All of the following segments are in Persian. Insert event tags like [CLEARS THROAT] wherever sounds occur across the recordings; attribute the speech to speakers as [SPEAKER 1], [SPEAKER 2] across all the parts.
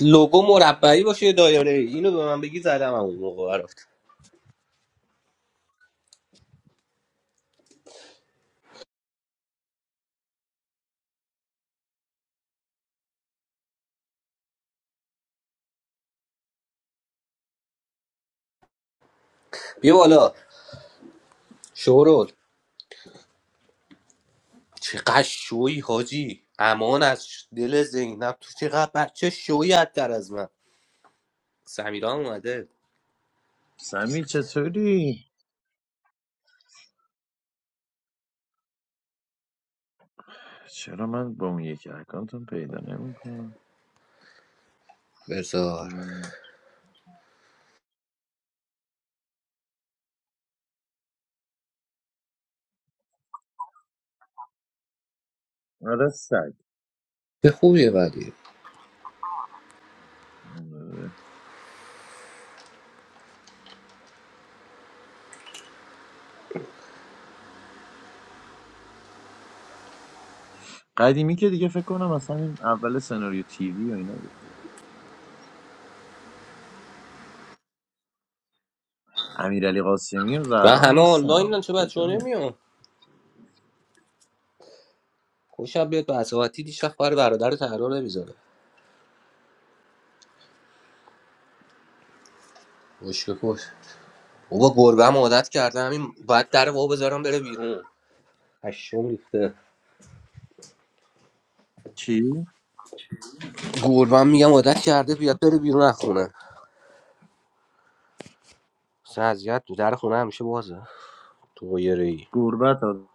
[SPEAKER 1] لوگو مربعی باشه یه دایره ای اینو به من بگی زدم اون موقع رفت بیا بالا شورول چقدر شوی حاجی امان از ش- دل زینب تو چقدر بچه شوی در از من سمیرا هم اومده
[SPEAKER 2] سمی چطوری؟ چرا من با اون یکی اکانتم پیدا نمیکنم
[SPEAKER 1] بزار
[SPEAKER 2] آره سگ
[SPEAKER 1] به خوبیه ولی
[SPEAKER 2] قدیمی که دیگه فکر کنم اصلا این اول سناریو تیوی و اینا بود امیرعلی قاسمی و
[SPEAKER 1] و
[SPEAKER 2] زهرا هم
[SPEAKER 1] همه
[SPEAKER 2] هستن
[SPEAKER 1] آنلاین
[SPEAKER 2] ها.
[SPEAKER 1] چه بچه ها
[SPEAKER 2] کجا هم؟
[SPEAKER 1] نمیان خوشم بیاد به عصباتی دیشب برای برادر رو تحرار نمیذاره خوش به خوش بابا گربه هم عادت کرده همین باید در وا بذارم بره بیرون هشم ریخته
[SPEAKER 2] چی؟
[SPEAKER 1] گربه هم میگم عادت کرده بیاد بره بیرون از خونه اصلا اذیت بود در خونه همیشه بازه تو قیره ای
[SPEAKER 2] گربت ها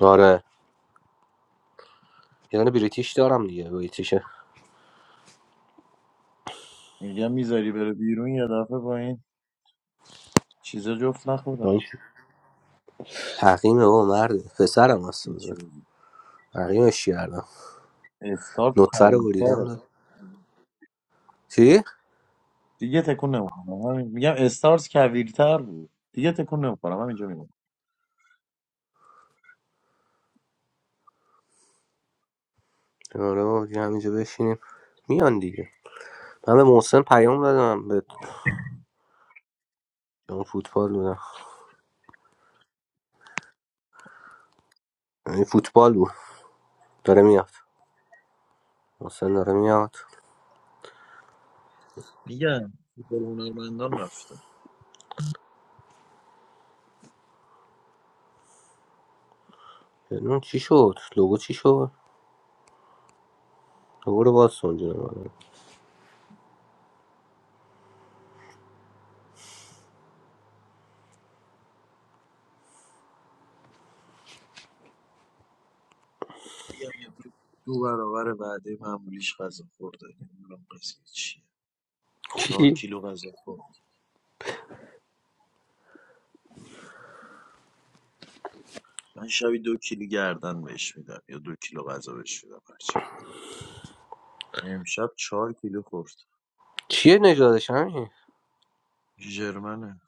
[SPEAKER 1] آره یه دونه بریتیش دارم دیگه بریتیش
[SPEAKER 2] میگم میذاری بره بیرون یه دفعه با این چیزا جفت نخورم
[SPEAKER 1] حقیمه بابا مرد پسرم هست بازه
[SPEAKER 2] هیچی.
[SPEAKER 1] حقیمش کردم
[SPEAKER 2] استارز
[SPEAKER 1] نطفه رو بریدم
[SPEAKER 2] کویرتره
[SPEAKER 1] داد چی؟
[SPEAKER 2] دیگه تکون نمیخورم همین میگم استارز کویرتر بود دیگه تکون نمیخورم همینجا میمونم
[SPEAKER 1] آره بابا دیگه همینجا بشینیم میان دیگه من به محسن پیام دادم به اون فوتبال بودم این فوتبال بود داره میاد محسن داره میاد
[SPEAKER 2] میگم هنرمندان رفت
[SPEAKER 1] اون چی شد؟ لوگو چی شد؟ لوگو رو باز سنجونه
[SPEAKER 2] میگم امروز دو برابر وعده معمولیش غذا خورده نمیدونم قضیه چیه چهار
[SPEAKER 1] چی؟
[SPEAKER 2] کیلو غذا خورد من شبی دو کیلو گردن بهش میدم یا دو کیلو غذا بهش میدم هرچی بده امشب چهار کیلو خورد
[SPEAKER 1] چیه نجادش همین؟
[SPEAKER 2] ژرمنه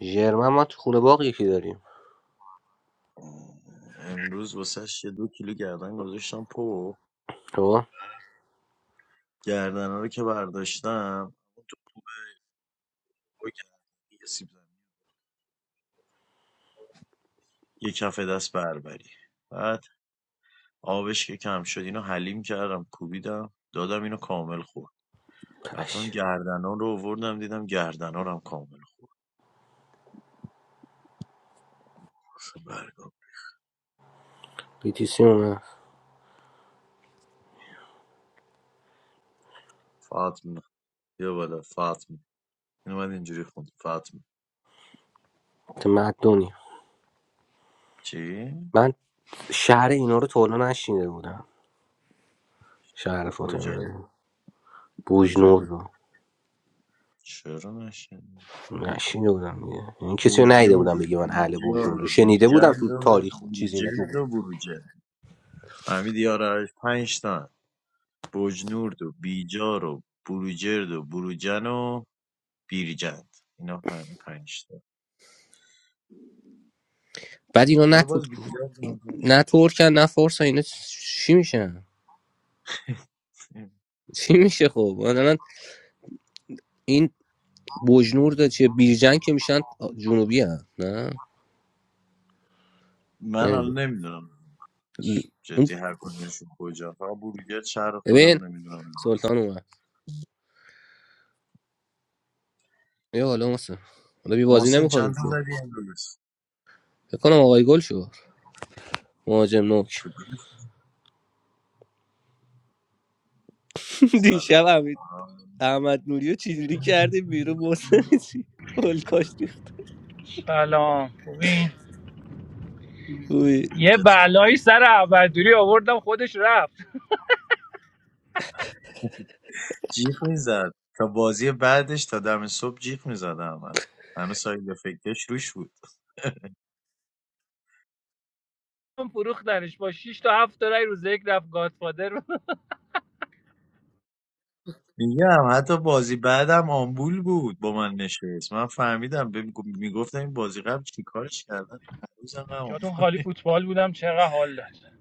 [SPEAKER 1] ژرمن ما تو خونه باقی یکی داریم
[SPEAKER 2] امروز واسش یه دو کیلو گردن گذاشتم پو
[SPEAKER 1] خب؟
[SPEAKER 2] گردن رو که برداشتم اون تو پو کردی، یه سیب زمینی. یه کف دست بربری بعد آبش که کم شد اینو حلیم کردم کوبیدم دادم اینو کامل خورد رفتم گردنان رو آوردم دیدم گردنانم کامل خورد اصلا برگام
[SPEAKER 1] بیتیسی اومد
[SPEAKER 2] فاطمه بیا بالا فاطمه این اومد اینجوری خوند فاطمه
[SPEAKER 1] تمدنی
[SPEAKER 2] چی؟
[SPEAKER 1] من شهر اینا رو تا حالا نشینده بودم شهر
[SPEAKER 2] کجا؟
[SPEAKER 1] فاطمه بوجنور
[SPEAKER 2] کجا؟
[SPEAKER 1] رو
[SPEAKER 2] چرا نشنی؟
[SPEAKER 1] نشینده بودم دیگه یعنی کسی رو ندیده
[SPEAKER 2] بجنورد
[SPEAKER 1] بودم
[SPEAKER 2] و
[SPEAKER 1] بگه من اهل
[SPEAKER 2] بیجار و
[SPEAKER 1] بوجنور رو شنیده بودم
[SPEAKER 2] بیجند
[SPEAKER 1] تو
[SPEAKER 2] و
[SPEAKER 1] تاریخ و چیزی اینا
[SPEAKER 2] بروجرد و بروجه فهمیدی یارش پنج تا بجنورد و بیجار و بروجرد و بروجن و بیرجند اینا فهمید پنج تا
[SPEAKER 1] بعد اینا نه
[SPEAKER 2] حالا
[SPEAKER 1] تو
[SPEAKER 2] باز بیجار هم
[SPEAKER 1] نه
[SPEAKER 2] شد
[SPEAKER 1] ترکن نه فارسن اینا چی میشن
[SPEAKER 2] [LAUGHS]
[SPEAKER 1] چی میشه خب مثلا این بوجنور ده چیه بیرجن که میشن جنوبی هم نه
[SPEAKER 2] من حالا
[SPEAKER 1] نمیدونم
[SPEAKER 2] نمیدونم
[SPEAKER 1] اون
[SPEAKER 2] جدی هر کدومشون کجا فقط بروگر شهر
[SPEAKER 1] ببین
[SPEAKER 2] خودمونه میدونم
[SPEAKER 1] سلطان اومد یه حالا مثلا حالا بی بازی
[SPEAKER 2] محسن
[SPEAKER 1] نمیکنیم
[SPEAKER 2] چند تا
[SPEAKER 1] که
[SPEAKER 2] زدی امروز
[SPEAKER 1] فکر کنم آقای گل شد مهاجم نوک
[SPEAKER 2] فوتبال
[SPEAKER 1] [LAUGHS]
[SPEAKER 2] سلام
[SPEAKER 1] دیشب حمید- احمد نوری رو چجوری کرده بیرون محسن چی گل کاشت ریخت.
[SPEAKER 3] سلام خوبین
[SPEAKER 1] اوی.
[SPEAKER 3] یه بلایی
[SPEAKER 2] چطوری
[SPEAKER 3] سر اولدوری آوردم خودش رفت
[SPEAKER 2] جیغ میزد تا بازی بعدش تا دم صبح جیغ میزد احمد هنوز ساید فکرش روش بود
[SPEAKER 3] من فروختنش با 6 تا 7 تا رای روز یک رفت گادفادر [LAUGHS]
[SPEAKER 2] میگم حتی بازی بعدم آمبول بود با من نشست من فهمیدم ب- میگفتم این بازی قبل چیکارش کردن هنوز هم آمبول.
[SPEAKER 3] جاتون خالی فوتبال بودم چقدر حال داد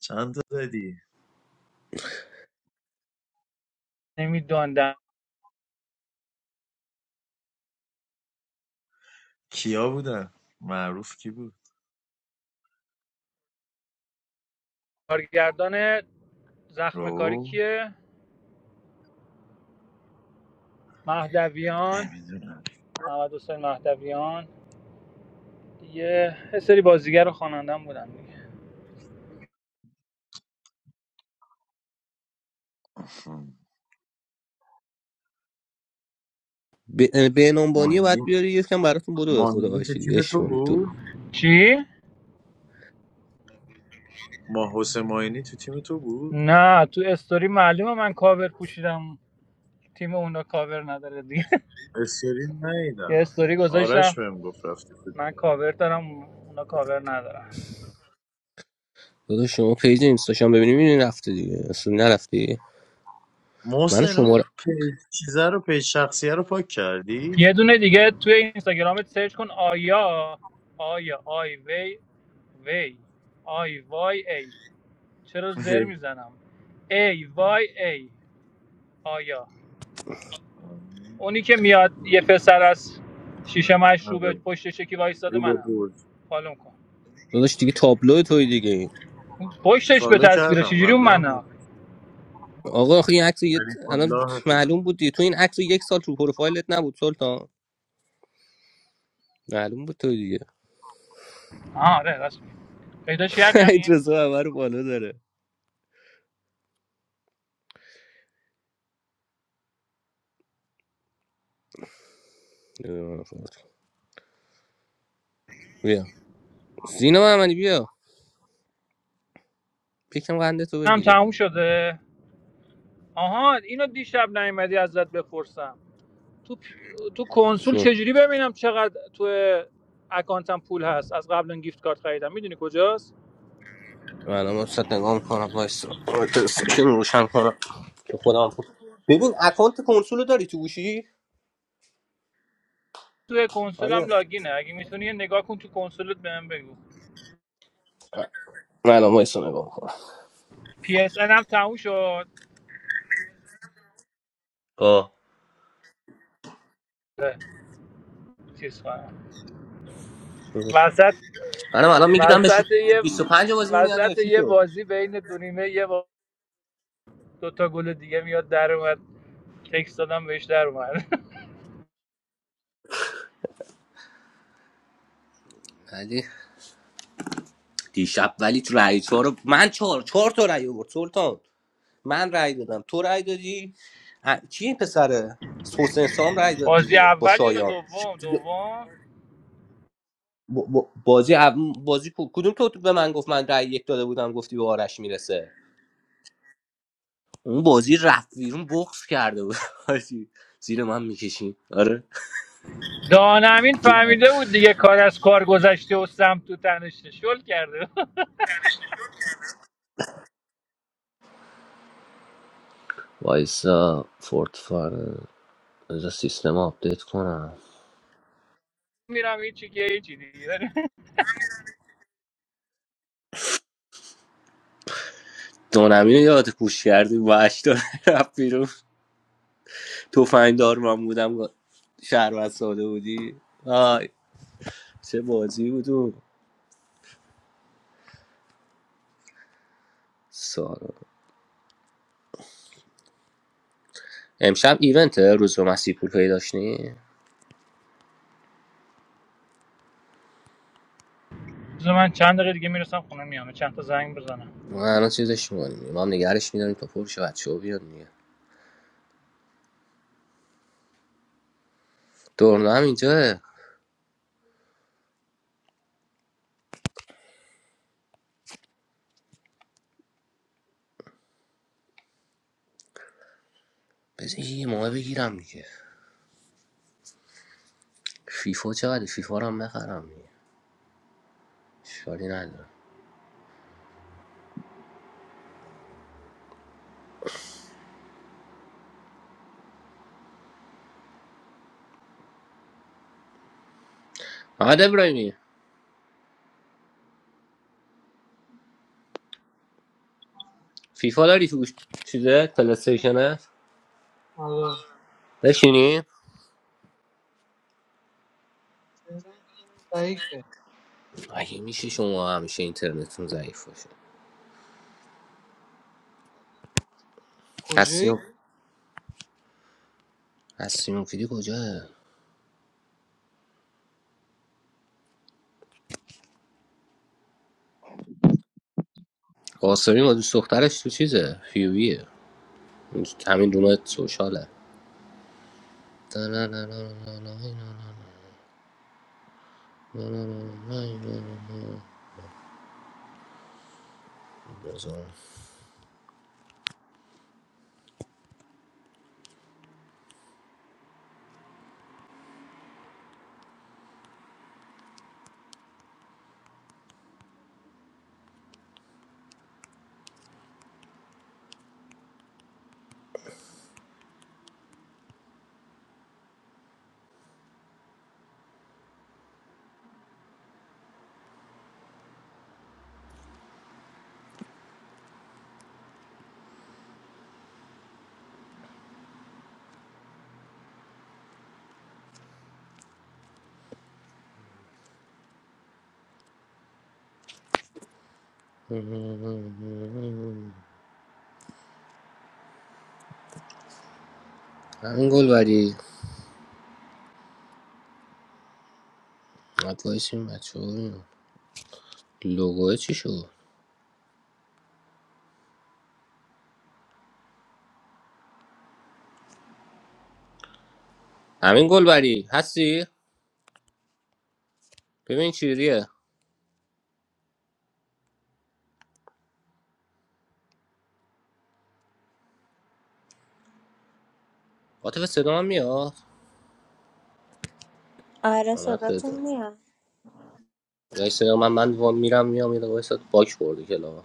[SPEAKER 2] چند تا زدی
[SPEAKER 3] نمیداندم
[SPEAKER 2] کیا بودن معروف کی بود
[SPEAKER 3] کارگردان زخم کاری
[SPEAKER 2] رو
[SPEAKER 3] کیه مهدویان
[SPEAKER 2] نمیدونم
[SPEAKER 3] محمد حسین مهدویان یه یه سری بازیگر و خوانندم بودن دیگه
[SPEAKER 1] ب- بهنامبانی رو
[SPEAKER 2] مهمی
[SPEAKER 1] باید بیاری یکم براتون بدو به خدا
[SPEAKER 2] ماهینی تو
[SPEAKER 1] باشی
[SPEAKER 2] تیم
[SPEAKER 1] دیگه
[SPEAKER 2] تو
[SPEAKER 1] کنی تو
[SPEAKER 2] بود
[SPEAKER 3] چی
[SPEAKER 2] ما حسین ماهینی تو تیم تو بود
[SPEAKER 3] نه تو استوری معلومه من کاور پوشیدم تیم اونا کاور نداره دیگه [LAUGHS]
[SPEAKER 2] استرین
[SPEAKER 3] یه
[SPEAKER 2] نیدم
[SPEAKER 3] استوری گذاشتم
[SPEAKER 2] آرش بهم گفت رفتی خود
[SPEAKER 3] من کاور دارم اونا کاور ندارم
[SPEAKER 1] داداش شما پیج اینستاشم ببینیم این رفته دیگه اصلا نرفته دیگه. من
[SPEAKER 2] محسن اون
[SPEAKER 1] شما رو-
[SPEAKER 2] پیج چیزه رو پیج شخصیه رو پاک کردی
[SPEAKER 3] یه دونه دیگه توی اینستاگرامت سرچ کن آیا آیا آی وی وی آی وای ای چرا زر
[SPEAKER 2] جی
[SPEAKER 3] میزنم ای وای ای آیا اونی که میاد یه پسر از شیشه مشروب
[SPEAKER 2] آره.
[SPEAKER 3] پشتش یکی وایستاده
[SPEAKER 2] رو به
[SPEAKER 3] منم
[SPEAKER 2] برج
[SPEAKER 3] فالوم کن
[SPEAKER 1] داداش دیگه تابلو توی دیگه این.
[SPEAKER 3] اون پشتش به
[SPEAKER 2] فالو
[SPEAKER 3] تصویره
[SPEAKER 2] کردم
[SPEAKER 3] چجوری اون
[SPEAKER 2] قبلا هم
[SPEAKER 3] منم
[SPEAKER 2] رفت.
[SPEAKER 1] آقا آخه این عکس یه
[SPEAKER 2] علی
[SPEAKER 1] الان
[SPEAKER 2] فلاح فلان
[SPEAKER 1] معلوم بود دیگه تو این عکس یک سال تو پروفایلت نبود سلطان معلوم بود توی دیگه
[SPEAKER 3] آره راست میگی پیداش
[SPEAKER 1] [LAUGHS]
[SPEAKER 3] کردی
[SPEAKER 1] حمید
[SPEAKER 3] همین
[SPEAKER 1] رضا همه رو بالا داره بیا سینا محمدی بیا یکم قنده تو
[SPEAKER 3] هم
[SPEAKER 1] بگیری
[SPEAKER 3] تموم شده آها اینو دیشب نیومدی ازت بپرسم تو تو کنسول
[SPEAKER 1] چون
[SPEAKER 3] چجوری ببینم چقدر تو اکانتم پول هست از قبل اون گیفت کارت خریدم میدونی کجاست
[SPEAKER 1] الان من صد نگاه میکنم وایسا سیکشن روشن کنم که خودم خود ببین اکانت کنسول رو داری تو گوشی
[SPEAKER 3] تو
[SPEAKER 1] آره
[SPEAKER 3] کنسولم لاگینه اگه میتونی نگاه کن تو کنسولت بهم بگو
[SPEAKER 1] من الان وایسا نگاه میکنم
[SPEAKER 3] پی اس ان هم تموم شد
[SPEAKER 1] آه
[SPEAKER 3] اه، چیز کنم وسط
[SPEAKER 1] منم الان میگیرم
[SPEAKER 3] وسط
[SPEAKER 1] بشه
[SPEAKER 3] یه
[SPEAKER 1] 25 بازی مونی از
[SPEAKER 3] وسط
[SPEAKER 1] یکی
[SPEAKER 3] یه
[SPEAKER 1] تو
[SPEAKER 3] بازی بین دو نیمه یه با... دو تا گل دیگه میاد در اومد تکست دادم بهش در اومد [LAUGHS]
[SPEAKER 1] ولی دیشب ولی تو رأی چهار رو- من چهار چهار تا رأی آورد سلطان من رأی دادم تو رأی دادی ه- کی این پسره حسین سام رأی
[SPEAKER 3] [APPLAUSE]
[SPEAKER 1] داد
[SPEAKER 3] بازی
[SPEAKER 1] دیگه با
[SPEAKER 3] اول یا
[SPEAKER 1] شایان
[SPEAKER 3] دوم دوم
[SPEAKER 1] ب- ب- بازی اول- بازی کو- کدوم تو به من گفت من رأی یک داده بودم گفتی به آرش میرسه اون بازی رفت بیرون بغض کرده بود حاجی. زیر من میکشیم آره
[SPEAKER 3] دانمین فهمیده بود دیگه کار از کار گذشته و سمت تو تنش شل کرده
[SPEAKER 1] وایسا فورت فار بذار سیستم رو آپدیت کنم
[SPEAKER 3] میرم یه چی یه چی دیگه
[SPEAKER 1] دونمی رو یاد پوش کردیم با اشتار رفت بیرون توفنگ دار من بودم شهروند ساده بودی آی چه بازی بود اون. سارا امشب ایونته روز به مسیح پور پیدا داشتی
[SPEAKER 3] بذار من چند دقیقه دیگه میرسم خونه میام چند تا زنگ بزنم
[SPEAKER 1] ما الان چیزش میکنیم ما هم نگرش میداریم تا پرش بچه ها بیاد میگه دورنا هم اینجا بذار یه ماه بگیرم دیگه فیفا چقدر فیفا رو هم بخرم دیگه اشکالی نداره محمد ابراهیمی فیفا داری تو گوش- چیزه پلیستیشنه
[SPEAKER 4] Allah,
[SPEAKER 1] بشینی
[SPEAKER 4] Allah is the most
[SPEAKER 1] اگه میشه شما همیشه اینترنتتون ضعیف باشه
[SPEAKER 4] powerful.
[SPEAKER 1] هستیم هستیم مفیدی کجاه قاسمی ما دوست دخترش تو چیزه فیویه همین دونه سوشاله همین گل بری باید وایسیم بچه ها ببینم. لوگوه چی شد همین گلبری هستی ببین چجوریه عاطف صدا من میاد
[SPEAKER 5] آره
[SPEAKER 1] آمد بهتون
[SPEAKER 5] صداتون میاد
[SPEAKER 1] اگه صدا من من وا- میرم میام یه دقیقه وایسا، باک خورده کلا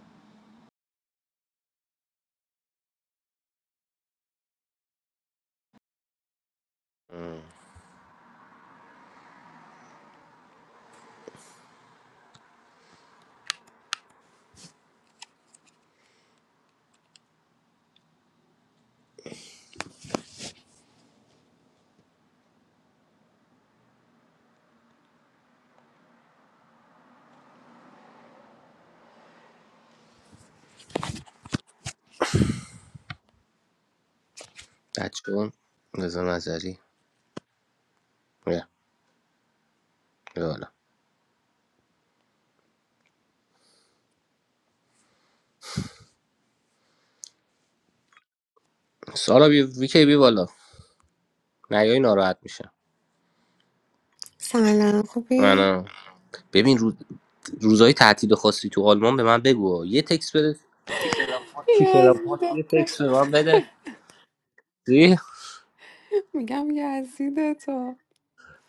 [SPEAKER 1] بچون رضا نظری بیا بیا بالا سارا بی ویکی بی بالا نیای ناراحت میشه
[SPEAKER 6] سلام خوبی؟
[SPEAKER 1] من ببین روز روزهای تعطیل خاصی تو آلمان به من بگو یه تکس بده کی کلاب هاست
[SPEAKER 6] یزیده
[SPEAKER 1] یه
[SPEAKER 6] تو.
[SPEAKER 1] تکس به من بده چی؟
[SPEAKER 6] میگم یزیده تو.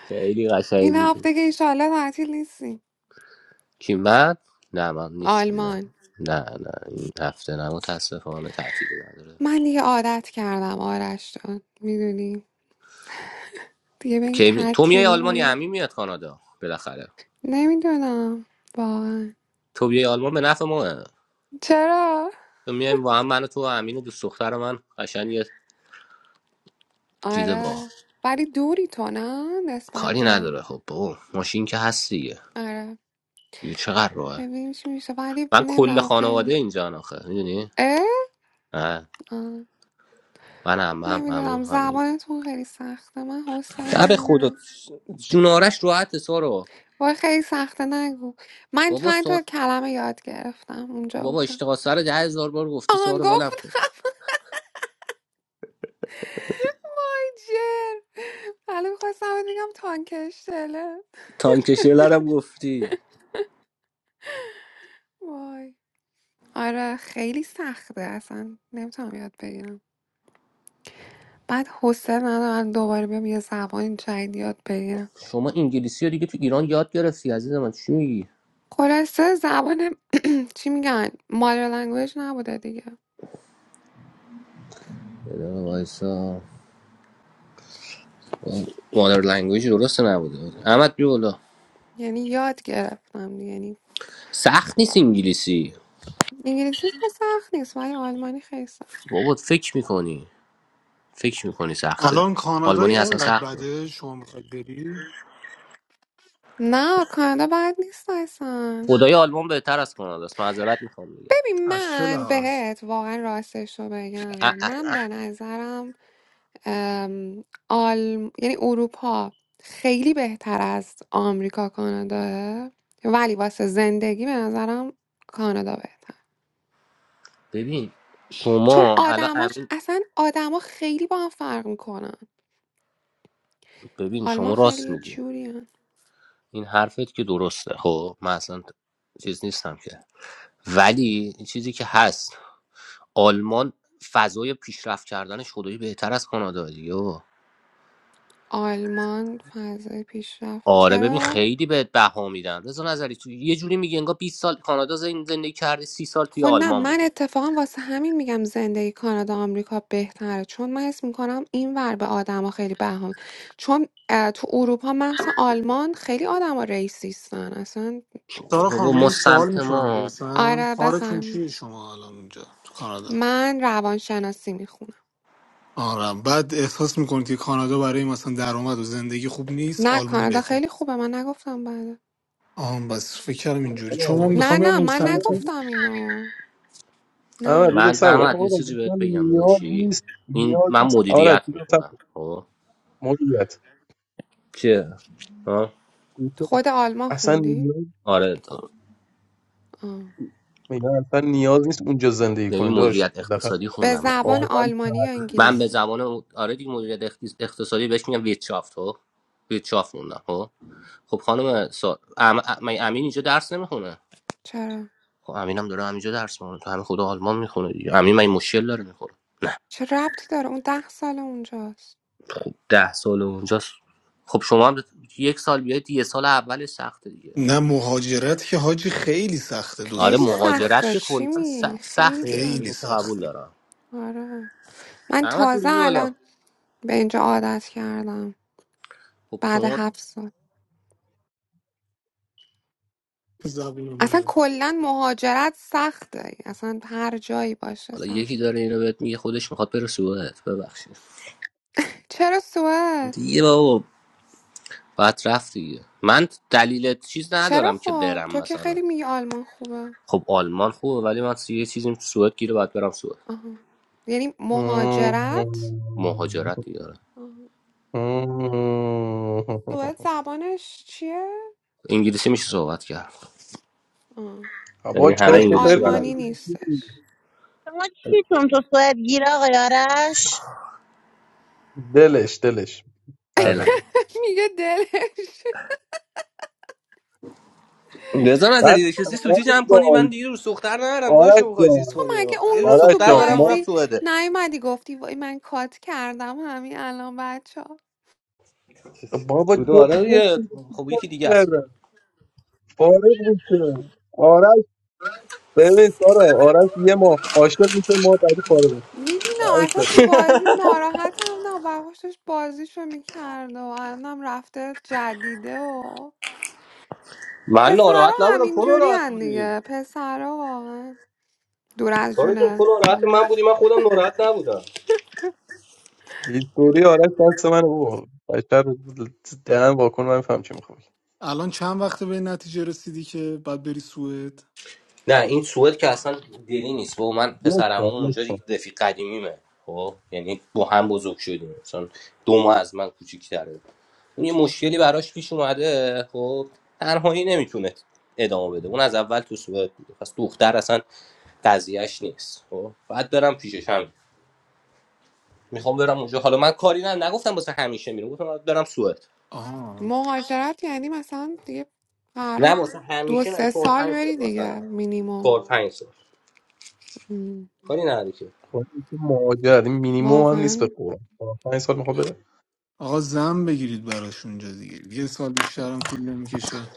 [SPEAKER 1] خیلی قشنگ
[SPEAKER 6] این
[SPEAKER 1] بود
[SPEAKER 6] هفته که ایشالله تعطیل نیستی
[SPEAKER 1] کی من نه من نیستیم نه
[SPEAKER 6] آلمان
[SPEAKER 1] نه نه این هفته نه متاسفانه تعطیلی نداره
[SPEAKER 6] من دیگه عادت کردم آرش جان میدونی دیگه به این
[SPEAKER 1] کی می... تو میای
[SPEAKER 6] تعطیلی
[SPEAKER 1] آلمان یا
[SPEAKER 6] های
[SPEAKER 1] امین میاد کانادا بالاخره
[SPEAKER 6] نمیدونم واقعا
[SPEAKER 1] تو بیای آلمان به نفع ماه
[SPEAKER 6] چرا؟
[SPEAKER 1] تو میایم با هم من و تو و امین و دوست دختر من قشنگ یه چیز با
[SPEAKER 6] آره ولی دوری تو نه نسبت
[SPEAKER 1] کاری
[SPEAKER 6] به
[SPEAKER 1] نداره خب بابا ماشین که هست دیگه
[SPEAKER 6] آره
[SPEAKER 1] دیگه چقدر راهه
[SPEAKER 6] ببینیم چی میشه ولی
[SPEAKER 1] من کل
[SPEAKER 6] نمیدونم
[SPEAKER 1] خانواده
[SPEAKER 6] خیلی
[SPEAKER 1] اینجا آخه میدونی
[SPEAKER 6] اه؟
[SPEAKER 1] آه،
[SPEAKER 6] آه.
[SPEAKER 1] من هم هم همون
[SPEAKER 6] نمیدونم
[SPEAKER 1] همین
[SPEAKER 6] زبانتون خیلی سخته من حوصله
[SPEAKER 1] نه به
[SPEAKER 6] ندارم
[SPEAKER 1] خدا جونارش راحت سارو
[SPEAKER 6] وای خیلی سخته نگو من
[SPEAKER 1] بابا
[SPEAKER 6] چند تا
[SPEAKER 1] سار...
[SPEAKER 6] کلمه یاد گرفتم اونجا
[SPEAKER 1] بابا
[SPEAKER 6] بودم
[SPEAKER 1] اشتغال سر ده هزار بار گفتی
[SPEAKER 6] آهان
[SPEAKER 1] سارو ولم کن
[SPEAKER 6] گفتم [LAUGHS] وای جر حالا میخواستم بگم تانکشتله
[SPEAKER 1] تانکشیرلر هم گفتی
[SPEAKER 6] وای آره خیلی سخته اصلا نمیتونم یاد بگیرم بعد حوصله ندارم دوباره بیام یه زبان جدید یاد بگیرم
[SPEAKER 1] شما انگلیسی رو دیگه تو ایران یاد گرفتی عزیز من چی میگی؟
[SPEAKER 6] خلاصه زبان [CLEARS THROAT] چی میگن مادر لنگویج نبوده دیگه
[SPEAKER 1] یه وایسا مادر لنگویج درست نبوده احمد بیا بالا
[SPEAKER 6] یعنی یاد گرفتم دیگه یعنی
[SPEAKER 1] سخت نیست انگلیسی
[SPEAKER 6] انگلیسی اصلا سخت نیست ولی آلمانی خیلی
[SPEAKER 1] بابا فکر میکنی فکر میکنی سخته
[SPEAKER 7] الان
[SPEAKER 1] آلمانی
[SPEAKER 7] کانادای
[SPEAKER 1] اصلا
[SPEAKER 7] اینقدر
[SPEAKER 1] سخته
[SPEAKER 7] بده شما میخواید بری
[SPEAKER 6] نه کانادا بد نیست اصلا
[SPEAKER 1] خدای آلمان بهتر از کانادا است معذرت میخوام میگم
[SPEAKER 6] ببین
[SPEAKER 7] از چه
[SPEAKER 6] من
[SPEAKER 7] لحاظ
[SPEAKER 6] بهت واقعا راستش رو بگم
[SPEAKER 1] ا- ا-
[SPEAKER 6] من به نظرم ام، آل... یعنی اروپا خیلی بهتر از آمریکا کاناداه ولی واسه زندگی به نظرم کانادا بهتر
[SPEAKER 1] ببین
[SPEAKER 6] چون
[SPEAKER 1] شما الان
[SPEAKER 6] آدماش
[SPEAKER 1] امین
[SPEAKER 6] اصلا آدما خیلی با هم فرق میکنن
[SPEAKER 1] ببین
[SPEAKER 6] آلمان
[SPEAKER 1] شما راست
[SPEAKER 6] خیلی
[SPEAKER 1] میگی
[SPEAKER 6] جوری هن.
[SPEAKER 1] این حرفت که درسته خب من اصلا چیز نیستم که ولی این چیزی که هست آلمان فضای پیشرفت کردنش خدایی بهتر از کانادا دیگه
[SPEAKER 6] آلمان فضای پیشرفت
[SPEAKER 1] آره ببین
[SPEAKER 6] چرا؟
[SPEAKER 1] خیلی بهت بها میدن رضا نظری تو یه جوری میگه انگار 20 سال کانادا زن- زندگی کردی 30 سال توی
[SPEAKER 6] خب نه
[SPEAKER 1] آلمان
[SPEAKER 6] من
[SPEAKER 1] بودی
[SPEAKER 6] اتفاقا واسه همین میگم زندگی کانادا آمریکا بهتره چون من حس میکنم این ور به آدما خیلی بهم چون اه، تو اروپا مخصوصا آلمان خیلی آدما ریسیستن اصلا
[SPEAKER 1] بابا
[SPEAKER 7] سارا
[SPEAKER 1] بابا،
[SPEAKER 7] خانم من
[SPEAKER 1] ما
[SPEAKER 7] این سوال
[SPEAKER 1] سمت
[SPEAKER 7] میتونم
[SPEAKER 1] ما
[SPEAKER 7] بپرسم
[SPEAKER 6] آره
[SPEAKER 7] کارتون
[SPEAKER 6] بفرم
[SPEAKER 7] چیه شما الان اونجا تو کانادا
[SPEAKER 6] من روانشناسی میخونم
[SPEAKER 7] آره بعد احساس میکنید که کانادا برای مثلا درآمد و زندگی خوب نیست
[SPEAKER 6] نه
[SPEAKER 7] آلمان
[SPEAKER 6] کانادا
[SPEAKER 7] بهتره
[SPEAKER 6] خیلی خوبه من نگفتم بله
[SPEAKER 7] آها بس فکر کردم اینجوری چون من
[SPEAKER 8] آره
[SPEAKER 6] نه
[SPEAKER 7] میخوام یه
[SPEAKER 6] نه من
[SPEAKER 8] آره
[SPEAKER 7] بورسنتی
[SPEAKER 6] نگفتم اینو
[SPEAKER 8] آره
[SPEAKER 6] نه
[SPEAKER 8] یه دقیقه
[SPEAKER 1] من
[SPEAKER 8] صبر کن.
[SPEAKER 1] احمد
[SPEAKER 8] آقا
[SPEAKER 1] یه
[SPEAKER 8] آره،
[SPEAKER 1] چیزی بهت
[SPEAKER 8] گفتم
[SPEAKER 1] بگم
[SPEAKER 8] نیاز
[SPEAKER 1] داداشی
[SPEAKER 8] نیست
[SPEAKER 1] این
[SPEAKER 8] نیاز
[SPEAKER 1] من
[SPEAKER 8] نیست آره
[SPEAKER 1] مدیریت
[SPEAKER 8] چی گفتم
[SPEAKER 1] میخونم خب
[SPEAKER 8] مدیریت
[SPEAKER 1] چیه ها؟
[SPEAKER 8] گوش کن.
[SPEAKER 6] خود آلمان
[SPEAKER 8] اصلا
[SPEAKER 6] خوندی
[SPEAKER 8] نیاز
[SPEAKER 1] آره تا-
[SPEAKER 6] آه.
[SPEAKER 8] میگن اصلا نیاز نیست اونجا زندگی
[SPEAKER 1] ببین
[SPEAKER 8] کنی داشت
[SPEAKER 1] مدیریت
[SPEAKER 8] بالاخره
[SPEAKER 1] اقتصادی
[SPEAKER 6] به
[SPEAKER 1] خوندم من دیگه.
[SPEAKER 6] زبان
[SPEAKER 8] آدم
[SPEAKER 6] آلمانی یا
[SPEAKER 8] تغییر
[SPEAKER 1] من به
[SPEAKER 6] انگلیسی
[SPEAKER 1] زمان اون- آره دیگه مدیریت اقتص- اقتصادی بهش میگم ویتشافت ها ویتشافت خوندم خب؟ خب خانم سا... ام... ام... مگه امین اینجا درس نمیخونه
[SPEAKER 6] چرا
[SPEAKER 1] خب امینم داره همینجا درس میخونه تو همین خدا آلمان میخونه دیگه امین من مشکل داره میخوره
[SPEAKER 6] چه ربطی داره اون ده سال اونجاست
[SPEAKER 1] خب ده سال اونجاست خب شما هم ده... یک سال بیاید یه سال اول سخته دیگه
[SPEAKER 7] نه مهاجرت که حاجی خیلی سخته دو سه
[SPEAKER 1] آره
[SPEAKER 6] خیلی
[SPEAKER 7] سال
[SPEAKER 1] مهاجرت
[SPEAKER 6] سخته
[SPEAKER 1] که
[SPEAKER 7] اولش
[SPEAKER 1] کلا
[SPEAKER 6] چی میگی
[SPEAKER 1] س-
[SPEAKER 6] خیلی
[SPEAKER 1] سخته
[SPEAKER 6] سخت
[SPEAKER 7] خیلی
[SPEAKER 1] اینو چه قبول
[SPEAKER 7] سخته
[SPEAKER 1] دارم
[SPEAKER 6] آره من
[SPEAKER 1] احمد نوری
[SPEAKER 6] تازه
[SPEAKER 1] بیا بالا
[SPEAKER 6] الان به اینجا عادت کردم
[SPEAKER 1] خب
[SPEAKER 6] بعد
[SPEAKER 1] شما
[SPEAKER 6] هفت سال
[SPEAKER 7] زبون
[SPEAKER 6] اصلا
[SPEAKER 7] ما
[SPEAKER 6] کلا مهاجرت سخته اصلا هر جایی باشه
[SPEAKER 1] حالا یکی
[SPEAKER 6] سخت
[SPEAKER 1] داره اینو بهت میگه خودش میخواد بره سوئد ببخشید
[SPEAKER 6] چرا سوئد
[SPEAKER 1] دیگه بابا بعد رفت دیگه من دلیل چیز
[SPEAKER 6] چرا
[SPEAKER 1] ندارم که
[SPEAKER 6] خب
[SPEAKER 1] برم
[SPEAKER 6] تو که
[SPEAKER 1] مثلا
[SPEAKER 6] خیلی میگی آلمان خوبه
[SPEAKER 1] خب آلمان خوبه ولی من یه چیزیم تو سوئد گیره باید برم سوئد
[SPEAKER 6] آها یعنی
[SPEAKER 8] می‌کنه.
[SPEAKER 6] مهاجرت
[SPEAKER 1] مهاجرت
[SPEAKER 8] [LAUGHS]
[SPEAKER 1] دیگه آره.
[SPEAKER 6] آها. سوئد زبانش چیه
[SPEAKER 1] انگلیسی میشه صحبت کرد
[SPEAKER 6] آه.
[SPEAKER 1] یعنی
[SPEAKER 8] با
[SPEAKER 1] همه
[SPEAKER 6] ولی
[SPEAKER 8] چرت و
[SPEAKER 1] انگلیسی
[SPEAKER 8] پرت
[SPEAKER 6] آلمانی
[SPEAKER 8] می‌گی.
[SPEAKER 1] بلدن
[SPEAKER 6] نیستش
[SPEAKER 9] How much heat from the sun did Gila get?
[SPEAKER 8] دلش دلش مرجان
[SPEAKER 1] دلم
[SPEAKER 8] جان
[SPEAKER 6] [LAUGHS] میگه دلش
[SPEAKER 1] رضا
[SPEAKER 8] بعد
[SPEAKER 1] نظری نشستی سوتی
[SPEAKER 8] آرش
[SPEAKER 1] جمع کنی من
[SPEAKER 8] جان
[SPEAKER 1] دیگه رو سختتر ندارم
[SPEAKER 8] آرش
[SPEAKER 1] داشو بخوای چیز
[SPEAKER 6] تو
[SPEAKER 8] جان
[SPEAKER 1] کنی
[SPEAKER 6] مگه
[SPEAKER 1] ها. یه
[SPEAKER 6] اون
[SPEAKER 1] رو
[SPEAKER 6] روز
[SPEAKER 8] آرش
[SPEAKER 6] تو
[SPEAKER 1] سختتر
[SPEAKER 8] جان
[SPEAKER 1] دارم اونم
[SPEAKER 8] ما
[SPEAKER 6] بازی
[SPEAKER 1] سوئده
[SPEAKER 6] نیومدی گفتی وای من کات کردم همین الان بچه ها
[SPEAKER 8] بابا
[SPEAKER 1] سوئد
[SPEAKER 8] چرت و
[SPEAKER 1] آره
[SPEAKER 8] پرت
[SPEAKER 1] دیگه. خب یکی دیگه هست
[SPEAKER 8] می‌گی. فارغ میشه آرش ببین سارا آرش یه ماه عاشق میشه ماه بعدی فارغ میشه
[SPEAKER 6] میبینم
[SPEAKER 8] بس
[SPEAKER 6] اصلا
[SPEAKER 8] داره.
[SPEAKER 6] تو بازی ناراحت هم نه برداشت داشت بازیشو میکرده و الانم رفته جدیده و
[SPEAKER 1] من
[SPEAKER 6] پسرا
[SPEAKER 1] ناراحت نبودم تو
[SPEAKER 6] همینجوری
[SPEAKER 1] ناراحت
[SPEAKER 6] هن
[SPEAKER 1] بودی
[SPEAKER 6] دیگه پسرا واقعا دور از
[SPEAKER 1] سارا جون تو
[SPEAKER 6] جونه
[SPEAKER 1] ناراحت
[SPEAKER 6] حالا
[SPEAKER 1] من بودی من خودم ناراحت نبودم
[SPEAKER 8] هیستوری آرش دست من بابا بشر دهن واکن من میفهم چی میخوام
[SPEAKER 7] الان چند وقته به این نتیجه رسیدی که بعد بری سوئد
[SPEAKER 1] نه این سوئد که اصلا دلی نیست با من
[SPEAKER 8] یک
[SPEAKER 1] پسرم
[SPEAKER 8] بار یک
[SPEAKER 1] اونجا
[SPEAKER 8] بار
[SPEAKER 1] رفیق قدیمیمه خب یعنی با هم بزرگ شدیم مثلا دو ماه از من کوچیک‌تره اون یه مشکلی براش پیش اومده خب تنهایی نمیتونه ادامه بده اون از اول تو سوئد بوده پس دختر اصلا قضیهش نیست خب بعد برم پیشش هم میخوام برم اونجا حالا من کاری نه نگفتم واسه همیشه میرم گفتم باید برم سوئد
[SPEAKER 7] آها
[SPEAKER 6] مهاجرت یعنی مثلا دیگه
[SPEAKER 1] نه
[SPEAKER 6] قراره
[SPEAKER 1] واسه
[SPEAKER 6] دو
[SPEAKER 1] همیشه نه
[SPEAKER 6] سه
[SPEAKER 1] 4
[SPEAKER 6] سال
[SPEAKER 1] 5
[SPEAKER 6] بری
[SPEAKER 1] سال مثلا
[SPEAKER 6] دیگه مینیموم
[SPEAKER 1] 4 5 سال
[SPEAKER 6] ام.
[SPEAKER 1] کاری نداری که
[SPEAKER 8] خودش مهاجر این مینیمم هم نیست به
[SPEAKER 6] واقعا
[SPEAKER 8] قرآن چهار پنج سال میخوام بره
[SPEAKER 7] آقا زن بگیرید براش اونجا دیگه یه سال بیشترم طول نمیکشه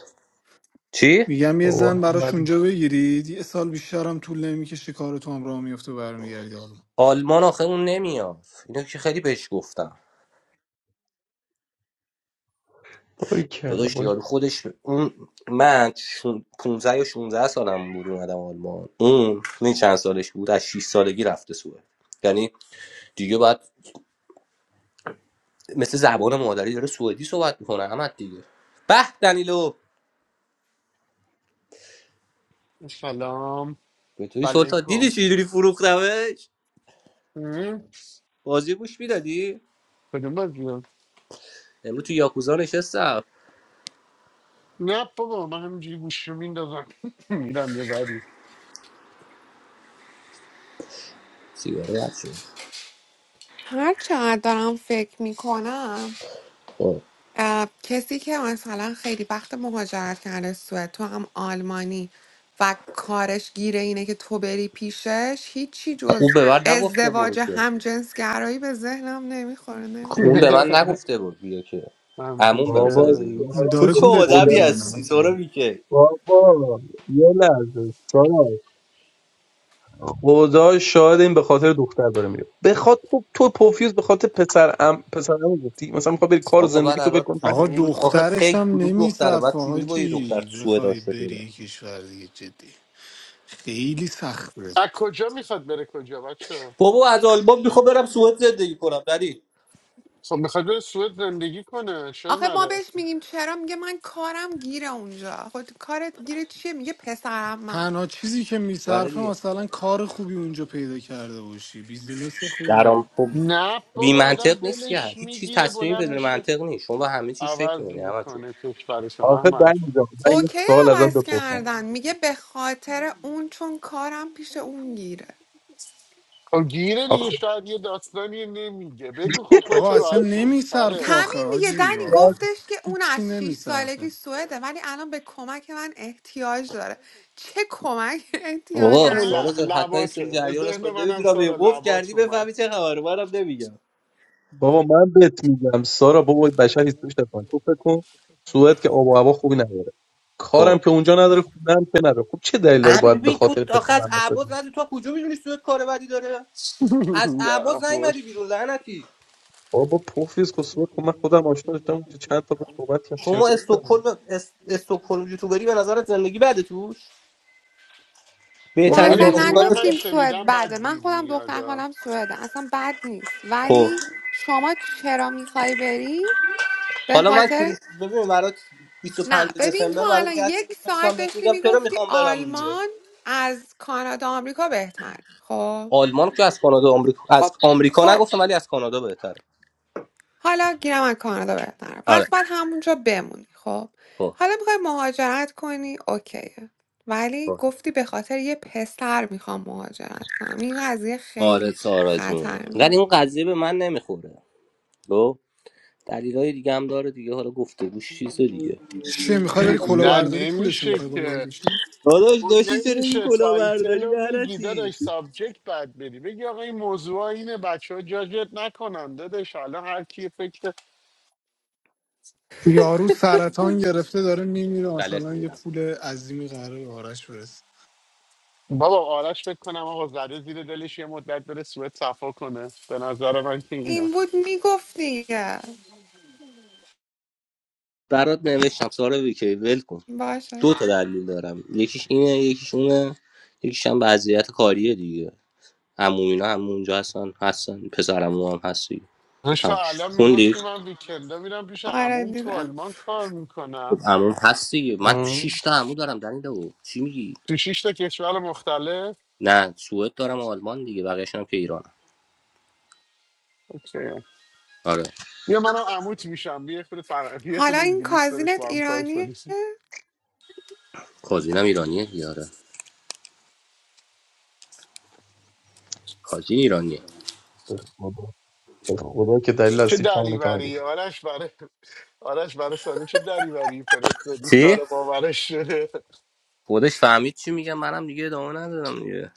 [SPEAKER 1] چی
[SPEAKER 7] میگم یه
[SPEAKER 8] بابا
[SPEAKER 7] زن براش
[SPEAKER 8] احمدی
[SPEAKER 7] اونجا بگیرید یه سال بیشترم طول نمیکشه کارتون هم راه میفته و برمیگردی حالا
[SPEAKER 1] آلمان آخه اون نمیاد اینو که خیلی بهش گفتم
[SPEAKER 8] باری کلا
[SPEAKER 1] داداش
[SPEAKER 8] باری
[SPEAKER 1] یارو خودش اون من شون- 15 یا 16 سالم بود اومدم آلمان اون این چند سالش بود از 6 سالگی رفته سوئد یعنی دیگه باید مثل زبان مادری داره سوئدی صحبت میکنه احمد دیگه به دنیلو
[SPEAKER 10] سلام
[SPEAKER 1] به توی سلطان
[SPEAKER 10] علیکم
[SPEAKER 1] دیدی چجوری فروختمش
[SPEAKER 10] هم؟
[SPEAKER 1] بازی گوش میدادی
[SPEAKER 10] کدوم بازی رو؟
[SPEAKER 1] امروز تو یاکوزا نشستم
[SPEAKER 10] نه بابا من همینجوری گوشی رو میندازم [LAUGHS] میرم یه بری
[SPEAKER 1] سیگاره
[SPEAKER 6] هر چقدر دارم فکر میکنم
[SPEAKER 1] خب
[SPEAKER 6] اه، کسی که مثلا خیلی وقت مهاجرت کرده سوئد تو هم آلمانی و کارش گیره اینه که تو بری پیشش هیچی
[SPEAKER 1] او
[SPEAKER 6] جز
[SPEAKER 1] ببر نگفت که برو
[SPEAKER 6] ازدواج
[SPEAKER 1] که.
[SPEAKER 6] همجنسگرایی به ذهنم نمیخوره نمی...
[SPEAKER 1] اون به
[SPEAKER 10] [LAUGHS]
[SPEAKER 1] من نگفته بود بیا که عموم
[SPEAKER 10] همجز
[SPEAKER 1] بهم
[SPEAKER 8] بابا
[SPEAKER 1] زنگ زده
[SPEAKER 10] کردایی
[SPEAKER 1] گفته
[SPEAKER 8] سارا
[SPEAKER 1] تو
[SPEAKER 7] داره
[SPEAKER 8] به
[SPEAKER 1] چه
[SPEAKER 7] گولت
[SPEAKER 8] خدا
[SPEAKER 1] آدمی هستی تو
[SPEAKER 7] میزنه
[SPEAKER 1] رو که
[SPEAKER 8] بابا یه لحظه سارا خدا شاید این به خاطر دختر داره میره به خاطر خب تو پوفیوز به خاطر پسر ام پسر ام گفتی مثلا میخوای بری کار و
[SPEAKER 1] آقا من
[SPEAKER 8] زندگی تو
[SPEAKER 1] الان
[SPEAKER 8] بکن پنج
[SPEAKER 7] آقا
[SPEAKER 8] سال
[SPEAKER 1] رو-
[SPEAKER 8] اینجا.
[SPEAKER 1] آخه
[SPEAKER 7] دخترش
[SPEAKER 1] خیلی
[SPEAKER 7] هم
[SPEAKER 1] کدوم دختره من
[SPEAKER 7] نمیصفه
[SPEAKER 1] چجوری با یه دختر
[SPEAKER 7] حاجی
[SPEAKER 1] تو سوئد
[SPEAKER 7] بخوای
[SPEAKER 1] آشنا
[SPEAKER 7] بری
[SPEAKER 1] شده
[SPEAKER 7] یه کشور دیگه جدی خیلی سخته
[SPEAKER 10] از [LAUGHS] کجا میخواد بره کجا بچه
[SPEAKER 1] بابا از آلمان میخوام برم سوئد زندگی کنم دنی
[SPEAKER 10] خب میخواد بره سوئد زندگی کنه چرا
[SPEAKER 6] آخه ما
[SPEAKER 10] نره
[SPEAKER 6] بهش میگیم چرا میگه من کارم گیره اونجا خود کارت گیره چیه میگه پسرمم
[SPEAKER 7] تنها چیزی که
[SPEAKER 1] برای
[SPEAKER 7] میصرفه
[SPEAKER 1] دیگه
[SPEAKER 7] مثلا کار خوبی اونجا پیدا کرده باشی بیزینس خوبی
[SPEAKER 1] درام خب
[SPEAKER 10] نه
[SPEAKER 1] بی
[SPEAKER 10] بابا آدم
[SPEAKER 1] منطق نیست که
[SPEAKER 10] دلش
[SPEAKER 1] هیچ چیز
[SPEAKER 10] میگیره
[SPEAKER 1] تصمیمی
[SPEAKER 10] بلند
[SPEAKER 1] بدون
[SPEAKER 10] میشه
[SPEAKER 1] منطق نیست شما با همه چیز فکر
[SPEAKER 10] عوض
[SPEAKER 1] می‌کنی همه تو
[SPEAKER 10] میکنه کشورش رو،
[SPEAKER 8] آخه در
[SPEAKER 10] احمد
[SPEAKER 8] اینجا من یه
[SPEAKER 6] اوکی
[SPEAKER 8] سوال ازت
[SPEAKER 6] عوض
[SPEAKER 8] بپرسم
[SPEAKER 6] کردن میگه به خاطر اون چون کارم پیش اون گیره
[SPEAKER 10] خب گیره دیگه
[SPEAKER 8] آخه
[SPEAKER 10] شاید یه داستانی نمیگه بگو خب خودت
[SPEAKER 7] آقا اصلا
[SPEAKER 10] راحت کن
[SPEAKER 7] نمیصرفه
[SPEAKER 10] سره
[SPEAKER 7] آخه
[SPEAKER 6] همین دیگه
[SPEAKER 7] حاجی
[SPEAKER 6] دنی
[SPEAKER 7] واقعا
[SPEAKER 6] گفتش که اون
[SPEAKER 7] هیچی
[SPEAKER 6] از 6
[SPEAKER 7] نمیصرفه
[SPEAKER 6] سالگی سوئده ولی الان به کمک من احتیاج داره چه کمک [LAUGHS] احتیاج
[SPEAKER 1] آقا
[SPEAKER 10] همون
[SPEAKER 6] داره
[SPEAKER 1] سارا
[SPEAKER 10] ل-
[SPEAKER 1] جان حتما یه سری
[SPEAKER 10] لباته به
[SPEAKER 1] جریان هست من
[SPEAKER 10] ذهن منم
[SPEAKER 1] نمیدونم یه
[SPEAKER 10] سارا
[SPEAKER 1] قفل کردی
[SPEAKER 10] لبات اومد
[SPEAKER 1] بفهمی چه خبره منم نمیگم
[SPEAKER 8] بابا من بهت میگم سارا بابا بشر هیچ پیش نکن تو فکر کن سوئد که آب و هوا خوبی نداره
[SPEAKER 1] خب
[SPEAKER 8] کارم که اونجا نداره خودم که نداره خب چه دلیل داره
[SPEAKER 1] امیر
[SPEAKER 8] باید به
[SPEAKER 1] ببین تو
[SPEAKER 8] خاطر
[SPEAKER 1] آخه
[SPEAKER 8] پسرم
[SPEAKER 1] از
[SPEAKER 8] عمت
[SPEAKER 1] اعباز
[SPEAKER 8] بدی
[SPEAKER 1] ندی تو کجا میدونی سوئد کار بدی داره از
[SPEAKER 10] نه،
[SPEAKER 1] اعباز
[SPEAKER 10] خب.
[SPEAKER 1] نیومدی بیرون لعنتی
[SPEAKER 8] بابا پوفیوز که سوئد خب من خودم آشنا داشتم اونجا چند تا به صحبت کردم
[SPEAKER 1] شما
[SPEAKER 8] چرت و پرت کردم.
[SPEAKER 1] استکهلم اس... استکهلم یوتیوبری به نظرت زندگی بده توش
[SPEAKER 6] ما
[SPEAKER 8] والا
[SPEAKER 1] بهترین
[SPEAKER 8] اون
[SPEAKER 10] ولی
[SPEAKER 6] اصلا
[SPEAKER 1] دانشگاه
[SPEAKER 8] یوتیوبری
[SPEAKER 10] خونه
[SPEAKER 8] بود.
[SPEAKER 10] من
[SPEAKER 6] نگفتیم سوئد
[SPEAKER 10] شنیدم
[SPEAKER 6] بده
[SPEAKER 10] بعد
[SPEAKER 6] من
[SPEAKER 10] گیر
[SPEAKER 6] خودم دختر
[SPEAKER 10] میاد
[SPEAKER 6] خالم سوئده اصلا بد نیست
[SPEAKER 1] خب
[SPEAKER 6] ولی شما چرا میخوای بری به
[SPEAKER 1] حالا من کریس
[SPEAKER 6] خاطر
[SPEAKER 1] ببین برات 25
[SPEAKER 6] نه ببین تو
[SPEAKER 1] دسامبر برات
[SPEAKER 6] الان
[SPEAKER 1] یه عکس
[SPEAKER 6] یک
[SPEAKER 1] میفرستم
[SPEAKER 6] ساعت
[SPEAKER 1] بهت
[SPEAKER 6] داشتی
[SPEAKER 1] میگم چرا
[SPEAKER 6] میگفتی
[SPEAKER 1] میخوام برم دیگه
[SPEAKER 6] آلمان از کانادا آمریکا بهتر خب
[SPEAKER 1] آلمان که از کانادا آمریکا از
[SPEAKER 6] خب
[SPEAKER 1] آمریکا
[SPEAKER 6] خب
[SPEAKER 1] نگفتم ولی از کانادا بهتره
[SPEAKER 6] حالا گیرم از کانادا بهت نره
[SPEAKER 1] آره
[SPEAKER 6] پس باید همونجا بمونی خب
[SPEAKER 1] خب
[SPEAKER 6] حالا میخوای مهاجرت کنی اوکیه ولی
[SPEAKER 1] خب.
[SPEAKER 6] گفتی به خاطر یه پسر میخوام مهاجرت کنم این قضیه
[SPEAKER 1] آره
[SPEAKER 6] خیلی
[SPEAKER 1] سارا جون ولی
[SPEAKER 6] خطرناک
[SPEAKER 1] این
[SPEAKER 6] [LAUGHS]
[SPEAKER 1] قضیه به من نمیخوره خب دلیلای دیگه هم داره دیگه حالا گفتگوش چیز دیگه
[SPEAKER 7] چیه میخوای بری
[SPEAKER 10] [CLEARS THROAT]
[SPEAKER 7] کلا
[SPEAKER 10] نه
[SPEAKER 7] برداری پولش
[SPEAKER 10] نمیشه
[SPEAKER 7] میخوای بالا
[SPEAKER 10] که
[SPEAKER 7] بکشی
[SPEAKER 1] داداش
[SPEAKER 10] تو
[SPEAKER 1] داشتی چرا میگی
[SPEAKER 10] نمیشه
[SPEAKER 1] کلاه
[SPEAKER 10] تایتل
[SPEAKER 1] برداری
[SPEAKER 10] رو میگی
[SPEAKER 1] لعنتی
[SPEAKER 10] داداش سابجکت بعد بری بگی آقا این موضوع اینه بچه ها جاجت نکنن داداش حالا هر کی فکر
[SPEAKER 7] یارو سرطان گرفته داره میمیره مثلا
[SPEAKER 1] غلط
[SPEAKER 7] یه
[SPEAKER 1] میرم
[SPEAKER 7] پول عظیمی قراره به آرش برسه
[SPEAKER 10] بابا آرش فکر کنم آقا زده زیر دلش یه مدت بره سوئد صفا کنه به نظر من که اینه
[SPEAKER 6] این بود میگفتی دیگه.
[SPEAKER 1] برات نوشتم سارا ویکی ول کن دو
[SPEAKER 6] باشه
[SPEAKER 1] تا دلیل دارم یکیش اینه یکیش اونه یکیش هم وضعیت کاریه دیگه عموم اینا هم اونجا هستن هستن پسر هم هستی
[SPEAKER 10] داشت
[SPEAKER 1] تموم
[SPEAKER 10] تا
[SPEAKER 1] شد
[SPEAKER 10] الان
[SPEAKER 1] خوندی
[SPEAKER 10] میگفتی
[SPEAKER 1] خب،
[SPEAKER 10] من ویکندا میرم پیش
[SPEAKER 6] آره
[SPEAKER 10] عموم تو
[SPEAKER 6] دیدم
[SPEAKER 10] آلمان کار میکنم
[SPEAKER 1] عموم هستی من
[SPEAKER 8] ام.
[SPEAKER 1] 6 تا عمو دارم دلیل او چی میگی
[SPEAKER 10] تو شیش تا کشور مختلف
[SPEAKER 1] نه سوئد دارم و آلمان دیگه بقیه‌شون هم که ایرانه
[SPEAKER 10] اوکی
[SPEAKER 1] آره
[SPEAKER 10] بیا منم عموت میشم بیا خود فر... بیا
[SPEAKER 6] حالا
[SPEAKER 10] خود
[SPEAKER 6] این
[SPEAKER 10] انگلیس دارش
[SPEAKER 6] کازینت
[SPEAKER 10] با هم کار
[SPEAKER 6] ایرانیه
[SPEAKER 10] کنیم
[SPEAKER 1] کازینم ایرانیه دیگه آره کازین ایرانیه
[SPEAKER 8] به خدا به خدا که دلیل
[SPEAKER 10] چه
[SPEAKER 8] اصلیش همونه که من
[SPEAKER 10] دریوری
[SPEAKER 8] گفتم
[SPEAKER 10] آرش برای آرش برای سانه چه دریوری فرستادی
[SPEAKER 1] چی
[SPEAKER 10] سارا باورش شده
[SPEAKER 1] خودش فهمید چی میگم منم دیگه ادامه ندادم دیگه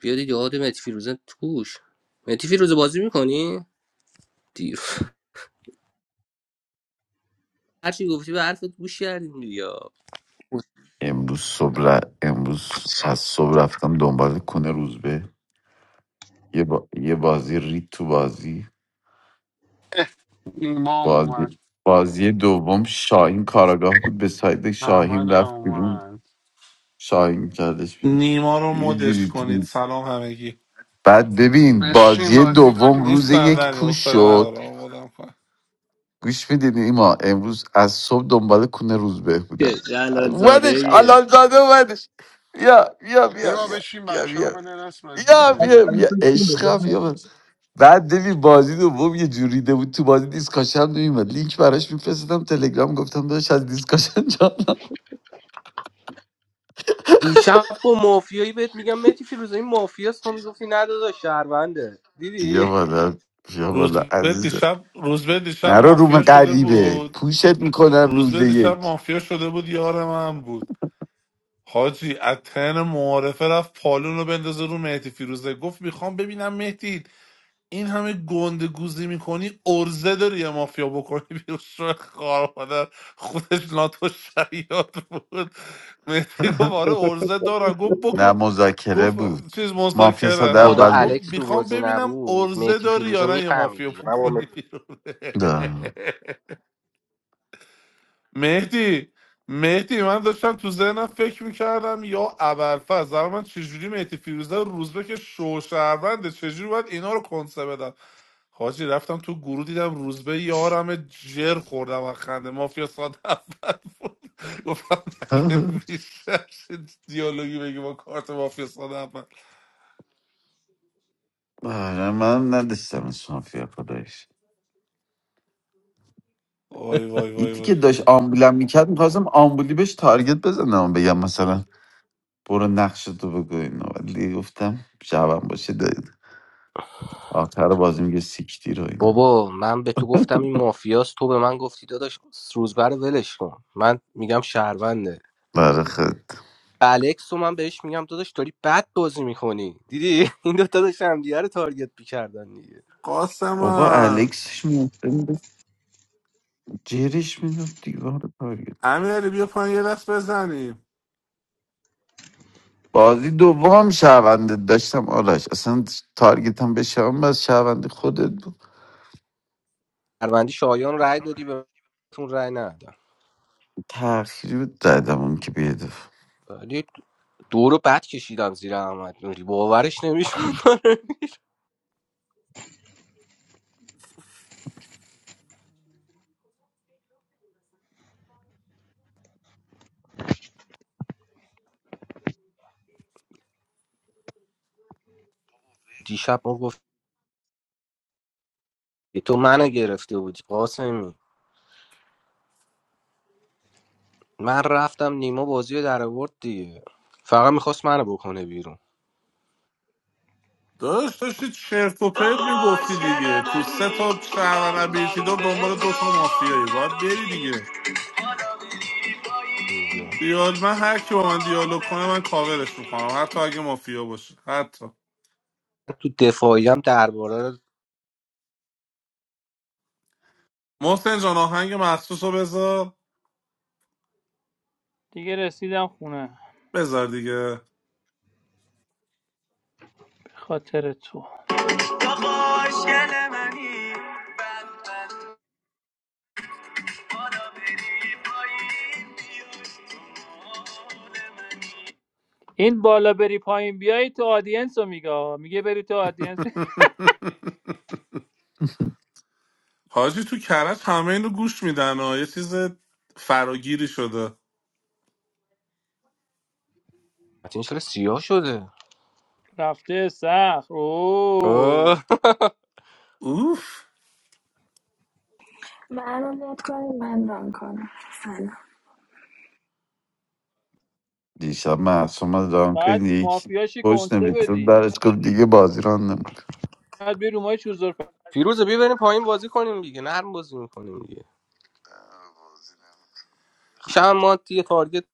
[SPEAKER 1] بیا دیگه یاد متی فیروزه توش متی فیروزه بازی میکنی دیر [LAUGHS] هر چی گفتی به حرفت گوش کردیم دیگه
[SPEAKER 11] امروز صبح ر- امروز از صبح رفتم دنبال کنه روزبه یه, با... یه بازی رید تو بازی
[SPEAKER 10] ایمام اومد
[SPEAKER 11] بازی بازی دوم شاهین کاراگاه بود به سایت
[SPEAKER 10] احمد
[SPEAKER 11] شاهین
[SPEAKER 10] هم
[SPEAKER 11] رفت بیرون
[SPEAKER 10] اومد
[SPEAKER 11] شاهین کردش بیرون
[SPEAKER 12] نیما رو
[SPEAKER 11] یه
[SPEAKER 12] مدش
[SPEAKER 11] جوری
[SPEAKER 12] کنید
[SPEAKER 11] تو-
[SPEAKER 12] سلام همگی
[SPEAKER 11] بعد ببین
[SPEAKER 10] بشین
[SPEAKER 11] بازی
[SPEAKER 10] بازی کنیم
[SPEAKER 11] دوم
[SPEAKER 10] میگه
[SPEAKER 11] روز
[SPEAKER 12] نیستم
[SPEAKER 11] یک
[SPEAKER 12] دنی
[SPEAKER 10] نیما
[SPEAKER 11] پوش
[SPEAKER 12] حوصله
[SPEAKER 11] شد
[SPEAKER 12] ندارم مدم کن
[SPEAKER 11] گوش میدین ایما امروز از صبح دنبال کنه روزبه بودم
[SPEAKER 1] جلال زاده
[SPEAKER 11] ودش
[SPEAKER 1] ایه
[SPEAKER 11] حلال زاده ودش بیا بیا بیا
[SPEAKER 10] نیما
[SPEAKER 11] بیا
[SPEAKER 10] بشین
[SPEAKER 11] بیا
[SPEAKER 10] بچه ها
[SPEAKER 11] بیا
[SPEAKER 10] بنرس بازی
[SPEAKER 11] بیا بیا
[SPEAKER 10] کنیم
[SPEAKER 8] من
[SPEAKER 11] بیا
[SPEAKER 8] می‌خوام پول
[SPEAKER 11] عشقم
[SPEAKER 8] بدم.
[SPEAKER 11] بیا بعد ببین بازی دوم یه جوری ده بود تو بازی دیسکاشن نمیومد لینک براش میفرستادم تلگرام گفتم داداش از دیسکاشن جان
[SPEAKER 1] دیشب با مافیایی بهت میگم متی فیروزه این مافیاست تو میگفتی ندادا شهرونده
[SPEAKER 11] بیا
[SPEAKER 1] دیدی
[SPEAKER 11] بالا بیا بالا
[SPEAKER 12] روزبه
[SPEAKER 11] عزیزه
[SPEAKER 12] دیشب روزبه دیشب
[SPEAKER 11] نرو روم
[SPEAKER 12] مافیا شده
[SPEAKER 11] غریبه
[SPEAKER 12] بود
[SPEAKER 11] پوشت میکنم روز
[SPEAKER 12] روزبه دیشب
[SPEAKER 11] یک
[SPEAKER 12] مافیا شده بود یار من بود حاجی اتن معارفه رفت پالون رو بندازه رو مهدی فیروزه گفت میخوام ببینم مهدی این همه گنده گوزی میکنی ارزه داری یه مافیا بکنی بیرون شو خار مادر خودش ناتو شیاد بود مهدی گفت
[SPEAKER 11] [LAUGHS]
[SPEAKER 12] آره ارزه دارم گفت بکن
[SPEAKER 11] نه مذاکره
[SPEAKER 12] گفت
[SPEAKER 11] بود
[SPEAKER 12] چیز
[SPEAKER 11] مافیا
[SPEAKER 12] مذاکره
[SPEAKER 11] ساده
[SPEAKER 1] خدا
[SPEAKER 12] همون
[SPEAKER 11] اول
[SPEAKER 12] گفت
[SPEAKER 11] بود
[SPEAKER 1] الکس تو
[SPEAKER 12] میخوام
[SPEAKER 1] بازی
[SPEAKER 12] ببینم
[SPEAKER 1] نبود
[SPEAKER 12] ارزه
[SPEAKER 1] مهدی
[SPEAKER 12] داری
[SPEAKER 1] فیروزه
[SPEAKER 12] یا نه یه
[SPEAKER 1] میفهمید
[SPEAKER 12] مافیا
[SPEAKER 1] دیگه
[SPEAKER 12] پون
[SPEAKER 1] من با
[SPEAKER 12] کنی
[SPEAKER 1] مهدی-
[SPEAKER 12] بیرون [LAUGHS]
[SPEAKER 11] نه
[SPEAKER 12] مهدی مهدی من داشتم تو ذهنم فکر میکردم یا ابرفز در من چجوری مهدی فیروزه و روزبه که شوشهرونده چجوری باید اینا رو کنسه بدم حاجی رفتم تو گروه دیدم روزبه یارم جر خوردم و خنده مافیا ساده اول بود [LAUGHS] گفتم مگه
[SPEAKER 11] [LAUGHS]
[SPEAKER 12] میشه چه دیالوگی بگی با کارت مافیا ساده اول
[SPEAKER 11] آره من نداشتم از مافیا خدایش
[SPEAKER 12] وای وای وای
[SPEAKER 11] یتی
[SPEAKER 12] وای
[SPEAKER 11] که داشت آمبولم میکرد میخواستم آمبولی بهش تارگت بزنم بگم مثلا برو نقش تو بگو اینو ولی گفتم شبم باشه آخر بازی میگه سیکتیر و اینا
[SPEAKER 1] بابا من به تو
[SPEAKER 11] [LAUGHS]
[SPEAKER 1] گفتم این مافیاست تو به من گفتی داداش روزبر رو ولش کن من میگم شهرونده
[SPEAKER 11] برای خود
[SPEAKER 1] الکس رو من بهش میگم داداش داری بد بازی میکنی دیدی [LAUGHS] این دوتا داشتن همدیگه رو تارگت میکردن دیگه
[SPEAKER 11] بابا
[SPEAKER 12] قاسمان
[SPEAKER 11] الکسش ممکن بود جرش میداد دیوار تارگت
[SPEAKER 12] امیر بیا پایین یه دست بزنیم
[SPEAKER 11] بازی دوم شونده داشتم آرش اصلا تارگت هم بشم بس شونده خودت بود
[SPEAKER 1] پروندی شایان رای دادی به رای ندادم
[SPEAKER 11] تأخیری بود دادم اون که بیدف
[SPEAKER 1] ولی دو رو بد کشیدم زیر احمد نوری باورش نمیشون [LAUGHS] دیشب ما گفت تو منو گرفته بودی قاسمی من رفتم نیما بازی رو در آورد دیگه فقط میخواست منو بکنه بیرون
[SPEAKER 12] داشت داشتی چرت و پرت میگفتی دیگه تو سه تا شهر ابیلیتی دار دنبال دو تا مافیایی باید بری دیگه
[SPEAKER 1] دیگه
[SPEAKER 12] دیال من هر کی با من دیالوگ کنه من کاورش میکنم حتی اگه مافیا باشه حتی
[SPEAKER 1] تو دفاعی هم درباره رو-
[SPEAKER 12] محسن جان آهنگ مخصوص رو بذار
[SPEAKER 3] دیگه رسیدم خونه
[SPEAKER 12] بذار دیگه
[SPEAKER 3] خاطر تو این بالا بری پایین بیای تو آدینس رو میگه میگه بری تو آدینس
[SPEAKER 12] [LAUGHS]
[SPEAKER 11] [LAUGHS]
[SPEAKER 12] حاجی تو کرج همه اینو گوش میدن ها یه چیز فراگیری شده
[SPEAKER 1] این چرا سیاه شده
[SPEAKER 3] [LAUGHS] رفته سخت اوه
[SPEAKER 1] آه. [LAUGHS]
[SPEAKER 12] اوف
[SPEAKER 13] منو مود کنید من ران کنم سلام
[SPEAKER 11] دیشب معصوم از که
[SPEAKER 3] بعد
[SPEAKER 11] یکی
[SPEAKER 3] مافیاشی
[SPEAKER 11] پشت
[SPEAKER 3] کنسه
[SPEAKER 11] نوشته بود،
[SPEAKER 3] بدی
[SPEAKER 11] برش گفت دیگه بازی ران نمیکن
[SPEAKER 3] بعد بری رومای چوزور
[SPEAKER 1] فیروزه بیا بریم پایین بازی کنیم دیگه نرم بازی میکنیم دیگه. میشم ما دیگه تارگت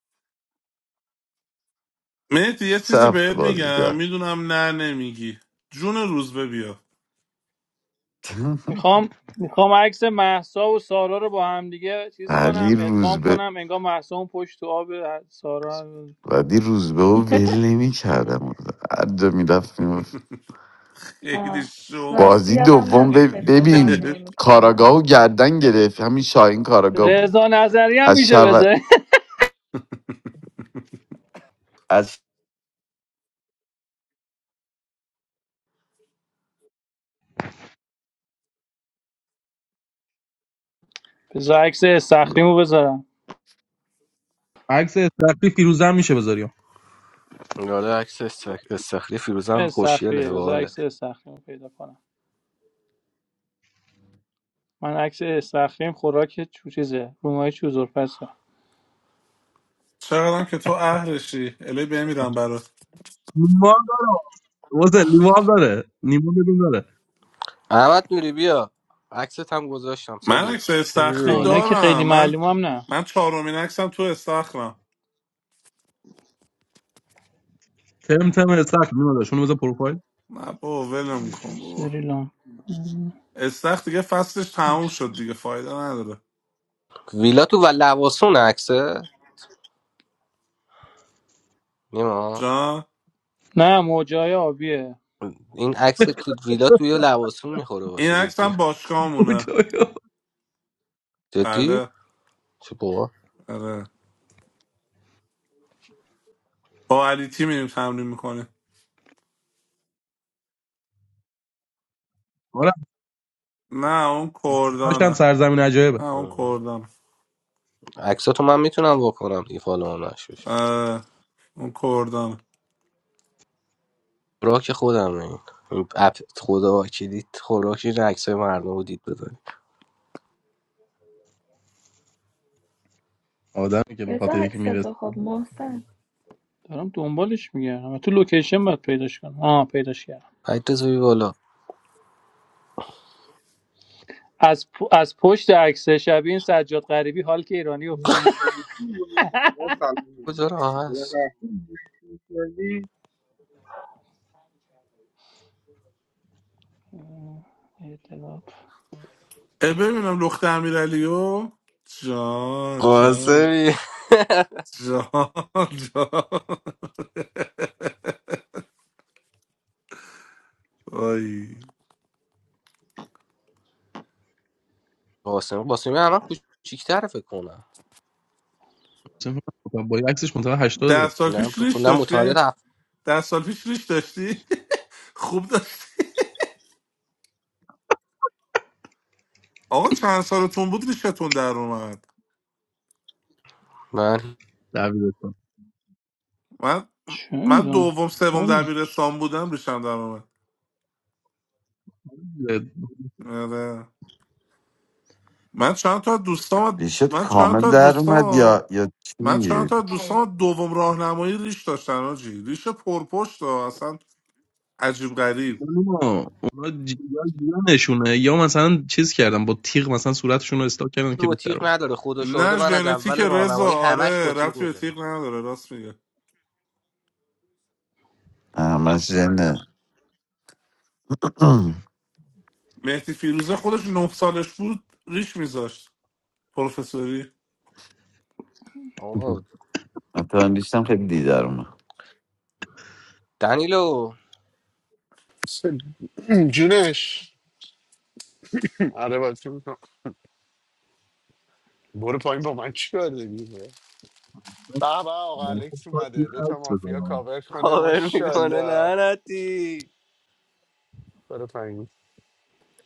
[SPEAKER 12] مهدی یه
[SPEAKER 11] سه
[SPEAKER 12] چیزی
[SPEAKER 11] هفته
[SPEAKER 12] بهت
[SPEAKER 11] بازی
[SPEAKER 12] میگم
[SPEAKER 11] کرد
[SPEAKER 12] میدونم نه نمیگی جون روز به بیا
[SPEAKER 11] [LAUGHS]
[SPEAKER 3] میخوام میخوام عکس محسا و سارا رو با هم دیگه چیز کنم
[SPEAKER 11] ولی
[SPEAKER 3] ادغام
[SPEAKER 11] روزبه
[SPEAKER 3] کنم انگار محسا اون پشت تو آب سارا
[SPEAKER 11] ولی روزبه و ول نمی کردم هر جا میرفت
[SPEAKER 12] [LAUGHS] خیلی
[SPEAKER 13] آه.
[SPEAKER 12] شو بود
[SPEAKER 13] راستی
[SPEAKER 11] بازی
[SPEAKER 13] یادم
[SPEAKER 11] دوم
[SPEAKER 13] نبود که
[SPEAKER 11] بب-
[SPEAKER 13] دیگه ران
[SPEAKER 11] ببین
[SPEAKER 12] [LAUGHS]
[SPEAKER 13] نمی کنم
[SPEAKER 11] کاراگاهو گردن گرفت همین شاهین کاراگاه بود
[SPEAKER 3] رضا نظری هم
[SPEAKER 11] از
[SPEAKER 3] میشه
[SPEAKER 11] شو...
[SPEAKER 3] بذاری
[SPEAKER 11] از
[SPEAKER 3] [LAUGHS] بذار عکس استخریمو بذارم
[SPEAKER 8] عکس استخری فیروزه هم میشه بذاریم
[SPEAKER 1] آره عکس استخ- استخری فیروزم
[SPEAKER 3] استخریه
[SPEAKER 1] خوشیله
[SPEAKER 3] بذار
[SPEAKER 1] باحاله
[SPEAKER 3] عکس استخریمو پیدا کنم من عکس استخریم خوراک چو چیزه رومای چوزور پسه.
[SPEAKER 12] چقدرم که تو اهلشی الی بمیرم برات
[SPEAKER 8] نیما هم داره واسه نیما داره نیما بدون داره
[SPEAKER 1] احمد نوری بیا عکست هم گذاشتم
[SPEAKER 12] من
[SPEAKER 1] سولی
[SPEAKER 12] عکس
[SPEAKER 1] خوشی بیا
[SPEAKER 3] نه
[SPEAKER 12] استخری
[SPEAKER 3] اینایی
[SPEAKER 1] بالا
[SPEAKER 3] که خیلی
[SPEAKER 12] دارم من
[SPEAKER 3] معلوم هم نه
[SPEAKER 12] من چهارمین عکسم تو استخرم
[SPEAKER 8] تم تم استخر نیما داره شونو بذار پروفایل
[SPEAKER 12] نه بابا ولم
[SPEAKER 3] اینجا
[SPEAKER 12] کن بابا
[SPEAKER 3] سریلان
[SPEAKER 12] استخر دیگه فصلش تموم
[SPEAKER 3] عکس.
[SPEAKER 12] شد دیگه فایده نداره
[SPEAKER 1] ویلا تو و لواسون عکسه نیما
[SPEAKER 12] جان
[SPEAKER 3] نه موجای آبیه
[SPEAKER 1] این عکس تو ویلا توی لواسون میخوره
[SPEAKER 12] این
[SPEAKER 1] باشی جدی
[SPEAKER 12] عکسم باشگاهمونه
[SPEAKER 8] کجایا.
[SPEAKER 1] جدی
[SPEAKER 12] بله
[SPEAKER 1] چه بابا
[SPEAKER 12] آره با علی تی میریم تمرین میکنیم
[SPEAKER 8] آره
[SPEAKER 12] نه اون
[SPEAKER 8] داشتم
[SPEAKER 12] کردانه
[SPEAKER 8] سرزمین عجایبه
[SPEAKER 12] نه اون
[SPEAKER 1] آه.
[SPEAKER 12] کردانه
[SPEAKER 1] عکساتو من میتونم واکنم دیگه فالو هم نشوش
[SPEAKER 12] آره اون کردان
[SPEAKER 1] خوراک خودم این این اپ خدا وکیلیت خوراکی این عکسای مردم رو دید بزنی
[SPEAKER 8] آدمی که به
[SPEAKER 13] بذار
[SPEAKER 8] خاطر یکی میرسه
[SPEAKER 13] عکستو خب محسن
[SPEAKER 3] دارم دنبالش میگردم تو لوکیشن باید پیداش کنم آه پیداش کردم
[SPEAKER 1] حتی بیا بالا
[SPEAKER 3] از, پ- از پشت عکس شبیه این سجاد غریبی حال که ایرانی افتاد
[SPEAKER 14] مدام رفتی من سلام می‌کنم.
[SPEAKER 1] کجا راه
[SPEAKER 14] مدام
[SPEAKER 1] هست
[SPEAKER 14] رفتی می‌کنی،
[SPEAKER 3] اعتراف
[SPEAKER 12] اه ببینم لخت امیرعلیو جان جان
[SPEAKER 1] قاسمی [LAUGHS]
[SPEAKER 12] جان جان وای
[SPEAKER 1] قاسم قاسمی الان کوچیک‌تره فکر کنم
[SPEAKER 8] با یه عکسش منطقه
[SPEAKER 12] ده
[SPEAKER 8] 80
[SPEAKER 12] سال
[SPEAKER 1] نه
[SPEAKER 12] پیش
[SPEAKER 1] فکر
[SPEAKER 12] ریش
[SPEAKER 1] کنم متولد
[SPEAKER 12] داشته
[SPEAKER 1] هفت
[SPEAKER 12] ده سال پیش ریش داشتی [LAUGHS] خوب داشت آقا چند سالتون بود ریشتون در اومد
[SPEAKER 1] من
[SPEAKER 8] دبیرستان
[SPEAKER 12] من
[SPEAKER 3] چه
[SPEAKER 12] من
[SPEAKER 3] میدونم
[SPEAKER 12] دوم سوم
[SPEAKER 3] یادم
[SPEAKER 12] دبیرستان بودم ریشم در اومد آره. من چند تا از دوستام
[SPEAKER 11] ریشت
[SPEAKER 12] من چند
[SPEAKER 11] کامل
[SPEAKER 12] تا از
[SPEAKER 11] در اومد
[SPEAKER 12] دوستام
[SPEAKER 11] یا یا
[SPEAKER 12] من چند
[SPEAKER 11] چی
[SPEAKER 12] تا از دوستام دوم راهنمایی ریش داشتن آجی ریش پرپشت ها. اصلا عجیب غریب
[SPEAKER 8] اونا اونا جی- یا جیانشونه یا مثلا چیز کردن با تیغ مثلا صورتشون رو استاک کردن که
[SPEAKER 1] با
[SPEAKER 8] بیشتر
[SPEAKER 1] تیغ
[SPEAKER 8] اون
[SPEAKER 1] نداره خدا شاهده
[SPEAKER 12] نه
[SPEAKER 1] من از
[SPEAKER 12] ژنتیک
[SPEAKER 1] اول
[SPEAKER 12] رضا
[SPEAKER 1] راهنمایی همش با
[SPEAKER 12] آره
[SPEAKER 1] تیغ
[SPEAKER 12] رفتی به
[SPEAKER 1] میزنم
[SPEAKER 12] تیغ نداره راست میگه
[SPEAKER 11] آه، من زنه [CLEARS THROAT]
[SPEAKER 12] مهدی فیروزه خودش نه سالش بود ریش میذاشت پروفسوری
[SPEAKER 1] آقا
[SPEAKER 11] مثلا ریشتم خیلی دیر در اومد
[SPEAKER 1] دنیلو
[SPEAKER 10] جونش آره بازی میکنم برو پایین با من چیکار داری به به آقا الکس اومده دو تا
[SPEAKER 8] عکس
[SPEAKER 10] مافیا
[SPEAKER 8] بزنم.
[SPEAKER 10] کاور کنه
[SPEAKER 1] کاور میکنه
[SPEAKER 10] ماشاءالله
[SPEAKER 1] لعنتی
[SPEAKER 10] برو پایین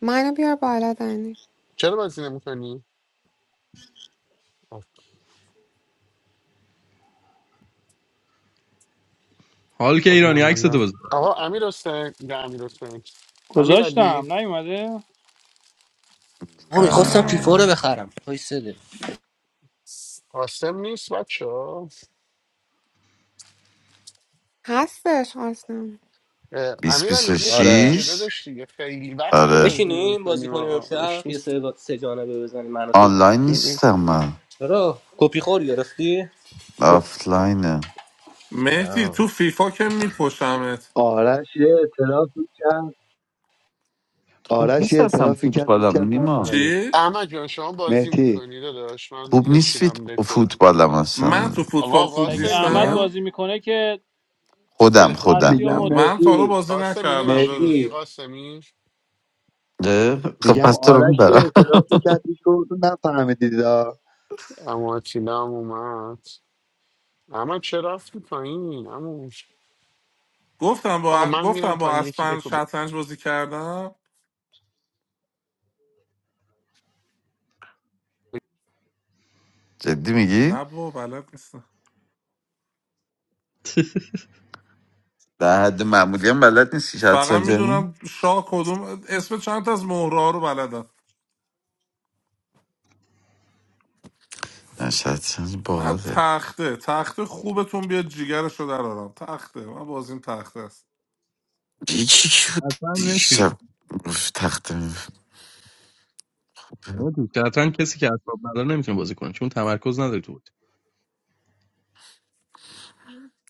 [SPEAKER 6] منو بیار بالا دنی
[SPEAKER 10] چرا بازی نمیکنی؟
[SPEAKER 8] حال که
[SPEAKER 10] خب
[SPEAKER 8] ایرانی
[SPEAKER 10] اینم
[SPEAKER 8] عکس
[SPEAKER 10] بالا
[SPEAKER 8] تو بذار
[SPEAKER 10] آقا امیر حسین نه امیر حسین امیر علی
[SPEAKER 3] گذاشتم نیومده
[SPEAKER 1] من میخواستم
[SPEAKER 11] آه،
[SPEAKER 1] فیفا
[SPEAKER 13] نه
[SPEAKER 1] رو
[SPEAKER 11] نه.
[SPEAKER 1] بخرم وایساده
[SPEAKER 10] قاسم نیست بچه ها.
[SPEAKER 6] هستش اصلا
[SPEAKER 11] بیس
[SPEAKER 10] امیر
[SPEAKER 11] بیس
[SPEAKER 10] علی
[SPEAKER 11] و
[SPEAKER 10] بشین
[SPEAKER 1] آره
[SPEAKER 10] دیگه
[SPEAKER 11] شیش
[SPEAKER 10] داداش دیگه خیلی وقت
[SPEAKER 11] آره
[SPEAKER 10] بازی
[SPEAKER 1] بشینیم بازی
[SPEAKER 10] نمیکنیم
[SPEAKER 1] کنیم امشب یه سه, سه جانبه بزنیم من و تو
[SPEAKER 11] آنلاین نیستم من
[SPEAKER 1] چرا کپی خور گرفتی کپی
[SPEAKER 11] آفلاینه
[SPEAKER 12] مهدی تو
[SPEAKER 1] آه.
[SPEAKER 12] فیفا که میکشمت
[SPEAKER 15] آرش یه اعترافی کرد
[SPEAKER 11] خوب
[SPEAKER 15] آرش یه
[SPEAKER 11] نیست اصلا
[SPEAKER 15] اعترافی کرد هیچ
[SPEAKER 11] فوتبالم
[SPEAKER 15] کس
[SPEAKER 11] نیما
[SPEAKER 15] نفهمید
[SPEAKER 12] چی؟
[SPEAKER 10] احمد جان شما بازی
[SPEAKER 15] مهدی
[SPEAKER 10] میکنی داداش من
[SPEAKER 11] خوب نیست فیت...
[SPEAKER 10] بچینم دکو
[SPEAKER 11] فوتبالم
[SPEAKER 12] من
[SPEAKER 11] اصلا
[SPEAKER 12] تو فوتبال
[SPEAKER 10] آقا
[SPEAKER 12] خوب
[SPEAKER 3] اگه احمد
[SPEAKER 10] قاسمی
[SPEAKER 15] میگم
[SPEAKER 12] نیستم
[SPEAKER 3] بازی میکنه که
[SPEAKER 11] خودم
[SPEAKER 10] [LAUGHS]
[SPEAKER 11] خودم
[SPEAKER 3] هستی و
[SPEAKER 15] میگم
[SPEAKER 12] آه،
[SPEAKER 3] مد
[SPEAKER 12] من
[SPEAKER 3] کن
[SPEAKER 12] تا حالا
[SPEAKER 15] مهدی
[SPEAKER 12] بازی
[SPEAKER 10] قاسمی
[SPEAKER 12] نکردم
[SPEAKER 10] نمیشینی
[SPEAKER 12] داداش
[SPEAKER 15] مهدی
[SPEAKER 10] قاسمی
[SPEAKER 11] اه، خب
[SPEAKER 15] میگم
[SPEAKER 11] پس تو رو
[SPEAKER 15] آرش یه
[SPEAKER 11] میبرم
[SPEAKER 15] اعترافی کرد هیچ کدومتون نفهمیدید آ.
[SPEAKER 10] اما تیلا هم اومد اما چرا رفتی پایین اما
[SPEAKER 12] گفتم
[SPEAKER 10] آقا
[SPEAKER 12] با
[SPEAKER 10] من
[SPEAKER 12] گفتم
[SPEAKER 10] میرم
[SPEAKER 12] با
[SPEAKER 10] پایین یکی
[SPEAKER 12] اسپن
[SPEAKER 10] دکو
[SPEAKER 12] شطرنج بازی کردم
[SPEAKER 11] جدی میگی
[SPEAKER 12] نه با بلد نیستم
[SPEAKER 11] در حد معمولی هم بلد نیستی
[SPEAKER 12] فقط
[SPEAKER 11] شطرنج یعنی
[SPEAKER 12] میدونم شاه کدوم اسم چند تا از مهره رو بلدم
[SPEAKER 11] نه شطرنج
[SPEAKER 12] من
[SPEAKER 11] باحاله
[SPEAKER 12] تخته تخته خوبتون بیاد جیگرش رو در آرام، تخته من بازیم تخته است
[SPEAKER 11] یکی که بود
[SPEAKER 8] اصلا متفیلد
[SPEAKER 11] دیشب گفت تخت می-
[SPEAKER 8] متفیلد شطرنج کسی که اعصاب نداره نمیتونه بازی کنه چون تمرکز نداره تو بود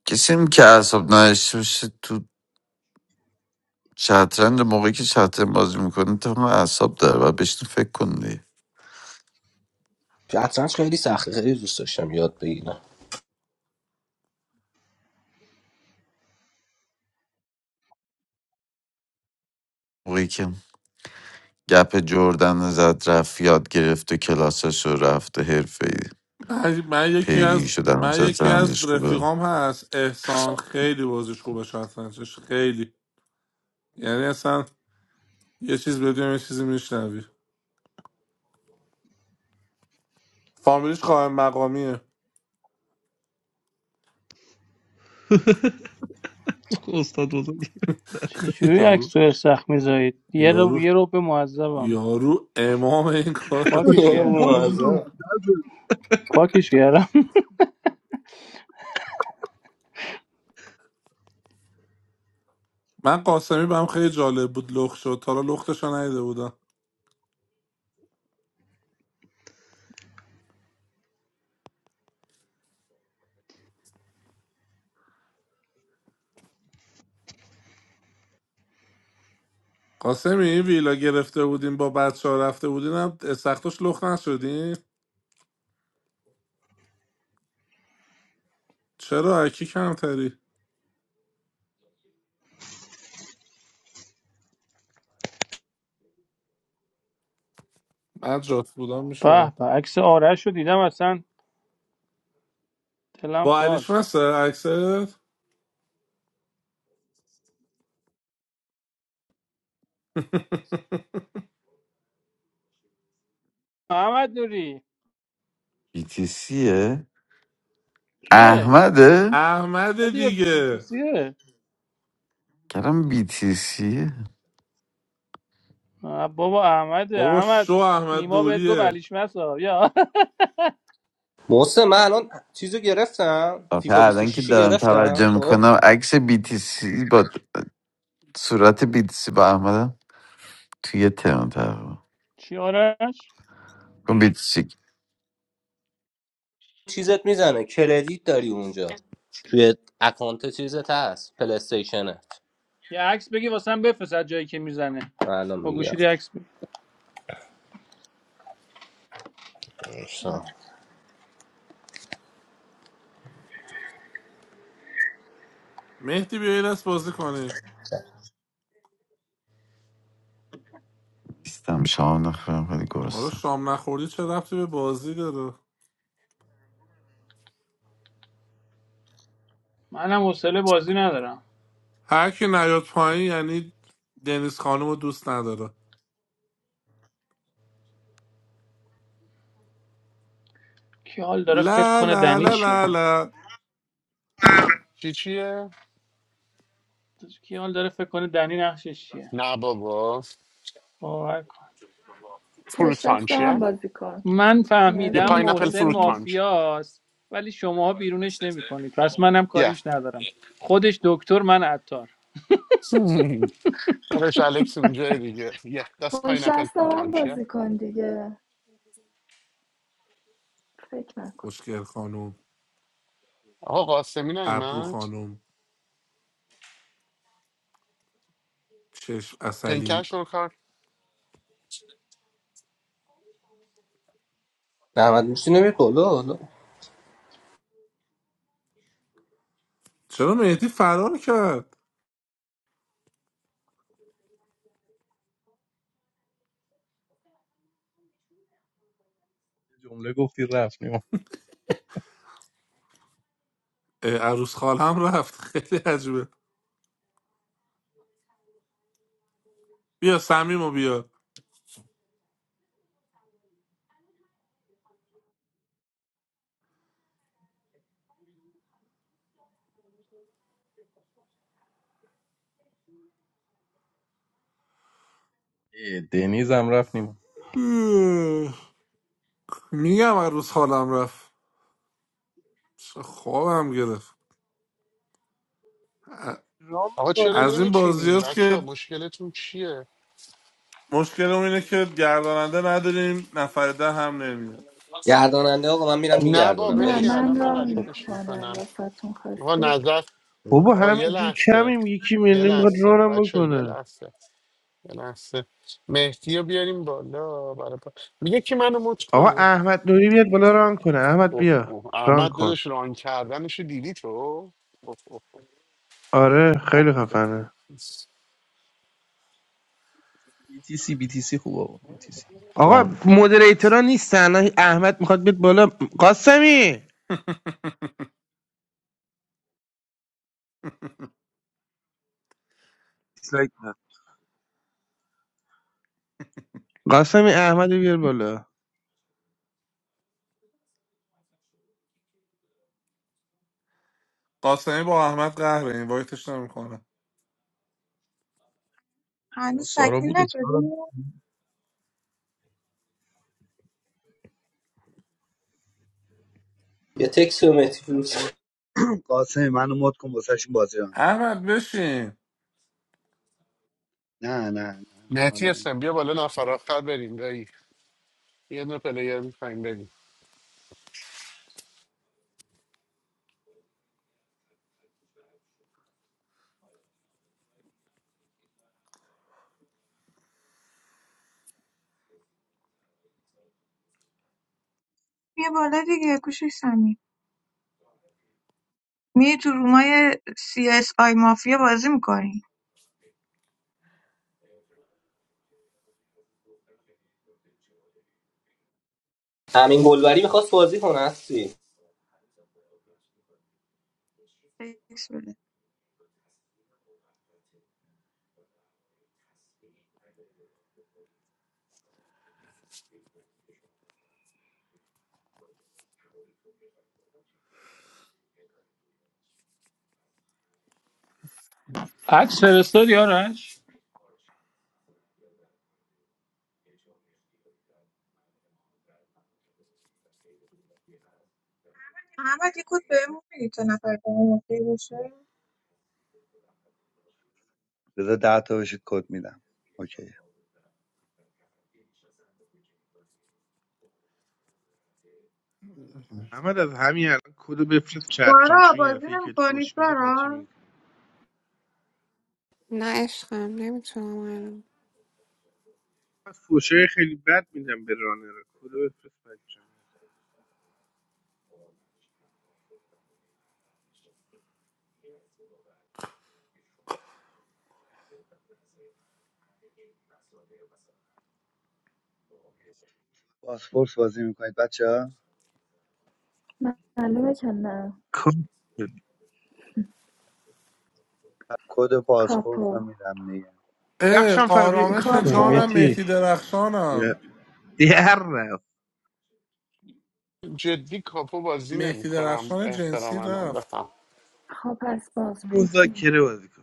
[SPEAKER 11] کسی هم که اعصاب نداشته باشه تو شطرنج موقعی که شطرنج بازی میکنه تو هم اعصاب داره و بهش فکر کنی
[SPEAKER 1] شطرنج خیلی سخته خیلی دوست داشتم یاد بگیرم
[SPEAKER 11] موقعی که گپ جردن رو زد رفت یاد گرفت و کلاسش رو رفت و حرفه
[SPEAKER 12] من, من یکی
[SPEAKER 11] پیگیری
[SPEAKER 12] از
[SPEAKER 11] شدن
[SPEAKER 12] من یکی از
[SPEAKER 11] شطرنجش خوبه
[SPEAKER 12] رفیقام هست احسان خیلی بازیش خوبه شطرنجش خیلی یعنی اصلا یه چیز بدونیم یه چیزی میشنوی فامیلیش قائم مقامیه
[SPEAKER 8] [LAUGHS] استاد بزرگ
[SPEAKER 12] [LAUGHS]
[SPEAKER 3] چجوری عکس
[SPEAKER 12] یارو
[SPEAKER 3] تو سخت میذارید یه رو
[SPEAKER 12] یارو
[SPEAKER 3] یه رو به معذبم
[SPEAKER 12] یارو امام این کاره
[SPEAKER 1] [LAUGHS]
[SPEAKER 3] پاکش
[SPEAKER 1] یه
[SPEAKER 3] کردم
[SPEAKER 1] موازم
[SPEAKER 3] پاکش کردم
[SPEAKER 12] من قاسمی بهم خیلی جالب بود لخت شد تا حالا لختش رو ندیده بودم قاسمی این ویلا گرفته بودیم با بچه ها رفته بودیم هم سختش لخت نشدیم چرا اکی کمتری من جات بودم میشدم
[SPEAKER 3] به به عکس آرش رو دیدم اصلا دلم
[SPEAKER 12] با علیش
[SPEAKER 3] خواست
[SPEAKER 12] مثل عکست
[SPEAKER 3] احمد نوری
[SPEAKER 11] BTCه
[SPEAKER 3] کیه
[SPEAKER 11] احمده
[SPEAKER 12] احمد
[SPEAKER 3] احمد یا
[SPEAKER 12] دیگه
[SPEAKER 3] بیتیسیه
[SPEAKER 11] کلم BTCه
[SPEAKER 3] بابا احمد
[SPEAKER 12] بابا شو
[SPEAKER 3] احمد
[SPEAKER 12] احمد
[SPEAKER 3] نیما بهت گفت
[SPEAKER 12] نوریه
[SPEAKER 3] علیش مسا یا
[SPEAKER 1] محسن من الان چیزو گرفتم
[SPEAKER 11] آخه
[SPEAKER 1] فیفا
[SPEAKER 11] الان که
[SPEAKER 1] 26 رو
[SPEAKER 11] دارم
[SPEAKER 1] گرفتم
[SPEAKER 11] توجه
[SPEAKER 1] خب
[SPEAKER 11] میکنم عکس BTC با صورت BTC با احمدم توی یه ترم تقریبا
[SPEAKER 3] [LAUGHS] چی آرش
[SPEAKER 11] کن BTC
[SPEAKER 1] چیزت میزنه کردیت داری اونجا توی اکانت چیزت هست پلیستیشنت
[SPEAKER 3] یه عکس بگی واسم بفرست از جایی که میزنه
[SPEAKER 1] الان
[SPEAKER 3] با
[SPEAKER 1] میگیرم
[SPEAKER 3] گوشی یه عکس بگی
[SPEAKER 12] مهدی بیا یه دست بازی کنیم
[SPEAKER 11] نیستم شام نخورم خیلی
[SPEAKER 12] آره
[SPEAKER 11] گرستم
[SPEAKER 12] شام نخوردی چه ربطی به بازی داره
[SPEAKER 3] منم حوصله بازی ندارم
[SPEAKER 12] هر کی نیاد پایین یعنی دنیز خانم رو دوست نداره
[SPEAKER 3] کی حال داره فکر
[SPEAKER 12] لا
[SPEAKER 3] کنه
[SPEAKER 12] لا
[SPEAKER 3] دنی
[SPEAKER 12] لا
[SPEAKER 3] چیه
[SPEAKER 12] لا لا
[SPEAKER 10] چی چیه؟
[SPEAKER 3] کی حال داره فکر کنه دنی نقشش چیه
[SPEAKER 10] نه بابا
[SPEAKER 3] باور کن
[SPEAKER 10] فروت
[SPEAKER 13] پشت دست
[SPEAKER 10] پانچیه؟
[SPEAKER 13] هم
[SPEAKER 10] یه
[SPEAKER 13] بازی کن
[SPEAKER 3] من
[SPEAKER 10] یه
[SPEAKER 13] نیازی
[SPEAKER 3] فهمیدم
[SPEAKER 13] نیست
[SPEAKER 10] پاینپل
[SPEAKER 13] فکر
[SPEAKER 3] محسن
[SPEAKER 10] فروت
[SPEAKER 13] کنی
[SPEAKER 10] پانچ
[SPEAKER 3] مافیاست ولی شماها بیرونش نمیکنید پس منم
[SPEAKER 10] یه
[SPEAKER 3] کاریش ندارم خودش دکتر من عطار
[SPEAKER 10] [LAUGHS] روش الکس اونجای دیگه یه دست
[SPEAKER 13] پشت
[SPEAKER 10] پاینپل
[SPEAKER 13] دست هم
[SPEAKER 10] پانچ یه
[SPEAKER 13] بازی کن دیگه فکر نکن
[SPEAKER 12] خوشگل خانم
[SPEAKER 10] آقا قاسمی
[SPEAKER 12] ابرو
[SPEAKER 10] نیمد
[SPEAKER 12] خانم چشم اصلی
[SPEAKER 10] پنکش رو کار
[SPEAKER 1] نحمد میشه نمی بالا حالا
[SPEAKER 12] چرا مهدی فرار کرد
[SPEAKER 8] جمله گفتی رفت نیما
[SPEAKER 12] اه، عروس خال هم رفت [LAUGHS] خیلی عجیبه بیا سمیم و بیا
[SPEAKER 8] اه، دنیز هم رفت نیما
[SPEAKER 12] اه، میگم هر روز حالم رفت چه خوابم گرفت ا-
[SPEAKER 14] رام
[SPEAKER 10] آقا چرا
[SPEAKER 12] از
[SPEAKER 14] میکنه
[SPEAKER 12] این بازی
[SPEAKER 10] نمیچینین
[SPEAKER 12] هست
[SPEAKER 10] بچه ها
[SPEAKER 12] که
[SPEAKER 10] مشکلتون چیه
[SPEAKER 12] مشکلمون اینه که گرداننده نداریم نفر ده هم نمیاد
[SPEAKER 1] گرداننده آقا من میرم
[SPEAKER 10] نه با
[SPEAKER 1] میگردونم
[SPEAKER 13] نه
[SPEAKER 10] بشین
[SPEAKER 1] ولش کن
[SPEAKER 13] من
[SPEAKER 10] الان من
[SPEAKER 13] ران
[SPEAKER 10] ردیفش
[SPEAKER 13] میکنم
[SPEAKER 10] میکنم
[SPEAKER 13] واسهتون
[SPEAKER 10] آقا
[SPEAKER 13] خواستید
[SPEAKER 10] نظر
[SPEAKER 14] بابا
[SPEAKER 10] آقا یه
[SPEAKER 14] همینجور
[SPEAKER 10] لحظه
[SPEAKER 14] کمیم یکی
[SPEAKER 10] یه
[SPEAKER 14] میلی میخواد
[SPEAKER 10] لحظه
[SPEAKER 14] رانم
[SPEAKER 10] بچه یه
[SPEAKER 14] بکنه
[SPEAKER 10] لحظه یه لحظه مهدی رو بیاریم بالا برای پا... میگه که منو مت
[SPEAKER 14] آقا
[SPEAKER 10] کنه
[SPEAKER 14] احمد نوری بیاد بالا ران کنه احمد
[SPEAKER 10] اوه،
[SPEAKER 14] بیا
[SPEAKER 10] اوه.
[SPEAKER 14] ران
[SPEAKER 10] احمد
[SPEAKER 14] کن
[SPEAKER 10] داداش ران کردنشو دیدی تو اوه، اوه،
[SPEAKER 14] آره
[SPEAKER 10] اوه،
[SPEAKER 14] خیلی
[SPEAKER 10] اوه.
[SPEAKER 14] خفنه
[SPEAKER 8] BTC BTC خوب آقا BTC
[SPEAKER 14] آقا
[SPEAKER 8] فانه
[SPEAKER 14] مدریتورا نیستن احمد میخواد بیاد بالا قاسمی دیسلایک نه قاسمی احمد رو بیار بالا
[SPEAKER 12] قاسمی با احمد قهره این وایتش نمیکنه
[SPEAKER 8] آقا
[SPEAKER 16] هنوز
[SPEAKER 8] سارا
[SPEAKER 16] تکمیل
[SPEAKER 8] بودش
[SPEAKER 16] نشده
[SPEAKER 8] سارا.
[SPEAKER 1] یه تکسی به مهدی
[SPEAKER 15] منو
[SPEAKER 1] فیروز
[SPEAKER 15] مد [CLEARS THROAT] قاسم منو مد کن واسهشون بازی ران کنم
[SPEAKER 12] احمد بشین
[SPEAKER 15] نه نه نه نه، حال
[SPEAKER 10] مهدی
[SPEAKER 15] نمی‌ده.
[SPEAKER 10] هستم بیا بالا نفر آخر بریم دایی یه دونه پلیر میخوایم بریم
[SPEAKER 16] یه بالا دیگه کوشش سمی میری تو رومای سی اس آی مافیا بازی میکنی
[SPEAKER 1] همین گلبری میخواست بازی کنه هستی
[SPEAKER 3] عکس فرستاد یارش
[SPEAKER 16] احمد یه کد بهمون میدی تا نفر دوم اوکی باشه
[SPEAKER 15] بذار ده تا بشید کد میدم اوکی
[SPEAKER 14] احمد از همین الان کدو بفرست چترم
[SPEAKER 16] سارا
[SPEAKER 14] چون یه
[SPEAKER 16] بازی
[SPEAKER 14] دفعه که بهت
[SPEAKER 16] نمیکنی
[SPEAKER 14] فوش بده قاطی
[SPEAKER 16] سارا
[SPEAKER 6] نه عشقم نمیتونم الان
[SPEAKER 14] از فوشای خیلی بد میدم به رانر کدو بفرست بچه‌ها.
[SPEAKER 15] پاسپورت بازی میکنید بچه ها
[SPEAKER 13] معلومه که نه
[SPEAKER 14] کام شد.
[SPEAKER 15] کد پاسپورت رو
[SPEAKER 13] کاپو
[SPEAKER 15] میدم دیگه
[SPEAKER 12] اه،
[SPEAKER 14] رخشان فر بیا
[SPEAKER 12] آرامش جانم
[SPEAKER 13] کاپو
[SPEAKER 14] مهتی
[SPEAKER 12] مهدی درخشانم
[SPEAKER 14] در رفت
[SPEAKER 10] جدی کاپو بازی
[SPEAKER 12] مهدی
[SPEAKER 10] نمیکنم
[SPEAKER 12] درخشان جنسی
[SPEAKER 10] احتراماً
[SPEAKER 12] رفت
[SPEAKER 10] بفهم
[SPEAKER 13] خب از باز پرس
[SPEAKER 14] مذاکره بازی کن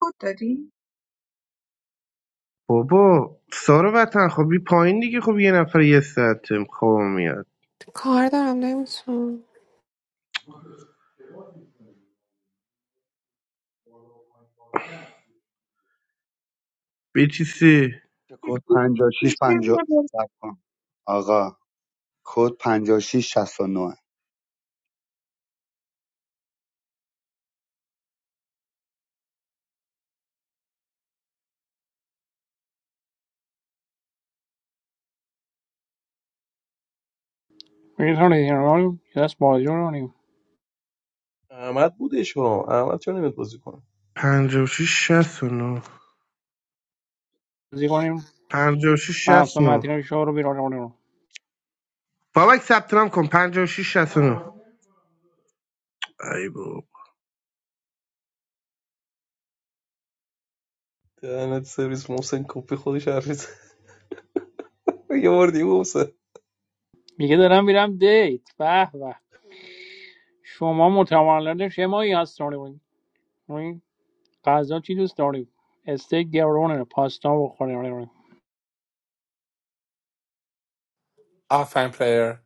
[SPEAKER 16] کد دادی
[SPEAKER 14] بابا سارا وطن خب بی پایین دیگه خب یه نفر یه ساعته خواب میاد
[SPEAKER 6] کار دارم نمیتونم
[SPEAKER 14] به سی
[SPEAKER 15] کد
[SPEAKER 16] کسی- کسی
[SPEAKER 15] 56
[SPEAKER 16] بیا
[SPEAKER 15] 50
[SPEAKER 16] بالا.
[SPEAKER 15] کن آقا کد 56 نه
[SPEAKER 3] میتونید این رو دست بازی کنیم
[SPEAKER 8] احمد بودش ها احمد چرا نمیاد بازی کنه
[SPEAKER 14] پنجاه و شیش شست و نو
[SPEAKER 3] بازی کنیم
[SPEAKER 14] پنجاه و شیش
[SPEAKER 3] محسن
[SPEAKER 14] شست نو
[SPEAKER 3] متین شما رو بیرون کنیم
[SPEAKER 14] بابک ثبت نام کن پنجاه و شیش شست و نو ای بابا
[SPEAKER 8] دهنت سرویس محسن کپی خودش حرف [LAUGHS] یه بار دیگه محسن
[SPEAKER 3] میگه دارم میرم دیت به به شما متولد شمایی هستونی این غذا چی دوست داریم استیک گرونه پاستا بخوریم
[SPEAKER 12] آفن پلیر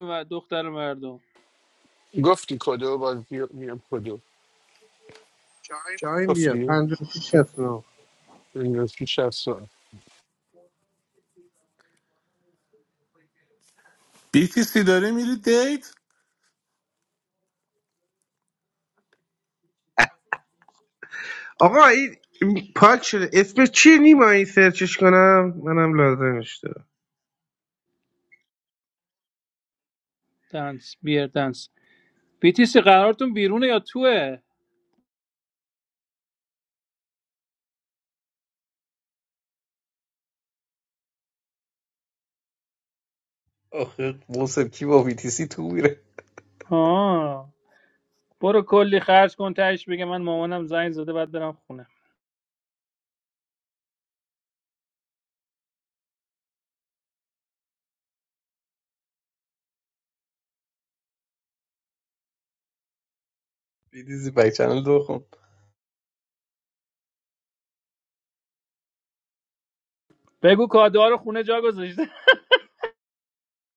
[SPEAKER 3] و دختر مردم
[SPEAKER 10] گفتی کدو بازی میام کدو
[SPEAKER 14] شاهین بیا
[SPEAKER 10] گفتی
[SPEAKER 14] پنجاه و شیش شست و نو
[SPEAKER 10] انگلیسی 60
[SPEAKER 12] بیتیسی داری میری دیت
[SPEAKER 14] آقا این پاک شده اسمش چیه نیما این سرچش کنم منم لازمش دارم
[SPEAKER 3] دنس بیر دنس بیتیسی قرارتون بیرونه یا توه
[SPEAKER 8] آخه محسن کی با BTC تو میره
[SPEAKER 3] آه برو کلی خرج کن تهش بگه من مامانم زنگ زده بعد برم خونه
[SPEAKER 8] BTC بک چنل دو خون
[SPEAKER 3] بگو کادوها رو خونه جا گذاشته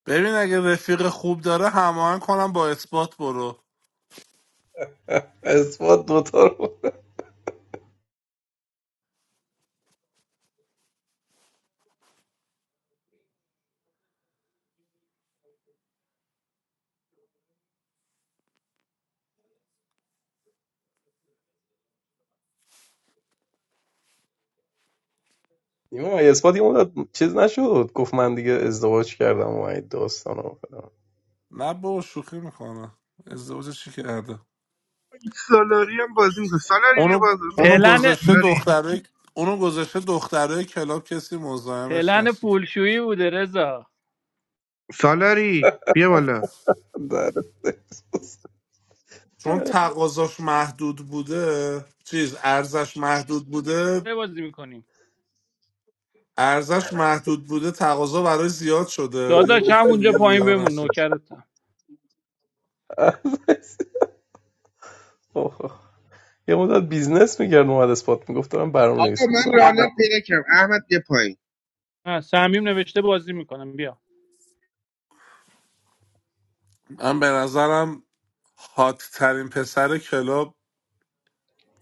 [SPEAKER 12] ببین اگه رفیق خوب داره هماهنگ کنم با اثبات برو
[SPEAKER 8] [LAUGHS] اثبات دوتا رو نیما اثبات یه مدت چیز نشد گفت من دیگه ازدواج کردم و این داستان رو فلان.
[SPEAKER 12] نه با شوخی میکنه ازدواج چی کرده
[SPEAKER 14] این سالاری هم بازی میکنه سالاری بیا
[SPEAKER 12] اونو
[SPEAKER 14] بازی
[SPEAKER 3] [LAUGHS]
[SPEAKER 12] اونو
[SPEAKER 14] بازی کن
[SPEAKER 3] پلن
[SPEAKER 12] گذاشته
[SPEAKER 14] سالاری
[SPEAKER 12] دختره اونو گذاشته دختره کلاب کسی مزاحمش
[SPEAKER 3] پلن
[SPEAKER 12] نشه
[SPEAKER 3] پولشویی بوده رضا
[SPEAKER 14] سالاری بیا بالا
[SPEAKER 8] در-
[SPEAKER 12] چون تقاضاش محدود بوده چیز ارزش محدود بوده
[SPEAKER 3] چه بازی میکنیم
[SPEAKER 12] ارزش محدود بوده تقاضا برای زیاد شده دیگه
[SPEAKER 3] داداش
[SPEAKER 12] گفت
[SPEAKER 3] هم
[SPEAKER 12] که
[SPEAKER 3] اونجا
[SPEAKER 12] دیگه
[SPEAKER 3] پایین
[SPEAKER 12] ریا
[SPEAKER 3] بمون
[SPEAKER 12] نشه
[SPEAKER 3] نوکرتم
[SPEAKER 8] اوه. یه مدت بیزنس میکرد اومد اثبات میگفت دارم برنامه
[SPEAKER 14] آقا
[SPEAKER 8] نویسی
[SPEAKER 14] من
[SPEAKER 8] میکنم
[SPEAKER 14] رانر پیدا کردم احمد بیا پایین
[SPEAKER 3] نه سمیم نوشته بازی میکنم بیا
[SPEAKER 12] من به نظرم هات ترین پسر کلاب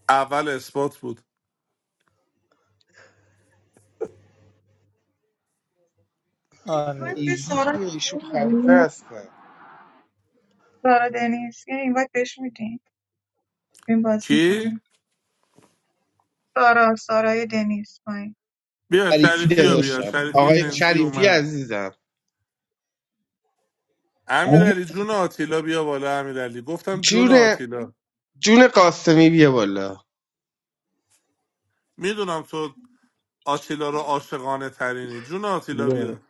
[SPEAKER 12] اول اثبات بود
[SPEAKER 3] آره
[SPEAKER 16] باید به
[SPEAKER 15] داداش
[SPEAKER 14] ایزی
[SPEAKER 16] سارا
[SPEAKER 14] که ایشون
[SPEAKER 16] کد
[SPEAKER 14] خلیفه
[SPEAKER 16] می‌دی؟
[SPEAKER 14] هستن
[SPEAKER 16] سارا دنیز یه این باید بهش میدیم این بازی
[SPEAKER 12] کی
[SPEAKER 16] میکنه سارا سارای دنیز
[SPEAKER 12] بیا
[SPEAKER 14] شریفی
[SPEAKER 12] شریفی رو بیا
[SPEAKER 14] داداشم
[SPEAKER 12] شریفی
[SPEAKER 14] آقای
[SPEAKER 12] جنسی
[SPEAKER 14] شریفی
[SPEAKER 12] اومد
[SPEAKER 14] عزیزم
[SPEAKER 12] امیرعلی جون آتیلا بیا بالا امیرعلی گفتم جون
[SPEAKER 14] جون
[SPEAKER 12] آتیلا
[SPEAKER 14] جون قاسمی بیا بالا
[SPEAKER 12] میدونم تو آتیلا رو عاشقانه ترینی جون آتیلا
[SPEAKER 1] بله.
[SPEAKER 12] بیا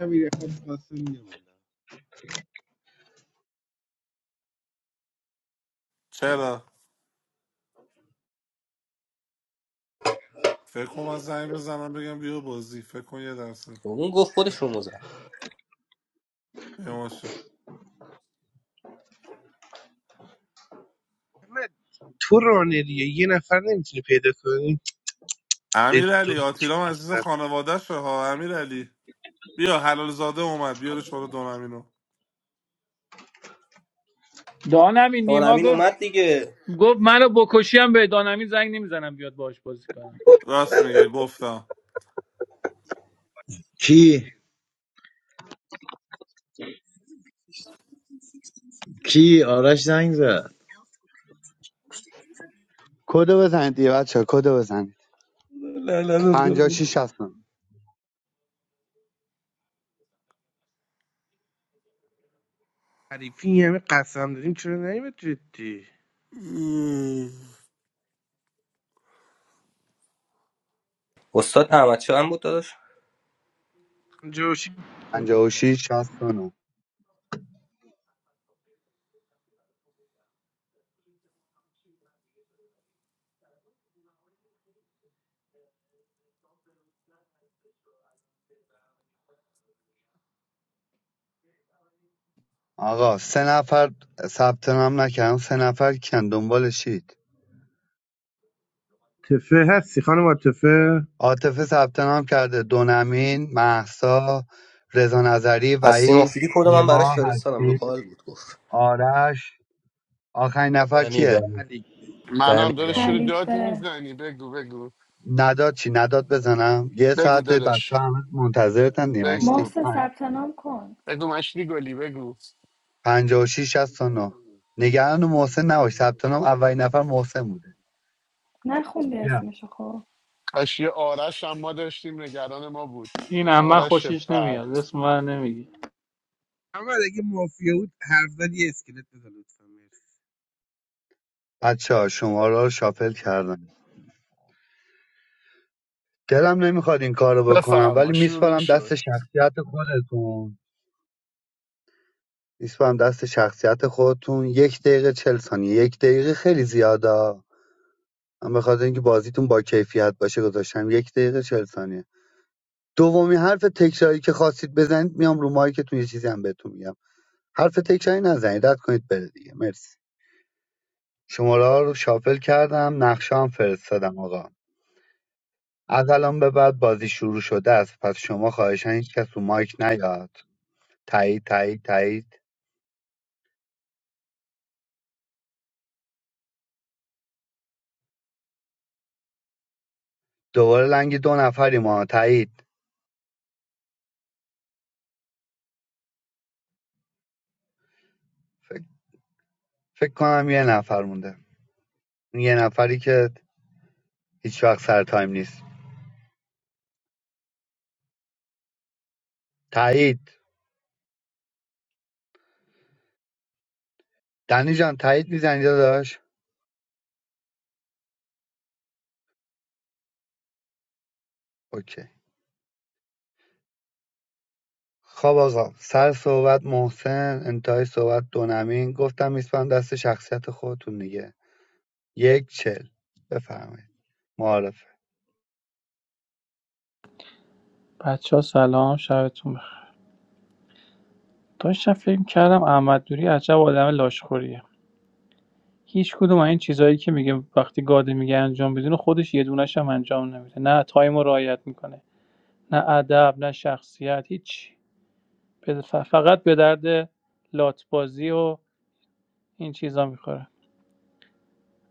[SPEAKER 14] امیر حاج قاسم بیا بالا
[SPEAKER 12] چرا فکر کنم از زنگ بزنم بگم بیا بازی فکر کن یه درصد
[SPEAKER 1] خب اون گفت خودش رو مزن
[SPEAKER 12] بیماشه
[SPEAKER 14] احمد، تو رانریه یه نفر نمیتونی پیدا کنی
[SPEAKER 12] امیرعلی آتیلا عزیز
[SPEAKER 14] ادو
[SPEAKER 12] خانواده شه ها امیرعلی بیا حلال زاده اومد بیارش بالا دونمینو
[SPEAKER 3] دانمی
[SPEAKER 1] دان
[SPEAKER 3] نیما
[SPEAKER 1] امین
[SPEAKER 3] گفت
[SPEAKER 1] اومد دیگه
[SPEAKER 3] گفت منو بکشی هم به دانمی زنگ نمیزنم بیاد باهاش بازی کنم
[SPEAKER 12] راست میگه گفتم
[SPEAKER 17] کی کی آرش زنگ زد
[SPEAKER 15] کدو بزنید دیگه بچه ها، کدو بزنید
[SPEAKER 8] لعنتت کنم
[SPEAKER 15] 56 69
[SPEAKER 14] حریفی این همه قسم داریم چرا نیمت جدی
[SPEAKER 1] استاد احمد هم بود داداش
[SPEAKER 14] جوشی بابا.
[SPEAKER 15] 56 69 آقا سه نفر ثبت نام نکردن سه نفر کن دنبال شید
[SPEAKER 14] تفه هستی خانم عاطفه
[SPEAKER 15] عاطفه ثبت نام کرده دونمین محسا رضا نظری
[SPEAKER 1] از سیما
[SPEAKER 15] وحید
[SPEAKER 1] فیلی کدوم من براش
[SPEAKER 15] نیما
[SPEAKER 1] فرستادم رو
[SPEAKER 15] هستی
[SPEAKER 1] کال بود گفت
[SPEAKER 15] آرش آخرین نفر
[SPEAKER 8] دنی
[SPEAKER 15] کیه
[SPEAKER 8] دنی
[SPEAKER 14] علی
[SPEAKER 8] دنی
[SPEAKER 10] منم داداش
[SPEAKER 8] دنی
[SPEAKER 10] رو داد
[SPEAKER 13] خلیفه
[SPEAKER 10] میزنی بگو بگو
[SPEAKER 15] نداد چی نداد بزنم یه
[SPEAKER 10] بگو
[SPEAKER 15] ساعت بچه
[SPEAKER 10] داداش
[SPEAKER 15] همه منتظرتن
[SPEAKER 10] بگو
[SPEAKER 15] دیمشتی
[SPEAKER 13] محسن
[SPEAKER 15] پنج-
[SPEAKER 13] ثبت نام کن
[SPEAKER 10] بگو مشتی گلی بگو
[SPEAKER 15] 56 69 نگران محسن نباش ثبت نام اولین نفر محسن بوده
[SPEAKER 13] نخوندی
[SPEAKER 15] بیا.
[SPEAKER 13] اسمشو خب
[SPEAKER 10] کاش یه آرش هم ما داشتیم نگران ما بود
[SPEAKER 3] این اما
[SPEAKER 10] آرش
[SPEAKER 3] خوشش
[SPEAKER 10] بعد
[SPEAKER 3] نمیاد اسم من نمیگی.
[SPEAKER 14] اما اگه مافیا بود حرف زد یه اسکلت بزن لطفا مرسی
[SPEAKER 15] بچه ها شما را شافل کردم دلم نمیخواد این کارو بکنم ولی
[SPEAKER 10] بفرما شروع
[SPEAKER 15] میسپارم
[SPEAKER 10] شد
[SPEAKER 15] دست شخصیت خودتون میسپارم دست شخصیت خودتون یک دقیقه چل ثانیه یک دقیقه خیلی زیاده من به خاطر اینکه بازیتون با کیفیت باشه گذاشتم یک دقیقه چل ثانیه دومی حرف تکراری که خواستید بزنید میام رو مایکتون یه چیزی هم بهتون میگم حرف تکراری نزنید رد کنید بره دیگه مرسی شماره ها رو شافل کردم نقشه هم فرستادم آقا از الان به بعد بازی شروع شده است پس شما خواهشاً هیچکس رو مایک نیاد تایید تایید تایید دوباره لنگ دو نفری ما تایید فکر, فکر کنم یه نفر مونده اون یه نفری که هیچ وقت سر تایم نیست تایید دنی جان تایید میزنی داداش اوکی خب آقا سر صحبت محسن انتهای صحبت دونمین گفتم میسپم دست شخصیت خودتون دیگه یک چل بفرمایید معارفه
[SPEAKER 3] بچه ها سلام شبتون بخیر داشتم فکر کردم احمد دوری عجب آدم لاشخوریه هیچ‌کدوم از این چیزایی که میگه وقتی گاده میگه انجام بدین و خودش یه دونه‌ش هم انجام نمیده نه تایم رو رعایت میکنه نه ادب نه شخصیت هیچ فقط به درد لاتبازی و این چیزا میخوره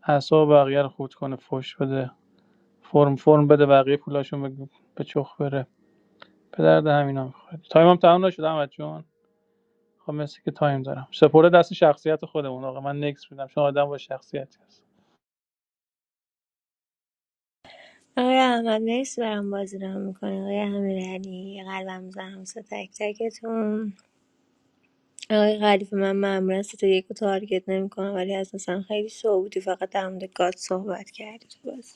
[SPEAKER 3] اعصاب بقیه رو خورد کنه فش بده فرم فرم بده بقیه پولاشون به چخ بره به درد همینا میخوره تایم هم تمام نشد احمد جون خب مثل که تایم دارم سپرده دست شخصیت خودمون آقا من نکس میدم چون آدم با شخصیتی هست
[SPEAKER 5] آقای احمد مرسی برام بازی رام میکنه آقای امیرعلی قلبم زحمت سه تک تکتون آقای غریب من معمولا سه تا یک رو تارگت نمیکنم ولی از مثلا خیلی شعبودی فقط در مورد گاد صحبت کردی تو بازی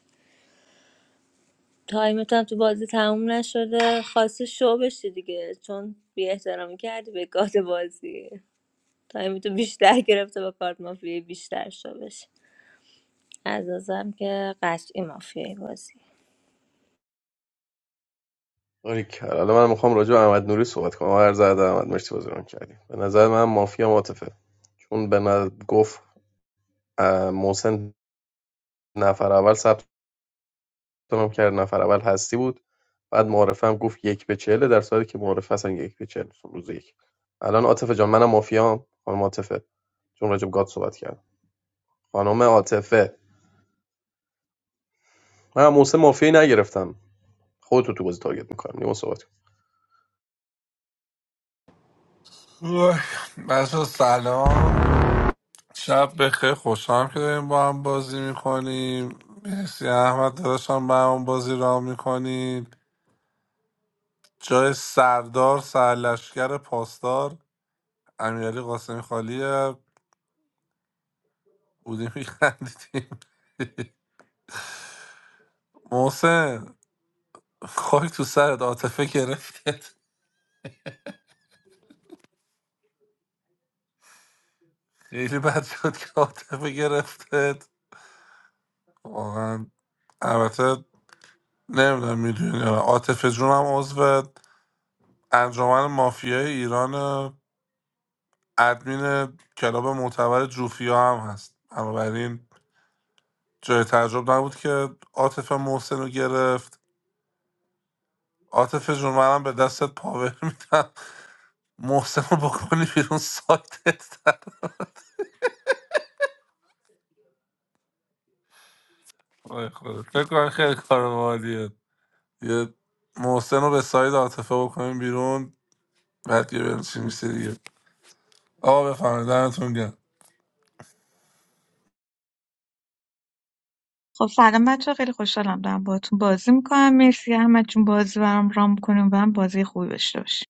[SPEAKER 5] تایمت هم تو بازی تموم نشده خواستی شو بشی دیگه چون بی احترامی کردی به گاد بازی تایمتو بیشتر گرفته با کارت مافیای بیشتر شو بشی از نظرم که قطعی مافیای بازی
[SPEAKER 8] آره کلا حالا من میخوام راجع به احمد نوری صحبت کنم هر زرد احمد مرسی بازی رو کردیم به نظر من مافیا ماتفه چون به نظر گفت اه، محسن نفر اول ثبت هم کرد نفر اول هستی بود بعد معارفه هم گفت یک به چهله در صورتی که معارفه اصلا یک به چهل نیست، روز یک الان عاطفه جان منم مافیام خانم عاطفه چون راجب گاد صحبت کرد خانم عاطفه من موسم مافیایی نگرفتم خودتو تو بازی تارگت میکنم نیما صحبت کن.
[SPEAKER 12] اوه. بچه سلام شب بخیر خوشحالم که داریم با هم بازی میکنیم مرسی احمد داداشم با هم بازی را میکنید جای سردار سرلشکر پاسدار امیرعلی قاسمی خالیه بودیم [LAUGHS] میخندیدیم محسن خاک تو سرت عاطفه گرفتت خیلی بد شد که عاطفه گرفتت واقعا البته نمیدونم میدونی عاطفه جونم عضو انجمن مافیای ایران ادمین کلاب معتبر جوفیا هم هست بنابراین جای تعجب نبود که عاطف محسن رو گرفت عاطف جون منم به دستت پاور [LAUGHS] میدم محسن رو بکنی بیرون سایتت در وای خدا. فکر کنم خیلی کار مالیه یه محسن رو به سایت عاطفه بکنیم بیرون بعد یه بریم چی میشه دیگه آقا بفهمید دمتون گرم
[SPEAKER 16] خب سلام بچه ها، خیلی خوشحالم دارم باهاتون بازی میکنم مرسی احمد جون بازی برام رام کنیم و هم بازی خوبی داشته باشیم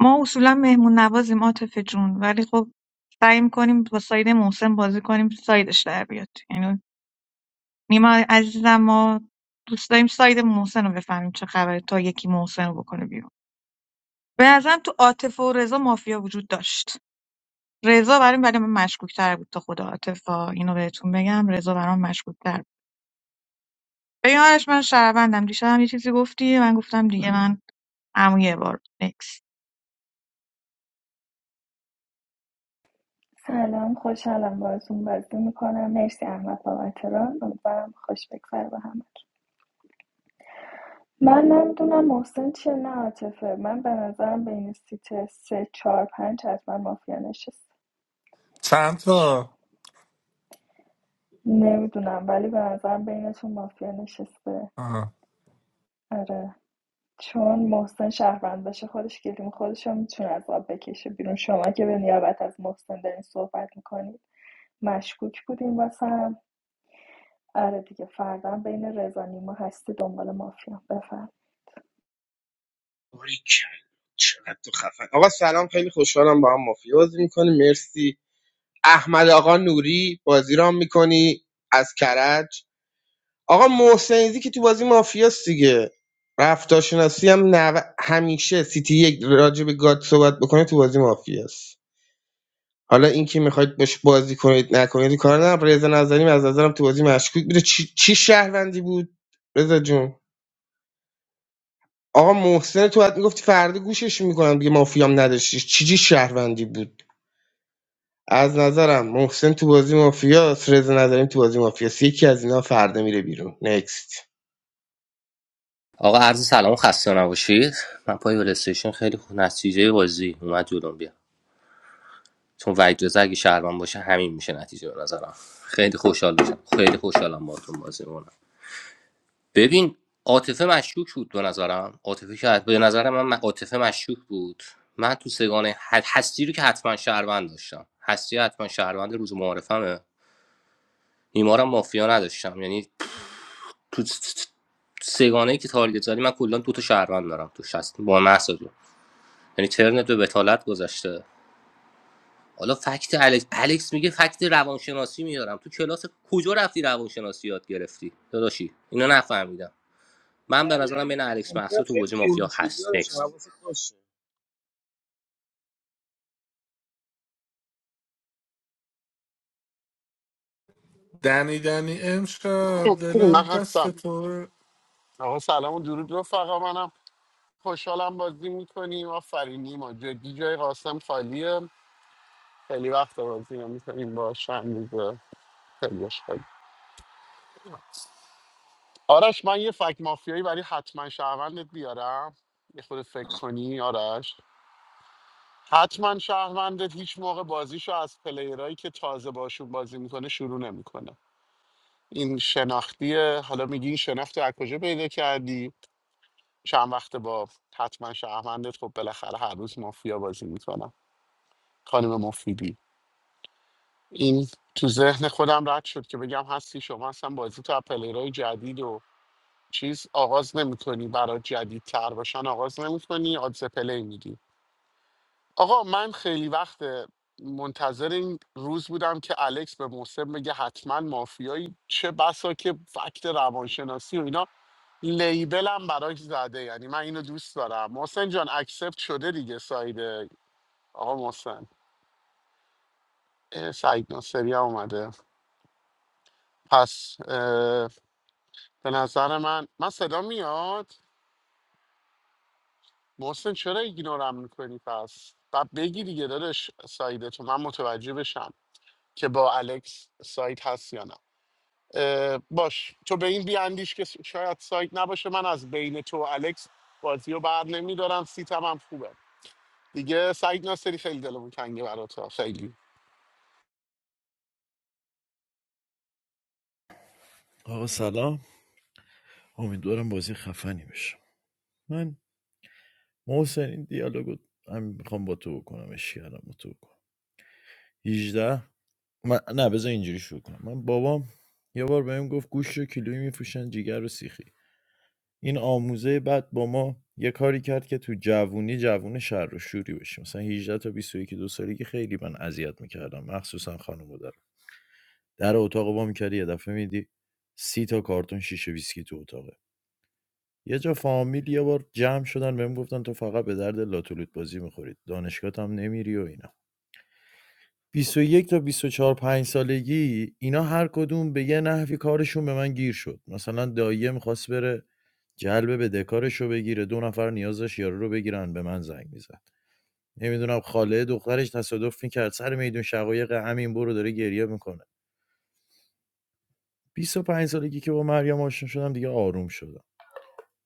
[SPEAKER 16] ما اصولا مهمون نوازیم عاطفه جون ولی خب سعی میکنیم با ساید محسن بازی کنیم سایدش در بیاد یعنی نیما عزیزم ما دوست داریم ساید محسن رو بفهمیم چه خبره تا یکی محسن رو بکنه بیرون به نظرم تو عاطفه و رضا مافیا وجود داشت رضا برام برای من مشکوک تر بود تا خود عاطفه اینو بهتون بگم رضا برام مشکوک ببین آرش من شهروندم دیشب هم یه چیزی گفتی من گفتم دیگه من عمو یه بار نکس
[SPEAKER 13] سلام خوشحالم باهاتون بازی میکنم مرسی احمد بابت ران امیدوارم خوش بگذره به همه من نمیدونم محسن چیه نه عاطفه من به نظرم بین سیت سه چهار پنج حتما مافیا نشسته
[SPEAKER 12] چند
[SPEAKER 13] ش-
[SPEAKER 12] تا
[SPEAKER 13] نمیدونم ولی به نظرم بینتون مافیا نشسته
[SPEAKER 12] آها.
[SPEAKER 13] آره چون محسن شهروند باشه خودش گلیم خودش رو میتونه از آب بکشه بیرون شما که به نیابت از محسن دارین صحبت میکنید مشکوک بودین واسم آره دیگه فردا بین رضا نیما هستی دنبال مافیا بفرم
[SPEAKER 14] باریکلا. چقدر تو خفن آقا سلام خیلی خوشحالم با هم مافیا بازی میکنی مرسی احمد آقا نوری بازی رام میکنی از کرج آقا محسنیزی که تو بازی مافیاست دیگه رفتارشناسی هم نو... همیشه سیتی یک راجع به گاد صحبت بکنه تو بازی مافیاست حالا اینکه میخواید باش بازی کنید نکنید کار ندارم رضا نظری از نظرم تو بازی مشکوک بوده چی, چی شهروندی بود رضا جون آقا محسن تو بعد میگفتی فردا گوشش میکنم دیگه مافیام نداشتی چی چی شهروندی بود از نظرم محسن تو بازی مافیاس رضا نظریم تو بازی مافیاس یکی از اینا فردا میره بیرون نکست
[SPEAKER 1] آقا عرض سلام و خسته نباشید من پای پلی‌استیشن خیلی خوب نتیجه بازی اومد جلوم بیا چون وجد رضا اگه شهروند باشه همین میشه نتیجه به نظرم خیلی خوشحال میشم خیلی خوشحالم باهاتون بازی میکنم ببین عاطفه مشکوک بود به نظرم عاطفه که حت- به نظر من من- عاطفه مشکوک بود من تو سگانه ح- هستی رو که حتما شهروند داشتم هستی حتما شهروند روز معارفمه نیمارم مافیا نداشتم یعنی تو سگانه که تارگت زدی من کلا دو تا شهروند دارم تو شست با محسا یعنی ترنت به بتالت گذشته حالا فکت الکس, الکس میگه فکت روانشناسی میارم تو کلاس کجا رفتی روانشناسی یاد گرفتی داداشی اینا نفهمیدم من به
[SPEAKER 14] دقیقا
[SPEAKER 1] نظرم بین الکس
[SPEAKER 14] دیدم
[SPEAKER 1] محسا تو
[SPEAKER 14] خیلی
[SPEAKER 1] گوجه
[SPEAKER 14] پر
[SPEAKER 1] مافیا
[SPEAKER 14] میشد
[SPEAKER 1] هست
[SPEAKER 14] یارشم
[SPEAKER 1] نکست
[SPEAKER 14] حواست باشه
[SPEAKER 12] دنی دنی امشب دلم
[SPEAKER 10] من
[SPEAKER 12] دست
[SPEAKER 10] هستم
[SPEAKER 12] تو
[SPEAKER 10] آقا سلام و درود رفقا منم خوشحالم بازی میکنیم آفرین نیما جدی جای قاسم خالیه خیلی وقت بازی نمیکنیم با چند روزه خیلی خالی آرش من یه فک مافیایی برای حتما شهروندت بیارم یه خود فکر کنی آرش حتما شهروندت هیچ موقع بازیشو از پلیرایی که تازه باشون بازی میکنه شروع نمیکنه این شناختیه حالا میگی این شناخت رو از کجا پیدا کردی چند وقت با حتما شهروندت خب بالاخره هر روز مافیا بازی میکنم خانم مفیدی این تو ذهن خودم رد شد که بگم هستی شما اصلا بازی تو از پلیرهای جدید و چیز آغاز نمیکنی برای جدیدتر باشن آغاز نمیکنی آدز پلی میدی آقا من خیلی وقت منتظر این روز بودم که الکس به محسن بگه حتما مافیایی چه بسا که فکت روانشناسی و اینا لیبلم براش زده یعنی من اینو دوست دارم محسن جان اکسپت شده دیگه ساید آقا محسن اه، سعید ناصری هم اومده پس اه، به نظر من من صدا میاد محسن چرا ایگنورم میکنی پس و بگی دیگه داداش سایدتو من متوجه بشم که با الکس ساید هست یا نه اه، باش تو به این بیاندیش که شاید سایت نباشه من از بین تو و الکس بازی رو بر نمیدارم سیتم هم خوبه دیگه سعید ناصری خیلی دلمون تنگه برات ها، خیلی
[SPEAKER 17] آقا سلام امیدوارم بازی خفنی بشه من محسن این دیالوگو هم میخوام با تو بکنم اشکرم با تو بکنم 18 من... نه بذار اینجوری شروع کنم من بابام یه بار بهم گفت گوشت رو کیلویی میفروشن جیگر رو سیخی این آموزه بعد با ما یه کاری کرد که تو جوونی جوون شر و شوری بشیم مثلا 18 تا 21 دو سالگی خیلی من اذیت میکردم مخصوصا خانم در در اتاق با میکردی یه دفعه میدی سی تا کارتون شیشه ویسکی تو اتاق یه جا فامیل یه بار جمع شدن بهم گفتن تو فقط به درد لاتولوت بازی میخورید دانشگاه هم نمیری و اینا 21 تا 24 5 سالگی اینا هر کدوم به یه نحوی کارشون به من گیر شد مثلا داییه میخواست بره جلب بدهکارش رو بگیره دو نفر نیاز داشت یارو رو بگیرن به من زنگ میزد نمیدونم خاله دخترش تصادف میکرد سر میدون شقایق همین برو داره گریه میکنه 25 سالگی که با مریم آشنا شدم دیگه آروم شدم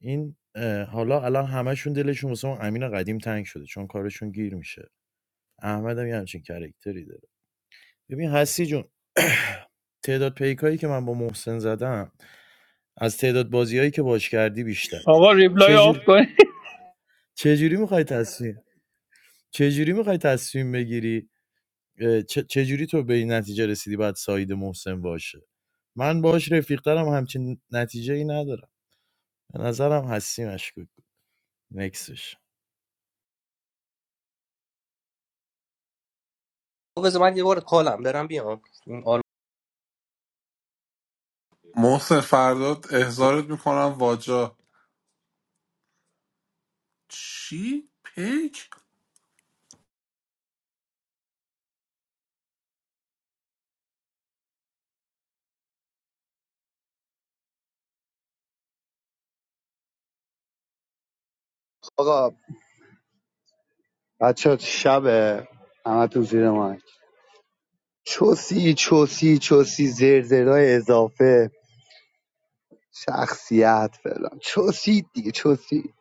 [SPEAKER 17] این اه، حالا الان همشون دلشون واسه اون امین قدیم تنگ شده چون کارشون گیر میشه احمد هم یه همچین کرکتری داره ببین هستی جون [CLEARS THROAT] تعداد پیکایی که من با محسن زدم از تعداد بازیایی که باش کردی بیشتره
[SPEAKER 3] آقا ریپلای
[SPEAKER 17] چجوری
[SPEAKER 3] آف کن.
[SPEAKER 17] چجوری میخوای تصمیم چجوری میخوای تصمیم بگیری اه، چه- چجوری تو به این نتیجه رسیدی باید سعید محسن باشه من باش رفیقترم همچین نتیجه ای ندارم به نظرم هستی مشکوک Nächstes.
[SPEAKER 1] خب بذار من یه بار کالم برم بیام این آل...
[SPEAKER 12] محسن فرداد احضارت میکنم واجا چی؟ پیک؟
[SPEAKER 15] آقا بچه شب همه تو زیر مایک چوسی چوسی چوسی زرزرای اضافه شخصیت فلان چوسی دیگه چوسی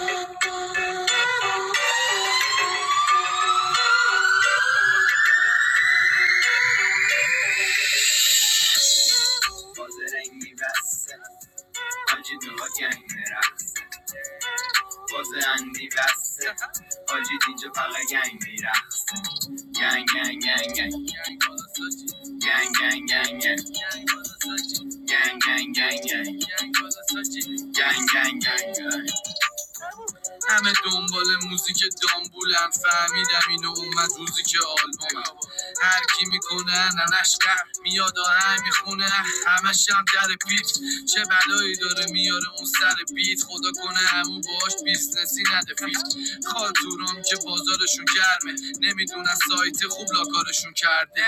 [SPEAKER 18] What's in the basement? How did you get in there? What's in the basement? How did you get in there? Gang, gang, gang, gang, gang. Gang, gang, gang, gang, gang. Gang, gang, gang, gang, gang. Gang, gang, gang, gang. همه دنبال موزیک دامبولن فهمیدم اینو اومد روزی که آلبومم هر کی میکنه ننش قهر میاد آهنگ میخونه همش هم در پیت چه بلایی داره میاره اون سر بیت خدا کنه همون باش بیزنسی نده پیت خاطورام که بازارشون گرمه نمیدونن سایت خوب لاکارشون کرده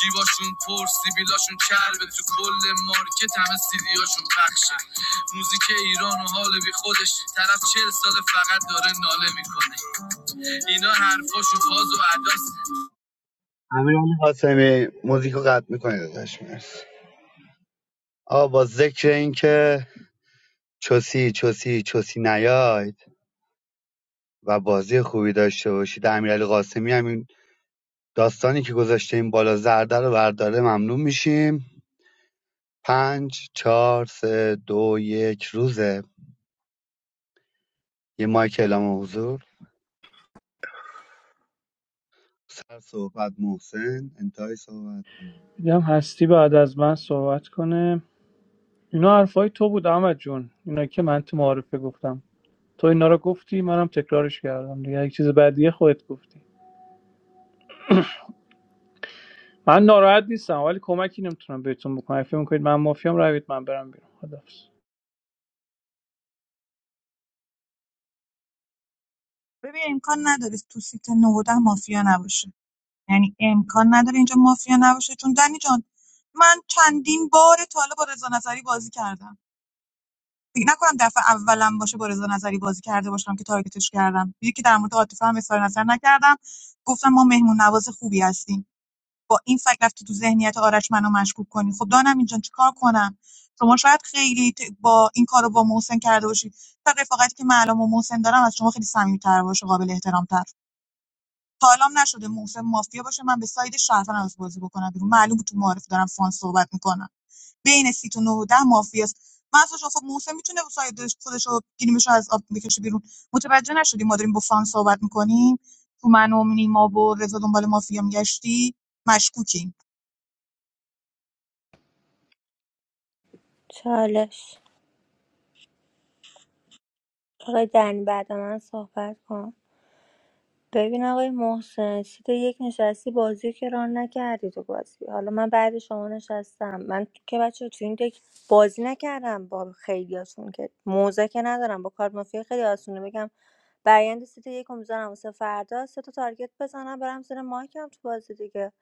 [SPEAKER 18] جیباشون پر سیبیلاشون کرده تو کل مارکت همه سیدیاشون پخشه موزیک ایران و حال بی خودش طرف چهل سال فقط داره ناله میکنه اینا حرفاشون فاز و عداس
[SPEAKER 15] امیرعلی قاسمی موزیکو قطع میکنه داداش مرسی آقا با ذکر اینکه چوسی چوسی چوسی نیاید و بازی خوبی داشته باشید امیرعلی قاسمی همین داستانی که گذاشته این بالا زرده رو برداره ممنون میشیم پنج چهار سه دو یک روزه یه مایک اعلام حضور سر صحبت محسن انتهای صحبت کنم
[SPEAKER 3] دیدم هستی بعد از من صحبت کنه اینا حرفای تو بود احمد جون اینا که من تو معارفه گفتم تو اینا رو گفتی منم تکرارش کردم دیگه یک چیز بعدیه خودت گفتی من ناراحت نیستم ولی کمکی نمیتونم بهتون بکنم اگه فکر میکنید من مافیام روید من برم بیرون خدافظ
[SPEAKER 16] ببین امکان نداره تو سیت نهوده مافیا نباشه یعنی امکان نداره اینجا مافیا نباشه چون دنی جان من چندین بار تا حالا با رضا نظری بازی کردم فکر نکنم دفعه اولم باشه با رضا نظری بازی کرده باشم که تارگتش کردم یکی که در مورد عاطفه هم اظهار نظر نکردم گفتم ما مهمون نواز خوبی هستیم با این فکر رفتی تو ذهنیت آرش منو مشکوک کنی خب دانم اینجان چیکار کنم شما شاید خیلی ت- با این کارو با محسن کرده باشی تا رفاقتی که من الان با محسن دارم از شما خیلی صمیمیت‌تر باشه قابل احترام‌تر تا الان نشده محسن مافیا باشه من به ساید شهروند از بازی بکنم بیرون معلوم تو معارف دارم فان صحبت میکنم بین سی و 9 و 10 مافیاست من اصلا شما- خب محسن میتونه با ساید خودش رو گیریمش رو از آب بکشه بیرون متوجه نشدی ما داریم با فان صحبت میکنیم تو من و نیما و رضا دنبال مافیا میگشتی مشکوکی
[SPEAKER 5] چالش آقای دنی بعد من صحبت کن ببین آقای محسن سیت یک نشستی بازی که ران نکردی تو بازی حالا من بعد شما نشستم من که بچه تو این دک بازی نکردم با خیلیاتون که موزه که ندارم با کارت مافیا خیلی آسونه بگم برآیند سیت یکو میذارم واسه فردا سه تا تارگت بزنم برم زیر مایکم تو بازی دیگه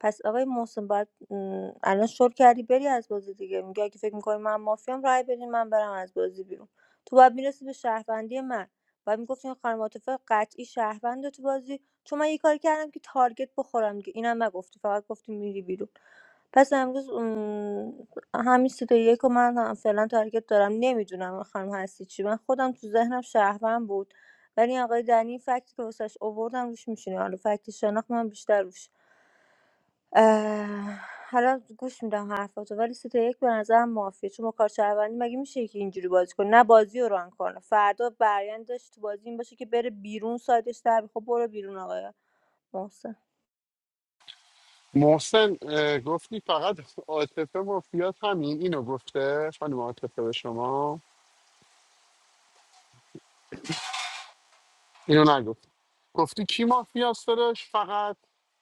[SPEAKER 5] پس آقای محسن باید م، الان شل کردی بری از بازی دیگه میگه اگه فکر میکنی من مافیام رای بدین من برم از بازی بیرون تو باید میرسی به شهروندی من باید میگفتی این خانم عاطفه قطعی شهرونده تو بازی چون من یه کاری کردم که تارگت بخورم دیگه اینم نگفتی فقط گفتی میری بیرون پس امروز م، همین سیت یک و من هم فعلا تارگت دارم نمیدونم خانم هستی چی من خودم تو ذهنم شهروند بود ولی آقای دنی فکت که واسش آوردم روش میشینه حالا فکت شناخت من بیشتر روش اه، حالا گوش میدم حرفاتو ولی سیت یک به نظرم مافیه چون با کار شهروندی مگه میشه که اینجوری بازی کنه نه بازی رو ران کنه فردا برایند داشت تو بازی این باشه که بره بیرون سایدش در بیاد. خب برو بیرون آقای محسن
[SPEAKER 10] محسن اه، گفتی فقط عاطفه مافیاس همین اینو گفته خانم عاطفه به شما اینو نگفت گفتی کی مافیاس دادش فقط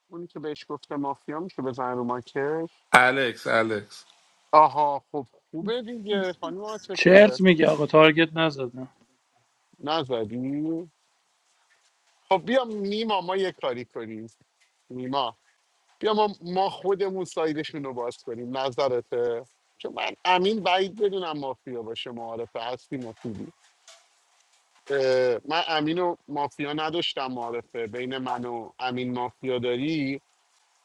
[SPEAKER 10] اونی که بهش گفته مافیا میشه بزن رو ماکش
[SPEAKER 12] الکس الکس
[SPEAKER 10] آها خب خوبه دیگه خانم عاطفه
[SPEAKER 3] چرت میگه آقا تارگت نزدم
[SPEAKER 10] نزدی خب بیا نیما ما یه کاری کنیم نیما بیا ما, ما خودمون سایدشون رو باز کنیم نظرته چون من امین بعید بدونم مافیا باشه معارفه هستی مفیدی اه، من امین و مافیا نداشتم معارفه بین من و امین مافیا داری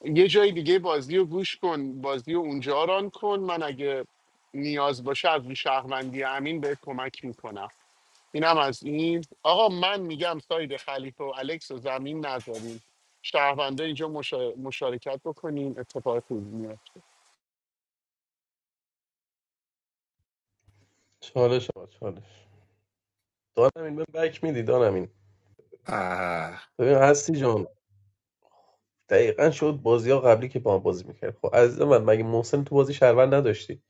[SPEAKER 10] یه جای دیگه بازی رو گوش کن بازی رو اونجا ران کن من اگه نیاز باشه از شهروندی امین به کمک میکنم اینم از این آقا من میگم ساید خلیفه و الکس رو زمین نذاریم شهرونده اینجا مشا- مشارکت بکنین اتفاق خوبی میاد
[SPEAKER 8] چالش آقا، چالش دانمین به بک میدی دانمین
[SPEAKER 12] اه.
[SPEAKER 8] ببین هستی جان دقیقا شد بازی ها قبلی که با هم بازی میکرد خب عزیز من مگه محسن تو بازی شهروند نداشتی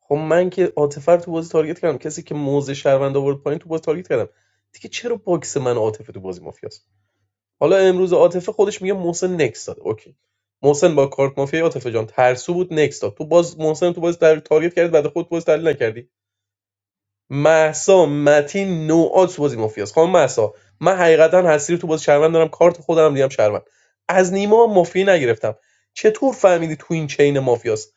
[SPEAKER 8] خب من که عاطفه رو تو بازی تارگت کردم کسی که موزه شهروند آورد پایین تو بازی تارگت کردم دیگه چرا باکس من و عاطفه تو بازی مافیاست حالا امروز عاطفه خودش میگه محسن نکس داد اوکی محسن با کارت مافیا عاطفه جان ترسو بود نکس داد تو باز محسن تو بازی در تارگت کرد بعد خود باز تحلیل نکردی مهسا متین نوآت تو بازی مافیاست خانم مهسا من حقیقتا هستی رو تو بازی شهروند دارم کارت خودم دیدم شهروند از نیما هم مافیا نگرفتم چطور فهمیدی تو این چین مافیاست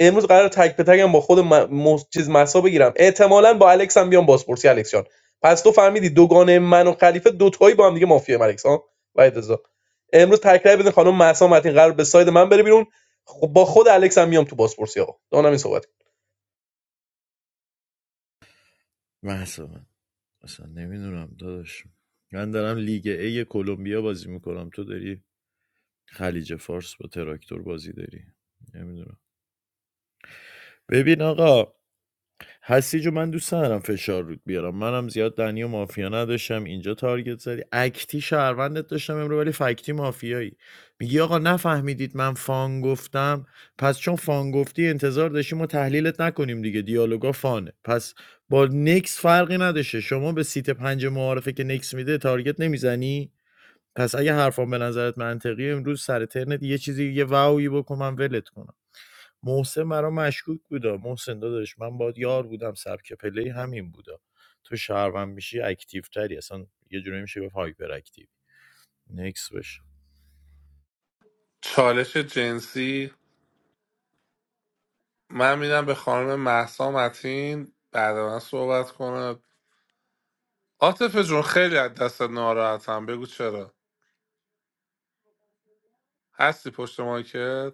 [SPEAKER 8] امروز قرار تک به تکم با خود م... مس- چیز مهسا بگیرم احتمالاً با الکس هم بیام بازپرسی الکس جان پس تو فهمیدی دوگانه من و خلیفه دوتایی با هم دیگه مافیا الکس ها وحید رضا. امروز تکرار بدین خانم مهسا متین قرار به ساید من بره بیرون خب با خود الکس هم میام تو بازپرسی آقا دانم این صحبت
[SPEAKER 17] محسا اصلا نمیدونم داداش من دارم لیگ ای کلمبیا بازی میکنم تو داری خلیج فارس با تراکتور بازی داری نمیدونم ببین آقا هستی جو من دوست ندارم فشار رود بیارم منم زیاد دنی و مافیا نداشتم اینجا تارگت زدی اکتی شهروندت داشتم امرو ولی فکتی مافیایی میگی آقا نفهمیدید من فان گفتم پس چون فان گفتی انتظار داشتی ما تحلیلت نکنیم دیگه دیالوگا فانه پس با نکس فرقی نداشته شما به سیت پنج معارفه که نکس میده تارگت نمیزنی پس اگه حرفان به نظرت منطقی امروز سر ترنت یه چیزی یه واوی بکن من ولت کنم محسن برا مشکوک بودا محسن داداش من باد یار بودم سبک پلی همین بودا تو شهروند میشی اکتیو تری اصلا یه جوری میشه به هایپر اکتیو نکس بشه
[SPEAKER 12] چالش جنسی من میدم به خانم محسا متین بعد من صحبت کنه عاطف جون خیلی از دست ناراحتم بگو چرا هستی پشت مایکت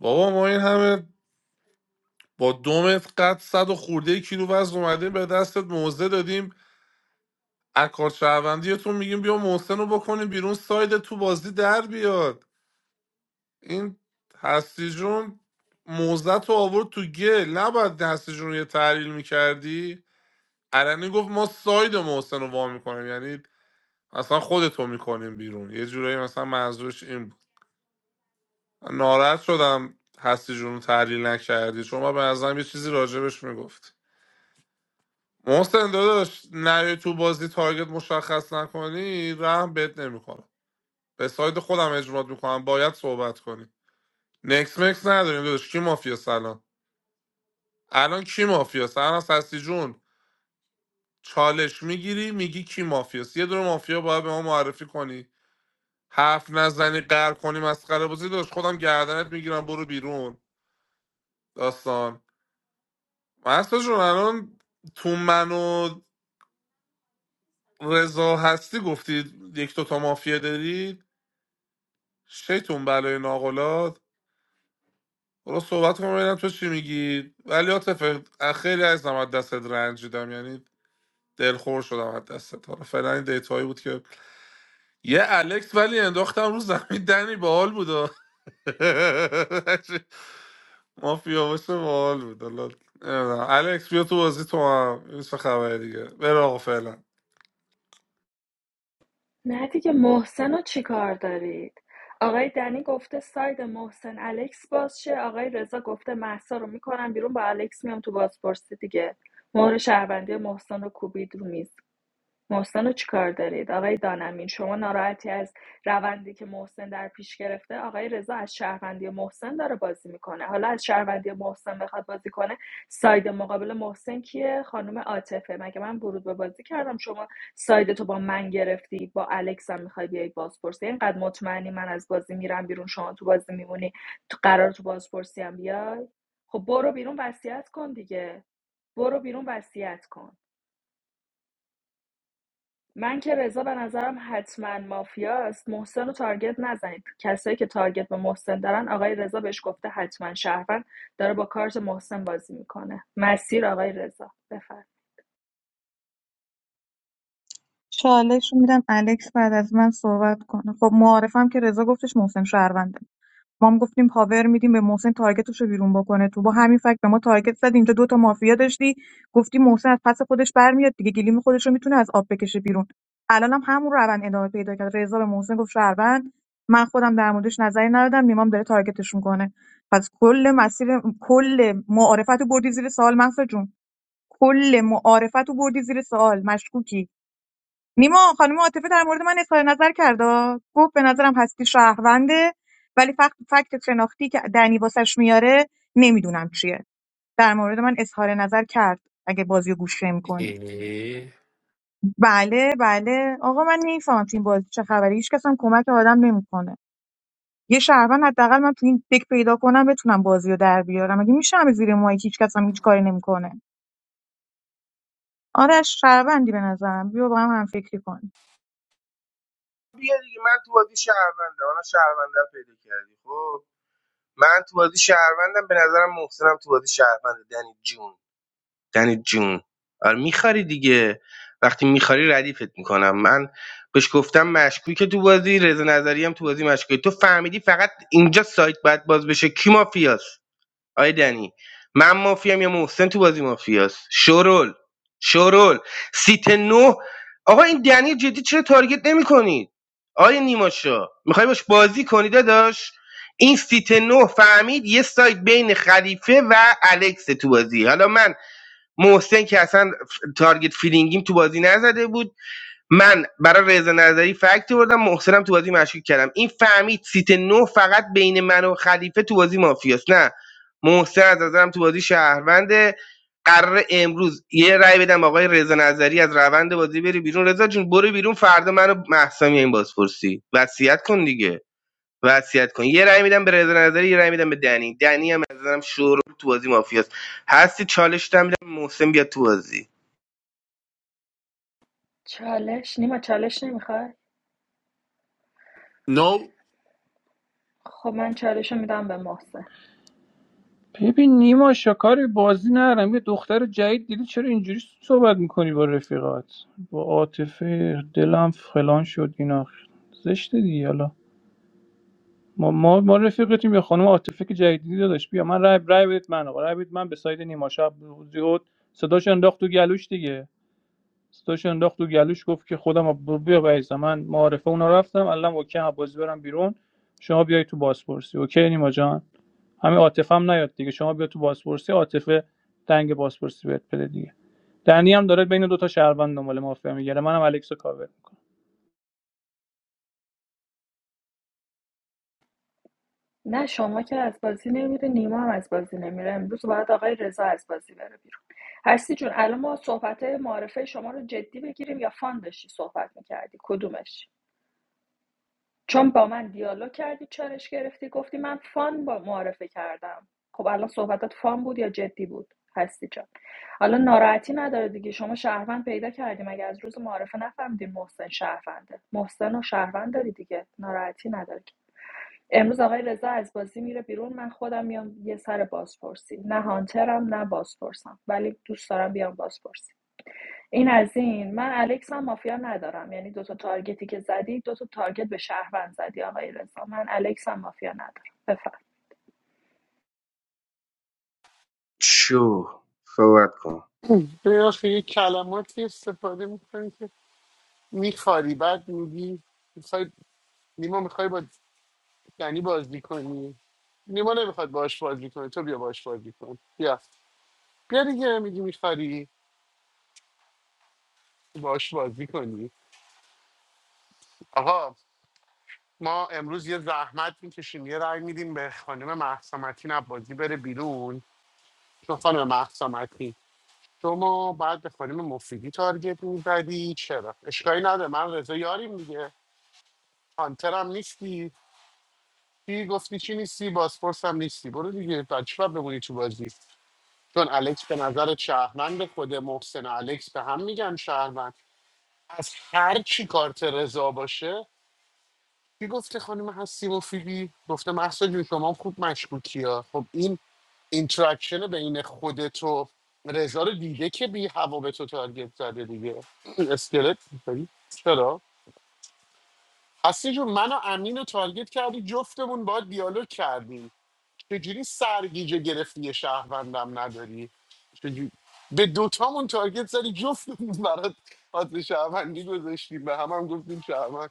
[SPEAKER 12] بابا ما این همه با دومت قد صد و خورده کیلو وزن اومدیم به دستت موزه دادیم اکار شهروندیتون میگیم بیا محسن رو بکنیم بیرون ساید تو بازی در بیاد این هستی جون موزت رو آورد تو گل نباید هستی جون رو یه تحلیل میکردی علنی گفت ما ساید محسن رو وا میکنیم یعنی اصلا خودتو میکنیم بیرون یه جورایی مثلا منظورش این بود ناراحت شدم هستی جون رو تحلیل نکردی چون ما به نظرم یه چیزی راجبش میگفتی محسن داداش نری تو بازی تارگت مشخص نکنی رحم بهت نمیکنم به ساید خودم اجرات میکنم باید صحبت کنی نکس مکس نداریم داداش کی مافیا سلام الان کی مافیاست الان هستی جون چالش میگیری میگی کی مافیاست یه دونه مافیا باید به ما معرفی کنی حرف نزنی قهر کنی مسخره بازی داشت خودم گردنت میگیرم برو بیرون داستان مستا جون الان تو من و رضا هستی گفتید یک دوتا مافیا دارید شیطون بلای ناقلات برو صحبت کن ببینم تو چی میگی ولی عاطفه خیلی از از دستت رنجیدم یعنی دلخور شدم از دستت حالا فعلا این دیتایی بود که یه الکس ولی انداختم رو زمین دنی باحال بود و [LAUGHS] مافیا باشه باحال بود حالا نمی‌دونم. الکس بیا تو بازی تو هم این چه خبره دیگه برو آقا فعلا
[SPEAKER 13] نه دیگه محسن رو چی کار دارید؟ آقای دنی گفته ساید محسن الکس باز شه آقای رضا گفته محسا رو میکنم بیرون با الکس میام تو بازپرسی دیگه مهر شهروندی محسن رو کوبید رو میز محسن رو چیکار دارید آقای دانمین شما ناراحتی از روندی که محسن در پیش گرفته آقای رضا از شهروندی محسن داره بازی میکنه حالا از شهروندی محسن بخواد بازی کنه ساید مقابل محسن کیه خانم عاطفه مگه من ورود به بازی کردم شما ساید تو با من گرفتی با الکس هم میخوای بیای بازپرسی اینقدر مطمئنی من از بازی میرم بیرون شما تو بازی میمونی تو قرار تو بازپرسی هم بیای خب برو بیرون وصیت کن دیگه برو بیرون وصیت کن من که رضا به نظرم حتما مافیاست محسن رو تارگت نزنید کسایی که تارگت به محسن دارن آقای رضا بهش گفته حتما شهروند داره با کارت محسن بازی میکنه مسیر آقای رضا بفر
[SPEAKER 16] چالش رو میدم الکس بعد از من صحبت کنه خب معارفم که رضا گفتش محسن شهرونده ما هم گفتیم پاور میدیم به محسن تارگتش رو بیرون بکنه تو با همین فکت به ما تارگت زد اینجا دو تا مافیا داشتی گفتی محسن از پس خودش برمیاد دیگه گلیم خودش رو میتونه از آب بکشه بیرون الان هم همون روند ادامه پیدا کرد رضا به محسن گفت شهروند من خودم در موردش نظری ندادم نیمام داره تارگتش میکنه پس کل مسیر کل معارفت رو بردی زیر سوال مهسا جون کل معارفت رو بردی زیر سوال مشکوکی نیما خانم عاطفه در مورد من اظهار نظر کرد آ. گفت به نظرم هستی شهرونده ولی فقط فکت شناختی که دنی واسش میاره نمیدونم چیه در مورد من اظهار نظر کرد اگه بازی رو گوش کنید
[SPEAKER 12] ای.
[SPEAKER 16] بله بله آقا من نمیفهمم تو این بازی چه خبره هیچ کس هم کمک آدم نمیکنه یه شهروند حداقل من تو این دک پیدا کنم بتونم بازی رو در بیارم مگه میشه همه زیر مایک هیچ کس هم هیچ کاری نمیکنه آره شهروندی به نظرم بیا با هم هم فکری کنیم
[SPEAKER 14] بیا دیگه من تو بازی شهرونده حالا شهرونده رو پیدا کردی خب من تو بازی شهروندم به نظرم محسنم تو بازی شهرونده دنی جون دنی جون آره میخاری دیگه وقتی میخاری ردیفت میکنم من بهش گفتم مشکوی که تو بازی رضا نظری هم تو بازی مشکوی تو فهمیدی فقط اینجا سایت باید باز بشه کی مافیاست آی دنی من مافیام یا محسن تو بازی مافیاست شورول شورول سیت نو آقا این دنی جدی چرا تارگت نمی آیا آی نیماشا میخوای باش بازی کنی داداش این سیت نو فهمید یه سایت بین خلیفه و الکس تو بازی حالا من محسن که اصلا تارگت فیلینگیم تو بازی نزده بود من برای رضا نظری فکتی بردم محسنم تو بازی مشکوک کردم این فهمید سیت نو فقط بین من و خلیفه تو بازی مافیاست نه محسن از نظرم تو بازی شهرونده قرار امروز یه رأی بدم آقای رضا نظری از روند بازی بری بیرون رضا جون برو بیرون فردا منو محسا این بازپرسی وصیت کن دیگه وصیت کن یه رأی میدم به رضا نظری یه رأی میدم به دنی دنی هم از نظرم شور تو بازی مافیاست هستی چالش میدم محسن بیاد تو بازی
[SPEAKER 13] چالش نیما چالش نمیخوای
[SPEAKER 12] نو
[SPEAKER 13] خب من چالش رو میدم به محسن
[SPEAKER 3] ببین نیما شکاری بازی نرم یه دختر جدید دیدی چرا اینجوری صحبت میکنی با رفیقات با عاطفه دلم فلان شد اینا زشته دیگه حالا ما ما ما رفیقتیم یا خانم عاطفه که جدیدی داداش بیا من رای رای بدید من آقا رای بدید من به ساید نیما شب زیاد صداش انداخت تو گلوش دیگه صداش انداخت تو گلوش گفت که خودم ب- بیا بیزم من معارفه اونا رفتم الان اوکی هم بازی برم بیرون شما بیای تو بازپرسی اوکی نیما جان همین عاطفه هم نیاد دیگه شما بیا تو بازپرسی عاطفه دنگ بازپرسی بهت بده دیگه دنی هم داره بین دو تا شهروند دنبال مافیا میگره منم الکسو کاور میکنم
[SPEAKER 13] نه شما که از بازی نمیره نیما هم از بازی نمیره امروز باید آقای رضا از بازی بره بیرون هستی جون الان ما صحبت معرفه شما رو جدی بگیریم یا فان داشتی صحبت میکردی کدومش چون با من دیالوگ کردی چالش گرفتی گفتی من فان با معرفه کردم خب الان صحبتات فان بود یا جدی بود هستی جان حالا ناراحتی نداره دیگه شما شهروند پیدا کردیم مگه از روز معارفه نفهمیدین محسن شهرونده محسن و شهروند داری دیگه ناراحتی نداره که. امروز آقای رضا از بازی میره بیرون من خودم میام یه سر بازپرسی نه هانترم نه بازپرسم ولی دوست دارم بیام بازپرسی این از این من الکس هم مافیا ندارم یعنی دو تا تارگتی که زدی دو تا تارگت به شهروند زدی آقای رضا من الکس هم مافیا ندارم بفرم
[SPEAKER 14] شو صحبت کن
[SPEAKER 10] به آخه یه کلماتی استفاده میکنی که میخاری بعد میگی میخوای نیما میخوای با دنی بازی کنی نیما نمیخواد باش بازی کنه تو بیا باش بازی کن بیا بیا دیگه میگی میخواری باش بازی کنی آقا ما امروز یه زحمت میکشیم یه رای میدیم به خانم محسامتین بازی بره بیرون چون خانم محسا مکنی شما باید به خانم مفیدی تارگت میزدی چرا اشکایی نداره من رضا یاریم دیگه هانترم نیستی چی گفتی چی نیستی بازپرس هم نیستی برو دیگه بچه باید بمونی تو بازی چون الکس به نظر شهروند خود محسن و الکس به هم میگن شهروند از هر چی کارت رضا باشه کی گفته خانم هستی مفیدی گفته محسا جون شما هم خوب مشکوکی ها خب این اینتراکشن بین خودت و رضا رو دیده که بی هوا به تو تارگت زده دیگه [CLEARS THROAT] اسکلت می‌خوری؟ چرا هستی جون من و امین رو تارگت کردی جفتمون با دیالوگ کردیم چجوری سرگیجه گرفتی یه شهروندم نداری چجوری به دوتامون تارگت زدی جفتمون برات حاضر شهروندی گذاشتیم به هم هم گفتیم شهروند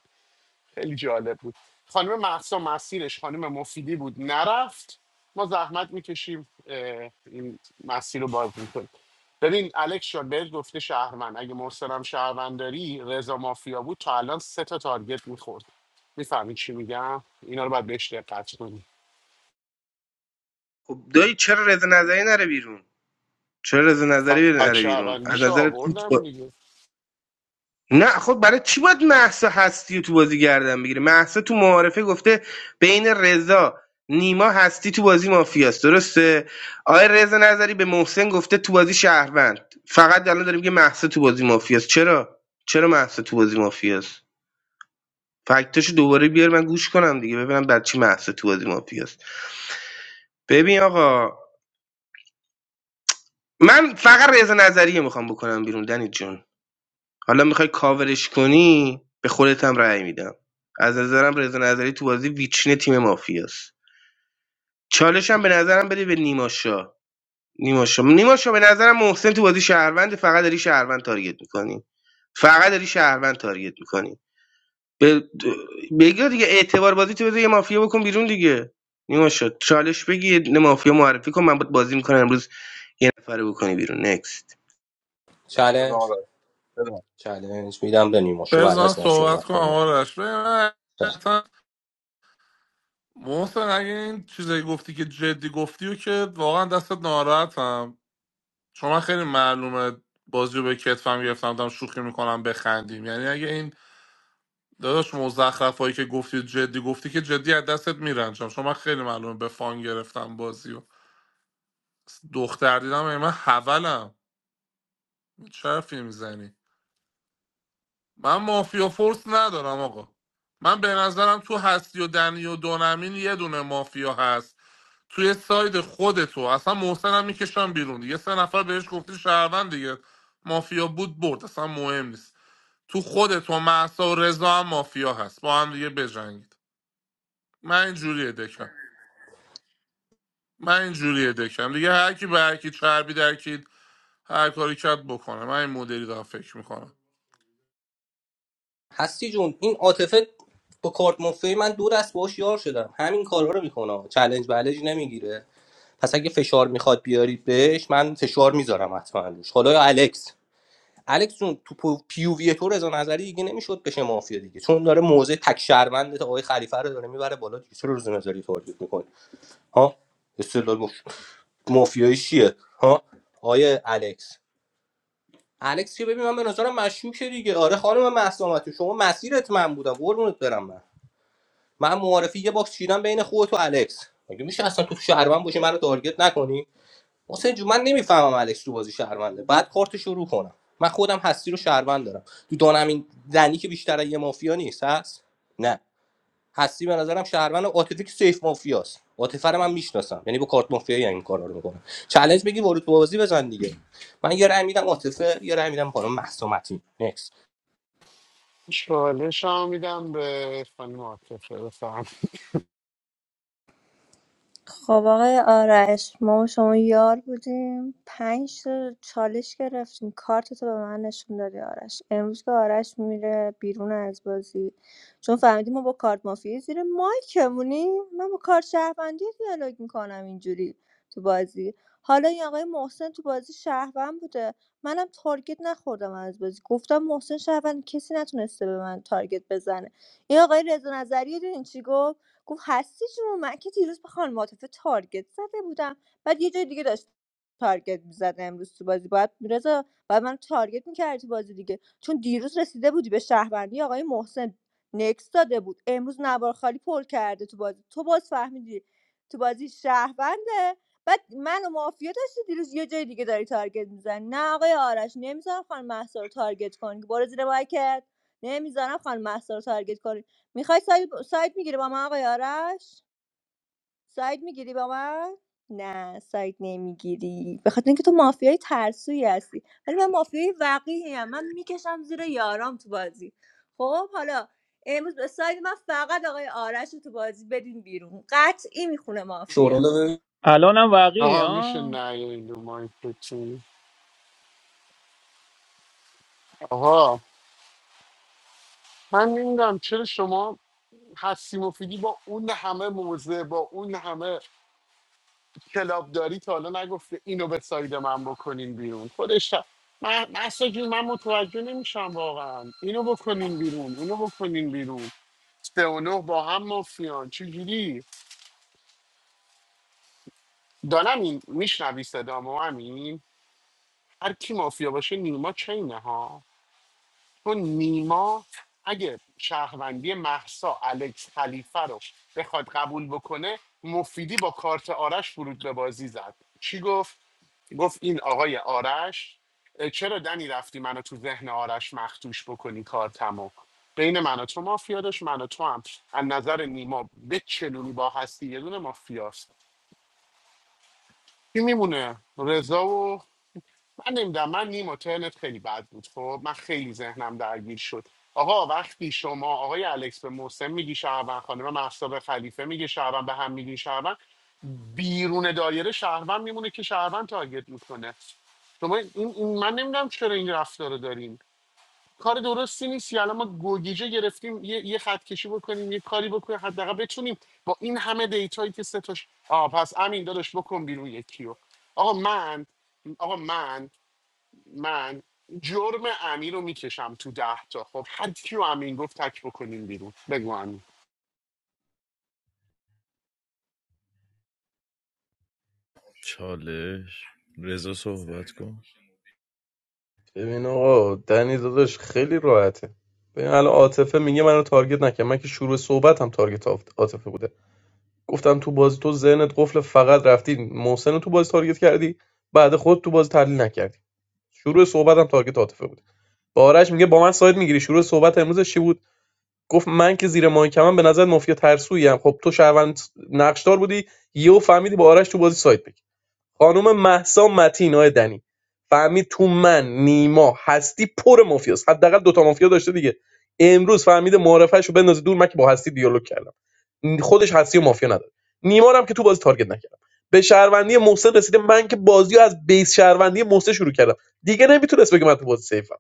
[SPEAKER 10] خیلی جالب بود خانم محسا مسیرش خانم مفیدی بود نرفت ما زحمت میکشیم این مسیر رو باز میکنیم ببین الکس شاد بهت گفته شهروند اگه محسنم شهروند داری رضا مافیا بود تا الان سه تا تارگت میخورد میفهمی چی میگم اینا رو باید بهش دقت کنی
[SPEAKER 14] خب دایی چرا رضا نظری نره بیرون چرا رضا نظری
[SPEAKER 10] فک
[SPEAKER 14] نره بیرون از
[SPEAKER 10] شهروندیشو
[SPEAKER 14] نظر تو
[SPEAKER 10] آوردم دیگه
[SPEAKER 14] نه خب برای چی باید محسا هستی رو تو بازی گردن بگیره محسا تو معارفه گفته بین رضا نیما هستی تو بازی مافیاست درسته آیا رضا نظری به محسن گفته تو بازی شهروند فقط الان داریم که محسا تو بازی مافیاست چرا چرا محسا تو بازی مافیاست فکتاشو دوباره بیار من گوش کنم دیگه ببینم بر چی محسا تو بازی مافیاست ببین آقا من فقط رضا نظریه میخوام بکنم بیرون دنی جون حالا میخوای کاورش کنی به خودت هم رأی میدم از نظرم رضا نظری تو بازی ویترین تیم مافیاست چالش هم به نظرم بده به نیما شاه نیما شاه نیما شاه به نظرم محسن تو بازی شهروند فقط داری شهروند تارگت میکنی فقط داری شهروند تارگت میکنی به بگیر دیگه اعتبار بازی تو بده یه مافیا بکن بیرون دیگه نیما شاه چالش بگی یه دونه مافیا معرفی کن من باید بازی میکنم امروز یه نفره بکنی بیرون نکست
[SPEAKER 1] چالنج چالنج میدم به نیما شو بعد
[SPEAKER 12] بزن
[SPEAKER 1] از من
[SPEAKER 12] صحبت
[SPEAKER 1] صحبت
[SPEAKER 12] کنم
[SPEAKER 1] کنه
[SPEAKER 12] آرش ببین، حقیقتاً محسن اگه این چیزایی گفتی که جدی گفتی و که واقعا دستت ناراحتم چون من خیلی معلومه بازی رو به کتفم گرفتم دارم شوخی میکنم بخندیم یعنی اگه این داداش مزخرف هایی که گفتی جدی گفتی که جدی از دستت میرنجم شما من خیلی معلومه به فان گرفتم بازی و دختر دیدم ای من حولم چه حرفی میزنی من مافیا فورس ندارم آقا من به نظرم تو هستی و دنی و دونمین یه دونه مافیا هست توی ساید خودتو اصلا محسن هم میکشم بیرون دیگه سه نفر بهش گفتی شهروند دیگه مافیا بود برد اصلا مهم نیست تو خودتو محسا و رضا هم مافیا هست با هم دیگه بجنگید من اینجوریه دکم من اینجوریه دکم دیگه هر کی به هر کی چربی درکید هر کاری کرد بکنه من این مدلی دارم فکر میکنم
[SPEAKER 1] هستی جون این عاطفه با کارت مافیای من دور است باش یار شدم همین کارها رو میکنه چلنج بلج نمیگیره پس اگه فشار میخواد بیارید بهش من فشار میذارم حتما روش حالا یا الکس الکس جون تو پو- پیووی تو رضا نظری دیگه نمیشد بشه مافیا دیگه چون داره موزه تک شهروند آقای خلیفه رو داره میبره بالا دیگه چرا رضا نظری تارگت میکنه ها استدلال مف... مافیایی چیه ها آقای الکس الکس که ببین من به نظرم مشکوکه دیگه آره خانم مهسا متین، شما مسیرت من بودم قربونت برم من. من معارفی یه باکس چیدم بین خودت و الکس مگه میشه اصلا تو شهروند باشی منو تارگت نکنی حسین جون من نمیفهمم الکس تو بازی شهرونده بعد کارت شروع کنم من خودم هستی رو شهروند دارم تو دانم این زنی که بیشتر یه مافیا نیست هست نه هستی به نظرم شهروند عاطفی که سیف مافیاست عاطفه رو من میشناسم یعنی با کارت مافیایی این کارا رو میکنم چالش بگی ورود به بازی بزن دیگه من یه رای میدم عاطفه یه رای میدم خانم مهسومتی نکس
[SPEAKER 10] چالش هم میدم به خانم عاطفه بفهم
[SPEAKER 5] خب آقای آرش ما و شما یار بودیم پنج تا چالش گرفتیم کارت تو به من نشون دادی آرش امروز که آرش میره بیرون از بازی چون فهمیدیم ما با کارت مافیایی زیر مایکمونیم من با کارت شهروندی دیالوگ میکنم اینجوری تو بازی حالا این آقای محسن تو بازی شهروند بوده منم تارگت نخوردم از بازی گفتم محسن شهروند کسی نتونسته به من تارگت بزنه این آقای رضا نظری رو دیدین چی گفت گفت هستی جون من که دیروز به خانم عاطفه تارگت زده بودم بعد یه جای دیگه داشت تارگت میزد امروز تو بازی باید میرزا باید من تارگت میکردی تو بازی دیگه چون دیروز رسیده بودی به شهروندی آقای محسن نکس داده بود امروز نوار خالی پل کرده تو بازی تو باز فهمیدی تو بازی شهرونده بعد من و مافیا داشتی دیروز یه جای دیگه داری تارگت میزنی نه آقای آرش نمیذارم خانم محسا رو تارگت کنی برو زیر مایکت نمیذارم خانم محسا رو تارگت کنی میخوای ساید, ساید میگیری با من آقای آرش ساید میگیری با من نه ساید نمیگیری به خاطر اینکه تو مافیای ترسویی هستی ولی من مافیای وقیحی ام من میکشم زیر یارام تو بازی خب حالا امروز به ساید من فقط آقای آرش رو تو بازی بدین بیرون قطعی میخونه مافیا
[SPEAKER 1] شورالو
[SPEAKER 3] الانم واقعی
[SPEAKER 10] آقا میشه
[SPEAKER 3] ها
[SPEAKER 10] نه این دو مایک رو تو؟ آقا من نمیدونم چرا شما هستیم مفیدی با اون همه موزه با اون همه کلابداری تا حالا نگفته اینو به ساید من بکنین بیرون خودش هم- من اصلا جون، من متوجه نمیشم واقعا اینو بکنین بیرون اونو بکنین بیرون سه و نه با هم مافیان چجوری دانم این میشنوی صدامو همین هر کی مافیا باشه نیما چینه ها تو نیما اگه شهروندی محسا الکس خلیفه رو بخواد قبول بکنه مفیدی با کارت آرش ورود به بازی زد چی گفت گفت این آقای آرش اه، چرا دنی رفتی منو تو ذهن آرش مختوش بکنی کارتمو بین من و تو مافیا داشت من و تو هم از نظر نیما به چلونی با هستی یه دونه مافیاست کی میمونه رضا و من نمیدونم من نیم ترنت خیلی بد بود خب من خیلی ذهنم درگیر شد آقا وقتی شما آقای الکس به محسن میگی شهروند خانم محسا به خلیفه میگه شهروند به هم میگی شهروند بیرون دایره شهروند میمونه که شهروند تارگت میکنه شما این, این من نمیدونم چرا این رفتار رو داریم کار درستی نیست یه الان ما گوگیجه گرفتیم یه, یه خط کشی بکنیم یه کاری بکنیم حداقل بتونیم با این همه دیتایی که سه تاش آه پس امین داداش بکن بیرون یکی رو آقا من آقا من من جرم امیر رو میکشم تو ده تا خب هر کیو امین گفت تک بکنیم بیرون بگو امین
[SPEAKER 17] چالش رضا صحبت کن
[SPEAKER 8] ببین آقا دنی داداش خیلی راحته ببین الان عاطفه میگه منو تارگت نکن من که شروع صحبتم تارگت آف- عاطفه بوده گفتم تو بازی تو ذهنت قفل فقط رفتی محسن رو تو بازی تارگت کردی بعد خود تو بازی تحلیل نکردی شروع صحبتم تارگت عاطفه بود با آرش میگه با من ساید میگیری شروع صحبت امروزش چی بود گفت من که زیر ماهی کمم به نظر مافیا ترسویم خب تو شهروند نقشدار بودی یهو فهمیدی با آرش تو بازی ساید بگیری. خانم مهسا متین آقای دنی فهمید تو من نیما هستی پر مافیاست حداقل دوتا مافیا داشته دیگه امروز فهمیده معرفش رو بندازه دور من که با هستی دیالوگ کردم خودش هستی و مافیا نداره نیما رو هم که تو بازی تارگت نکردم به شهروندی محسن رسیده من که بازی رو از بیس شهروندی محسن شروع کردم دیگه نمیتونست بگه من تو بازی سیفم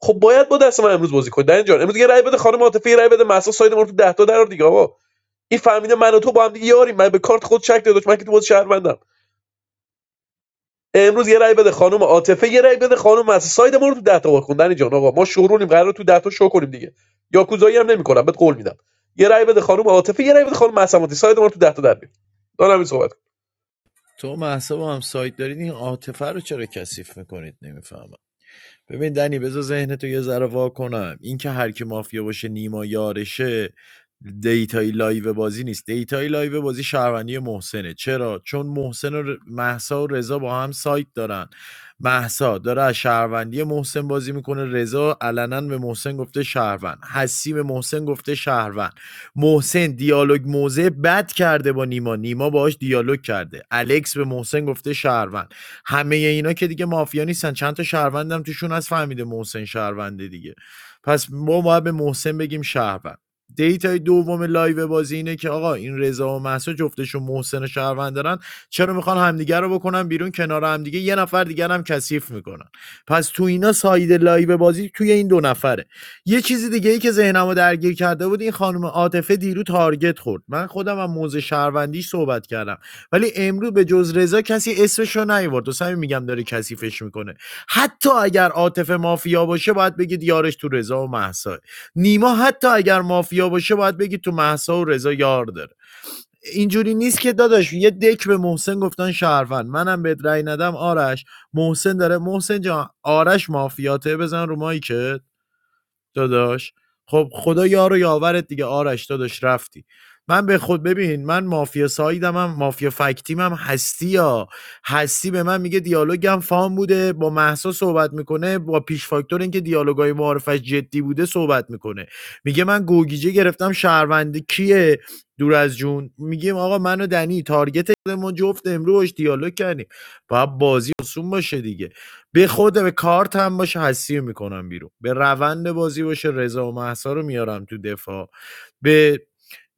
[SPEAKER 8] خب باید با دست من امروز بازی کنی در جان امروز یه رای بده خانم عاطفی یه رای بده مهسا ساید ما رو تو 10 تا در دیگه آقا این فهمیده من و تو با هم دیگه یاریم من به کارت خود شک داداش من که تو بازی شهروندم امروز یه رای بده خانم عاطفه یه رای بده خانم مهسا ساید ما رو تو ده تا خوندن جان آقا ما شورونیم قرار تو ده تا شو کنیم دیگه یاکوزایی هم نمی‌کنم بهت قول میدم یه رای بده خانم عاطفه یه رای بده خانم مهسا مدی. ساید ما رو تو ده تا در بیار دارم این صحبت
[SPEAKER 17] تو محسا با هم سایت دارید این عاطفه رو چرا کثیف میکنید نمیفهمم. ببین دنی بذار ذهنتو یه ذره وا کنم این که هر کی مافیا باشه نیما یارشه دیتای لایو بازی نیست دیتای لایو بازی شهروندی محسنه چرا چون محسن و ر- مهسا و رضا با هم سایت دارن محسا داره از شهروندی محسن بازی میکنه رضا علنا به محسن گفته شهروند حسیم محسن گفته شهروند محسن دیالوگ موزه بد کرده با نیما نیما باهاش دیالوگ کرده الکس به محسن گفته شهروند همه اینا که دیگه مافیا نیستن چند تا شهروندم توشون از فهمیده محسن شهرونده دیگه پس ما باید به محسن بگیم شهروند دیتای دوم لایو بازی اینه که آقا این رضا و مهسا جفتشون محسن و شهروند دارن چرا میخوان همدیگه رو بکنن بیرون کنار همدیگه یه نفر دیگر هم کثیف میکنن پس تو اینا ساید لایو بازی توی این دو نفره یه چیزی دیگه ای که ذهنمو درگیر کرده بود این خانم عاطفه دیرو تارگت خورد من خودم هم موزه شهروندیش صحبت کردم ولی امروز به جز رضا کسی اسمشو نیورد و همین میگم داره کثیفش میکنه حتی اگر عاطفه مافیا باشه باید بگید یارش تو رضا و محسا نیما حتی اگر مافیا باشه باید بگید تو محسا و رضا یار داره اینجوری نیست که داداش یه دک به محسن گفتن شهروند منم بهت رأی ندم آرش محسن داره محسن جان آرش مافیاته بزن رو مایکت داداش خب خدا یار و یاورت دیگه آرش داداش رفتی من به خود ببین من مافیا سایدم هم مافیا فکتیم هم هستی یا هستی به من میگه دیالوگم فام بوده با محسا صحبت میکنه با پیش فاکتور اینکه دیالوگای معارفش جدی بوده صحبت میکنه میگه من گوگیجه گرفتم شهرونده کیه دور از جون میگیم آقا منو و دنی تارگت ما جفت امروش دیالوگ کردیم باید بازی آسون باشه دیگه به خود به کارت هم باشه حسی میکنم بیرون به روند بازی باشه رضا و محسا رو میارم تو دفاع به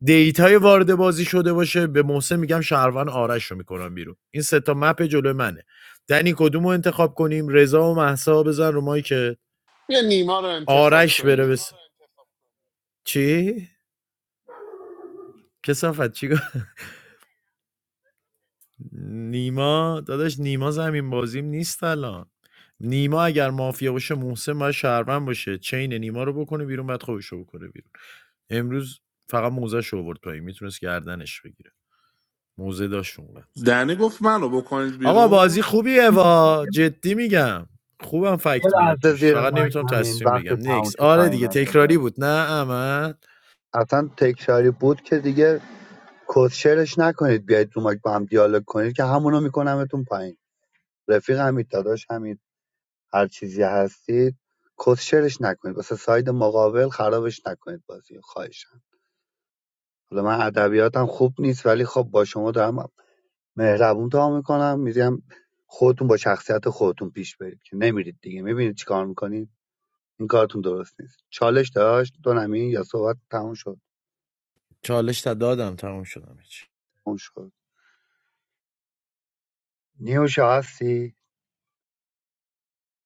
[SPEAKER 17] دیتای وارد بازی شده باشه به محسن میگم شهروند آرش رو میکنم بیرون این سه تا مپ جلو منه دنی کدوم رو انتخاب کنیم رضا و محسا بزن رو مایی که
[SPEAKER 10] یا نیما رو انتصاب
[SPEAKER 17] آرش بره
[SPEAKER 10] کنی
[SPEAKER 17] بس... چی کسافت چی نیما داداش نیما زمین بازیم نیست الان نیما اگر مافیا باشه محسن باید شهروند باشه چین نیما رو بکنه بیرون بعد خودش رو بکنه بیرون امروز فقط موزه شو آورد پایین میتونست گردنش بگیره موزه داشت اونقدر
[SPEAKER 12] دنی گفت منو بکنید
[SPEAKER 17] آقا بازی
[SPEAKER 12] بیرون
[SPEAKER 17] خوبیه وا جدی میگم خوبم
[SPEAKER 15] یه
[SPEAKER 17] فکت میاد
[SPEAKER 15] لحظه
[SPEAKER 17] توش
[SPEAKER 15] زیر
[SPEAKER 17] فقط
[SPEAKER 15] مایک
[SPEAKER 17] نمیتونم
[SPEAKER 15] همین
[SPEAKER 17] تصمیم
[SPEAKER 15] وقت
[SPEAKER 17] بگم
[SPEAKER 15] تموم
[SPEAKER 17] نکس
[SPEAKER 15] شد
[SPEAKER 17] آره دیگه
[SPEAKER 15] تایمت
[SPEAKER 17] تکراری
[SPEAKER 15] دادن
[SPEAKER 17] بود نه احمد
[SPEAKER 15] اصلا تکشاری بود که دیگه کسشرش نکنید بیاید تو مایک با هم دیالوگ کنید که همونو میکنمتون پایین رفیق همید داداش همید هر چیزی هستید کسشرش نکنید واسه ساید مقابل خرابش نکنید بازی خواهشم حالا من ادبیاتم خوب نیست ولی خب با شما دارم مهربون تا میکنم میگم خودتون با شخصیت خودتون پیش برید که نمیرید دیگه میبینید چیکار میکنید این کارتون درست نیست چالش داشت دو نمی یا صحبت تموم شد
[SPEAKER 17] چالش تا دادم تموم شدم هیچ
[SPEAKER 15] تموم شد نیوشا هستی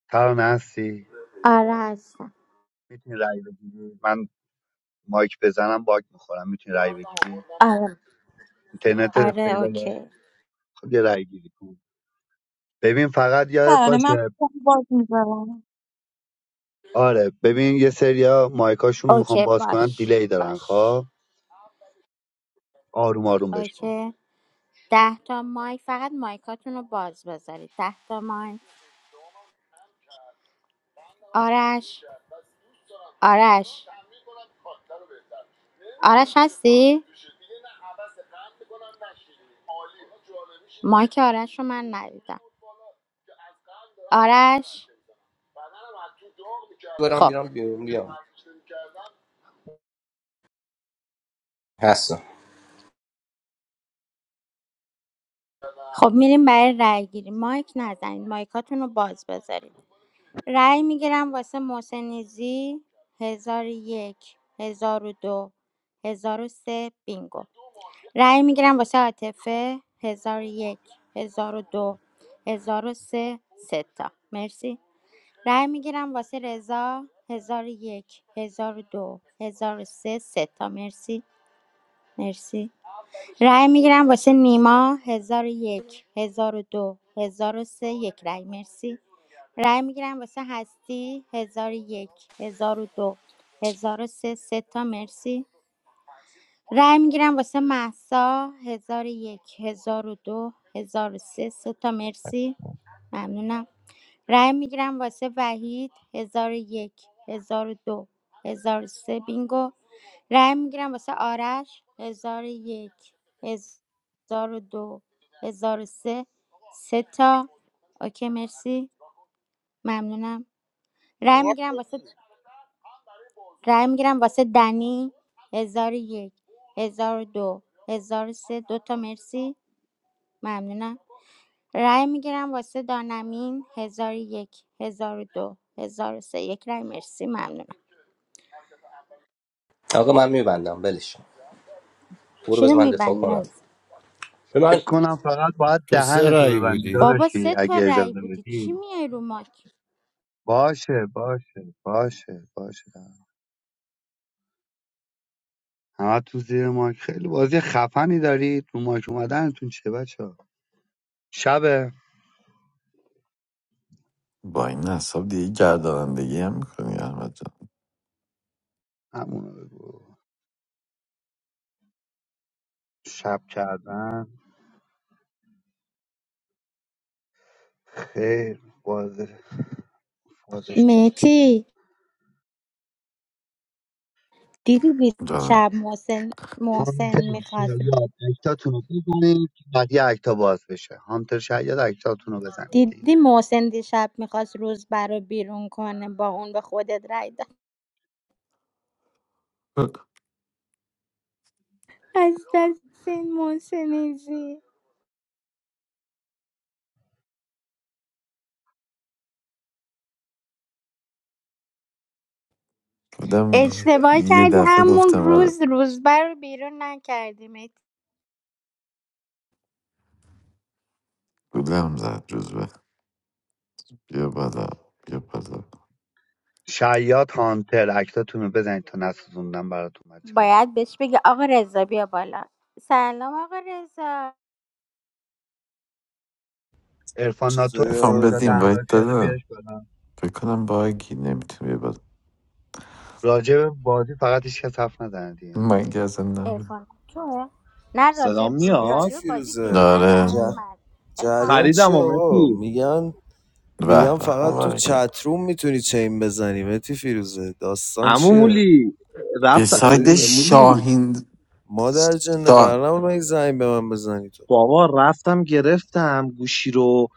[SPEAKER 15] ترانه هستی
[SPEAKER 19] آره هستم
[SPEAKER 15] میتونی رای بگیری من مایک بزنم باگ میخورم میتونی رای بگیری
[SPEAKER 19] آره
[SPEAKER 15] اینترنت
[SPEAKER 19] آره
[SPEAKER 15] استیبله
[SPEAKER 19] اوکی
[SPEAKER 15] خب یه رأی گیری کن ببین فقط یادت
[SPEAKER 16] ترانه من
[SPEAKER 15] باشه
[SPEAKER 16] بازی میذارم
[SPEAKER 15] آره ببین یه سریا مایکاشون رو میخوام
[SPEAKER 19] اوکی
[SPEAKER 15] باز کنن
[SPEAKER 19] باش
[SPEAKER 15] دیلی دارن
[SPEAKER 19] باش
[SPEAKER 15] خب آروم آروم بشمار
[SPEAKER 19] اوکی ده تا مایک فقط مایکاتون رو باز بذارید ده تا مایک آرش آرش آرش هستی؟ مایک آرش رو من ندیدم آرش
[SPEAKER 1] برم
[SPEAKER 19] خب
[SPEAKER 1] بیرم بیرون بیام هستم
[SPEAKER 19] خب میریم برای رأی گیری مایک نزنید مایکاتون رو باز بذارید رأی میگیرم واسه محسنیزی هزار و یک هزار و دو هزار و سه بینگو رأی میگیرم واسه عاطفه 1001 1002 1003 سه سه تا مرسی رأی میگیرم واسه رضا 1001 1002 1003 سه سه تا مرسی مرسی رأی میگیرم واسه نیما 1001 1002 1003 یک رأی مرسی رأی میگیرم واسه هستی 1001 1002 1003 سه سه تا مرسی رای میگیرم واسه محسا هزار و یک هزار و دو هزار و سه سه تا مرسی ممنونم رای میگیرم واسه وحید هزار و یک هزار و دو هزار و سه بینگو رای میگیرم واسه آرش هزار و یک هزار و دو هزار و سه سه تا اوکی مرسی ممنونم رای
[SPEAKER 14] چهار تا
[SPEAKER 19] میگیرم واسه
[SPEAKER 14] بود
[SPEAKER 19] رای میگیرم واسه دنی هزار و یک هزار و دو هزار و سه دو تا مرسی ممنونم رای میگیرم واسه دانمین هزار و یک هزار و دو هزار و سه یک رأی مرسی ممنونم
[SPEAKER 1] آقا من میبندم ولش برو
[SPEAKER 19] چی رو
[SPEAKER 1] بذار من دفاع
[SPEAKER 19] میبندی
[SPEAKER 1] کنم به من
[SPEAKER 15] فکر کنم فقط باید
[SPEAKER 17] تو سه
[SPEAKER 15] دهنتو
[SPEAKER 17] رأی
[SPEAKER 15] ببندی
[SPEAKER 17] بودی
[SPEAKER 19] بابا
[SPEAKER 15] داداشی
[SPEAKER 19] سه تا
[SPEAKER 15] اگه
[SPEAKER 19] رای
[SPEAKER 15] اجازه
[SPEAKER 19] بودی چی
[SPEAKER 15] بدی
[SPEAKER 19] میای رو ماک
[SPEAKER 15] باشه باشه باشه باشه همه تو زیر ماک خیلی بازی خفنی دارید رو ماک اومدنتون چه بچه ها شبه
[SPEAKER 11] با این حساب دیگه گردانندگی هم میکنی احمد جان
[SPEAKER 15] همونو بگو شب کردن خیر باز بازش شب
[SPEAKER 19] مهتی دیدی
[SPEAKER 11] جان.
[SPEAKER 19] دیشب محسن محسن
[SPEAKER 15] هانتر
[SPEAKER 19] میخواست
[SPEAKER 15] شاید اکتاتون رو بزنید که بعد یه اکتا باز بشه هانتر شاید اکتاتون رو بزنید دیگه
[SPEAKER 19] دیدی محسن دیشب میخواست روز برا بیرون کنه با اون به خودت رای داد از دست این محسنیزی
[SPEAKER 11] گفتم
[SPEAKER 19] اشتباه
[SPEAKER 11] یه
[SPEAKER 19] کردی
[SPEAKER 11] دفعه
[SPEAKER 19] همون
[SPEAKER 11] گفتم آره
[SPEAKER 19] روز روز رو بیرون نکردی
[SPEAKER 11] گولم زد جزبه بیا بالا بیا بالا
[SPEAKER 15] شاید هانتر اکتاتون رو بزنید تا نسوزوندم براتون بچه ها
[SPEAKER 19] باید بهش بگی آقا رضا بیا بالا سلام آقا رضا
[SPEAKER 15] ارفان ناتو
[SPEAKER 20] چطوری
[SPEAKER 11] افهم
[SPEAKER 15] چیز داده
[SPEAKER 11] بدیم
[SPEAKER 20] آرزم
[SPEAKER 11] باید
[SPEAKER 15] همراهت کرده
[SPEAKER 11] دادم
[SPEAKER 15] بیارش بادم
[SPEAKER 11] فکر کنم باگی نمیتونی بیا بالا
[SPEAKER 15] راجع به بازی فقط هیچ کس حرف نزنه دیگه
[SPEAKER 11] من که اصلا نبود
[SPEAKER 19] ارفان توه نه راجب,
[SPEAKER 21] صدام
[SPEAKER 20] میتی
[SPEAKER 21] میاد
[SPEAKER 19] راجب بازی
[SPEAKER 20] فیروزه
[SPEAKER 19] دیشب
[SPEAKER 11] آره
[SPEAKER 20] جه.
[SPEAKER 15] آره.
[SPEAKER 19] احمد ارفان
[SPEAKER 20] جریان
[SPEAKER 19] خوش
[SPEAKER 20] چی
[SPEAKER 21] خریدم و
[SPEAKER 19] اومد
[SPEAKER 20] آقا
[SPEAKER 21] مسی
[SPEAKER 20] میگن
[SPEAKER 11] به
[SPEAKER 20] میگن
[SPEAKER 11] به
[SPEAKER 20] فقط تو
[SPEAKER 11] مبارکه
[SPEAKER 20] چتروم میتونی چین بزنی متی فیروزه داستان
[SPEAKER 21] عمو
[SPEAKER 20] چیه
[SPEAKER 21] مولی
[SPEAKER 11] به
[SPEAKER 21] رفت م-
[SPEAKER 11] ساید
[SPEAKER 20] چطوری
[SPEAKER 21] مولی
[SPEAKER 11] شاهین
[SPEAKER 20] مادر جنده
[SPEAKER 11] شاه
[SPEAKER 20] قرار نبود من یک زنگ به من بزنی تو
[SPEAKER 21] بابا رفتم گرفتم گوشی رو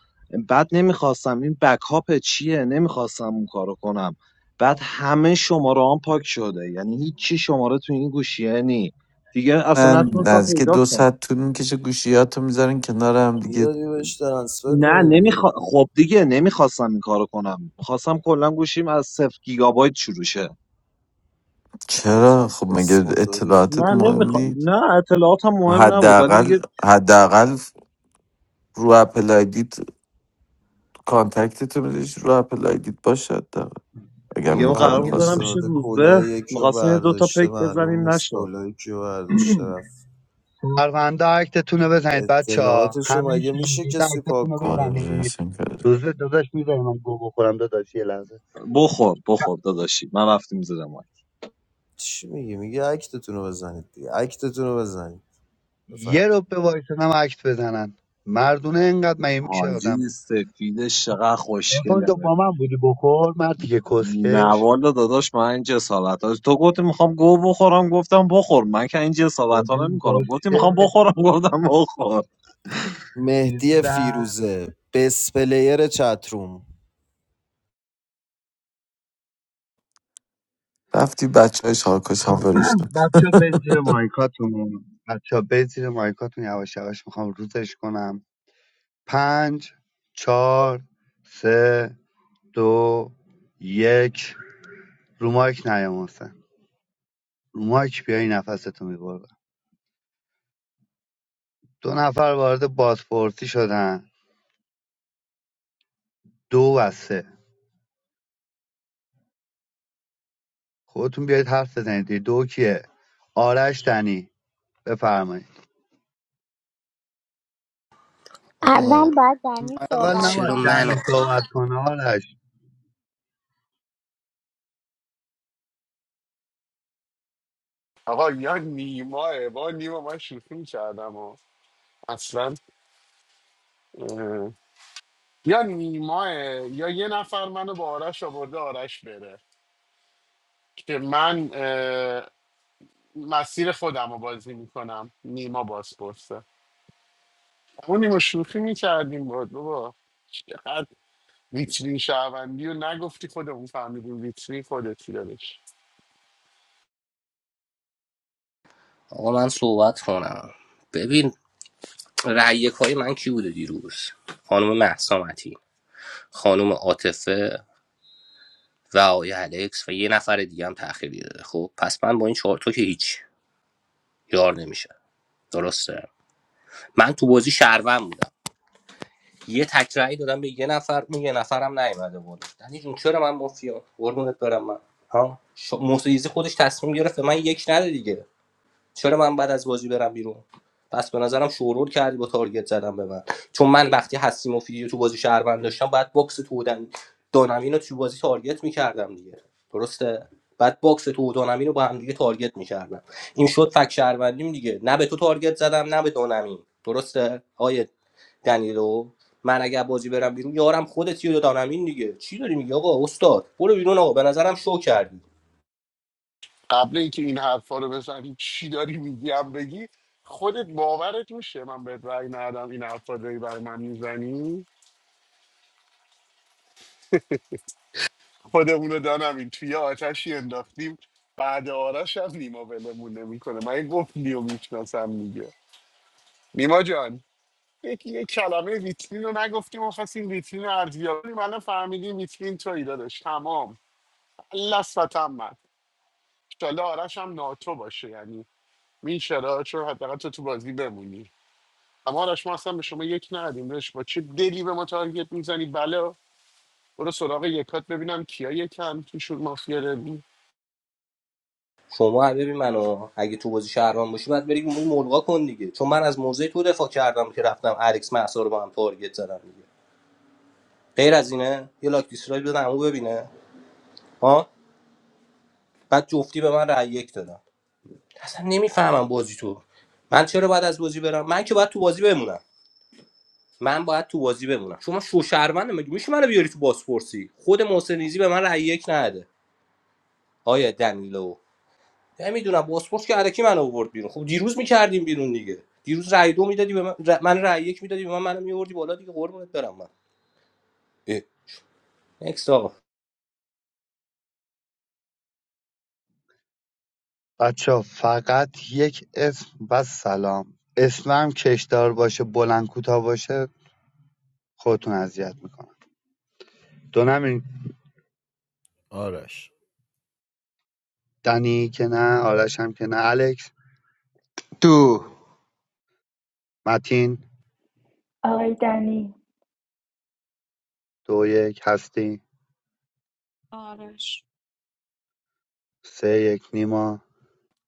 [SPEAKER 21] بعد نمیخواستم این بکاپ چیه نمیخواستم اون کارو کنم بعد همه شماره هم پاک شده یعنی هیچی شماره تو این گوشیه نی دیگه اصلا نتونستم
[SPEAKER 20] اه.
[SPEAKER 11] نزدیک
[SPEAKER 21] پیدا
[SPEAKER 11] دو
[SPEAKER 21] کنم
[SPEAKER 11] ساعت طول میکشه گوشیاتو میذارن کنار هم دیگه
[SPEAKER 20] میدادی بهش ترانسفر
[SPEAKER 21] نه
[SPEAKER 20] کنه دیگه
[SPEAKER 21] نمیخوا... خب دیگه نمیخواستم این کارو کنم میخواستم کلا گوشیم از صفر گیگابایت شروع شه
[SPEAKER 20] عجب
[SPEAKER 11] چرا خب مگه
[SPEAKER 20] کس موتوریه
[SPEAKER 11] اطلاعاتت
[SPEAKER 21] نه
[SPEAKER 11] مهم
[SPEAKER 21] نمیخوام
[SPEAKER 11] نیست
[SPEAKER 21] نه اطلاعاتم
[SPEAKER 11] و
[SPEAKER 21] مهم نبود ولی
[SPEAKER 11] حداقل
[SPEAKER 21] دیگه
[SPEAKER 11] حداقل رو اپل آیدیت کانتکتت رو میذاش رو اپل آیدیت باشه حداقل اگر
[SPEAKER 21] دیگه
[SPEAKER 11] این
[SPEAKER 21] ما
[SPEAKER 20] بابا
[SPEAKER 11] کار
[SPEAKER 21] قرار بود برم
[SPEAKER 11] میخواستم
[SPEAKER 21] پیش
[SPEAKER 20] حرومزاده
[SPEAKER 21] روزبه
[SPEAKER 20] کلاه یکی رو
[SPEAKER 21] میخواستیم یه دوتا
[SPEAKER 20] برداشته
[SPEAKER 21] پیک
[SPEAKER 20] معلوم
[SPEAKER 21] بزنیم
[SPEAKER 20] نیست
[SPEAKER 21] نشد
[SPEAKER 20] کلاه یکی رو برداشته
[SPEAKER 15] [CLEARS THROAT]
[SPEAKER 20] رفت
[SPEAKER 15] پرونده اکتتون رو بزنید بچه ها
[SPEAKER 20] اطلاعاتشو
[SPEAKER 15] همه
[SPEAKER 20] مگه میشه
[SPEAKER 15] شنگیده
[SPEAKER 20] کسی
[SPEAKER 15] اکتتون
[SPEAKER 20] پاک
[SPEAKER 15] رو
[SPEAKER 20] کنه
[SPEAKER 15] بزنید روز داداش میذاری من گو بخورم داداش یه لحظه
[SPEAKER 21] بخور بخور داداشی من رفتیم زیر ما
[SPEAKER 20] چی میگه میگه اکتتون رو بزنید دیگه اکتتون رو بزنید
[SPEAKER 15] یه
[SPEAKER 20] بفرم
[SPEAKER 15] رو به هم اکت بزنن مردونه اینقدر مگه میشه آدم
[SPEAKER 21] حاجی سفید
[SPEAKER 15] خب
[SPEAKER 21] چقدر
[SPEAKER 15] ارفان
[SPEAKER 21] خوشگله
[SPEAKER 15] تو با من بودی بخور مردی که
[SPEAKER 21] نه
[SPEAKER 15] کسکش
[SPEAKER 21] والا داداش من این جسارت ها تو گفتی میخوام گو بخورم گفتم بخور من که این جسارت ها نمی
[SPEAKER 15] ببین
[SPEAKER 21] کنم گفتی میخوام
[SPEAKER 15] کسکش
[SPEAKER 21] بخورم گفتم بخور
[SPEAKER 15] چیز
[SPEAKER 20] مهدی
[SPEAKER 15] بودن
[SPEAKER 20] فیروزه بس پلیر چتروم
[SPEAKER 11] رفتی بچه های شاکش هم
[SPEAKER 15] خب
[SPEAKER 11] فرشتن
[SPEAKER 15] [CLEARS THROAT]
[SPEAKER 11] [LAUGHS]
[SPEAKER 15] بچه ها برید زیر مایکاتون بچه ها برید زیر مایکاتون یواش یواش میخوام روزش کنم پنج چهار سه دو یک رو مایک نیام حسین. رو مایک بیای نفستو میبرم دو نفر وارد بازپرسی شدن دو و سه خودتون بیایید حرف بزنید دیگه. دو کیه آرش دنی بفرمایید
[SPEAKER 1] آقا
[SPEAKER 19] اول باید دنی
[SPEAKER 15] اول
[SPEAKER 19] صحبت
[SPEAKER 1] چرا
[SPEAKER 15] نباید
[SPEAKER 19] کنه
[SPEAKER 1] من
[SPEAKER 15] دنی صحبت کنه آرش
[SPEAKER 10] آقا یا نیماه با نیما من شوخی میکردم و اصلا اه، یا نیماه یا یه نفر منو با آرش آورده آرش بره که من اه، مسیر خودم رو بازی میکنم نیما باز پرسه اون نیما شوخی میکردیم بود بابا چقدر ویترین شهروندی رو نگفتی خودمون فهمیدیم ویترین خودتی دادش
[SPEAKER 1] آقا من صحبت کنم ببین رأی های من کی بوده دیروز خانم مهسا متین خانم عاطفه و آقای الکس و یه نفر دیگه هم تأخیر دیده خب پس من با این چهار تا که هیچ یار نمیشه درسته من تو بازی شهروند بودم یه تک رأی دادم به یه نفر اون یه نفرم نیومده بود دنی جون چرا من مافیا قربونت برم من ها ش- محسن خودش تصمیم گرفت به من یک نده دیگه چرا من بعد از بازی برم بیرون پس به نظرم شورور کردی با تارگت زدم به من چون من وقتی هستی مفیدی تو بازی شهروند داشتم باید باکس تو دانمین رو تو بازی تارگت میکردم دیگه درسته بعد باکس تو و دانمین رو با هم دیگه تارگت میکردم این شد فک شهروندیم دیگه نه به تو تارگت زدم نه به دانمین درسته آیه دنیلو من اگر بازی برم بیرون یارم خودتی و دانمین دیگه چی داری میگی آقا استاد برو بیرون آقا به نظرم شو کردی
[SPEAKER 10] قبل اینکه این حرفا رو بزنی چی داری میگی هم بگی خودت باورت میشه من بهت رأی ندم این حرفا داری برای من میزنی خودمون رو دانم این توی آتشی انداختیم بعد آرش هم نیما ولمون نمیکنه من این گفت نیو میشناسم میگه نیما جان یک یک کلمه ویترین رو نگفتیم و خواستیم ویترین رو ارزیابی کنیم. الان فهمیدیم ویترین توی دادش تمام لس و تمام انشالله آرش هم ناتو باشه یعنی این شرایط رو حداقل تو تو بازی بمونی اما آرش ما اصلا به شما یک ندیم داشت با چه دلی به ما تارگت میزنی بله برو سراغ یکات ببینم کیا یکم توشون مافیا داری
[SPEAKER 1] شما هم ببین منو اگه تو بازی شهروان باشی باید بری اون ملغا کن دیگه چون من از موضع تو دفاع کردم که رفتم الکس محسا رو با هم تارگت زدم دیگه غیر از اینه یه لاک دیسلایک بدم او ببینه ها بعد جفتی به من رأی یک دادم اصلا نمیفهمم بازی تو من چرا باید از بازی برم من که باید تو بازی بمونم من باید تو بازی بمونم شما شو شهروند مگه میشه منو بیاری تو بازپرسی خود محسنیزی به من رأی یک نده آیا دنیلو نمیدونم باسپورس که علکی من آورد بیرون خب دیروز میکردیم بیرون دیگه دیروز رای دو میدادی به من ر- من رای یک میدادی به من منو میوردی بالا دیگه قربونت برم من اه. نکست آقا
[SPEAKER 15] بچه فقط یک اسم و سلام اسمم کشدار باشه بلند کوتاه باشه خودتون اذیت میکنم دو نمی‌رین.
[SPEAKER 17] آرش
[SPEAKER 15] دنی که نه آرش هم که نه الکس
[SPEAKER 14] دو
[SPEAKER 15] متین
[SPEAKER 13] آقای دنی
[SPEAKER 15] دو یک هستی
[SPEAKER 16] آره
[SPEAKER 15] سه یک نیما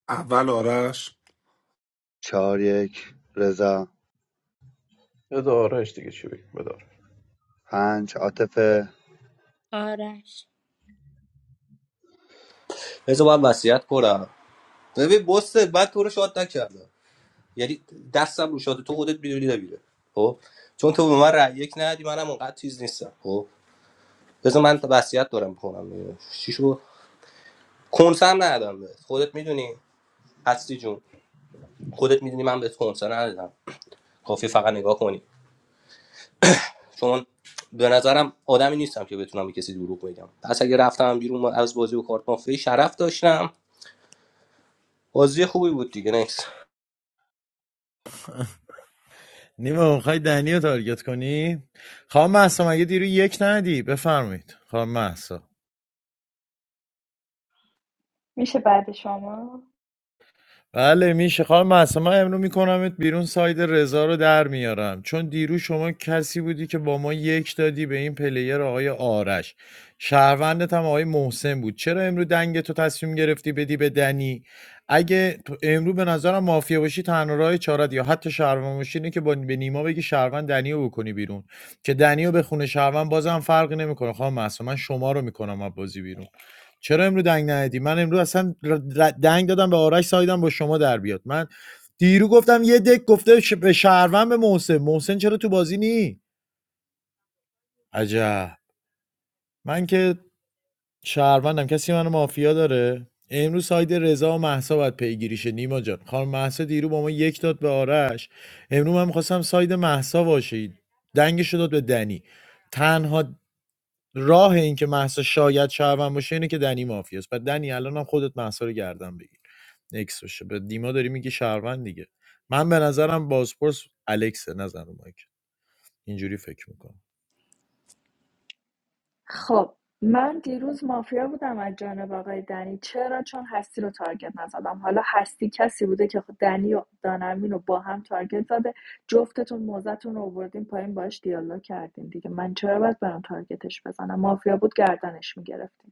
[SPEAKER 12] اول آرش
[SPEAKER 15] چهار یک رضا
[SPEAKER 8] بدارش دیگه چی بگم بدار
[SPEAKER 15] پنج عاطفه
[SPEAKER 5] آرش
[SPEAKER 1] بذار باید وصیت کنم ببین بسته بعد تو رو شاد نکردم یعنی دستم رو شاد تو خودت میدونی نمیره خب چون تو به من رای یک ندی منم اونقدر چیز نیستم خب بذار من وصیت دارم میکنم شیشو کنسم ندادم بهت خودت میدونی اصلی جون خودت میدونی من بهت کنسم ندادم کافی فقط نگاه کنی چون به نظرم آدمی نیستم که بتونم به کسی دروغ بگم پس اگه رفتم بیرون از بازی و کارت مافیا شرف داشتم بازی خوبی بود دیگه نکس
[SPEAKER 17] نیما میخوای دنی رو تارگت کنی خانم محسا مگه دیرو یک ندی بفرمایید خانم محسا
[SPEAKER 13] میشه بعد شما
[SPEAKER 17] بله میشه خواهم معصومه امرو میکنمت بیرون ساید رضا رو در میارم چون دیروز شما کسی بودی که با ما یک دادی به این پلیر آقای آرش شهروندت هم آقای محسن بود چرا امرو دنگ تو تصمیم گرفتی بدی به دنی اگه تو امرو به نظرم مافیا باشی تنها راه چارت یا حتی شهروند باشی اینه که با به نیما بگی شهروند دنی رو بکنی بیرون که دنی رو به خونه شهروند بازم فرقی نمیکنه خواهم معصومه من شما رو میکنم از بازی بیرون چرا امروز دنگ ندی من امروز اصلا ر- دنگ دادم به آرش سایدم با شما در بیاد من دیرو گفتم یه دک گفته ش- به شهروند به محسن محسن چرا تو بازی نی عجب من که شهروندم کسی منو مافیا داره امروز ساید رضا و محسا باید پیگیریشه نیما جان خانم محسا دیرو با ما یک داد به آرش امروز من میخواستم ساید محسا باشه دنگش رو داد به دنی تنها راه این که محسا شاید شهروند باشه اینه که دنی مافیاست و دنی الانم خودت محسا رو گردن بگیر نکس باشه به دیما داری میگی شهروند دیگه من به نظرم بازپرس الکسه نظر رو مایک اینجوری فکر میکنم
[SPEAKER 13] خب من دیروز مافیا بودم از جانب آقای دنی چرا چون هستی رو تارگت نزدم حالا هستی کسی بوده که خود دنی و دانمین رو با هم تارگت زده جفتتون موزتون رو آوردین پایین باش دیالوگ کردین دیگه من چرا باید برم تارگتش بزنم مافیا بود گردنش میگرفت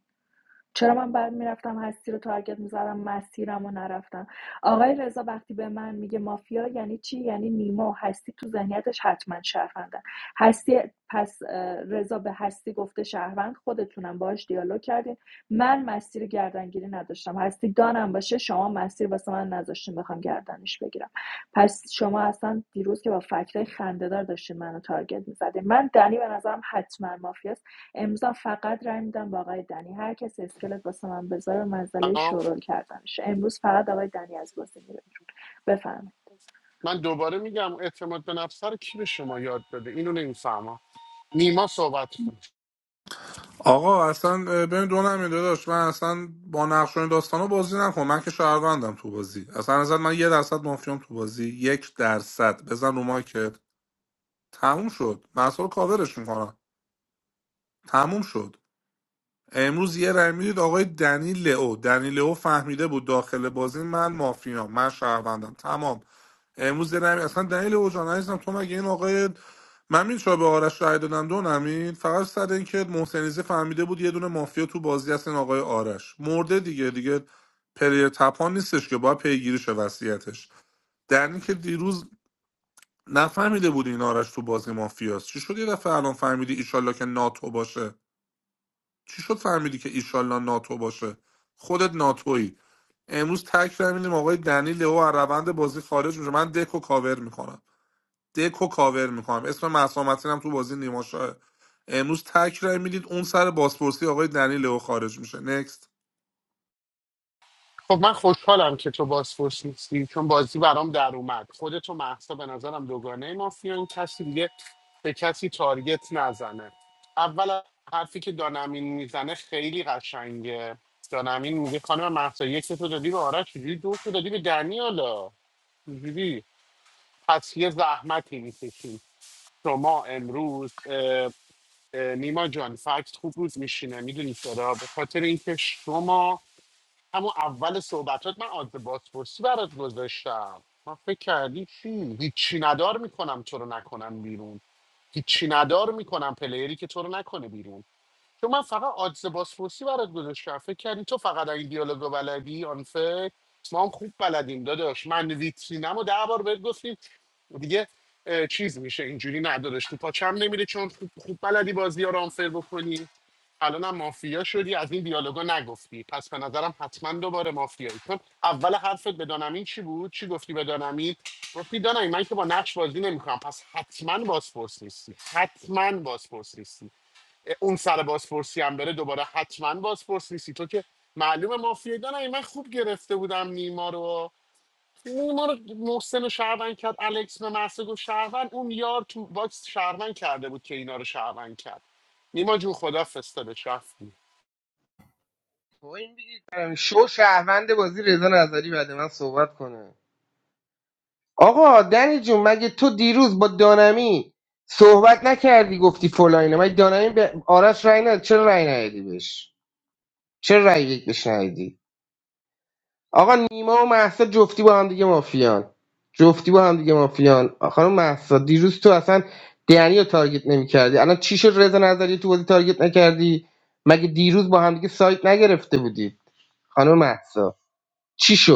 [SPEAKER 13] چرا من بعد میرفتم هستی رو تارگت میزدم مسیرم رو نرفتم آقای رضا وقتی به من میگه مافیا یعنی چی یعنی نیما و هستی تو ذهنیتش حتما شهروندن هستی پس رضا به هستی گفته شهروند خودتونم باهاش دیالوگ کردین من مسیر گردنگیری نداشتم هستی دانم باشه شما مسیر واسه من نذاشتین بخوام گردنش بگیرم پس شما اصلا دیروز که با فکرهای خندهدار داشتین منو تارگت میزدین من دنی به نظرم حتما مافیاست امضا فقط رأی میدم با آقای دنی هر کسی اسکلت واسه من بذاره منزله
[SPEAKER 10] اما
[SPEAKER 13] شورول کردنش امروز فقط آقای دنی از بازی میره بفرمایید
[SPEAKER 10] من دوباره میگم اعتماد به نفس رو کی به شما یاد داده اینو نمیفهمم نیما صحبت کن
[SPEAKER 12] آقا اصلا اه، ببین دو نمیده داشت من اصلا با نقش و این داستانا بازی نکنم. من که شهروندم تو بازی اصلا نظر من یه درصد مافیام تو بازی یک درصد بزن رو مایکت تموم شد من اصلا رو کاورش میکنم تموم شد امروز یه رای میدید آقای دنی لئو دنی لئو فهمیده بود داخل بازی من مافیا من شهروندم تمام امروز یه رای می- اصلا دنی لئو جان عزیزم تو مگه این آقای من می‌دونی چرا به آرش رای دادم دو نمین فقط سر اینکه محسنیزه فهمیده بود یه دونه مافیا تو بازی هست این آقای آرش مرده دیگه دیگه پلیر تپان نیستش که باید پیگیری شه وصیتش در این که دیروز نفهمیده بود این آرش تو بازی مافیاست چی شد یه دفعه الان فهمیدی ایشالله که ناتو باشه چی شد فهمیدی که ایشالله ناتو باشه خودت ناتویی امروز تک رای آقای دنی لو از روند بازی خارج میشه من دکو کاور میکنم دکو کاور میکنم اسم مسامتین هم تو بازی نیماشاه امروز تک رای اون سر بازپرسی آقای دنی لو خارج میشه نکست
[SPEAKER 10] خب من خوشحالم که تو بازپرس نیستی چون بازی برام در اومد خودت و محسا به نظرم دوگانه مافیان کسی دیگه به کسی تارگت نزنه اول حرفی که دانمین میزنه خیلی قشنگه دانمین میگه خانم محسا یک تو دادی به آرش چجوری دو تو دادی به دنیالا چجوری پس یه زحمتی میکشیم شما امروز اه، اه، نیما جان فکت خوب روز میشینه میدونی چرا به خاطر اینکه شما همون اول صحبتات من آدز بازپرسی برات گذاشتم من فکر کردی چی هیچی ندار میکنم تو رو نکنم بیرون هیچی ندار میکنم پلیری که تو رو نکنه بیرون چون من فقط آدز بازپرسی برات گذاشتم فکر کردی تو فقط این دیالوگو بلدی آن فکر ما هم خوب بلدیم داداش من ویترینم و ده بار بهت گفتیم دیگه اه، چیز میشه اینجوری نداداش تو پاچم نمیره چون خوب, خوب بلدی بازی ها رو آنفر بکنی الان مافیا شدی از این دیالوگا نگفتی پس به نظرم حتما دوباره مافیایی چون اول حرفت به دانمین چی بود چی گفتی به دانمین گفتی دانمین من که با نقش بازی نمیکنم پس حتما بازپرس نیستی حتما بازپرس نیستی اه، اون سر بازپرسی هم بره دوباره حتما بازپرس نیستی تو که معلومه مافیایی دانمین من خوب گرفته بودم نیما رو اون ما رو محسن رو شهروند کرد الکس به محسن گفت شهروند اون یار تو باکس شهروند کرده بود که اینا رو شهروند کرد نیما جون خدا فرستادش رفتی
[SPEAKER 14] شو شهروند بازی رضا نظری بعد من صحبت کنه آقا دنی جون مگه تو دیروز با دانمی صحبت نکردی گفتی فلاینه مگه دانمی به آرش رای نداد چرا رای ندادی بهش چرا رای یک بهش ندادی آقا نیما و محسا جفتی با هم دیگه مافیان جفتی با هم دیگه مافیان خانم محسا دیروز تو اصلا دنی رو تارگت نمیکردی الان چی شد رضا نظری تو بازی تارگت نکردی مگه دیروز با هم دیگه سایت نگرفته بودی خانم محسا چی شد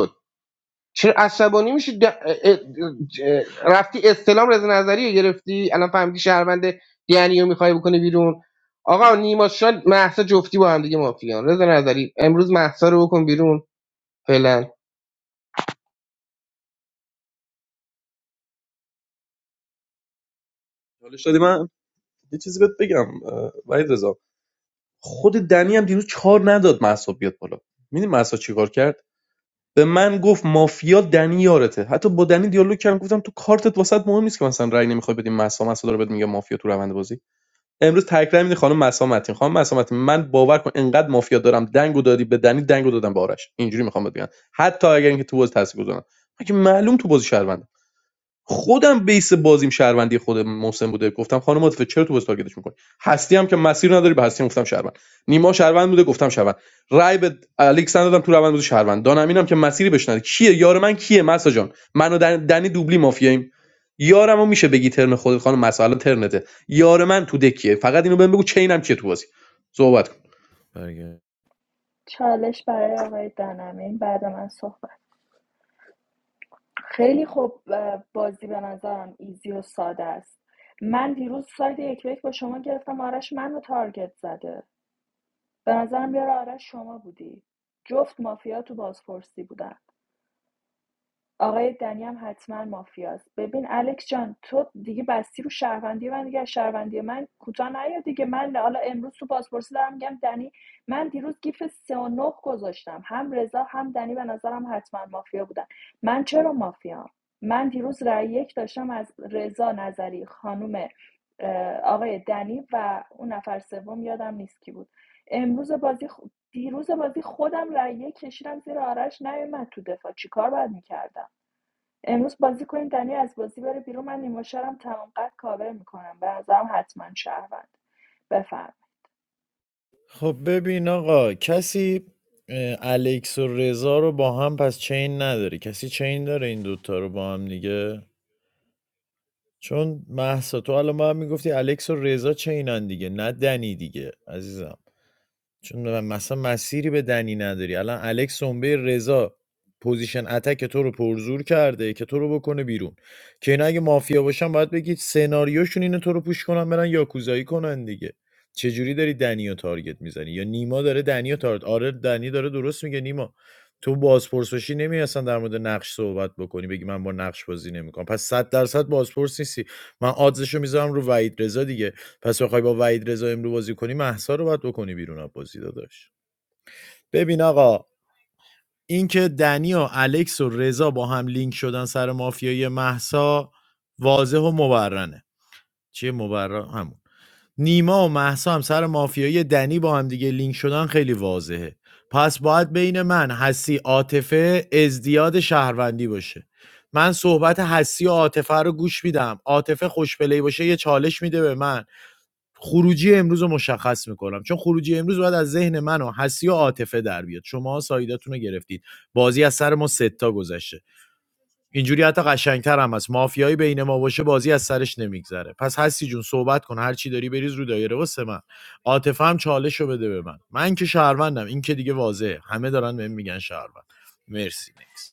[SPEAKER 14] چرا عصبانی میشی د... اه- اه- اه- رفتی استلام رضا نظری رو گرفتی الان فهمیدی شهروند یعنی رو میخوای بکنی بیرون آقا نیما شاد محسا جفتی با هم دیگه مافیان رضا نظری امروز محسا رو بکن بیرون فعلا
[SPEAKER 8] حالش دادی من یه چیزی بهت بگم اه، وحید رضا خود دنی هم دیروز چهار نداد مهسا بیاد بالا میدونی مهسا چیکار کرد به من گفت مافیا دنی یارته حتی با دنی دیالوگ کردم گفتم تو کارتت واسط مهم نیست که مثلا رأی نمیخوای بدیم مهسا مهسا داره بهت میگه مافیا تو روند بازی امروز تک رأی خانم مهسا متین خانم مهسا متین من باور کن انقدر مافیا دارم دنگو دادی به دنی دنگو دادم به آرش اینجوری میخوام بگم حتی اگر اینکه تو بازی تاثیر گذارم مگه معلوم تو بازی شهروند خودم بیس بازیم شهروندی خود محسن بوده گفتم خانم عاطفه چرا تو بس تارگتش می‌کنی؟ هستی هم که مسیر نداری به هستی گفتم شهروند نیما شهروند بوده گفتم شهروند رای به الکساندر دادم تو روند بوده شهروند دانمینم که مسیری بهش نداری کیه یار من کیه مسا جان منو دنی دوبلی مافیاییم یارمو میشه بگی ترن خودت خانم مسا الان ترنته یار من تو دکیه فقط اینو بهم بگو چینم کیه تو بازی صحبت کن
[SPEAKER 17] برگرد
[SPEAKER 13] چالش برای آقای دانمین بعد من صحبت خیلی خوب بازی به نظرم ایزی و ساده است من دیروز ساید یک به یک با شما گرفتم آرش منو تارگت زده به نظرم بیاره آرش شما بودی جفت مافیا تو بازپرسی بودن آقای دنی هم حتما مافیاست ببین الکس جان تو دیگه بستی رو شهروندی من دیگه شهروندی من کوتاه نیا دیگه من حالا امروز تو پاسپورتی دارم میگم دنی من دیروز گیف سه و نه گذاشتم هم رضا هم دنی به نظرم حتما مافیا بودن من چرا مافیام من دیروز رأی یک داشتم از رضا نظری خانم آقای دنی و اون نفر سوم یادم نیست کی بود امروز بازی خ- دیروز بازی خودم رأی یک کشیدم زیر آرش نیومد تو دفاع چیکار باید میکردم امروز بازی کنیم دنی از بازی بره بیرون من نیما شرم تمام قد کاور میکنم به نظرم حتما شهروند بفرم
[SPEAKER 17] خب ببین آقا کسی اه، الکس و رضا رو با هم پس چین نداره کسی چین داره این دوتا رو با هم دیگه چون محسا تو الان ما هم میگفتی الکس و رضا چینن دیگه نه دنی دیگه عزیزم چون م مثلا مسیری به دنی نداری الان الکس سنبه رضا پوزیشن اتک تو رو پرزور کرده که تو رو بکنه بیرون که اینا اگه مافیا باشن باید بگید سناریوشون اینه تو رو پوش کنن برن یاکوزایی کنن دیگه چجوری داری دنی رو تارگت میزنی یا نیما داره دنی رو تارگت آره دنی داره درست میگه نیما تو بازپرس باشی نمی اصلا در مورد نقش صحبت بکنی بگی من با نقش بازی نمیکنم پس 100 درصد بازپرس نیستی من آدزشو میذارم رو وحید رضا دیگه پس بخوای با وحید رضا امرو بازی کنی محسا رو باید بکنی بیرون از بازی داداش ببین آقا اینکه دنی و الکس و رضا با هم لینک شدن سر مافیای محسا واضح و مبرنه چیه مبرر همون نیما و محسا هم سر مافیای دنی با هم دیگه لینک شدن خیلی واضحه پس باید بین من حسی عاطفه ازدیاد شهروندی باشه من صحبت حسی و عاطفه رو گوش میدم عاطفه خوشپلی باشه یه چالش میده به من خروجی امروز رو مشخص میکنم چون خروجی امروز باید از ذهن من و حسی و عاطفه در بیاد شما سایداتون رو گرفتید بازی از سر ما ستا گذشته اینجوری حتی قشنگتر هم هست مافیایی بین ما باشه بازی از سرش نمیگذره پس حسی جون صحبت کن هر چی داری بریز رو دایره واسه من عاطفه هم چالش رو بده به من من که شهروندم این که دیگه واضحه همه دارن بهم میگن شهروند مرسی نکس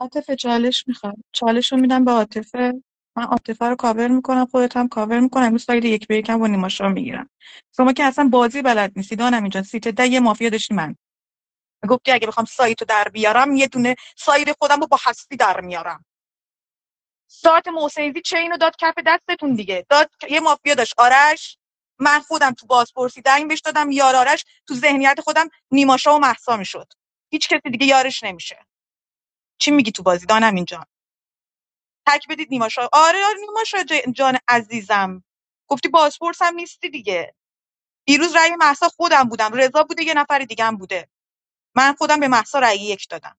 [SPEAKER 16] عاطفه چالش میخوام چالش رو میدم به عاطفه من عاطفه رو کاور میکنم خودت هم کاور میکنم امروز ساید یک به یکم با نیماشا میگیرم شما که اصلا بازی بلد نیستی دانم اینجا سیت ده یه مافیا داشتی من گفتی اگه بخوام سایتو رو در بیارم یه دونه ساید خودم رو با هستی در میارم ساعت محسنیزی چین رو داد کف دستتون دیگه داد یه مافیا داشت آرش من خودم تو بازپرسی دنگ بهش دادم یار آرش تو ذهنیت خودم نیماشا و محسا میشد هیچ کسی دیگه یارش نمیشه چی میگی تو بازی دانم اینجا تک بدید نیما شا... آره آره نیما شا ج- جان عزیزم گفتی بازپرس هم نیستی دیگه دیروز رأی محسا خودم بودم رضا بوده یه نفر دیگه هم بوده من خودم به محسا رأی یک دادم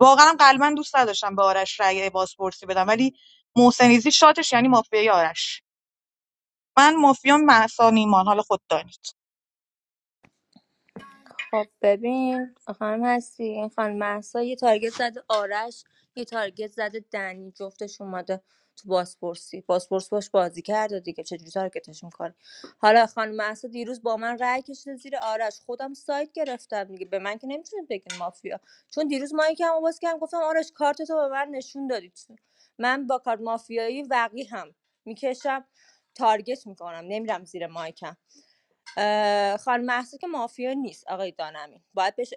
[SPEAKER 16] واقعا هم قلبا دوست نداشتم به آرش رأی بازپرسی بدم ولی محسنیزی شاتش یعنی مافیای آرش من مافیام محسا نیمان حالا خود دانید
[SPEAKER 5] خب ببین خانم هستی این خانم محسا یه تارگت زده آرش یه تارگت زده دنی جفتش اومده تو بازپرسی بازپرس باش بازی کرده دیگه چجوری تارگتش میکنه حالا خانم محسا دیروز با من رأی کشیده زیر آرش خودم سایت گرفتم دیگه به من که نمیتونید بگین مافیا چون دیروز مایی که هم باز کردم گفتم آرش کارت تو به من نشون دادی من با کارت مافیایی وقی هم میکشم تارگت میکنم نمیرم زیر مایکم اه، خانم محسا که مافیا نیست آقای دانمین باید بهش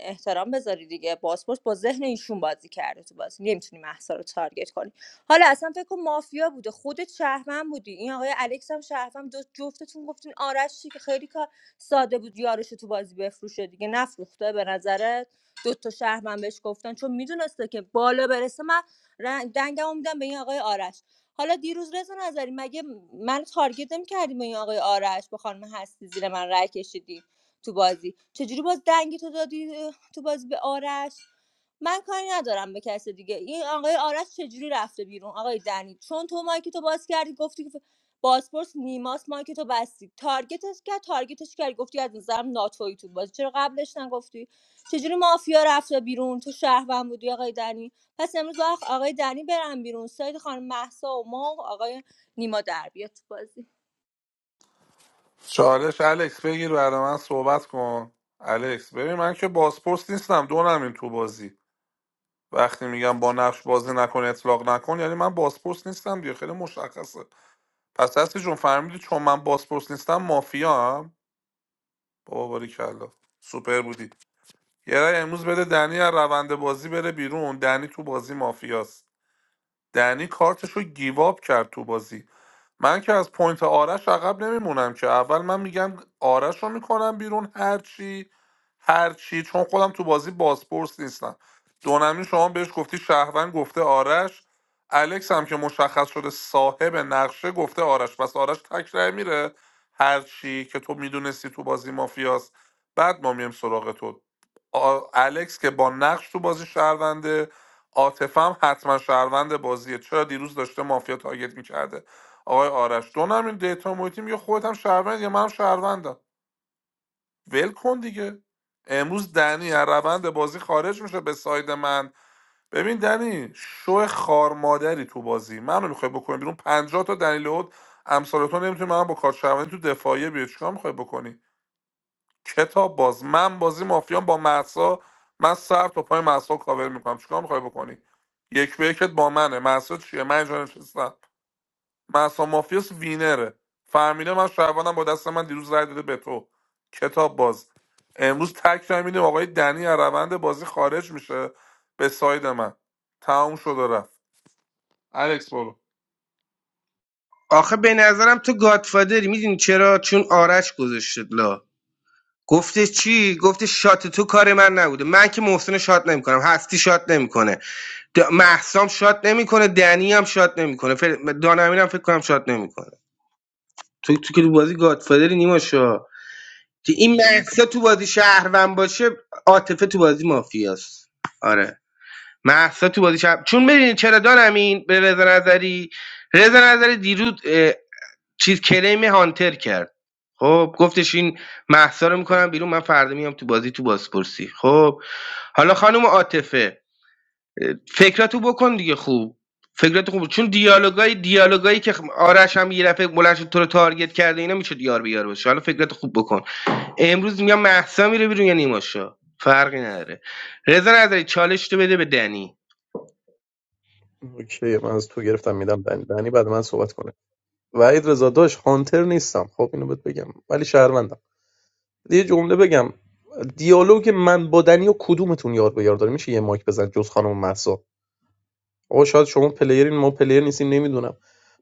[SPEAKER 5] احترام بذاری دیگه پاسپورت با ذهن ایشون بازی کرده تو بازی نمیتونی محسا رو تارگت کنی حالا اصلا فکر کن مافیا بوده خودت شهرمن بودی این آقای الکس هم شهرمن دو جفتتون گفتین آرش چی که خیلی کار ساده بود یارش رو تو بازی بفروشه دیگه نفروخته به نظرت دو تا شهرمن بهش گفتن چون میدونسته که بالا برسه من رنگ دنگمو میدم به این آقای آرش حالا دیروز رضا نظری مگه من تارگت نمی‌کردی به این آقای آرش با خانم هستی زیر من رای کشیدی تو بازی چجوری باز دنگی تو دادی تو بازی به آرش من کاری ندارم به کس دیگه این آقای آرش چجوری رفته بیرون آقای دنی چون تو مایک تو باز کردی گفتی که بازپرس نیماس مایک تو بستی تارگتش کرد تارگتش کردی گفتی از نظرم ناتویی تو بازی چرا قبلش نگفتی چجوری مافیا رفته بیرون تو شهروند بودی آقای دنی پس امروز باید آقای دنی برن بیرون سایت خانم محسا و ما و آقای نیما در بیاد تو بازی
[SPEAKER 12] چالش الکس بگیر برای من صحبت کن الکس ببین من که بازپرس نیستم دو این تو بازی وقتی میگم با نقش بازی نکن اطلاق نکن یعنی من بازپرس نیستم دیگه خیلی مشخصه پس دستی جون فهمیدی چون من باسپورس نیستم مافیا هم بابا باریکلا سوپر بودی یه رای امروز بده دنی از روند بازی بره بیرون دنی تو بازی مافیاست دنی کارتشو گیواب کرد تو بازی من که از پوینت آرش عقب نمیمونم که اول من میگم آرش رو میکنم بیرون هرچی هرچی چون خودم تو بازی بازپرس نیستم دونمی شما بهش گفتی شهروند گفته آرش الکس هم که مشخص شده صاحب نقشه گفته آرش پس آرش تک رأی میره هرچی که تو میدونستی تو بازی مافیاست بعد ما میایم سراغ تو آ- الکس که با نقش تو بازی شهرونده عاطفه هم حتما شهروند بازیه چرا دیروز داشته مافیا تارگت میکرده آقای آرش دو هم دیتا محیطی میگه خودت هم شهروند یا منم شهروندم ول کن دیگه امروز دنی از روند بازی خارج میشه به ساید من ببین دنی شو خار مادری تو بازی منو میخوای بکنی بیرون پنجاه تا دلیل بود امثال تو نمیتونی من با کارت شهروندی تو دفاعیه بیاد چیکار میخوای بکنی کتاب باز من بازی مافیام با محسا من سر تا پای محسا کاور میکنم چیکار میخوای بکنی یک به یکت با منه محسا چیه من اینجا نشستم محسا مافیاس وینره فهمیده من شعبانم با دست من دیروز رای داده به تو کتاب باز امروز تک رای می‌دیم آقای دنی از روند بازی خارج میشه به ساید من تمام شد و رفت الکس برو
[SPEAKER 14] آخه به نظرم تو گادفادری میدونی چرا چون آرش گذاشت لا گفته چی گفته شات تو کار من نبوده من که محسن رو شات نمیکنم هستی شات نمیکنه د... محسام شات نمیکنه دنی هم شات نمیکنه فر... دانمین هم فکر کنم شات نمیکنه تو تو که تو بازی گادفادری نیماشا که این محسا تو بازی شهروند باشه عاطفه تو بازی مافیاست آره محسا تو بازی شهر... چون ببینید چرا دانم این به رضا نظری رضا نظری دیروز اه، چیز کلیم هانتر کرد خب گفتش این محسا رو میکنم بیرون من فردا میام تو بازی تو بازپرسی خب حالا خانم عاطفه فکراتو بکن دیگه خوب فکراتو خوب چون دیالوگای دیالوگایی که آرش هم یه دفعه بلند شد تو رو تارگت کرده اینا میشه دیار بیار باشه حالا فکراتو خوب بکن امروز میگم محسا میره بیرون یا نیماشا فرقی نداره رضا نظری چالش تو بده به دنی
[SPEAKER 8] اوکی من از تو گرفتم میدم دنی دنی بعد من صحبت کنه وحید رضا داش هانتر نیستم خب اینو بهت بگم ولی شهروندم یه جمله بگم دیالوگ من با دنی و کدومتون یار به یار داره میشه یه مایک بزن جز خانم مهسا آقا شاید شما پلیرین ما پلیر نیستیم نمیدونم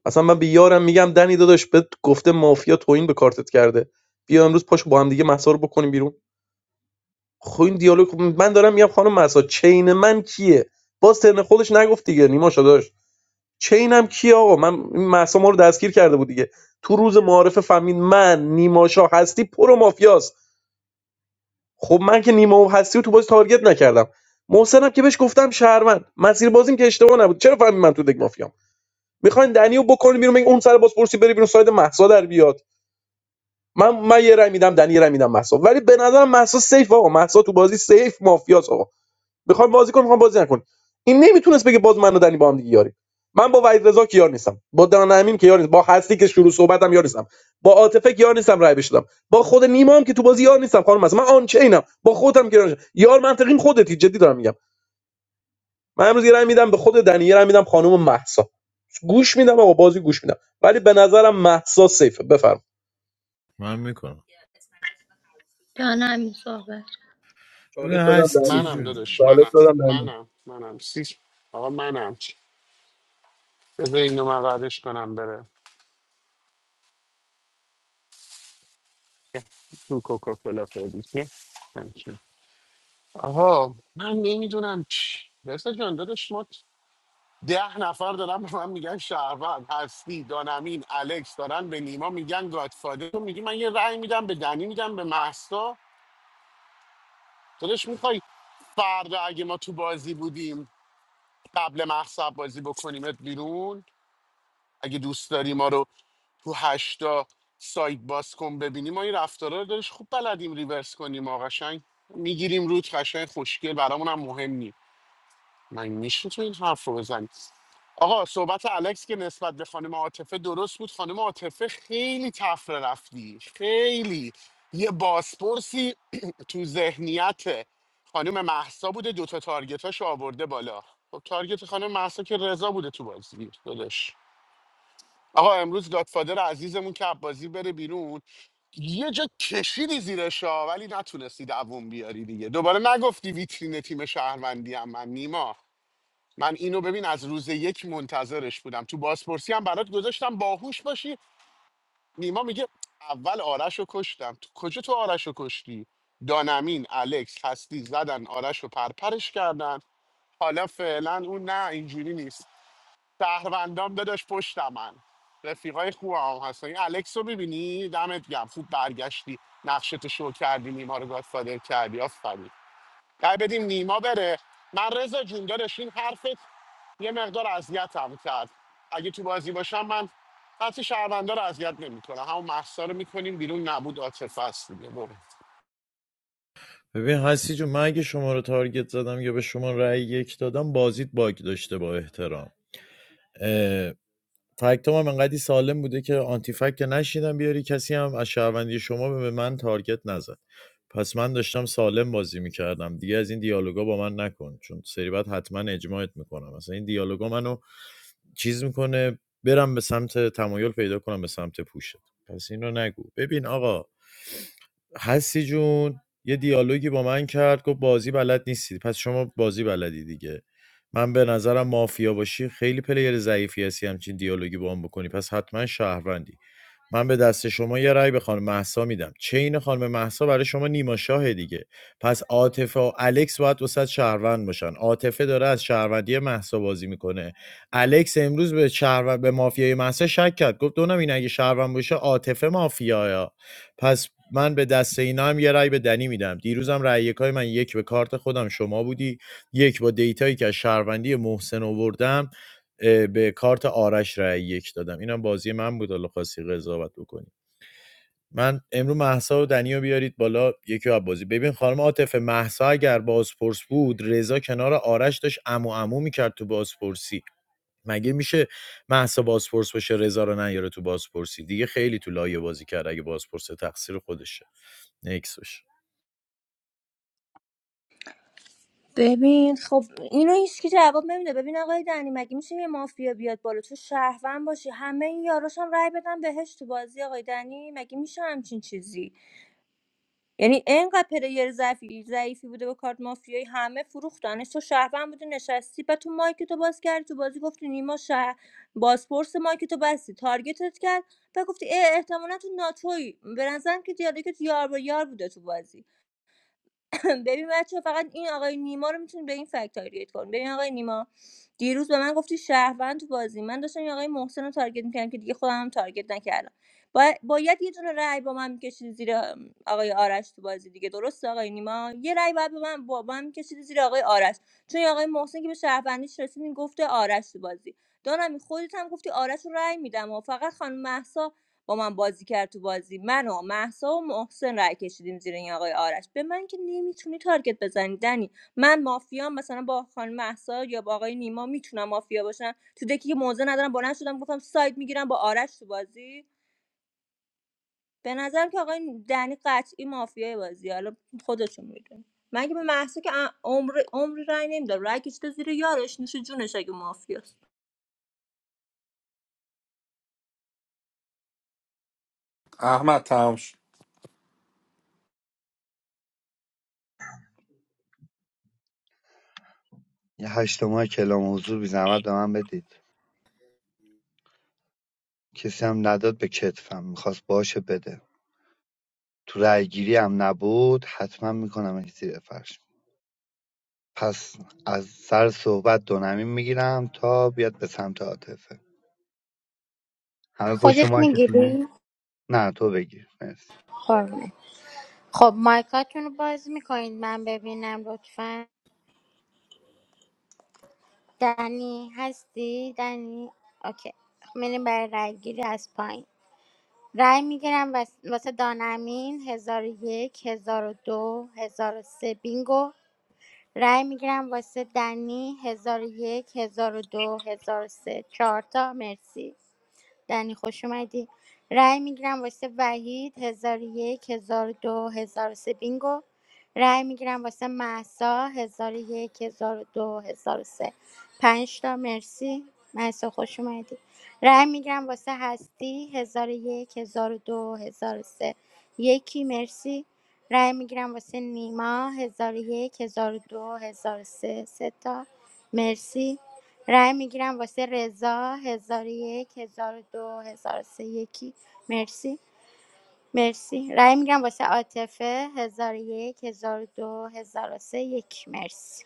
[SPEAKER 8] اصلا من به یارم میگم دنی داداش بهت گفته مافیا توهین به کارتت کرده بیا امروز پاشو با هم دیگه مهسا رو بکنیم بیرون خب این دیالوگ خب من دارم میگم خانم مهسا چین من کیه باز ترن خودش نگفت دیگه نیما داشت چینم کیه آقا من این مهسا ما رو دستگیر کرده بود دیگه تو روز معارف فهمید من نیما شاه هستی پرو مافیاست خب من که نیما و هستی و تو بازی تارگت نکردم محسنم که بهش گفتم شهروند مسیر بازیم که اشتباه نبود چرا فهمی من تو دک مافیام میخواین دنیو بکنین بیرون بگین اون سر بازپرسی بری بیرون ساید مهسا در بیاد من من یه رای میدم دنی یه رای میدم مهسا ولی به نظرم مهسا سیف آقا مهسا تو بازی سیف مافیاس آقا. میخوام بازی کنم میخوام بازی نکن این نمیتونست بگه باز من و دنی با هم دیگه یاریم من با وحید رضا که یار نیستم با دان امین که یار نیستم با هستی که شروع صحبتم یار نیستم با عاطفه که یار نیستم رای بشدم با خود نیما هم که تو بازی یار نیستم خانم هستم من آن چینم با خودم که یار نیستم یار منطقیم خودتی جدی دارم میگم من امروز یه رای میدم به خود دنی یه رای میدم خانم مهسا گوش میدم آقا بازی گوش میدم ولی به نظرم مهسا سیفه بفرم
[SPEAKER 17] من میکنم ببین
[SPEAKER 8] چالش دادم دنی
[SPEAKER 17] هستی
[SPEAKER 10] منم
[SPEAKER 17] جون
[SPEAKER 10] داداش
[SPEAKER 8] چالش
[SPEAKER 10] منم
[SPEAKER 8] دادم دنی
[SPEAKER 10] منم منم سیس آقا منم بذار اینو من قدش کنم بره تو کوکاکولا فردی آها من نمیدونم چی رسا جان داداش ما ده نفر دارن به من میگن شهروند هستی دانمین الکس دارن به نیما میگن گادفادر تو میگی من یه رأی میدم به دنی میدم به محسا داداش میخوای فردا اگه ما تو بازی بودیم قبل محسا بازی بکنیمت بیرون اگه دوست داری ما رو تو هشتا سایت باز کن ببینیم ما این رفتارا رو دارش خوب بلدیم ریورس کنیم آقا قشنگ میگیریم روت قشنگ خوشگل برامون هم مهم من میشه که این حرف رو بزنی آقا صحبت الکس که نسبت به خانم عاطفه درست بود خانم عاطفه خیلی تفره رفتی خیلی یه بازپرسی [CLEARS THROAT] تو ذهنیت خانم محسا بوده دوتا تارگتاش آورده بالا خب تارگت خانم محسا که رضا بوده تو بازی دادش آقا امروز گادفادر عزیزمون که بازی بره بیرون یه جا کشیدی زیرش ها، ولی نتونستی دووم بیاری دیگه دوباره نگفتی ویترین تیم شهروندی هم من نیما من اینو ببین از روز یک منتظرش بودم تو بازپرسی هم برات گذاشتم باهوش باشی نیما میگه اول آرش رو کشتم تو کجا تو آرش رو کشتی دانمین الکس هستی زدن آرش رو پرپرش کردن حالا فعلا اون نه اینجوری نیست شهروندام داداش پشت من رفیقای خوب هم هستن این الکس رو میبینی دمت گم خوب برگشتی نقشتو شو کردی نیما رو گادفادر کردی آفرین رای بدیم نیما بره من رضا جون داداش این حرفت یه مقدار اذیتم کرد اگه تو بازی باشم من حتی شهروندا رو اذیت نمیکنم همون محسا رو میکنیم بیرون نبود عاطفه است دیگه برو
[SPEAKER 17] ببین هستی جون من اگه شما رو تارگت زدم یا به شما رأی یک دادم بازیت باگ داشته با احترام اه، فکت هم انقدی سالم بوده که آنتی فکت که نشیدم بیاری کسی هم از شهروندی شما به من تارگت نزد پس من داشتم سالم بازی میکردم دیگه از این دیالوگا با من نکن چون سری بعد حتما اجماعت میکنم مثلا این دیالوگا منو چیز میکنه برم به سمت تمایل پیدا کنم به سمت پوشت پس این رو نگو ببین آقا هستی جون یه دیالوگی با من کرد گفت بازی بلد نیستی پس شما بازی بلدی دیگه من به نظرم مافیا باشی خیلی پلیر ضعیفی هستی همچین دیالوگی با هم بکنی پس حتما شهروندی من به دست شما یه رأی به خانم مهسا میدم چین خانم مهسا برای شما نیما شاه دیگه پس عاطفه و الکس باید وسط شهروند باشن عاطفه داره از شهروندی مهسا بازی میکنه الکس امروز به شهروند به مافیای مهسا شک کرد گفت دونم این اگه شهروند باشه عاطفه مافیایا پس من به دست اینا هم یه رأی به دنی میدم دیروزم رأی یکای من یک به کارت خودم شما بودی یک با دیتایی که از شهروندی محسن آوردم اه، به کارت آرش رأی یک دادم اینم بازی من بود حالا خواستی قضاوت بکنی من امرو محسا و دنیا بیارید بالا یکی از بازی ببین خانم عاطفه محسا اگر بازپرس بود رضا کنار آرش داشت امو امو میکرد تو بازپرسی مگه میشه محسا بازپرس باشه رضا رو نیاره تو بازپرسی دیگه خیلی تو لایه بازی کرد اگه بازپرس تقصیر خودشه نکس باشه.
[SPEAKER 5] ببین خب اینو هیچکی جواب نمیده ببین آقای دنی مگه میشه یه مافیا بیاد بالا تو شهروند باشی همه این یاراش هم رأی بدن بهش تو بازی آقای دنی مگه میشه همچین چیزی یعنی اینقدر پلیر ضعیفی ضعیفی بوده با کارت مافیایی همه فروختنش تو شهروند بوده نشستی بعد تو مایک تو باز کردی تو بازی گفتی نیما شه بازپرس مایک تو بستی تارگتت کرد و گفتی اه احتمالا تو ناتوی به نظرم که دیالوگت یار با یار بوده تو بازی [LAUGHS] ببین بچه فقط این آقای نیما رو میتونی به این فکت تارگت کن ببین آقای نیما دیروز به من گفتی شهروند تو بازی من داشتم این آقای محسن رو تارگت میکردم که دیگه خودم هم تارگت نکردم با... باید یه دونه رأی با من میکشید زیر آقای آرش تو بازی دیگه درسته آقای نیما یه رأی باید با من با با من میکشید زیر آقای آرش چون این آقای محسن که به شهروندیش رسیدین گفته آرش تو بازی دانمی خودت هم گفتی آرش رو رأی میدم و فقط خانم مهسا با من بازی کرد تو بازی من و مهسا و محسن رای کشیدیم زیر این آقای آرش به من که نمیتونی تارگت بزنی دنی من مافیام مثلا با خانم مهسا یا با آقای نیما میتونم مافیا باشم تو دکی که موزه ندارم بلند شدم گفتم ساید میگیرم با آرش تو بازی به نظرم که آقای دنی قطعی مافیای بازی حالا خودشون میدون من که به محسا که عمر عمر عمری رای نمیدم رای کشیده زیر یارش نوش جونش اگه مافیاست
[SPEAKER 12] احمد تمام شد
[SPEAKER 15] یه هشتماه کلام حضور بی زحمت به من بدید کسی هم نداد به کتفم میخواست باشه بده تو رأیگیری هم نبود حتما میکنم این زیر فرش پس از سر صحبت دو نمیم میگیرم تا بیاد به سمت عاطفه همه پشت
[SPEAKER 19] خودت
[SPEAKER 15] مارکتونه
[SPEAKER 19] میگیری
[SPEAKER 15] نه تو بگیر مرسی
[SPEAKER 19] قربونه خب مایکاتون رو باز میکنید من ببینم لطفا دنی هستی دنی اوکی میریم برای رای گیری از پایین رای میگیرم واس- واسه دانمین هزار و یک هزار و دو هزار و سه بینگو رای میگیرم واسه دنی هزار و یک هزار و دو هزار و سه چهار تا مرسی دنی خوش اومدی رأی میگیرم واسه وحید هزار و یک هزار و دو هزار و سه بینگو رأی میگیرم واسه محسا هزار و یک هزار و دو هزار و سه پنج تا مرسی محسا خوش اومدی رأی میگیرم واسه هستی هزار و یک هزار و دو هزار و سه یکی مرسی رأی میگیرم واسه نیما هزار و یک هزار و دو هزار و سه سه تا مرسی رای میگیرم واسه رضا هزار و یک هزار و دو هزار و سه یکی مرسی مرسی رای میگیرم واسه عاطفه هزار و یک هزار و دو هزار و سه یکی مرسی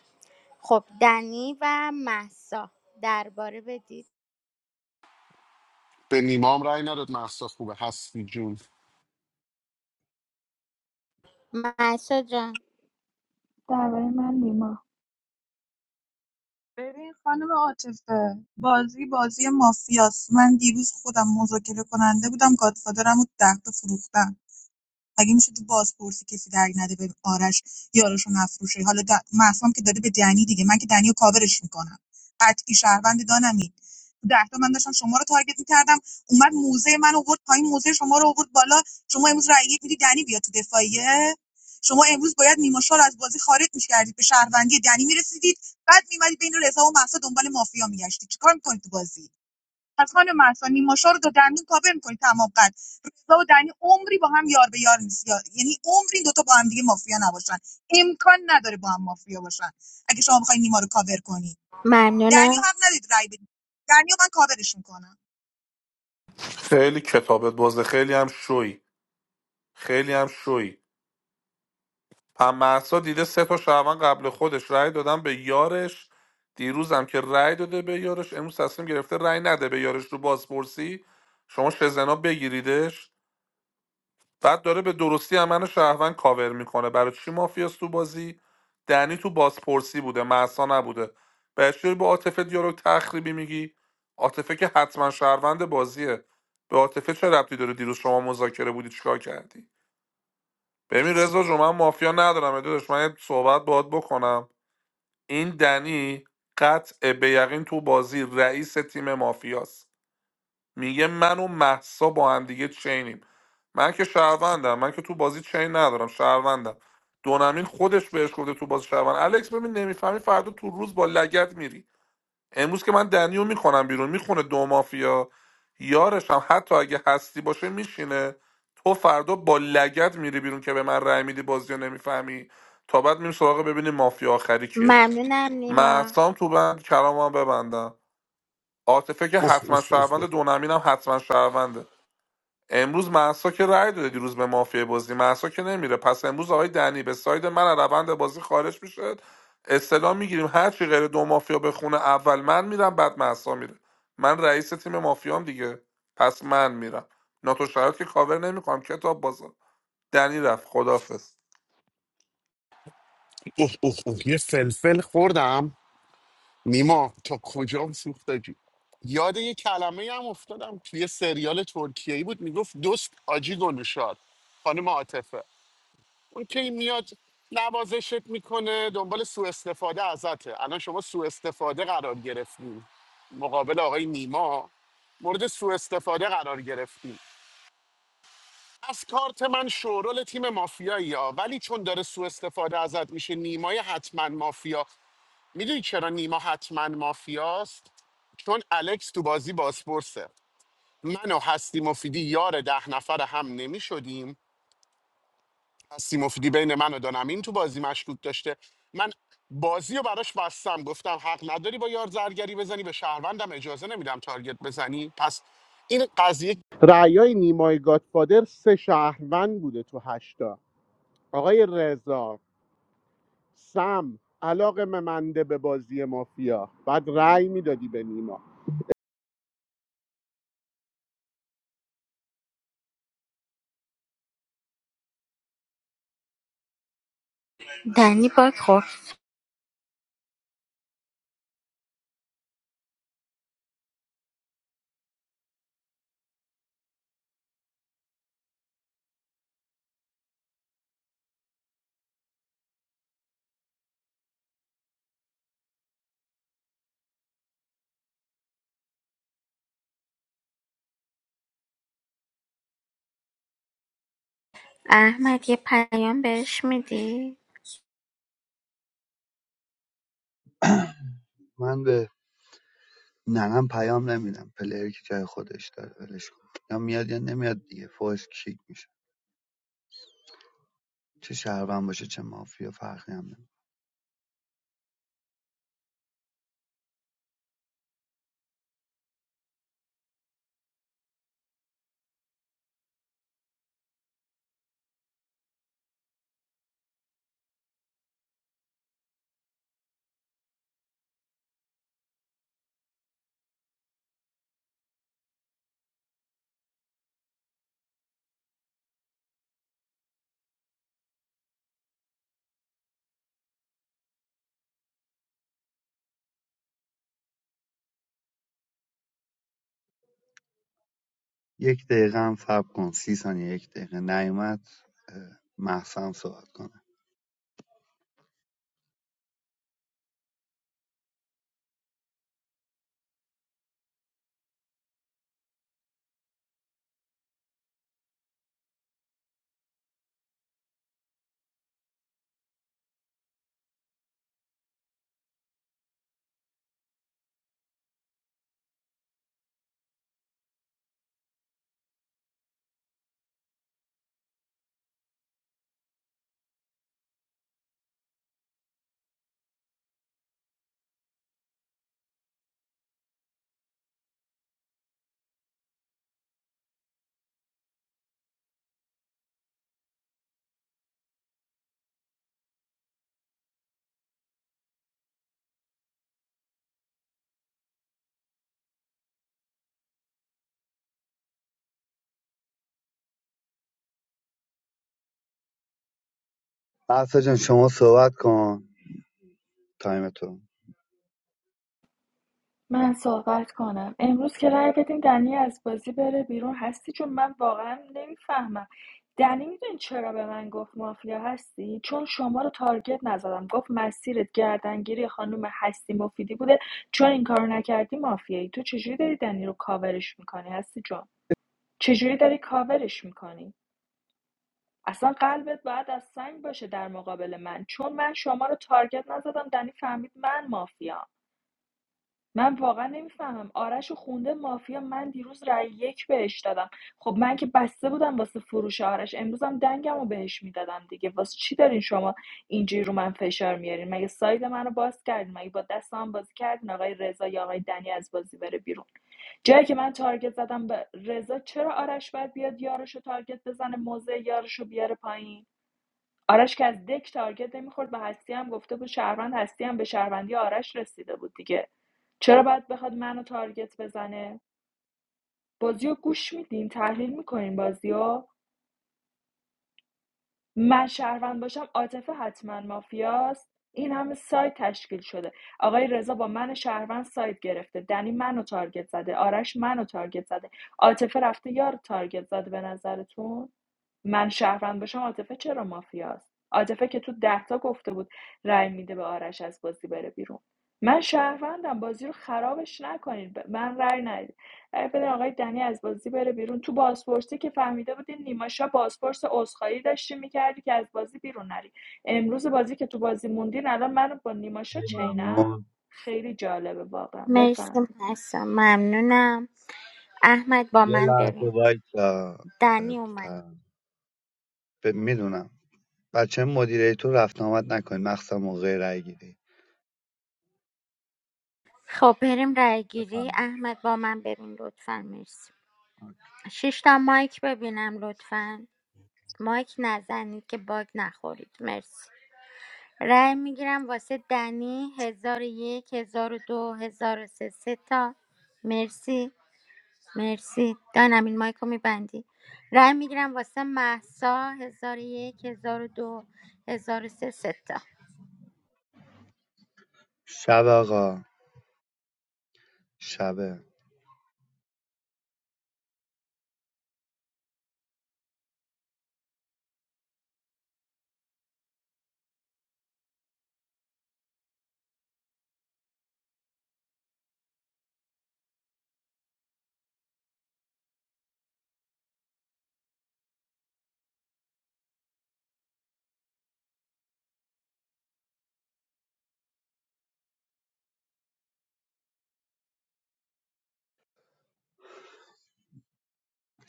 [SPEAKER 19] خب دنی و محسا درباره بدید
[SPEAKER 10] به نیمام رای نداد محسا خوبه هستی جون
[SPEAKER 19] محسا جان
[SPEAKER 13] درباره من نیما
[SPEAKER 16] ببین خانم عاطفه بازی بازی مافیاست من دیروز خودم مذاکره کننده بودم گادفادرم و ده تا فروختم مگه میشه تو بازپرسی کسی درگ نده به آرش یاراشو نفروشه حالا د... محسام که داده به دنی دیگه من که دنی کاورش میکنم قطعی شهروند دانمی تو ده تا من داشتم شما رو تارگت میکردم اومد موزه من آورد پایین موزه شما رو آورد بالا شما امروز رأی یک میدی دنی بیا تو دفاعیه شما امروز باید نیما شال از بازی خارج میکردید به شهروندی دنی میرسیدید بعد میمدید بین رضا و مهسا دنبال مافیا میگشتید چیکار میکنید تو بازی پس مرسا نیما شاه رو تا دندون کاور می‌کنی تمام قد رضا و دنی عمری با هم یار به یار نیست یار- یعنی عمری دو تا با هم دیگه مافیا نباشن امکان نداره با هم مافیا باشن اگه شما بخواید نیما رو کاور کنی دنیو
[SPEAKER 19] ممنونم
[SPEAKER 16] رو حق ندید رای بدید دنیو من کاورش میکنم
[SPEAKER 12] خیلی کتابت بازه خیلی هم شوی خیلی هم شوی پم محسا دیده سه تا شعبان قبل خودش رای دادن به یارش دیروزم که رای داده به یارش امروز تصمیم گرفته رای نده به یارش رو بازپرسی شما شزنا بگیریدش بعد داره به درستی امن شهروند کاور میکنه برای چی مافیاست تو بازی دنی تو بازپرسی بوده محسا نبوده بهش با عاطفه دیالوگ تخریبی میگی عاطفه که حتما شهروند بازیه به عاطفه چه ربطی داره دیروز شما مذاکره بودی چیکار کردی ببین رضا جو من مافیا ندارم داداش من یه صحبت باهات بکنم این دنی قطع به یقین تو بازی رئیس تیم مافیاست میگه من و محسا با هم دیگه چینیم من که شهروندم من که تو بازی چین ندارم شهروندم دونمین خودش بهش گفته تو بازی شهروند الکس ببین نمیفهمی فردا تو روز با لگت میری امروز که من دنیو میکنم بیرون میخونه دو مافیا یارش هم حتی اگه هستی باشه میشینه تو فردا با لگت میری بیرون که به من رأی میدی بازی رو نمیفهمی تا بعد میریم سراغ ببینیم مافیا آخری کیه
[SPEAKER 19] ممنونم نیما
[SPEAKER 12] محسام تو بند کلامم ببندم عاطفه که
[SPEAKER 10] اوه اوه
[SPEAKER 12] حتما
[SPEAKER 10] اوه
[SPEAKER 12] شهروند
[SPEAKER 10] اوه
[SPEAKER 12] دونمین هم حتما شهرونده امروز محسا که رأی داده دیروز به مافیا بازی محسا که نمیره پس امروز آقای دنی به ساید من از روند بازی خارج میشه استلام میگیریم هر چی غیر دو مافیا به خونه اول من میرم بعد محسا میره من رئیس تیم مافیام دیگه پس من میرم ناتو شرایط که کاور نمیکنم کتاب بازار دنی رفت خدافظ
[SPEAKER 10] اوه اوه اوه. یه فلفل خوردم نیما تا کجام سوخته جون یاد یه کلمه هم افتادم توی یه سریال ترکیه ای بود میگفت دوست آجی گلوشاد خانم عاطفه اون که این میاد نوازشت میکنه دنبال سوء استفاده ازته الان شما سوء استفاده قرار گرفتیم مقابل آقای نیما مورد سوء استفاده قرار گرفتیم از کارت من شورول تیم مافیایی ها ولی چون داره سوء استفاده ازت میشه نیمای حتما مافیا میدونی چرا نیما حتما مافیاست چون الکس تو بازی بازپرسه من و هستی مفیدی یار ده نفر هم نمیشدیم هستی مفیدی بین من و دانمین تو بازی مشکوک داشته من بازی رو براش بستم گفتم حق نداری با یار زرگری بزنی به شهروندم اجازه نمیدم تارگت بزنی پس این قضیه رعیای نیمای گادفادر سه شهروند بوده تو هشتا آقای رضا سم علاقه ممنده به بازی مافیا بعد رأی میدادی به نیما
[SPEAKER 19] دنی باک خورد احمد یه پیام بهش میدی
[SPEAKER 15] من به ننم پیام نمیدم پلیر که جای خودش داره ولش کن یا میاد یا نمیاد دیگه فوش کیک میشه چه شهروند باشه چه مافیا فرقی هم نمیکنه. یک دقیقه هم صبر کن سی ثانیه یک دقیقه نیومد محسن مهسا هم صحبت کنه محسا جان شما صحبت کن تایم تو
[SPEAKER 13] من صحبت کنم امروز که رأی بدین دنی از بازی بره بیرون هستی چون من واقعا نمیفهمم دنی میدونی چرا به من گفت مافیا هستی چون شما رو تارگت نزدم گفت مسیرت گردنگیری خانم هستی مفیدی بوده چون این کارو نکردی مافیایی تو چجوری داری دنی رو کاورش میکنی هستی جان چجوری داری کاورش میکنی اصلا قلبت باید از سنگ باشه در مقابل من چون من شما رو تارگت نزدم دنی فهمید من مافیام من واقعا نمیفهمم آرش رو خونده مافیا من دیروز رأی یک بهش دادم خب من که بسته بودم واسه فروش آرش امروزم دنگم رو بهش میدادم دیگه واسه چی دارین شما اینجوری رو من فشار میارین مگه ساید منو باز کردین مگه با دستم بازی کردین آقای رضا یا آقای دنی از بازی بره بیرون جایی که من تارگت زدم به رضا چرا آرش باید بیاد یارش رو تارگت بزنه موزه یارش رو بیاره پایین آرش که از دک تارگت نمیخورد به هستی هم گفته بود شهروند هستی هم به شهروندی آرش رسیده بود دیگه چرا باید بخواد منو تارگت بزنه بازیو گوش میدین تحلیل میکنین بازی من شهروند باشم عاطفه حتما مافیاست این همه سایت تشکیل شده آقای رضا با من شهروند سایت گرفته دنی منو تارگت زده آرش منو تارگت زده عاطفه رفته یار تارگت زده به نظرتون من شهروند باشم عاطفه چرا مافیاست عاطفه که تو ده تا گفته بود رأی میده به آرش از بازی بره بیرون من شهروندم بازی رو خرابش نکنین به من رأی ندید رای بده آقای دنی از بازی بره بیرون تو بازپرسی که فهمیده بودی نیماشا بازپرس عذرخواهی داشتی میکردی که از بازی بیرون نری امروز بازی که تو بازی موندین الان من با نیماشا چینم
[SPEAKER 15] ممنون
[SPEAKER 13] خیلی جالبه واقعا
[SPEAKER 19] مرسی
[SPEAKER 13] بفهمید
[SPEAKER 19] محسا ممنونم احمد با
[SPEAKER 15] یه
[SPEAKER 19] من
[SPEAKER 15] لحظه
[SPEAKER 19] ببین
[SPEAKER 15] وایسا
[SPEAKER 19] دنی اومد
[SPEAKER 15] تا- میدونم بچه مدیریتور رفت آمد نکنید مخصوصا موقع رای گیری
[SPEAKER 19] خب بریم رای گیری
[SPEAKER 15] بفرمایید.
[SPEAKER 19] احمد با من ببین لطفا مرسی شش تا مایک ببینم لطفا مایک نزنید که باگ نخورید مرسی رای میگیرم واسه دنی هزار و یک هزار و دو هزار و سه سه تا مرسی مرسی دانم این مایک رو میبندی رای میگیرم واسه محسا هزار و یک هزار و دو هزار و سه سه تا
[SPEAKER 15] شب آقا شبه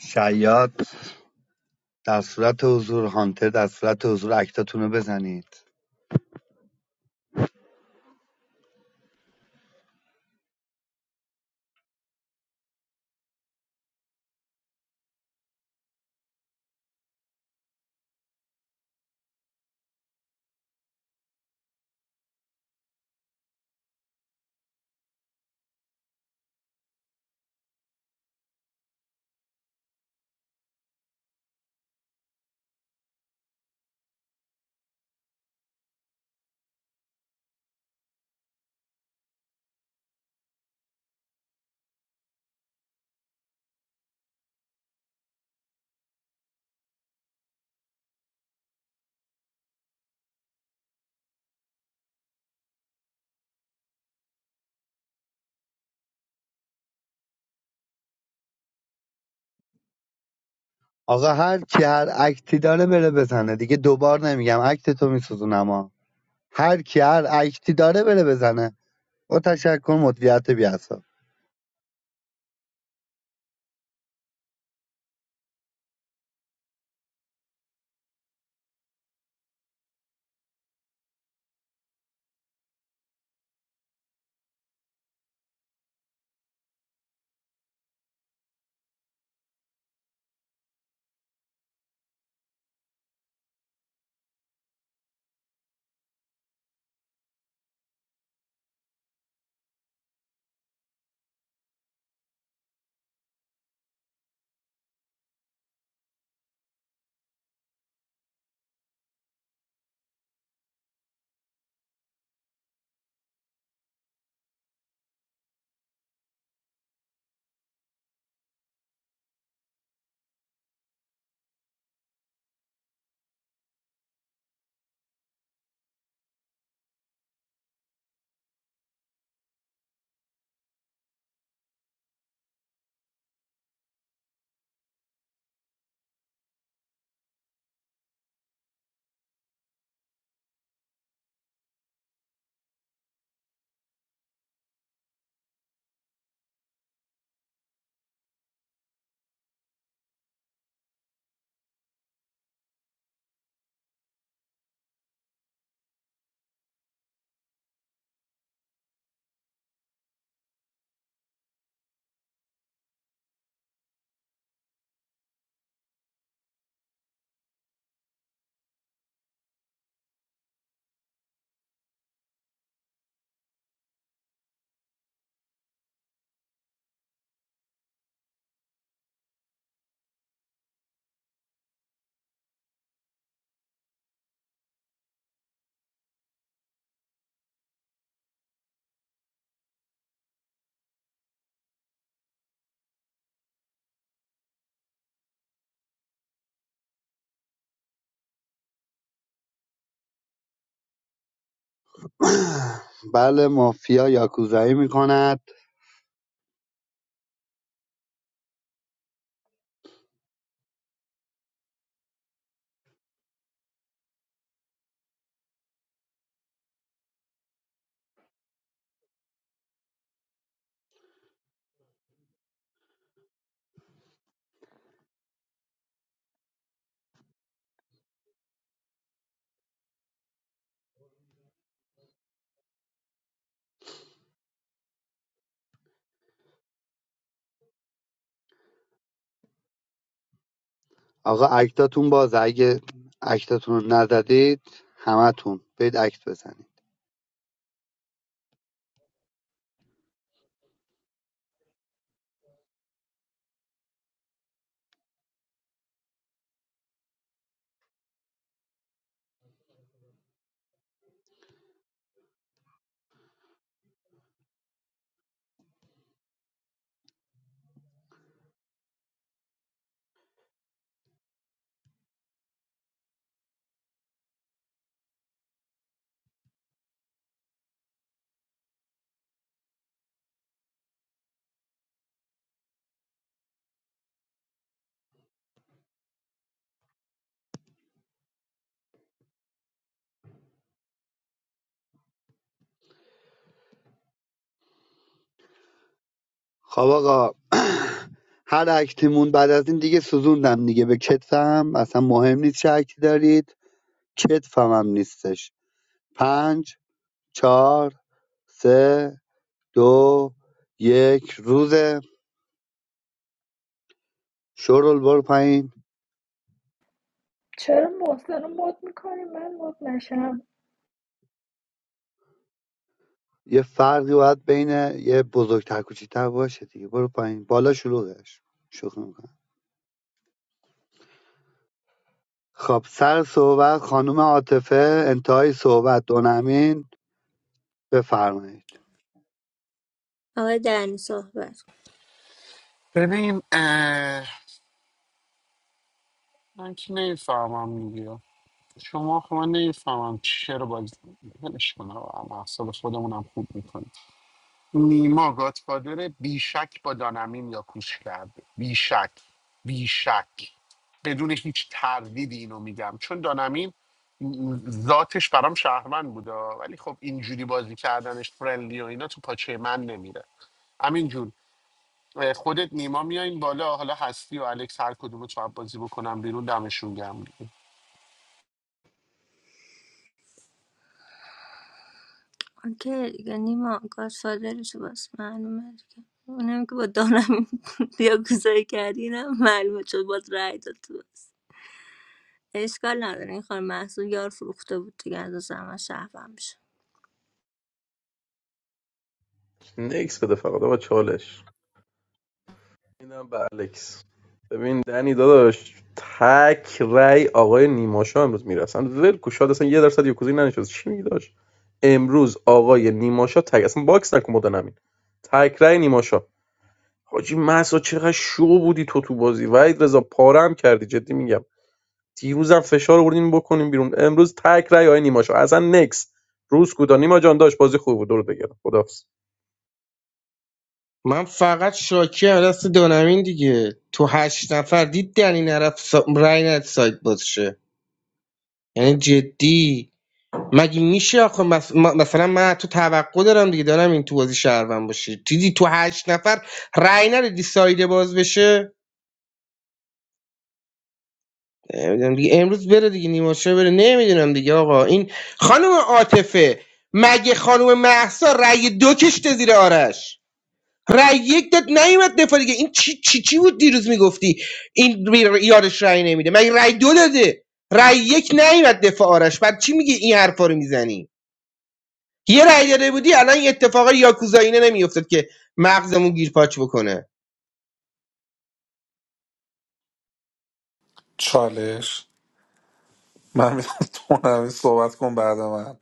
[SPEAKER 15] شیاد در صورت حضور هانتر در صورت حضور اکتاتون رو بزنید آقا هر کی هر اکتی داره بره بزنه دیگه دوبار نمیگم اکت تو میسوزونم ها هر کی هر اکتی داره بره بزنه با تشکر مدویت بیاسا [CLEARS THROAT] بله مافیا یاکوزایی میکند آقا اکتاتون باز اگه اکتاتون رو نزدید همتون برید اکت بزنید خب آقا [CLEARS THROAT] هر اکتیمون بعد از این دیگه سوزوندم دیگه به کتفم اصلا مهم نیست چه اکتی دارید کتفم هم نیستش پنج چهار سه دو یک روزه شورل برو پایین
[SPEAKER 13] چرا محسن رو مد میکنی من مد نشم
[SPEAKER 15] یه فرقی باید بین یه بزرگتر کوچیکتر باشه دیگه برو پایین بالا شلوغش شوخی میکنم خب سر صحبت خانم عاطفه انتهای صحبت دونمین بفرمایید
[SPEAKER 5] آقای دنی صحبت
[SPEAKER 10] ببین اه، من که نمیفهمم میگه شما خب من نمیفهمم چرا باز ولش کنم اعصاب خودمونم خوب میکنه. نیما گاتفادر بیشک با دانمین یا کوش کرده بیشک بیشک بدون هیچ تردیدی اینو میگم چون دانمین ذاتش برام شهروند بوده ولی خب اینجوری بازی کردنش فرندلی و اینا تو پاچه من نمیره همین جون اه، خودت نیما میایین بالا حالا هستی و الکس هر کدومو تو هم بازی بکنم بیرون دمشون گم دیگه.
[SPEAKER 5] آنکه دیگه نیما گادفادرشو بس معلومه دیگه اونم که با دانم یاکوزایی کردی اینم معلومه چون باز رای داد تو بس اشکال نداره این خانم محصول یار فروخته بود دیگه از همه شهرم میشه.
[SPEAKER 8] نکس بده فقط آقا چالش میدم به الکس ببین دنی داداش تک رای آقای نیماشا امروز میرسن ول شاد اصلا یه درصد یکوزی ننشست چی میگی داش؟ امروز آقای نیماشا تک اصلا باکس نکن مدن امین تک رای نیماشا حاجی مسا چقدر شو بودی تو تو بازی وحید رضا پاره هم کردی جدی میگم دیروزم فشار آوردین بکنیم بیرون امروز تک رای آقای نیماشا اصلا نکس روز کودا نیما جان داشت بازی خوب بود دور بگیرم خدافظ
[SPEAKER 14] من فقط شاکی هم دست دانمین دیگه تو هشت نفر دید دنی نرفت سا... رای نداد سایت باز شه یعنی جدی مگه میشه آخه مس- ما- مثلا من تو توقع دارم دیگه دارم این تو بازی شهروند باشه دیدی تو هشت نفر رأی نده سایده باز بشه نمی‌دونم دیگه امروز بره دیگه نیماشه بره نمیدونم دیگه آقا این خانم عاطفه مگه خانم محسا رأی دو کشته زیر آرش رأی یک داد نیومد دفاع دیگه این چی چی چی بود دیروز میگفتی این بی- یارش رأی نمیده مگه رأی دو داده رأی یک نیومد دفاع آرش بعد چی میگه این حرفا رو میزنی یه رأی داده بودی الان این اتفاق یاکوزاینه نمیافتاد که مغزمون گیرپاچ بکنه
[SPEAKER 12] چالش من میرم تو نمی صحبت کن بعد من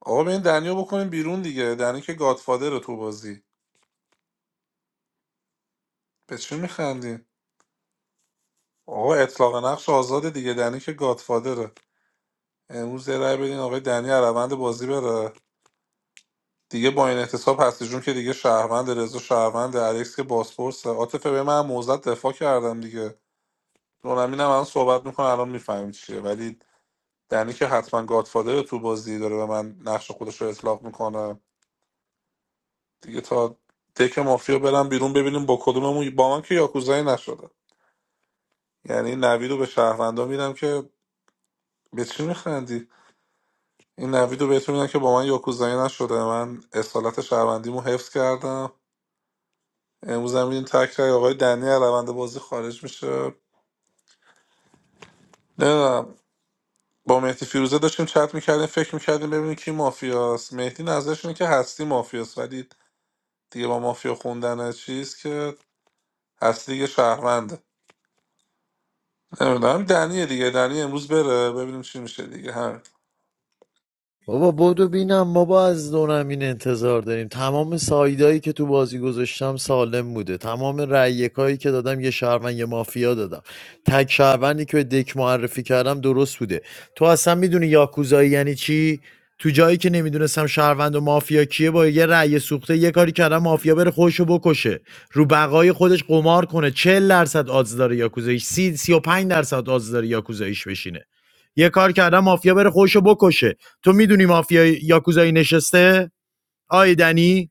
[SPEAKER 12] آقا به این دنیو بکنیم بیرون دیگه دنی که گادفادر تو بازی به چی میخندی آقا اطلاق نقش آزاده دیگه دنی که گادفادره امروز یه رای بدین آقای دنی از روند بازی بره دیگه با این احتساب هستی جون که دیگه شهروند رضا شهروند الکس که بازپرسه عاطفه به من موزت دفاع کردم دیگه نورمین هم الان صحبت میکنه الان میفهمیم چیه ولی دنی که حتما گادفادر تو بازی داره به من نقش خودش رو اطلاق میکنه دیگه تا دک مافیا برم بیرون ببینیم با کدوممون با من که یاکوزایی نشده یعنی نوید رو به شهروندا میدم که به چی میخندی این نوید رو بهتون میدم که با من یاکوزایی نشده من اصالت شهروندیمو حفظ کردم امروز هم این تک رای آقای دنی از روند بازی خارج میشه نمیدونم با مهدی فیروزه داشتیم چت میکردیم فکر میکردیم ببینیم کی مافیاست مهدی نظرش اینه که هستی مافیاست ولی دیگه با مافیا خوندن چیز که هستی دیگه شهرونده نمیدونم دنیه دیگه دنی امروز بره ببینیم چی میشه دیگه همین
[SPEAKER 17] بابا بدو بینم ما با از دونمین انتظار داریم تمام سایدایی که تو بازی گذاشتم سالم بوده تمام رأیکایی که دادم یه شهروند یه مافیا دادم تک شهروندی که به دک معرفی کردم درست بوده تو اصلا میدونی یاکوزایی یعنی چی تو جایی که نمیدونستم شهروند و مافیا کیه با یه رأی سوخته یه کاری کردم مافیا بره خودشو بکشه رو بقای خودش قمار کنه چهل درصد آدز داره یاکوزایش 30 35 درصد آدز داره یاکوزایش بشینه یه کار کردم مافیا بره خودشو بکشه تو میدونی مافیا یاکوزایی نشسته آی دنی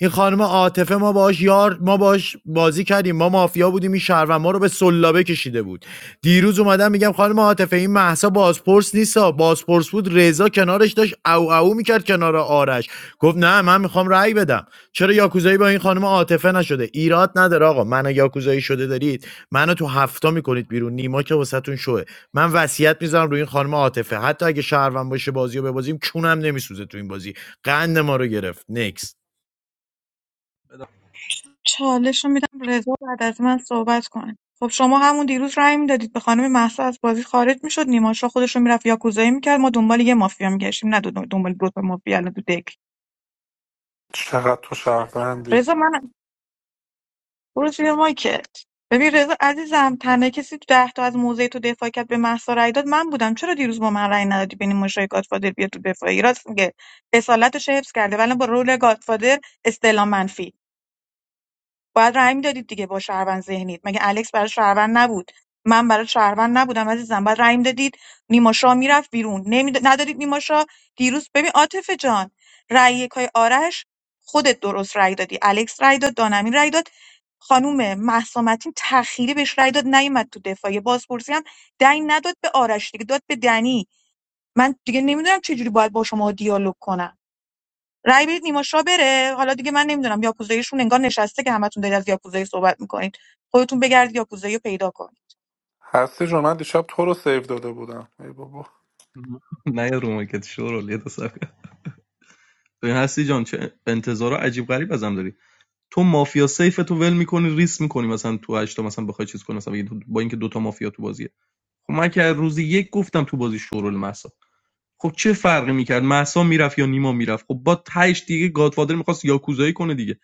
[SPEAKER 17] این خانم عاطفه ما باهاش یار ما باهاش بازی کردیم ما مافیا بودیم این شهروند ما رو به سلابه کشیده بود دیروز اومدم میگم خانم عاطفه این محسا بازپرس نیستا بازپرس بود رضا کنارش داشت او او میکرد کنار آرش گفت نه من میخوام رأی بدم چرا یاکوزایی با این خانم عاطفه نشده ایراد نداره آقا من یاکوزایی شده دارید منو تو هفتا میکنید بیرون نیما که واسهتون شوه من وصیت میذارم روی این خانم عاطفه حتی اگه شهروند باشه بازیو رو ببازیم چونم نمیسوزه تو این بازی قند ما رو گرفت نکست
[SPEAKER 16] چالش رو میدم رضا بعد از من صحبت کنه خب شما همون دیروز رأی میدادید به خانم مهسا از بازی خارج میشد نیماشا خودش رو میرفت یاکوزایی میکرد ما دنبال یه مافیا میگشتیم نه دو- دنبال دو تا مافیا الان تو دک
[SPEAKER 12] چقدر تو شهروندی
[SPEAKER 16] رضا من برو زیر مایکت ببین رضا عزیزم تنها کسی تو ده تا از موضع تو دفاع کرد به مهسا رأی داد من بودم چرا دیروز با من رأی ندادی بین مشای گادفادر بیاد تو دفاعی راست میگه اصالتش حفظ کرده ولی با رول گادفادر استعلام منفی باید رأی میدادید دیگه با شهروند ذهنید مگه الکس برای شهروند نبود من برای شهروند نبودم عزیزم باید رأی میدادید نیماشا میرفت بیرون نمی... ندادید نیماشا دیروز ببین عاطفه جان رأی یکای آرش خودت درست رأی دادی الکس رأی داد دانمین رأی داد خانوم مهسا متین تأخیری بهش رأی داد نیومد تو دفاعیه بازپرسی هم دنگ نداد به آرش دیگه داد به دنی من دیگه نمیدونم چه جوری باید با شما دیالوگ کنم رأی بدید نیما شاه بره حالا دیگه من نمیدونم یاکوزاییشون انگار نشسته که همتون دارید از یاکوزایی صحبت میکنید خودتون بگردید یاکوزایی رو پیدا کنید
[SPEAKER 12] هستی جون من دیشب تو رو سیو داده بودم ای بابا
[SPEAKER 8] نه رو مایکت شورول یه تا ببین هستی جان چه انتظار عجیب غریب ازم داری تو مافیا سیف تو ول میکنی ریس میکنی مثلا تو هشتا مثلا بخوای چیز کنی مثلا بگی با اینکه دوتا مافیا تو بازیه خب من که از یک گفتم تو بازی شورول محسا خب چه فرقی میکرد محسا میرفت یا نیما میرفت خب با تهش دیگه گادفادر میخواست یاکوزایی کنه دیگه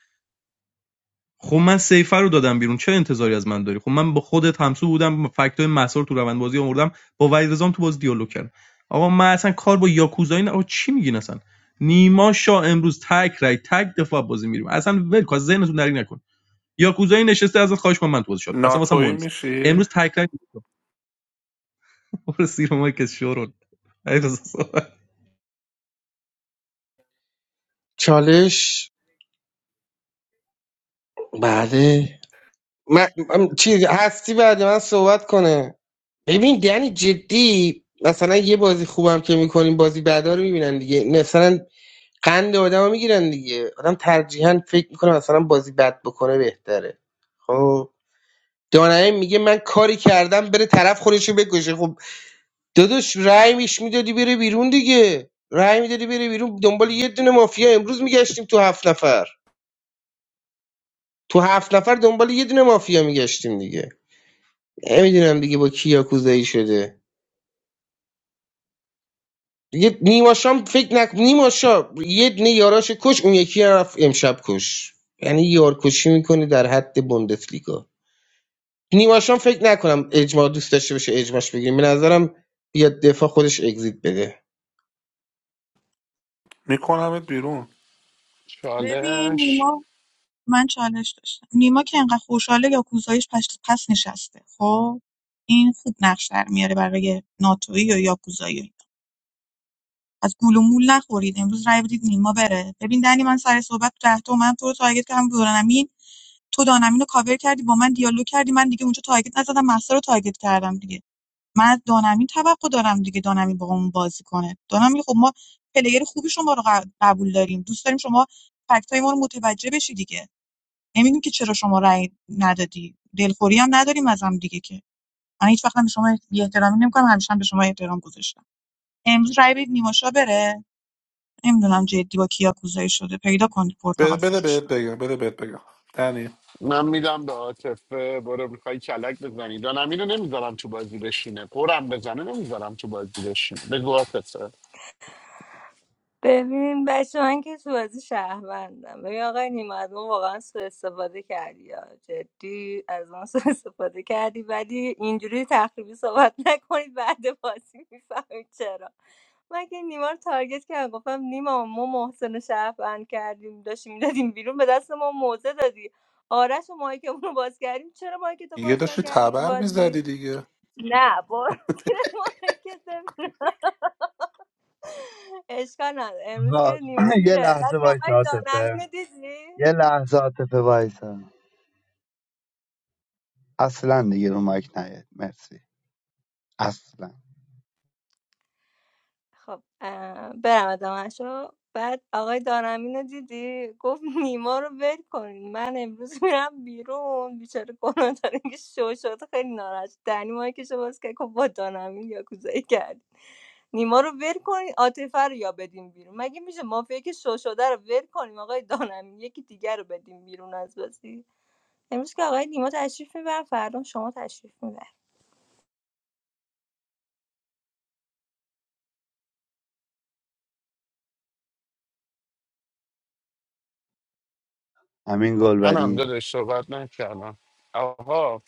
[SPEAKER 8] خب من سیفر رو دادم بیرون چه انتظاری از من داری خب من با خودت همسو بودم فکتای مسار تو روند بازی آوردم با وحید رضام تو باز دیالوگ کردم آقا من اصلا کار با یاکوزایی نه چی میگین اصلا نیما شا امروز تک رای تک دفاع بازی میریم اصلا ول کن از ذهنتون درک نکن یاکوزایی نشسته از خواهش من من تو بازی شات کنم اصلا واسه مهم
[SPEAKER 12] ناتویی
[SPEAKER 8] نیست
[SPEAKER 12] میشی
[SPEAKER 8] امروز تک رای [LAUGHS] برو سیر ما شورون
[SPEAKER 14] چالش بله من, من- چی هستی بعد من صحبت کنه ببین یعنی جدی مثلا یه بازی خوبم که میکنیم بازی بعدا رو میبینن دیگه مثلا قند آدم میگیرن دیگه آدم ترجیحاً فکر میکنه مثلا بازی بد بکنه بهتره خب دانایی میگه من کاری کردم بره طرف خودشو بکشه خب داداش رأی میش میدادی بره بیرون دیگه رأی میدادی بره بیرون دنبال یه دونه مافیا امروز میگشتیم تو هفت نفر تو هفت نفر دنبال یه دونه مافیا میگشتیم دیگه نمیدونم دیگه با کی یاکوزایی شده دیگه نیماشام فکر نک نیماشا یه دونه یاراش کش اون یکی هم رفت امشب کش یعنی یارکشی میکنه در حد بوندسلیگا نیماشام فکر نکنم اجماع دوست داشته باشه اجماعش بگیریم به نظرم بیاد دفاع خودش اگزییت بده
[SPEAKER 12] میکنمت بیرون
[SPEAKER 16] ببین
[SPEAKER 10] چالش
[SPEAKER 16] نیما من چالش داشتم نیما که انقدر خوشحاله یا کوزایش پس, پس نشسته خب این خوب نقش در میاره برای ناتوی یا یاکوزایی از گول و مول نخورید امروز رای بدید نیما بره ببین دنی من سر صحبت تو ده تومن تو رو تارگت کردم دورانمین تو دانمین رو کاور کردی با من دیالوگ کردی من دیگه اونجا تارگت نزدم محصا رو تارگت کردم دیگه من از دانمین توقع دارم دیگه دانمین باهامون بازی کنه دانمین خب ما پلیر خوبی شما رو ق- قبول داریم دوست داریم شما فکتای ما رو متوجه بشی دیگه نمیدونیم که چرا شما رأی ندادی دلخوری هم نداریم از هم دیگه که من هیچ وقت هم به شما بی احترامی نمیکنم همیشه هم به شما احترام گذاشتم امروز رأی بدید نیماشا بره نمیدونم جدی با کیا کوزایی شده پیدا کنید
[SPEAKER 12] بده,
[SPEAKER 16] پرتغال
[SPEAKER 12] بده
[SPEAKER 16] فروش
[SPEAKER 12] بهت
[SPEAKER 16] رو
[SPEAKER 12] بگم بده بهت بگم دنی
[SPEAKER 10] من میدم به عاطفه برو میخوای کلک بزنی دانمین رو نمیذارم تو بازی بشینه قرم بزنه نمیذارم تو بازی بشینه بگو عاطفه
[SPEAKER 5] ببین بچه من که تو بازی شهروندم ببین آقای نیما از ما واقعا سوء استفاده کردی یا جدی از ما سوء استفاده کردی ولی اینجوری تخریبی صحبت نکنید بعد بازی میفهمید چرا من که نیما رو تارگت کردم گفتم نیما ما محسن رو شهروند کردیم داشتیم میدادیم بیرون به دست ما موزه دادی آرش و مایکمون رو باز کردیم چرا مایکتو
[SPEAKER 12] دیگه
[SPEAKER 5] باز
[SPEAKER 12] داشتی
[SPEAKER 5] نکردی تو
[SPEAKER 12] تبر
[SPEAKER 5] بازی
[SPEAKER 12] میزدی دیگه [LAUGHS]
[SPEAKER 5] نه برو [LAUGHS] مایکت اشکال نداره امروز
[SPEAKER 15] آقا،
[SPEAKER 5] که نیما
[SPEAKER 15] [CLEARS THROAT] یه
[SPEAKER 5] میره بعد
[SPEAKER 15] لحظه
[SPEAKER 5] این
[SPEAKER 15] وایس
[SPEAKER 5] آقای دانمین
[SPEAKER 15] عاطفه
[SPEAKER 5] رو دیدی
[SPEAKER 15] یه لحظه عاطفه وایس اصلا دیگه رو مایک نیاد مرسی اصلا
[SPEAKER 5] خب اه، برم ادامهشو بعد آقای دانمین رو دیدی گفت نیما رو ول کنین من امروز میرم بیرون بیچاره گناه داره که شو شد خیلی ناراحت شد. دنی مایی که باز که گفت با دانمین یا کوزایی کرد نیما رو ول کنین عاطفه رو یا بدیم بیرون مگه میشه مافیا که شو شده رو ول کنیم آقای دانمین یکی دیگر رو بدیم بیرون از بازی امروز که آقای نیما تشریف میبرن فردا شما تشریف میبرین
[SPEAKER 15] همین
[SPEAKER 10] من هم
[SPEAKER 15] گلبری
[SPEAKER 10] دادش صحبت نکردم آقا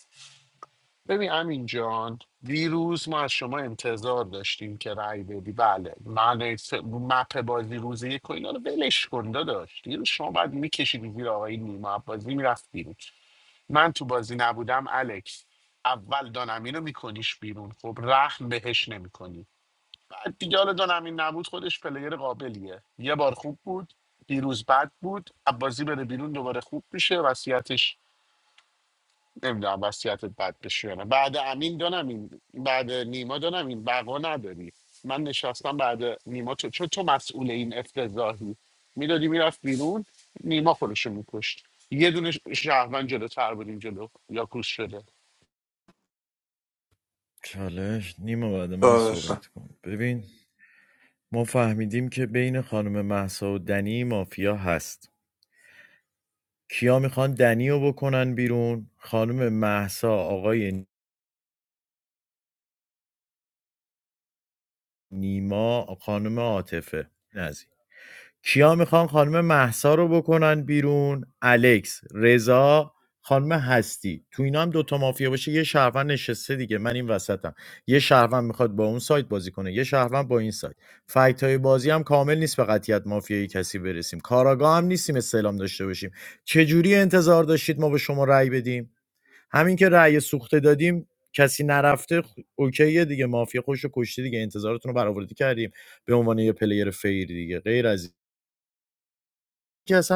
[SPEAKER 10] ببین امین جان دیروز ما از شما انتظار داشتیم که رأی بدی بله من س- مپ بازی روزی یک و اینا رو ولش کن داشت دیروز شما باید میکشیدی زیر آقای نیما بازی میرفت بیرون من تو بازی نبودم الکس اول دانمین رو میکنیش بیرون خب رحم بهش نمیکنی دیگه حالا دونمین نبود خودش پلیر قابلیه یه بار خوب بود دیروز بد بود عبازی بره بیرون دوباره خوب میشه وصیتش نمیدونم وصیتت بد بشه یا نه بعد امین دونمین بعد نیما دونمین بقا نداری من نشستم بعد نیما تو چون تو مسئول این افتضاحی میدادی میرفت بیرون نیما خودشو میکشت یه دونه شهروند جلوتر بودیم جلو یا کوس شده
[SPEAKER 17] چالش نیما بعد من
[SPEAKER 12] آره داشتم
[SPEAKER 17] صحبت کن ببین ما فهمیدیم که بین خانم محسا و دنی مافیا هست کیا میخوان دنی رو بکنن بیرون خانم محسا آقای نیما خانم عاطفه نزی کیا میخوان خانم مهسا رو بکنن بیرون الکس رضا خانم هستی تو اینا هم دوتا مافیا باشه یه شهروند نشسته دیگه من این وسطم یه شهروند میخواد با اون سایت بازی کنه یه شهروند با این سایت فکت های بازی هم کامل نیست به قطیت مافیایی کسی برسیم کاراگاه هم نیستیم استعلام داشته باشیم چجوری انتظار داشتید ما به شما رأی بدیم همین که رأی سوخته دادیم کسی نرفته خ- اوکیه دیگه مافیا خوش و کشتی دیگه انتظارتون رو برآورده کردیم به عنوان یه پلیر فیر دیگه غیر از Yes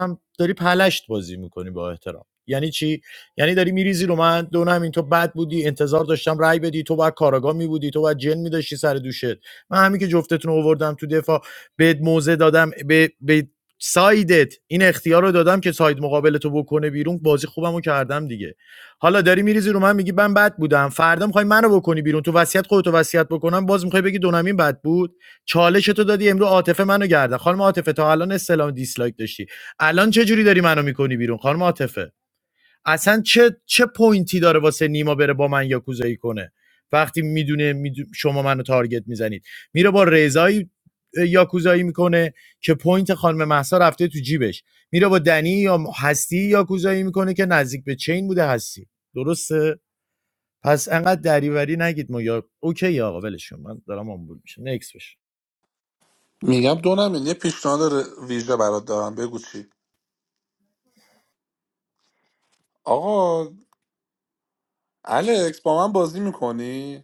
[SPEAKER 17] هم داری پلشت بازی میکنی با احترام یعنی چی یعنی داری میریزی رو من دو همین تو بد بودی انتظار داشتم رای بدی تو باید کاراگاه می بودی تو باید جن می‌داشتی سر دوشت من همین که جفتتون رو آوردم تو دفاع بهت موزه دادم به, به سایدت این اختیار رو دادم که ساید مقابل تو بکنه بیرون بازی خوبم رو کردم دیگه حالا داری میریزی رو من میگی من بد بودم فردا میخوای منو بکنی بیرون تو وصیت خودتو وصیت بکنم باز میخوای بگی دونمین بد بود چالش تو دادی امرو عاطفه منو گردن خانم عاطفه تا الان استلام دیسلایک داشتی الان چه جوری داری منو میکنی بیرون خانم عاطفه اصلا چه چه پوینتی داره واسه نیما بره با من یاکوزایی کنه وقتی میدونه می شما منو تارگت میزنید میره با رضایی یاکوزایی میکنه که پوینت خانم محسا رفته تو جیبش میره با دنی یا هستی یاکوزایی میکنه که نزدیک به چین بوده هستی درسته پس انقدر دریوری نگید ما یا اوکی آقا ولش کن. من دارم آمبول میشم نکس بشه
[SPEAKER 12] میگم دو نمیل یه پیشنهاد ر- ویژه برات دارم بگو چی آقا الکس با من بازی میکنی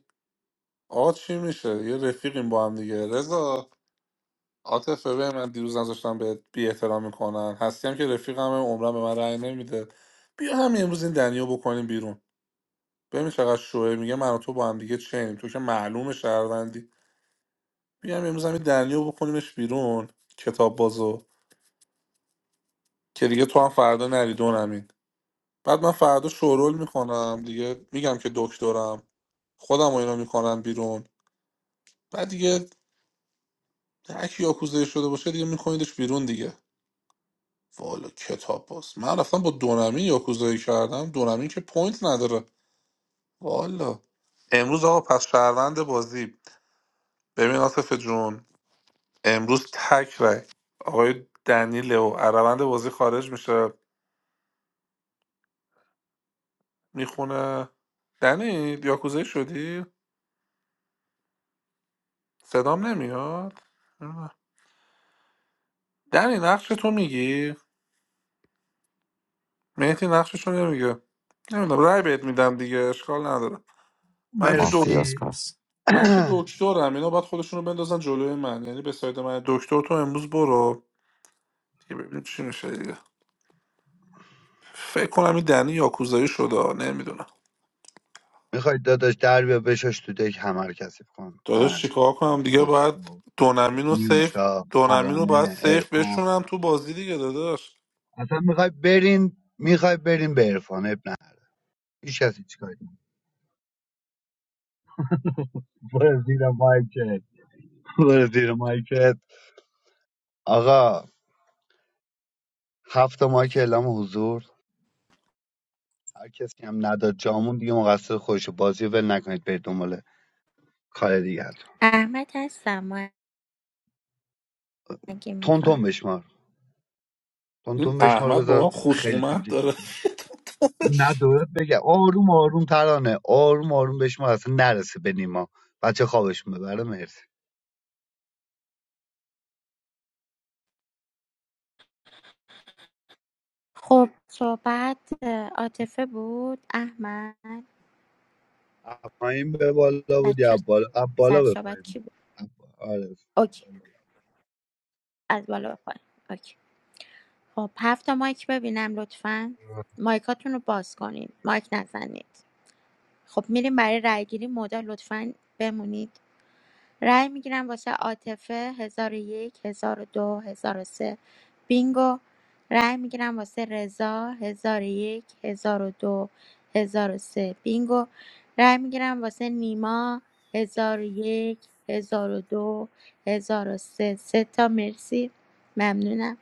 [SPEAKER 12] آقا چی میشه یه رفیقیم با هم دیگه رضا عاطفه به من دیروز نذاشتم به بی احترام میکنن هستی هم که رفیقم عمرم به من رأی نمیده بیا همین امروز این دنیو بکنیم بیرون ببین چقدر شوه میگه من و تو با هم دیگه چنیم تو که معلوم شهروندی میگم امروز همین دنیا بکنیمش بیرون کتاب بازو که دیگه تو هم فردا نری دونمین بعد من فردا شورول میکنم دیگه میگم که دکترم خودم و اینا میکنم بیرون بعد دیگه هرکی یاکوزایی شده باشه دیگه میکنیدش بیرون دیگه والا کتاب باز من رفتم با دونمین یاکوزایی کردم دونمین که پوینت نداره والا امروز آقا پس شهروند بازی ببین آصف جون امروز تک رای آقای دنیل و عربند بازی خارج میشه میخونه دنی یاکوزایی شدی صدام نمیاد نمی‌دونم. دنی نقش تو میگی مهدی نقششو نمیگه نمیدونم رای بهت میدم دیگه اشکال نداره من که دک...
[SPEAKER 11] مافیاس
[SPEAKER 15] مرسی
[SPEAKER 11] پس
[SPEAKER 12] من که
[SPEAKER 15] [CLEARS THROAT]
[SPEAKER 12] دکترم اینا باید خودشونو بندازن جلوی من یعنی به ساید من دکتر تو امروز برو دیگه ببینیم چی میشه دیگه فکر کنم این دنی یاکوزایی شده نمیدونم
[SPEAKER 15] میخوای داداش در بیا بشاش تو دک همه رو کثیف کن
[SPEAKER 12] داداش
[SPEAKER 15] من
[SPEAKER 12] چیکار
[SPEAKER 15] این
[SPEAKER 12] کنم دیگه باید
[SPEAKER 15] خسرو
[SPEAKER 12] دونمین و سیف
[SPEAKER 15] نیوشا
[SPEAKER 12] دونمین رو باید
[SPEAKER 15] ترانه
[SPEAKER 12] سیف
[SPEAKER 15] عرفان
[SPEAKER 12] بشونم تو بازی دیگه داداش
[SPEAKER 15] اصلا میخوای برین میخوای برین به عرفان اب نداره هیچ کسی چیکاری نداره. برو زیر مایکت برو زیر مایکت آقا هفت تا مایک اعلام حضور هر کسی هم نداد جامون دیگه مقصر خودشه بازی رو ول نکنید برید دنبال کار دیگه
[SPEAKER 19] احمد هستم ما اگه
[SPEAKER 15] تون
[SPEAKER 19] میخوای
[SPEAKER 15] تون بشمار تون
[SPEAKER 12] این
[SPEAKER 15] تون بشمار
[SPEAKER 12] احمد با من
[SPEAKER 15] بذار خیلی طول
[SPEAKER 12] خصومت داره
[SPEAKER 15] کشید نه دورت بگم آروم آروم ترانه آروم آروم بهش ما اصلا نرسه به نیما بچه خوابش ببره مرسی
[SPEAKER 19] خب صحبت اه، عاطفه بود احمد
[SPEAKER 15] از پایین به بالا بودی
[SPEAKER 19] بچه
[SPEAKER 15] از بالا از
[SPEAKER 19] سر
[SPEAKER 15] بالا به
[SPEAKER 19] صحبت
[SPEAKER 15] پایین
[SPEAKER 19] کی
[SPEAKER 15] بود
[SPEAKER 19] بود
[SPEAKER 15] از با- آره از
[SPEAKER 19] اوکی
[SPEAKER 15] بالا
[SPEAKER 19] از بالا به پایین اوکی خب هفت تا مایک ببینم لطفا مایکاتون رو باز کنین مایک نزنید خب میریم برای رای گیری مدال لطفا بمونید رای میگیرم واسه عاطفه 1001 1002 1003 بینگو رای میگیرم واسه رضا 1001 1002 1003 بینگو رای میگیرم واسه نیما 1001 1002 1003 سه سه تا مرسی ممنونم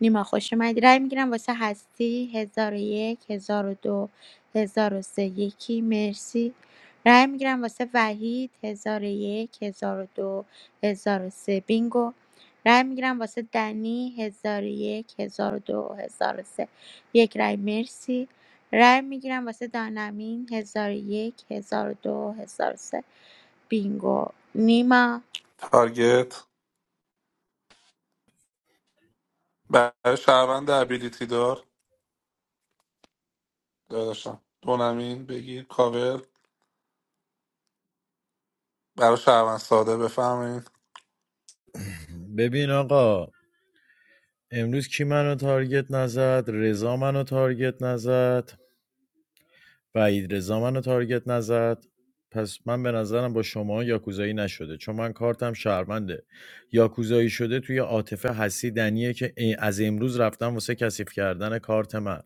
[SPEAKER 19] نیما خوش اومدی رای میگیرم واسه هستی هزار و یک هزار و دو هزار و سه یکی مرسی رای میگیرم واسه وحید هزار و یک هزار و دو هزار و سه بینگو رای میگیرم واسه دنی هزار و یک هزار و دو هزار و سه یک رای مرسی رای میگیرم واسه دانمین هزار و یک هزار و دو هزار و سه بینگو نیما
[SPEAKER 12] تارگت برای شهروند ابیلیتی دار داداشم دونمین بگیر کاور برای شهروند ساده بفهمین
[SPEAKER 17] ببین آقا امروز کی منو تارگت نزد رضا منو تارگت نزد وحیدرضا منو تارگت نزد پس من به نظرم با شما یاکوزایی نشده چون من کارتم شهرمنده یاکوزایی شده توی عاطفه حسی دنیه که ا- از امروز رفتم واسه کثیف کردن کارت من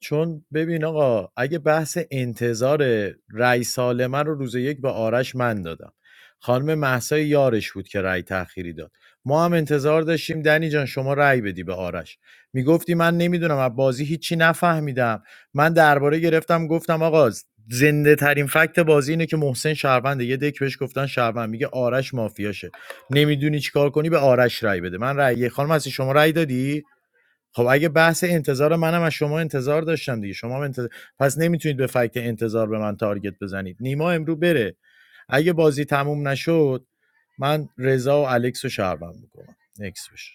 [SPEAKER 17] چون ببین آقا اگه بحث انتظار رأی سالمه رو روز یک به آرش من دادم خانم محسای یارش بود که رأی تأخیری داد ما هم انتظار داشتیم دنی جان شما رأی بدی به آرش میگفتی من نمیدونم از بازی هیچی نفهمیدم من درباره گرفتم گفتم آقا زنده ترین فکت بازی اینه که محسن شهرونده یه دک بهش گفتن شهروند میگه آرش مافیاشه نمیدونی چیکار کنی به آرش رای بده من رای خانم هستی شما رای دادی خب اگه بحث انتظار منم از شما انتظار داشتم دیگه شما هم انتظار... پس نمیتونید به فکت انتظار به من تارگت بزنید نیما امرو بره اگه بازی تموم نشد من رضا و الکس رو شهروند میکنم نکس بشه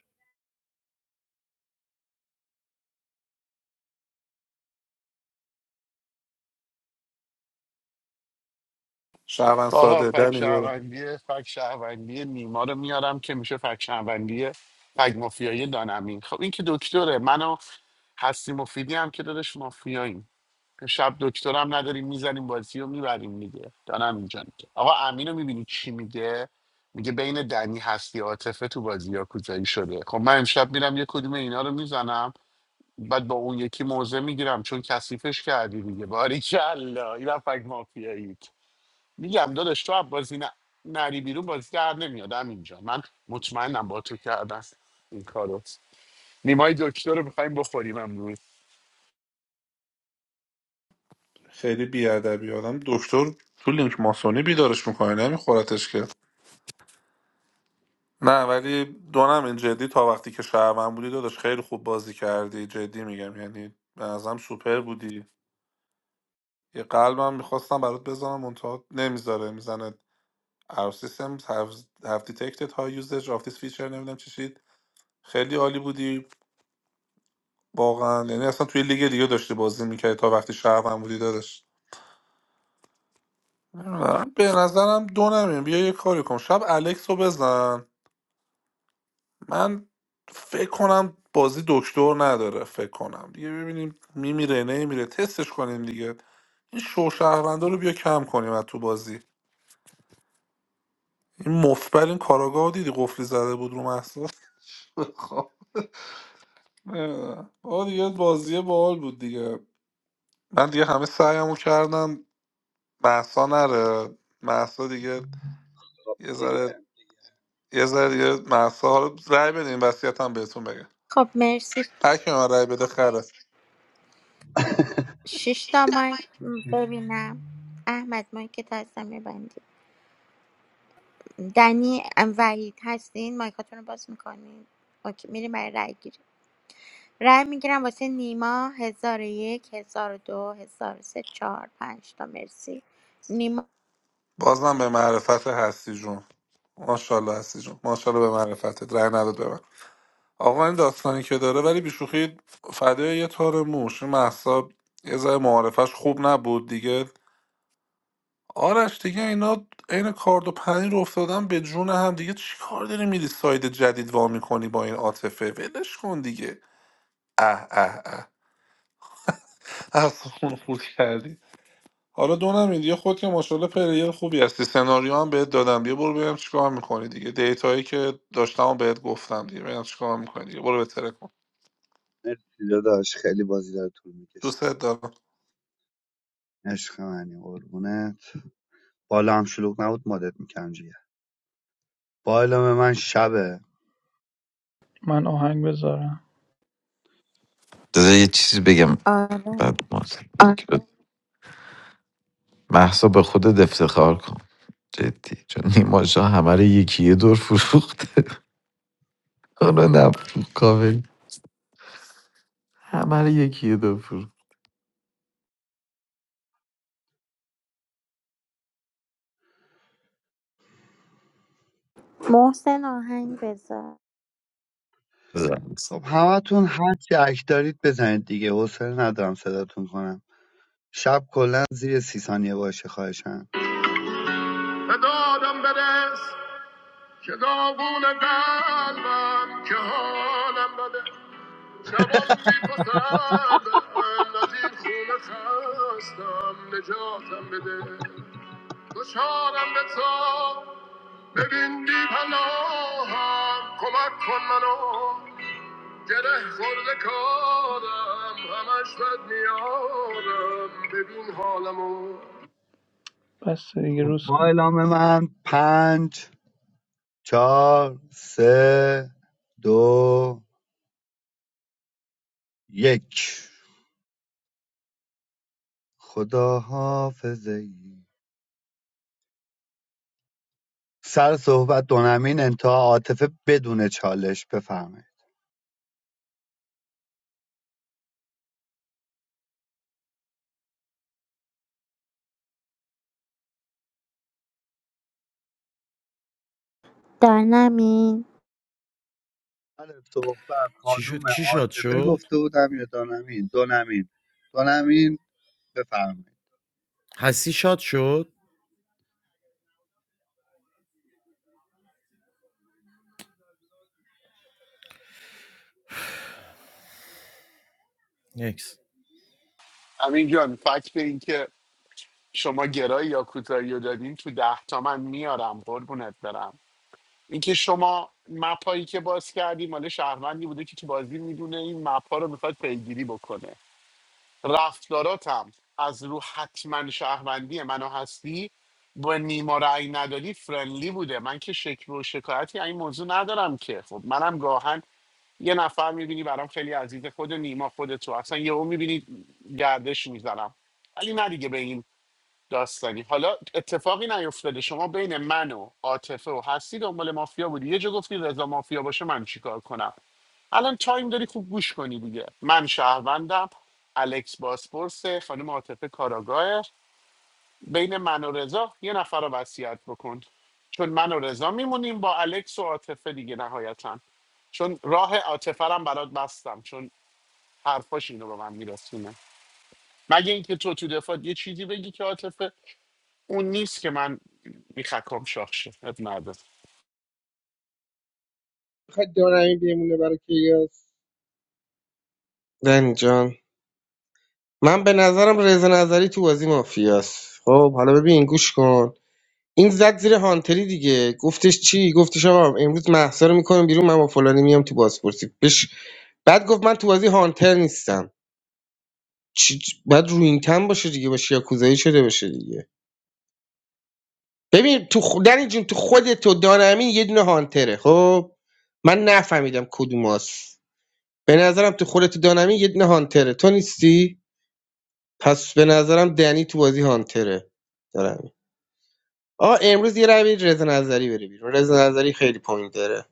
[SPEAKER 12] شهروند
[SPEAKER 10] آقا
[SPEAKER 12] ساده
[SPEAKER 10] فک
[SPEAKER 12] دنی برو
[SPEAKER 10] شهروندی فک شهروندی نیما رو میارم که میشه فک شهروندی فک مافیایی دانمین خب این که دکتره منو هستی مفیدی هم که دادش مافیاییم شب دکترم نداریم میزنیم بازی رو میبریم دیگه دانم اینجا آقا امین رو میبینی چی میگه میگه بین دنی هستی عاطفه تو بازی کوزایی شده خب من امشب میرم یه کدوم اینا رو میزنم بعد با اون یکی موزه میگیرم چون کثیفش کردی دیگه باریکلا اینم فک مافیایی میگم داداش تو بازی ن- نری بیرون بازی در نمیاد اینجا من مطمئنم با تو کردن این کارو نیمای دکتر رو میخوایم بخوریم امروز
[SPEAKER 12] خیلی بیادبی آدم دکتر تو لینک ماسونی بیدارش میکنه نمیخورتش که نه ولی دونم این جدی تا وقتی که شهروند بودی داداش خیلی خوب بازی کردی جدی میگم یعنی به نظرم سوپر بودی یه قلبم میخواستم برات بزنم منتها نمیذاره میزنه Our systems have, have detected high usage of this feature نمیدونم چی شید خیلی عالی بودی واقعا یعنی اصلا توی لیگ دیگه داشتی بازی میکردی تا وقتی شب هم بودی دادش نمیدونم به نظرم دو نمیم بیا یه کاری کن شب الکس رو بزن من فکر کنم بازی دکتر نداره فکر کنم دیگه ببینیم میمیره نمیره تستش کنیم دیگه این شوشهروندا رو بیا کم کنیم از تو بازی این مفبر این کاراگاه رو دیدی قفلی زده بود رو محصول [LAUGHS] نمی‌دونم. آه دیگه بازی باحال بود دیگه من دیگه همه سعیمو کردم محسا نره محسا دیگه یه
[SPEAKER 15] دیگه
[SPEAKER 12] ذره یه ذره دیگه محسا حالا رأی بدین وصیت هم بهتون بگم
[SPEAKER 19] خب مرسی
[SPEAKER 12] هر کی به من رأی بده خره
[SPEAKER 19] شش تا مایک ببینم احمد مایکت هستم میبندی دنی ام، وحید هستین مایکاتون رو باز میکنین اوکی میریم برای رای گیری رای میگیرم واسه نیما هزار و یک هزار و دو هزار و سه چهار پنج تا مرسی نیما
[SPEAKER 12] بازم به معرفت هستی جون ماشاءالله هستی جون ماشاءالله به معرفتت رأی نداد به من آقا این داستانی که داره ولی بیشوخی فدای یه تار موش محسا یه ذره معارفش خوب نبود دیگه آرش دیگه اینا عین کارد و پنیر افتادن به جون هم دیگه چی کار داری میری ساید جدید وا میکنی با این عاطفه ولش کن دیگه اه اه اه اصلا خود کردی حالا دو نمید یه خود که ماشاءالله پلیر خوبی هستی سناریو هم بهت دادم بیا برو ببینم چیکار میکنی دیگه دیتایی که داشتم و بهت گفتم دیگه ببینم چیکار میکنی دیگه برو بهتره کن
[SPEAKER 15] مرسی داداش خیلی بازی داره طول میکشه
[SPEAKER 12] دوست دارم
[SPEAKER 15] عشق منی قربونت بالا هم شلوغ نبود مدت میکنم جیگه با اعلام من شبه
[SPEAKER 3] من آهنگ بذارم
[SPEAKER 11] داده یه چیزی بگم
[SPEAKER 19] آره
[SPEAKER 11] بعد ما محصا به خودت افتخار کن جدی چون نیما شاه همه رو یکی یه دور فروخته [LAUGHS] حالا نفروخت کامل همه رو یکی یه دور
[SPEAKER 19] محسن آهنگ بذار
[SPEAKER 15] خب
[SPEAKER 11] فروخت
[SPEAKER 15] همتون هر چی اک دارید بزنید دیگه حوصله ندارم صداتون کنم شب کلا زیر سی ثانیه باشه خواهشن
[SPEAKER 3] بدادم به دادم که داغون قلبم که حالم بده شبم بی پسرده از این خونه خستم نجاتم بده دشارم به تا ببین بی پناهم کمک کن منو گره خورده کارم همش بد میارم ببین حالمو بس دیگه
[SPEAKER 15] خب
[SPEAKER 3] روز کن
[SPEAKER 15] با اعلام من پنج چهار سه دو یک خدا حافظه سر صحبت دونمین انتها عاطفه بدون چالش بفهمه
[SPEAKER 19] دانمین
[SPEAKER 15] سر صحبت
[SPEAKER 17] چی
[SPEAKER 15] خانوم
[SPEAKER 17] شد کی شاد
[SPEAKER 15] عاطفه
[SPEAKER 17] شد
[SPEAKER 15] گفته بودم یا دونمین دونمین دونمین بفرمایید
[SPEAKER 17] حسی شاد شد نکس
[SPEAKER 10] همین جان فکت این که شما گرایی یا کوتاهی رو دادین تو ده تا من میارم قربونت برم اینکه شما مپایی که باز کردی مال شهروندی بوده که تو بازی میدونه این مپا رو میخواد پیگیری بکنه رفتاراتم از رو حتما شهروندی منو هستی با نیما رأی ندادی فرنلی بوده من که شکل و شکایتی از این موضوع ندارم که خب منم گاهن یه نفر میبینی برام خیلی عزیز خود نیما خود تو اصلا یهو میبینی گردش میزنم ولی نه دیگه به این داستانی حالا اتفاقی نیفتاده شما بین من و عاطفه و هستی دنبال مافیا بودی یه جا گفتی رضا مافیا باشه من چیکار کنم الان تایم داری خوب گوش کنی دیگه من شهروندم الکس باسپورس خانم عاطفه کاراگاه بین من و رضا یه نفر رو وصیت بکن چون من و رضا میمونیم با الکس و عاطفه دیگه نهایتا چون راه عاطفه رو هم برات بستم چون حرفاش اینو به من میرسونه مگه اینکه تو تو دفاع یه چیزی بگی که عاطفه اون نیست که من میخکم شاخ شه اب نداره
[SPEAKER 14] میخواد دانمی بمونه برای کیاس دنی جان من به نظرم رضا نظری تو بازی مافیاست خب حالا ببین گوش کن این زد زیر هانتری دیگه گفتش چی گفتش آقا امروز مهسا رو میکنم بیرون من با فلانی میام تو بازپرسی بش بعد گفت من تو بازی هانتر نیستم چی بعد رو این تن باشه دیگه باشه یا کوزایی شده باشه دیگه ببین تو خ... دنی جون تو خودت و دانمین یه دونه هانتره خب من نفهمیدم کدوماست به نظرم تو خودت و دانمین یه دونه هانتره تو نیستی پس به نظرم دنی تو بازی هانتره دارم. آقا امروز یه رای بدید رضا نظری بره بیرون رضا نظری خیلی پوینت داره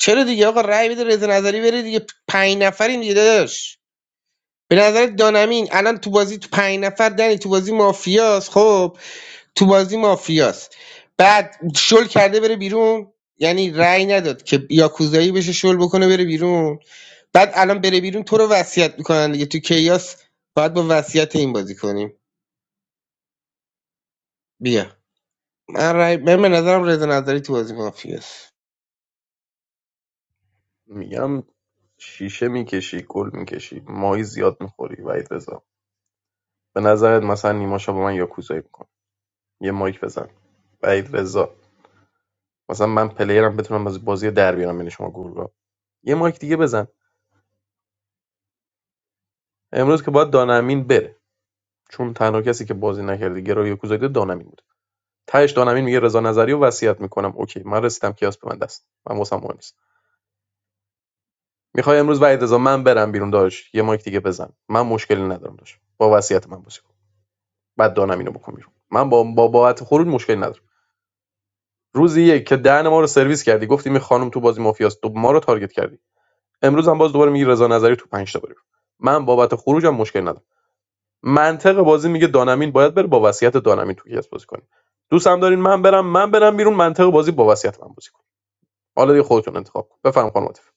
[SPEAKER 14] چرا دیگه آقا رای بده رضا نظری بره دیگه پنج نفرین دیگه داداش به نظر دانمین الان تو بازی تو پنج نفر دنی تو بازی مافیاس خب تو بازی مافیاس بعد شل کرده بره بیرون یعنی رأی نداد که یاکوزایی بشه شل بکنه بره بیرون بعد الان بره بیرون تو رو وصیت میکنن دیگه تو کیاس باید با وصیت این بازی کنیم بیا من رأی من به نظرم رضا نظری تو بازی مافیاس
[SPEAKER 8] میگم شیشه میکشی گل میکشی ماهی زیاد میخوری وحید رضا به نظرت مثلا نیماشا با من یاکوزایی میکنه یه مایک بزن بعید رضا مثلا من پلیرم بتونم از بازی در بیارم یعنی شما گورگا یه مایک دیگه بزن امروز که باید دانمین بره چون تنها کسی که بازی نکرده گرای کوزایده دانمین بود تهش دانمین میگه رضا نظری و وصیت میکنم اوکی من رسیدم کیاس به من دست من واسم مهم نیست میخوای امروز بعد رضا من برم بیرون داش یه مایک دیگه بزن من مشکلی ندارم داش با وصیت من بازی کن بعد دانمینو بکن بیرون من با با باعث خروج مشکلی ندارم روزی یک که دهن ما رو سرویس کردی گفتی می خانم تو بازی مافیاست تو ما رو تارگت کردی امروز هم باز دوباره میگه رضا نظری تو 5 تا بره من بابت خروجم مشکل ندارم منطق بازی میگه دانمین باید بره با وصیت دانمین تو کیس بازی کنیم دوست هم دارین من برم من برم بیرون منطق بازی با وصیت من بازی کنیم حالا دیگه خودتون انتخاب کن بفهم خانم عاطفه.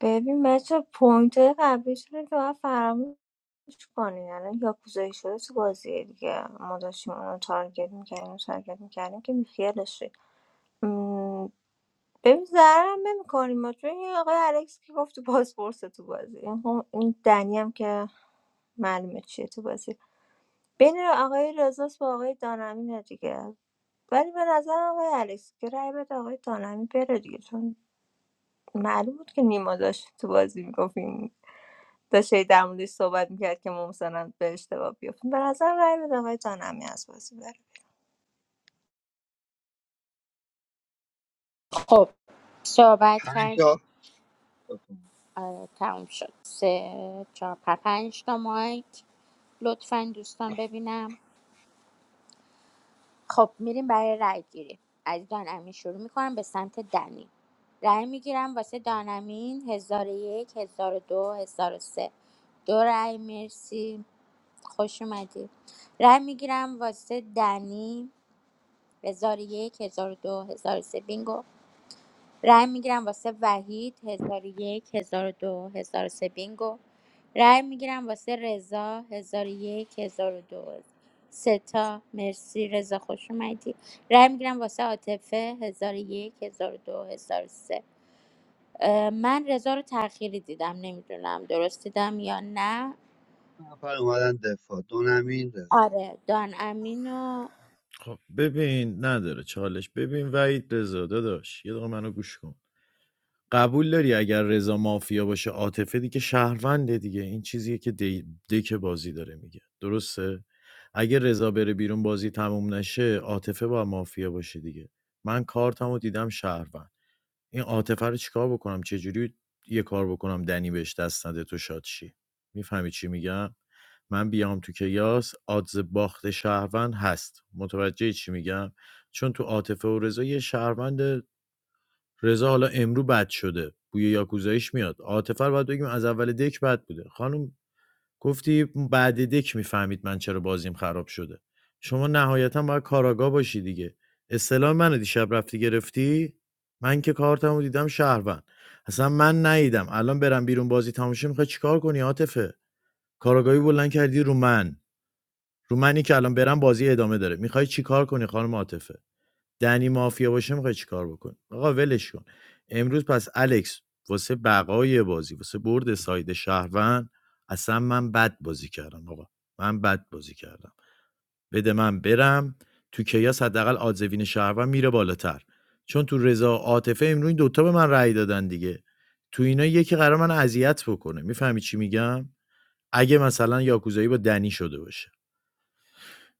[SPEAKER 5] ببین بچه پوینت های قبلیشون رو که باید فراموش کنین الان یاکوزایی شده تو بازیه دیگه ما داشتیم اونو تارگت میکردیم اونو تارگت میکردیم که بیخیالش شید م، ببین ضررم نمیکنیم ما چون این آقای الکس که گفت تو پاسپورت تو بازی این هم- این دنی هم که معلومه چیه تو بازی بین آقای رزاس با آقای دانمینه دیگه ولی به نظر آقای الکس که رای بده آقای دانمی بره دیگه چون معلوم بود که نیما داشت تو بازی میگفت داشت در موردش صحبت میکرد که ما مثلا به اشتباه بیافتیم به نظر رای بده آقای جانمی از بازی بره
[SPEAKER 19] خب صحبت
[SPEAKER 15] پنج
[SPEAKER 19] کرد
[SPEAKER 15] تا بفرمایید.
[SPEAKER 19] آره تموم شد سه چهار پنج تا مایک لطفا دوستان ببینم خب میریم برای رای گیری از دانمین شروع میکنم به سمت دنی رای میگیرم واسه دانمین هزار و یک هزار و دو هزار و سه دو رأی مرسی خوش اومدی رای میگیرم واسه دنی هزار و یک هزار و دو هزار و سه بینگو رای میگیرم واسه وحید هزار 1002 1003 بینگو رای میگیرم واسه رضا 1001 دو سه تا مرسی رضا خوش اومدی رای میگیرم واسه عاطفه هزار 1002 1003 اه، من رضا رو تأخیری دیدم نمیدونم درست دیدم یا نه
[SPEAKER 15] نفر اومدن دفاع دونمین رضا
[SPEAKER 19] آره دان امینو
[SPEAKER 17] خب ببین نداره چالش ببین وحید رضا داداش یه دقیقه منو گوش کن قبول داری اگر رضا مافیا باشه عاطفه دیگه شهرونده دیگه این چیزیه که دی... دک بازی داره میگه درسته اگه رضا بره بیرون بازی تموم نشه عاطفه با مافیا باشه دیگه من کارتمو دیدم شهروند این عاطفه رو چیکار بکنم چه چجوری یه کار بکنم دنی بهش دست نده تو شاد شی میفهمی چی میگم من بیام تو کیاس آدز باخت شهروند هست متوجه چی میگم چون تو عاطفه و رضا یه شهروند رضا حالا امرو بد شده بوی یاکوزایش میاد عاطفه رو باید بگیم از اول دک بد بوده خانم گفتی بعد دک میفهمید من چرا بازیم خراب شده شما نهایتا باید کاراگاه باشی دیگه اصطلاح منو دیشب رفتی گرفتی من که کارتمو دیدم شهروند اصلا من نیدم الان برم بیرون بازی تماشا میخوای چیکار کنی عاطفه کاراگاهی بلند کردی رو من رو منی که الان برم بازی ادامه داره میخوای چیکار کنی خانم عاطفه دنی مافیا باشه میخوای چیکار بکنی آقا ولش کن امروز پس الکس واسه بقای بازی واسه برد ساید شهروند اصلا من بد بازی کردم آقا من بد بازی کردم بده من برم تو کیاس حداقل آدزوین شهروند میره بالاتر چون تو رضا و عاطفه امروز این دوتا به من رأی دادن دیگه تو اینا یکی قرار من اذیت بکنه میفهمی چی میگم اگه مثلا یاکوزایی با دنی شده باشه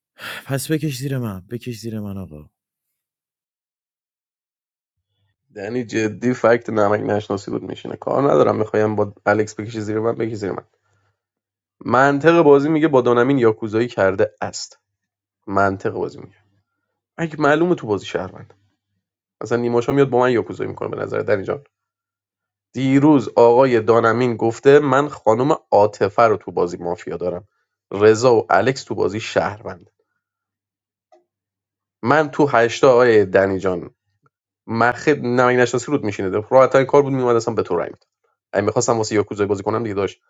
[SPEAKER 17] [SIGHS] پس بکش زیر من بکش زیر من آقا
[SPEAKER 8] یعنی جدی فکت نمک نشناسی بود میشینه کار ندارم میخوایم با الکس بکشی زیر من بکشی زیر من منطق بازی میگه با دانمین یاکوزایی کرده است منطق بازی میگه اگه معلومه تو بازی شهر مثلا نیماشا میاد با من یاکوزایی میکنه به نظر دنی جان دیروز آقای دانمین گفته من خانم عاطفه رو تو بازی مافیا دارم رضا و الکس تو بازی شهروند من تو هشتا آقای دنی جان مخ نمک نشناسی رود میشینه راحت کار بود میومد اصلا به تو رای میدادم اگه میخواستم واسه یاکوزایی بازی کنم دیگه داشت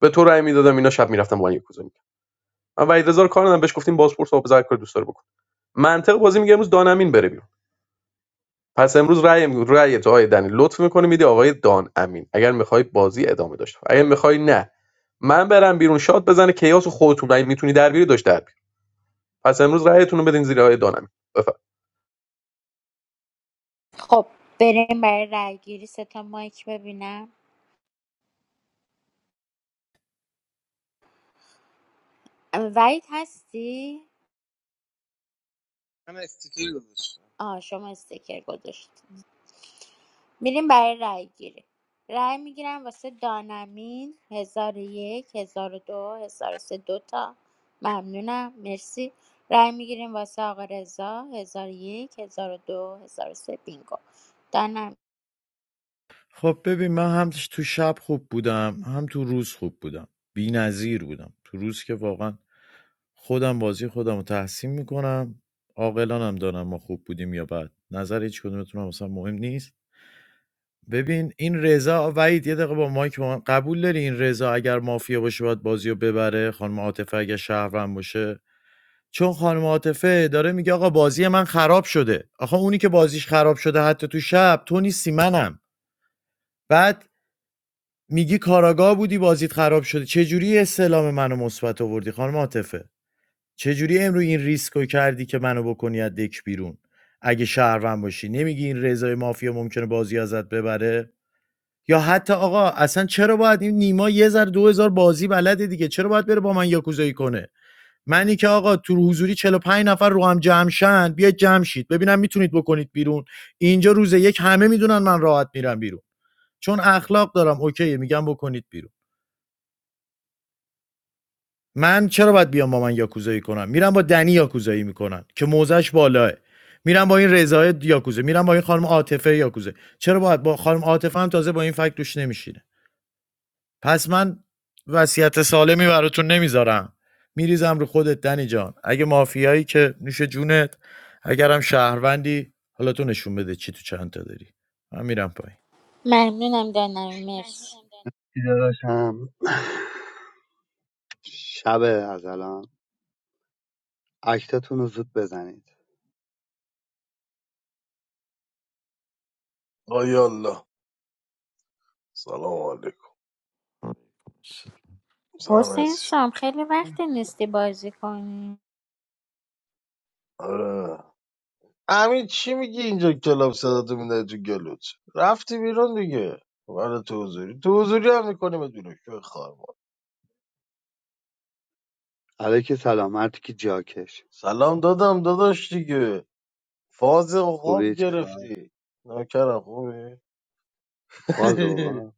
[SPEAKER 8] به تو رای میدادم اینا شب میرفتم با من یاکوزایی میکردم من وحید رضا رو کار ندادم بهش گفتیم بازپرس آب زرد کار دوست داره بکن منطق بازی میگه امروز دانمین بره بیرون پس امروز رأی رأی تو آقای دنی لطف میکنی میدی آقای دان امین اگر میخوای بازی ادامه داشته باشه. اگر میخوای نه من برم بیرون شاد بزنه کیاس و خودتون رأی میتونی در بیاری داشت در بیاری. پس امروز رأیتون رو بدین زیر آقای دان امین بفرمایید
[SPEAKER 19] خب بریم برای رای گیری سه تا مایک ببینم وحید هستی
[SPEAKER 14] من استیکر گذاشتم
[SPEAKER 19] آه شما استیکر گذاشتید میریم برای رای گیری رای میگیرم واسه دانمین هزار و یک هزار و دو هزار و سه دوتا ممنونم مرسی رای میگیریم واسه آقا رضا هزار و یک هزار و دو هزار و سه بینگو دانم
[SPEAKER 17] خب ببین من هم تو شب خوب بودم هم تو روز خوب بودم بی‌نظیر بودم تو روز که واقعا خودم بازی خودم رو تحسین میکنم عاقلانم دانم ما خوب بودیم یا بد نظر هیچ کدومتون هم مثلا مهم نیست ببین این رضا وحید یه دقیقه با مایک با من قبول داری این رضا اگر مافیا باشه باید بازی رو ببره خانم عاطفه اگر شهروند باشه چون خانم عاطفه داره میگه آقا بازی من خراب شده آخه اونی که بازیش خراب شده حتی تو شب تو نیستی منم بعد میگی کاراگاه بودی بازیت خراب شده چجوری استعلام منو مثبت آوردی خانم عاطفه چجوری امروز این ریسکو کردی که منو بکنی از دک بیرون اگه شهروند باشی نمیگی این رضای مافیا ممکنه بازی ازت ببره یا حتی آقا اصلا چرا باید این نیما یه ذره دو هزار بازی بلده دیگه چرا باید بره با من یاکوزایی کنه منی که آقا تو حضوری 45 نفر رو هم جمع شن بیاید جمع شید ببینم میتونید بکنید بیرون اینجا روز یک همه میدونن من راحت میرم بیرون چون اخلاق دارم اوکی میگم بکنید بیرون من چرا باید بیام با من یاکوزایی کنم میرم با دنی یاکوزایی میکنن. که موزش بالاه میرم با این رضای یاکوزه میرم با این خانم عاطفه یاکوزه چرا باید با خانم عاطفه هم تازه با این فکت دوش نمیشینه پس من وصیت سالمی براتون نمیذارم میریزم رو خودت دنی جان اگه مافیایی که نوش جونت اگرم شهروندی حالا تو نشون بده چی تو چند تا داری من میرم پایین
[SPEAKER 19] ممنونم دانمین مرسی
[SPEAKER 15] چی داداشم شب از الان اکتاتون رو زود بزنید
[SPEAKER 22] آیا الله سلام علیکم سلام
[SPEAKER 19] حسین
[SPEAKER 22] عزیزم.
[SPEAKER 19] سام خیلی وقت نیستی بازی کنی
[SPEAKER 22] آره امین چی میگی اینجا کلاب صداتو میده تو گلوت رفتی بیرون دیگه برای تو حضوری تو حضوری هم میکنی بدون شوی خار مادر.
[SPEAKER 15] علیک سلام مرتی جاکش
[SPEAKER 22] سلام دادم داداش دیگه فاز خواب
[SPEAKER 15] خوبی چه خبر
[SPEAKER 22] گرفتی ناکرم خوبی
[SPEAKER 15] فاز
[SPEAKER 22] [LAUGHS]
[SPEAKER 15] آقا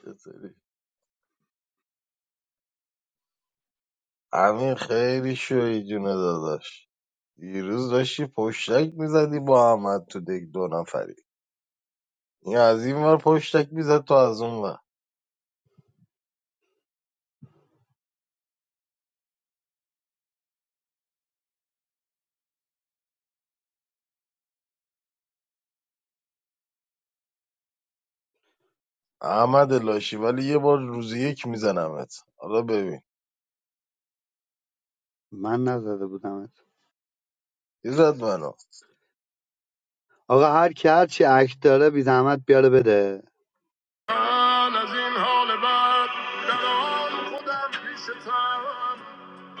[SPEAKER 22] چطوری؟ امین خیلی شوی جونه داداش دیروز داشتی پشتک میزدی با احمد تو دک دو نفری این از این ور پشتک میزد تو از اون ور احمد لاشی ولی یه بار روز یک میزنمت حالا ببین
[SPEAKER 15] من نزده بودمت
[SPEAKER 22] ایزد منو
[SPEAKER 15] آقا هر کی هر چی اکت داره بی زحمت بیاره بده
[SPEAKER 3] من از این حال بعد در آن خودم پیش تم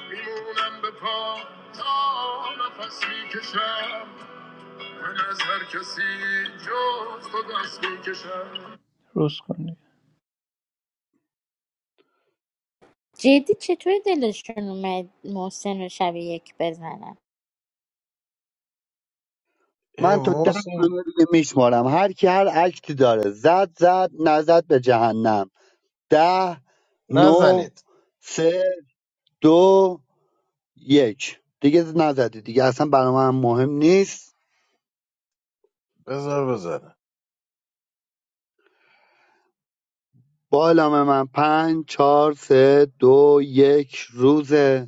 [SPEAKER 3] میمونم به پا تا نفس میکشم من از هر کسی جز تو دست میکشم درست کنی
[SPEAKER 19] جدی چطور دلشون اومد محسن رو شب یک بزنن
[SPEAKER 22] ای
[SPEAKER 15] من تا ده
[SPEAKER 22] محسن
[SPEAKER 15] ثانیه دیگه میشمارم هر کی هر اکتی داره زد زد نزد به جهنم ده نو
[SPEAKER 22] نزنید
[SPEAKER 15] سه دو یک دیگه نزدی دیگه اصلا برای من مهم نیست
[SPEAKER 22] بذار بزنه
[SPEAKER 15] با علامه من پنج چهار سه دو یک روز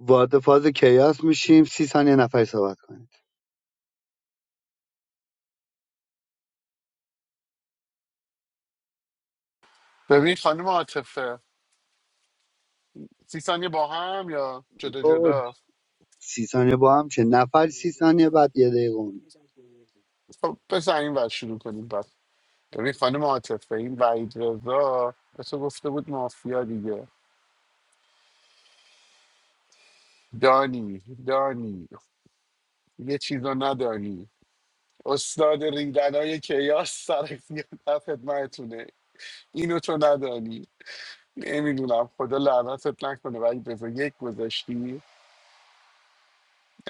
[SPEAKER 15] وارد فاز کیاس میشیم سی ثانیه نفر صحبت کنید
[SPEAKER 10] ببین خانم عاطفه سی ثانیه با هم یا جدا
[SPEAKER 15] اوج.
[SPEAKER 10] جدا
[SPEAKER 15] سی ثانیه با هم چه نفر سی ثانیه بعد یه دقیقه اون
[SPEAKER 10] خب بزن این ور شروع کنیم بعد ببین خانم عاطفه این وحید رضا به تو گفته بود مافیا دیگه دانی دانی یه چیز رو ندانی استاد ریدن های کیاس سر در خدمتونه اینو تو ندانی نمیدونم خدا لعنتت نکنه ولی رضا یک گذاشتی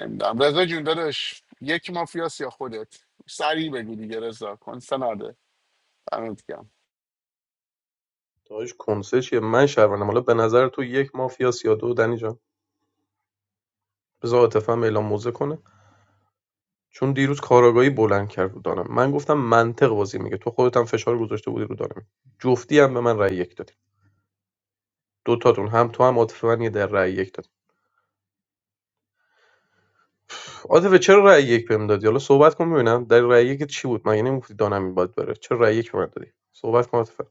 [SPEAKER 10] نمیدونم رضا جون داداش یک مافیاس یا خودت سریع بگو دیگه رضا کنسناده دمت گرم
[SPEAKER 8] داش کنسه چیه من شهروندم حالا به نظر تو یک مافیا یا دو دنی جان بذار عاطفه هم اعلام موزه کنه چون دیروز کاراگاهی بلند کرد رو دانم من گفتم منطق بازی میگه تو خودت هم فشار گذاشته بودی رو دانم جفتی هم به من رأی یک دادی دو تاتون هم تو هم عاطفه من یه در رأی یک دادی. عاطفه چرا رأی یک بهم دادی حالا صحبت کن ببینم در رأی یکت چی بود مگه نمیگفتی دانمی باید بره چرا رأی یک به من دادی صحبت کن عاطفه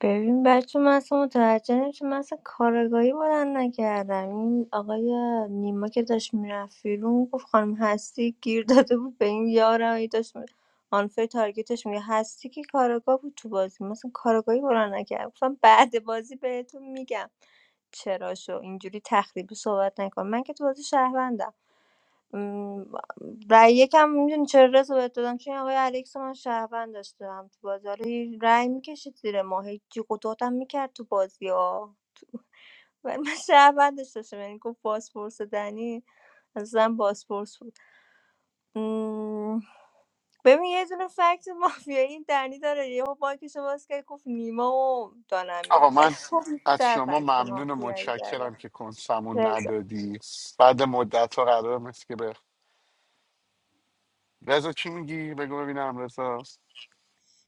[SPEAKER 5] ببین بچه من اصلا متوجه نمیشم من اصلا کارگاهی بلند نکردم این آقای نیما که داشت میرفت بیرون گفت خانم هستی گیر داده بود به این یارم هی داشت می- آنفر تارگتش میگه هستی که کارگاه بود تو بازی مثلا کارگاهی بلند نکردم گفتم بعد بازی بهتون میگم چرا شو اینجوری تخریبی صحبت نکن من که تو بازی شهروندم م، رأی یکم میدونی چرا رضا بهت دادم چون این آقای الکس رو من شهروند داشتم تو بازی حالا هی رأی میکشید زیر ما هیچی قطعاتم میکرد تو بازی ها ولی من [LAUGHS] شهروندش داشتم یعنی گفت بازپرس دنی اصلا بازپرس بود م، ببین یه دونه فکت مافیایی این دنی داره یهو باکش باز کرد گفت نیما و
[SPEAKER 10] آقا
[SPEAKER 5] دانمینم
[SPEAKER 10] من
[SPEAKER 5] ولی تو
[SPEAKER 10] از
[SPEAKER 5] بیشتر
[SPEAKER 10] شما
[SPEAKER 5] فکت
[SPEAKER 10] ممنون و
[SPEAKER 5] مافیایی
[SPEAKER 10] متشکرم که کنسمون
[SPEAKER 5] داره
[SPEAKER 10] ندادی بعد مدت ها قرار مثل که به رضا چی میگی بگو ببینم رضا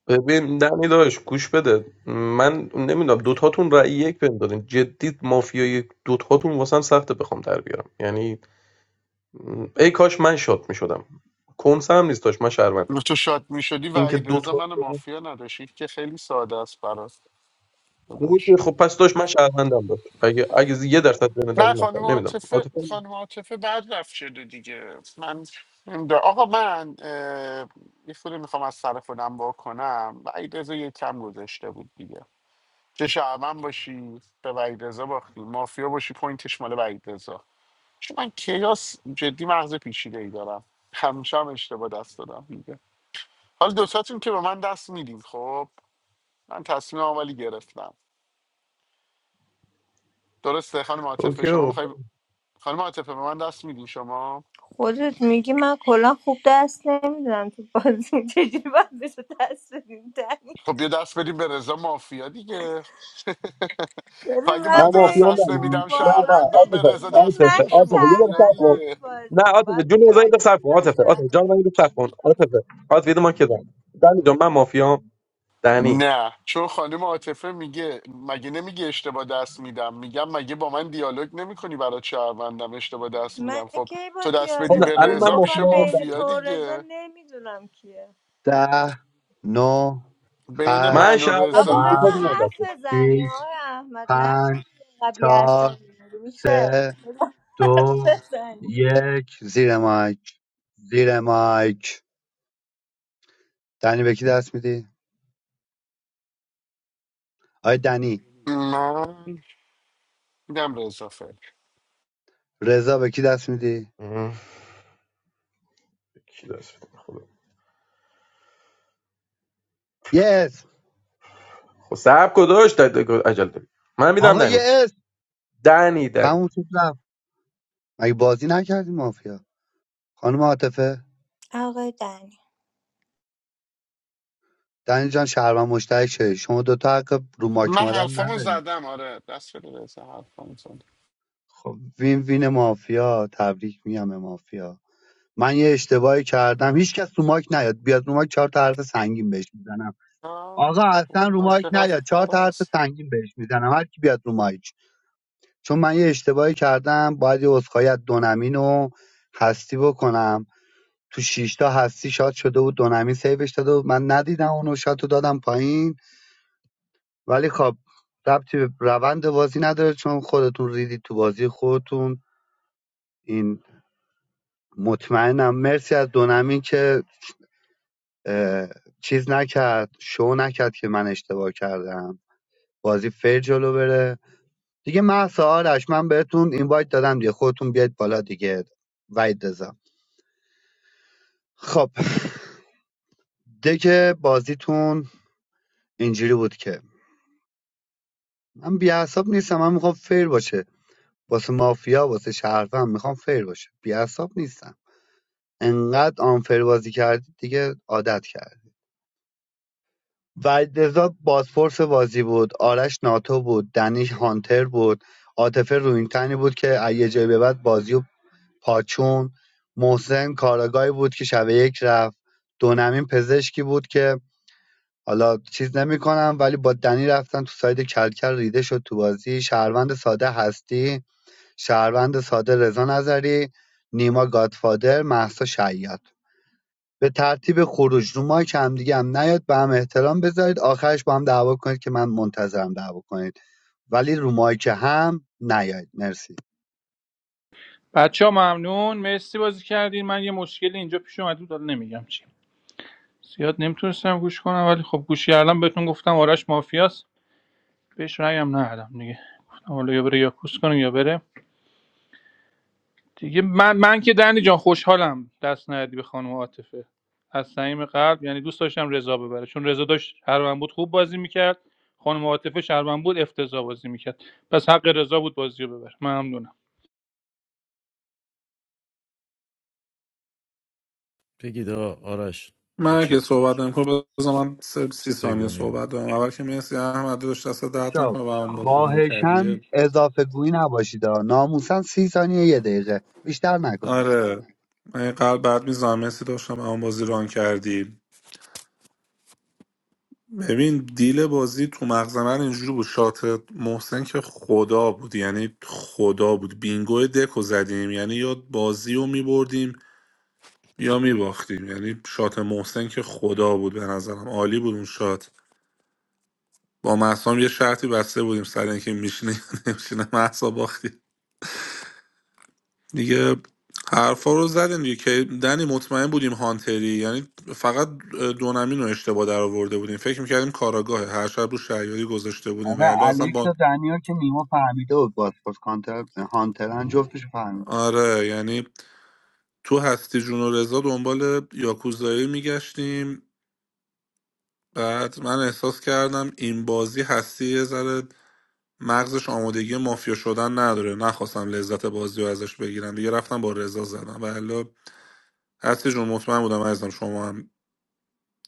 [SPEAKER 8] ببین دمی داشت گوش بده من نمیدونم دوتاتون رأی یک بهم دادین جدی مافیای دوتاتون واسم سخته بخوام در بیارم یعنی م، ای کاش من شات میشدم کنسه هم نیست داشت من شهروندم
[SPEAKER 10] تو شاد میشدی و
[SPEAKER 8] اینکه
[SPEAKER 10] عید رضا
[SPEAKER 8] دوتا
[SPEAKER 10] من مافیا نداشتی که خیلی ساده است برات داداش.
[SPEAKER 8] خب خب پس داشت من شهروندم بود اگه اگه یه درصد بین در
[SPEAKER 10] نه
[SPEAKER 8] این
[SPEAKER 10] خانم
[SPEAKER 8] نمیدونم
[SPEAKER 10] عاطفه
[SPEAKER 8] عاطفه
[SPEAKER 10] خانم عاطفه بعد رفت شده دیگه من نمی‌دونم. آقا من اه، یه خورده میخوام از سر خودم با کنم وعید رضا یه کم گذاشته بود دیگه چه شعبن باشی به وعید رضا باختی مافیا باشی پوینتش مال وعید رضا چون من کیاس جدی مغز پیچیده ای دارم همیشه هم اشتباه دست دادم دیگه حالا دوتاتون که به من دست میدین خب من تصمیم ولی گرفتم درسته خانم عاطفه
[SPEAKER 8] اوکی
[SPEAKER 10] شما
[SPEAKER 8] آقا
[SPEAKER 10] میخوای خانم عاطفه به من دست میدین شما
[SPEAKER 5] خودت میگی من کلا خوب دست نمیدونم تو بازی [LAUGHS] چجوری باید بشه دست بدیم دنی
[SPEAKER 10] خب یه دست بدیم به رضا مافیا دیگه
[SPEAKER 5] ببین
[SPEAKER 10] [LAUGHS] اگه
[SPEAKER 8] من
[SPEAKER 10] من
[SPEAKER 5] من
[SPEAKER 10] درست
[SPEAKER 5] بین
[SPEAKER 8] مافیام
[SPEAKER 10] دست
[SPEAKER 8] بله
[SPEAKER 5] تو
[SPEAKER 10] نمیدم
[SPEAKER 8] نه نه
[SPEAKER 5] واقعا
[SPEAKER 10] شهروندم
[SPEAKER 5] بین
[SPEAKER 10] به
[SPEAKER 5] تو
[SPEAKER 8] عاطفه
[SPEAKER 10] رضا
[SPEAKER 5] ببین
[SPEAKER 10] دست بدی
[SPEAKER 5] من
[SPEAKER 8] عاطفه
[SPEAKER 5] که
[SPEAKER 10] میشه
[SPEAKER 8] عاطفه یه دقیقه
[SPEAKER 10] مافیا
[SPEAKER 8] صبر کن
[SPEAKER 5] شهروندم تو
[SPEAKER 10] دیگه
[SPEAKER 8] نه
[SPEAKER 5] بازی
[SPEAKER 8] عاطفه
[SPEAKER 5] باید
[SPEAKER 8] جون بزن یه دقیقه
[SPEAKER 5] متوجه
[SPEAKER 8] صبر
[SPEAKER 5] بشی
[SPEAKER 8] کن
[SPEAKER 5] من
[SPEAKER 8] عاطفه عاطفه
[SPEAKER 5] شهروندم
[SPEAKER 8] جان من یه دقیقه صبر کن عاطفه عاطفه ما که دارم دنی جان من مافیام دنی
[SPEAKER 10] نه چون خانم عاطفه میگه مگه نمیگه اشتباه دست میدم میگم مگه با من دیالوگ نمیکنی برای شهروندم اشتباه دست
[SPEAKER 5] من
[SPEAKER 10] میدم خب
[SPEAKER 5] کی با
[SPEAKER 10] تو دست
[SPEAKER 8] خب
[SPEAKER 10] بدی
[SPEAKER 8] نه
[SPEAKER 5] دیالوگ
[SPEAKER 10] به
[SPEAKER 8] الان
[SPEAKER 5] کردم
[SPEAKER 8] من
[SPEAKER 10] رضا میشه
[SPEAKER 5] گفتم
[SPEAKER 8] مافیام
[SPEAKER 5] بین
[SPEAKER 8] دنی
[SPEAKER 5] تو
[SPEAKER 10] مافیا
[SPEAKER 5] و رضا
[SPEAKER 10] دیگه
[SPEAKER 5] نمیدونم کیه
[SPEAKER 15] ده نو
[SPEAKER 10] بین
[SPEAKER 8] من
[SPEAKER 15] هشت
[SPEAKER 10] من و
[SPEAKER 5] آقا
[SPEAKER 8] شهروندم دو
[SPEAKER 10] رضا
[SPEAKER 8] تا
[SPEAKER 5] بذار
[SPEAKER 15] هفت
[SPEAKER 8] دیگه
[SPEAKER 10] نمیدم
[SPEAKER 8] دست
[SPEAKER 5] حرف بزنی
[SPEAKER 15] شیش
[SPEAKER 5] آقای احمد نکن
[SPEAKER 15] پنج
[SPEAKER 5] قبیه هستم
[SPEAKER 15] چهار
[SPEAKER 5] میشه
[SPEAKER 15] سه دو
[SPEAKER 5] بزنی
[SPEAKER 15] یک زیر مایک زیر مایک دنی به کی دست میدی؟ آیا دنی
[SPEAKER 10] من میدم رضا فکر
[SPEAKER 15] رضا به کی دست میدی؟
[SPEAKER 8] بدم. کی دست بده؟ خدا
[SPEAKER 15] یس
[SPEAKER 8] خب صبر کداش عجل داری من میدم
[SPEAKER 15] آقا یس
[SPEAKER 8] دنی
[SPEAKER 15] اسم
[SPEAKER 8] دنی دنی
[SPEAKER 15] تموم شد رفت مگه بازی نکردیم مافیا خانم عاطفه
[SPEAKER 5] آقای دنی
[SPEAKER 15] دنی جان شهروند مشترک شدی شما دوتا حق رو ماک
[SPEAKER 10] من
[SPEAKER 15] اومدن
[SPEAKER 10] حرفامو
[SPEAKER 15] ندارید
[SPEAKER 10] زدم آره دست بده رضا حرفامو زدم
[SPEAKER 15] خب وین وین مافیا تبریک میگم به مافیا من یه اشتباهی کردم هیچکس رو ماک نیاد بیاد رو ماک چهار تا حرف سنگین بهش میزنم
[SPEAKER 10] آه،
[SPEAKER 15] آقا اصلا
[SPEAKER 10] بابا
[SPEAKER 15] رو
[SPEAKER 10] من
[SPEAKER 15] ماک
[SPEAKER 10] چقدر
[SPEAKER 15] نیاد چهار تا حرف
[SPEAKER 10] خراس
[SPEAKER 15] سنگین بهش میزنم هر کی بیاد رو ماک چون من یه اشتباهی کردم باید یه عذرخواهی از دونمین و هستی بکنم تو شیش تا هستی شاد شده بود دونمین سیوش داده بود من ندیدم اونو شاد رو دادم پایین ولی خب ربطی به روند بازی نداره چون خودتون ریدید تو بازی خودتون این مطمئنم مرسی از دونمی که چیز نکرد شو نکرد که من اشتباه کردم بازی فیر جلو بره دیگه محسا آرش من بهتون اینوایت دادم دیگه خودتون بیاید بالا دیگه وید دزم خب دیگه بازیتون اینجوری بود که من بیعصاب نیستم من میخوام فیر باشه واسه مافیا واسه شهروند میخوام فیر باشه بیعصاب نیستم انقدر آنفیر بازی کردید دیگه عادت کرد وحیدرضا بازپرس بازی بود آرش ناتو بود دنیش هانتر بود عاطفه روینتنی بود که از یه جایی به بعد بازی و پاچون محسن کاراگاهی بود که شب یک رفت دونمین پزشکی بود که حالا چیز نمیکنم ولی با دنی رفتن تو ساید کلکل ریده شد تو بازی شهروند ساده هستی شهروند ساده رضا نظری نیما گادفادر محسا شیاد به ترتیب خروج رو مایک همدیگه هم نیاد به هم احترام بذارید آخرش با هم دعوا کنید که من منتظرم دعوا کنید ولی رو مایک هم نیاید مرسی
[SPEAKER 3] بچه ها ممنون مرسی بازی کردین من یه مشکلی اینجا پیش اومد بود حالا نمیگم چی زیاد نمیتونستم گوش کنم ولی خب گوش کردم بهتون گفتم آرش مافیاست بهش رأیم ندادم دیگه گفتم حالا یا بره یا کوس کنیم یا بره دیگه من, من که دنی جان خوشحالم دست ندی به خانم عاطفه از صمیم قلب یعنی دوست داشتم رضا ببره چون رضا داشت شهروند بود خوب بازی میکرد خانم عاطفه شهروند بود افتضاح بازی میکرد پس حق رضا بود بازی رو ببره ممنونم
[SPEAKER 17] بگید آقا، آرش
[SPEAKER 12] من
[SPEAKER 17] بچه
[SPEAKER 12] که صحبت نمیکنم بذار من سه- سی ثانیه
[SPEAKER 17] بگونیم
[SPEAKER 12] صحبت دارم اول که مرسی احمد داشت دست درد
[SPEAKER 15] بچه
[SPEAKER 12] نکنه برام بازی
[SPEAKER 15] خواهشن
[SPEAKER 12] کردی
[SPEAKER 15] اضافه گویی نباشید ها. ناموسن سی ثانیه یه دقیقه بیشتر نکنید
[SPEAKER 12] آره من یه قلب بعد میزنم مسی داشتم اما بازی ران کردی ببین دیل بازی تو مغز من اینجوری بود شات محسن که خدا بود یعنی خدا بود بینگو دکو زدیم یعنی یا بازی رو میبردیم یا میباختیم یعنی شات محسن که خدا بود به نظرم عالی بود اون شات با محسام یه شرطی بسته بودیم سر اینکه میشینه یا نمیشینه [LAUGHS] محسا باختی. دیگه حرفا رو زدیم دیگه که دنی مطمئن بودیم هانتری یعنی فقط دونمین رو اشتباه در آورده بودیم فکر میکردیم کاراگاهه هر شب رو شهریاری گذاشته بودیم ولی
[SPEAKER 15] آره
[SPEAKER 12] اصلا
[SPEAKER 15] الکس
[SPEAKER 12] با
[SPEAKER 15] و دنیا که نیما فهمیده بود باسپورس کانتر هانترن جفتش فهمیده
[SPEAKER 12] آره یعنی تو هستی جون و رضا دنبال یاکوزایی میگشتیم بعد من احساس کردم این بازی هستی یه ذره مغزش آمادگی مافیا شدن نداره نخواستم لذت بازی رو ازش بگیرم دیگه رفتم با رضا زدم ولی هستی جون مطمئن بودم عزیزم شما هم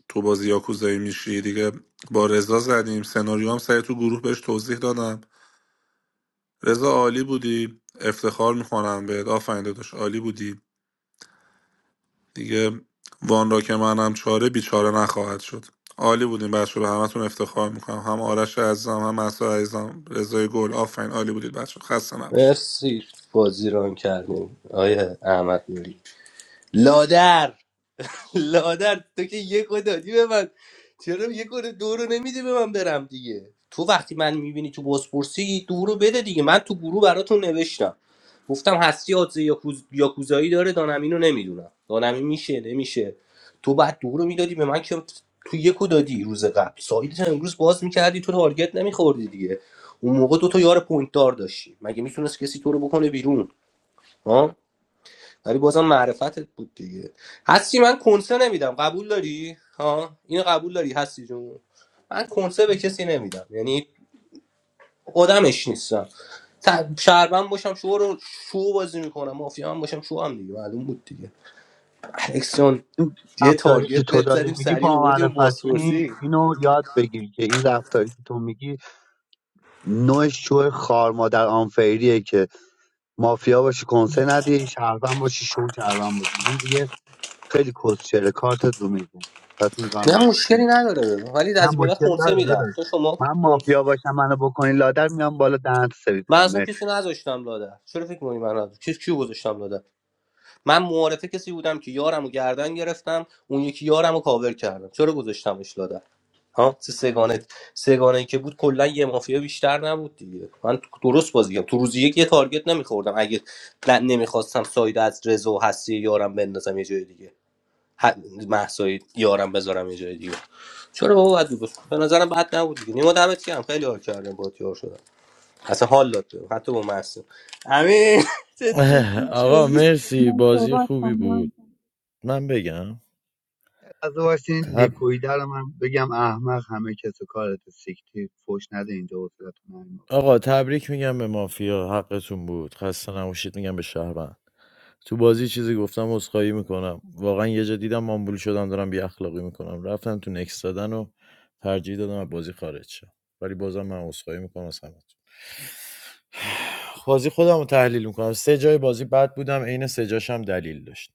[SPEAKER 12] تو بازی یاکوزایی میشی دیگه با رضا زدیم سناریو هم سعی تو گروه بهش توضیح دادم رضا عالی بودی افتخار میکنم بهت آفرین داداش عالی بودی دیگه وان را که منم چاره بیچاره نخواهد شد عالی بودیم بچه به همتون افتخار میکنم هم آرش عزیزم هم مسعود عزیزم رضای گل آفرین عالی بودید بچه خسته نباشید
[SPEAKER 1] مرسی بازی ران کردیم آیه احمد نوری لادر لادر تو که یکو دادی به من چرا یکو دو رو نمیدی به من برم دیگه تو وقتی من میبینی تو بازپرسی دو رو بده دیگه من تو گروه براتون نوشتم گفتم هستی آدزه یاکوز... یاکوزایی داره دانمینو نمیدونم دانمین میشه نمیشه تو بعد دو رو میدادی به من که تو یکو دادی روز قبل سایدت امروز باز میکردی تو تارگت نمیخوردی دیگه اون موقع دو تا یار پوینت دار داشتی مگه میتونست کسی تو رو بکنه بیرون ها ولی بازم معرفتت بود دیگه هستی من کنسه نمیدم قبول داری ها اینو قبول داری هستی جون من کنسه به کسی نمیدم یعنی آدمش نیستم ت- شهروند باشم شو رو شو بازی میکنم مافیا هم باشم شو هم دیگه معلوم بود دیگه الکس جان،
[SPEAKER 15] این
[SPEAKER 1] یه
[SPEAKER 15] رفتاری
[SPEAKER 1] تارگت
[SPEAKER 15] که تو
[SPEAKER 1] بهت
[SPEAKER 15] داری
[SPEAKER 1] زدیم
[SPEAKER 15] میگی
[SPEAKER 1] سریع
[SPEAKER 15] با
[SPEAKER 1] آوردیم
[SPEAKER 15] معرفتی نیست
[SPEAKER 1] بازپرسی
[SPEAKER 15] اینو یاد بگیر که این رفتاری که تو میگی نوع شو خار مادر آنفریه که مافیا باشی کنسه ندی شهروند باشی شو شهروند باشی این دیگه خیلی کسچره کارتت رو میزه پس این کار
[SPEAKER 1] نه
[SPEAKER 15] نکن
[SPEAKER 1] مشکلی
[SPEAKER 15] نه
[SPEAKER 1] نداره ولی از این به بعد
[SPEAKER 15] مشکل
[SPEAKER 1] کنسه
[SPEAKER 15] داره
[SPEAKER 1] میدم
[SPEAKER 15] داداش
[SPEAKER 1] تو شما
[SPEAKER 15] من مافیا باشم منو بکنی لادر میام بالا دهنت سرویس
[SPEAKER 1] من
[SPEAKER 15] کنم
[SPEAKER 1] اصلا
[SPEAKER 15] مرسی
[SPEAKER 1] کسی نذاشتم لاده چرا فکر می‌کنی من نذاشتم چیز کیو گذاشتم لاده من معارفه کسی بودم که یارم و گردن گرفتم اون یکی یارم رو کاور کردم چرا گذاشتمش لادن ها سه سگانه سگانه ای که بود کلا یه مافیا بیشتر نبود دیگه من درست بازی کردم تو روزی یک یه تارگت نمیخوردم اگه ن- نمیخواستم ساید از رضا و هستی یارم بندازم یه جای دیگه محسای یارم بذارم یه جای دیگه چرا بابا بد بود به نظرم بد نبود دیگه نیما دمت گرم خیلی حال کردم با یار شدم اصلا حال داد بهم. حتی با محسن امین [LAUGHS] چه پوچی
[SPEAKER 17] آقا
[SPEAKER 1] شدی
[SPEAKER 17] مرسی
[SPEAKER 16] من
[SPEAKER 17] بازی
[SPEAKER 16] صحبت
[SPEAKER 17] خوبی بود
[SPEAKER 16] کنم
[SPEAKER 17] من بگم؟
[SPEAKER 15] از اون ورش این
[SPEAKER 17] تب
[SPEAKER 15] لیکویده رو من بگم احمق همه کس و کارت سیکتی فوش نده اینجا حوصلتون نریم بابا.
[SPEAKER 17] آقا تبریک میگم به مافیا حقتون بود خسته نباشید میگم به شهروند تو بازی چیزی گفتم عذرخواهی میکنم واقعا یه جا دیدم آمبول شدم دارم بی اخلاقی میکنم رفتم تو نکس دادن و ترجیح دادم از بازی خارج شم ولی بازم من عذرخواهی میکنم از همتون [SIGHS] بازی خودم رو تحلیل میکنم سه جای بازی بد بودم عین سه جاش هم دلیل داشت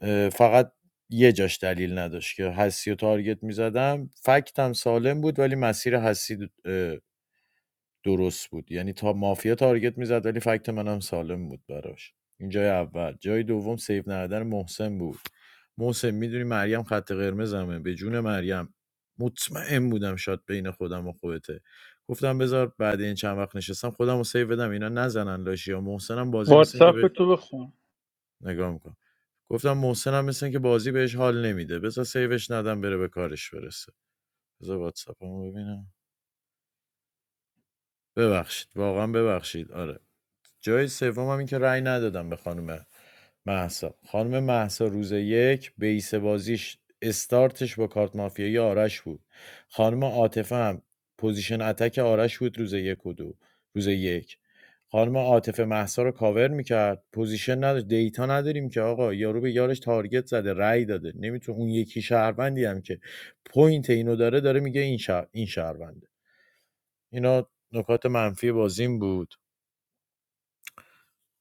[SPEAKER 17] اه، فقط یه جاش دلیل نداشت که حسی و تارگت میزدم فکتم سالم بود ولی مسیر حسی درست بود یعنی تا مافیا تارگت میزد ولی فکت منم سالم بود براش این جای اول جای دوم سیو ندادن محسن بود محسن میدونی مریم خط قرمزمه به جون مریم مطمئن بودم شاد بین خودم و خودته گفتم بذار بعد این چند وقت نشستم خودم رو سیو بدم اینا نزنن لاشی یا محسنم بازی مثل اینکه
[SPEAKER 3] واتساپ
[SPEAKER 17] به
[SPEAKER 3] تو بخون
[SPEAKER 17] نگاه میکنم گفتم محسنم مثل اینکه بازی بهش حال نمیده بذار سیوش ندم بره به کارش برسه بذار واتساپمو ببینم ببخشید واقعا ببخشید آره جای سوم هم این که رأی ندادم به خانم محسا خانم محسا روز یک بیس بازیش استارتش با کارت مافیایی آرش بود خانم عاطفه هم پوزیشن اتک آرش بود روز یک و دو روز یک خانم عاطفه محسا رو کاور میکرد پوزیشن نداشت دیتا نداریم که آقا یارو به یارش تارگت زده رأی داده نمیتون اون یکی شهروندی هم که پوینت اینو داره داره میگه این شهر این شهرونده اینا نکات منفی بازیم بود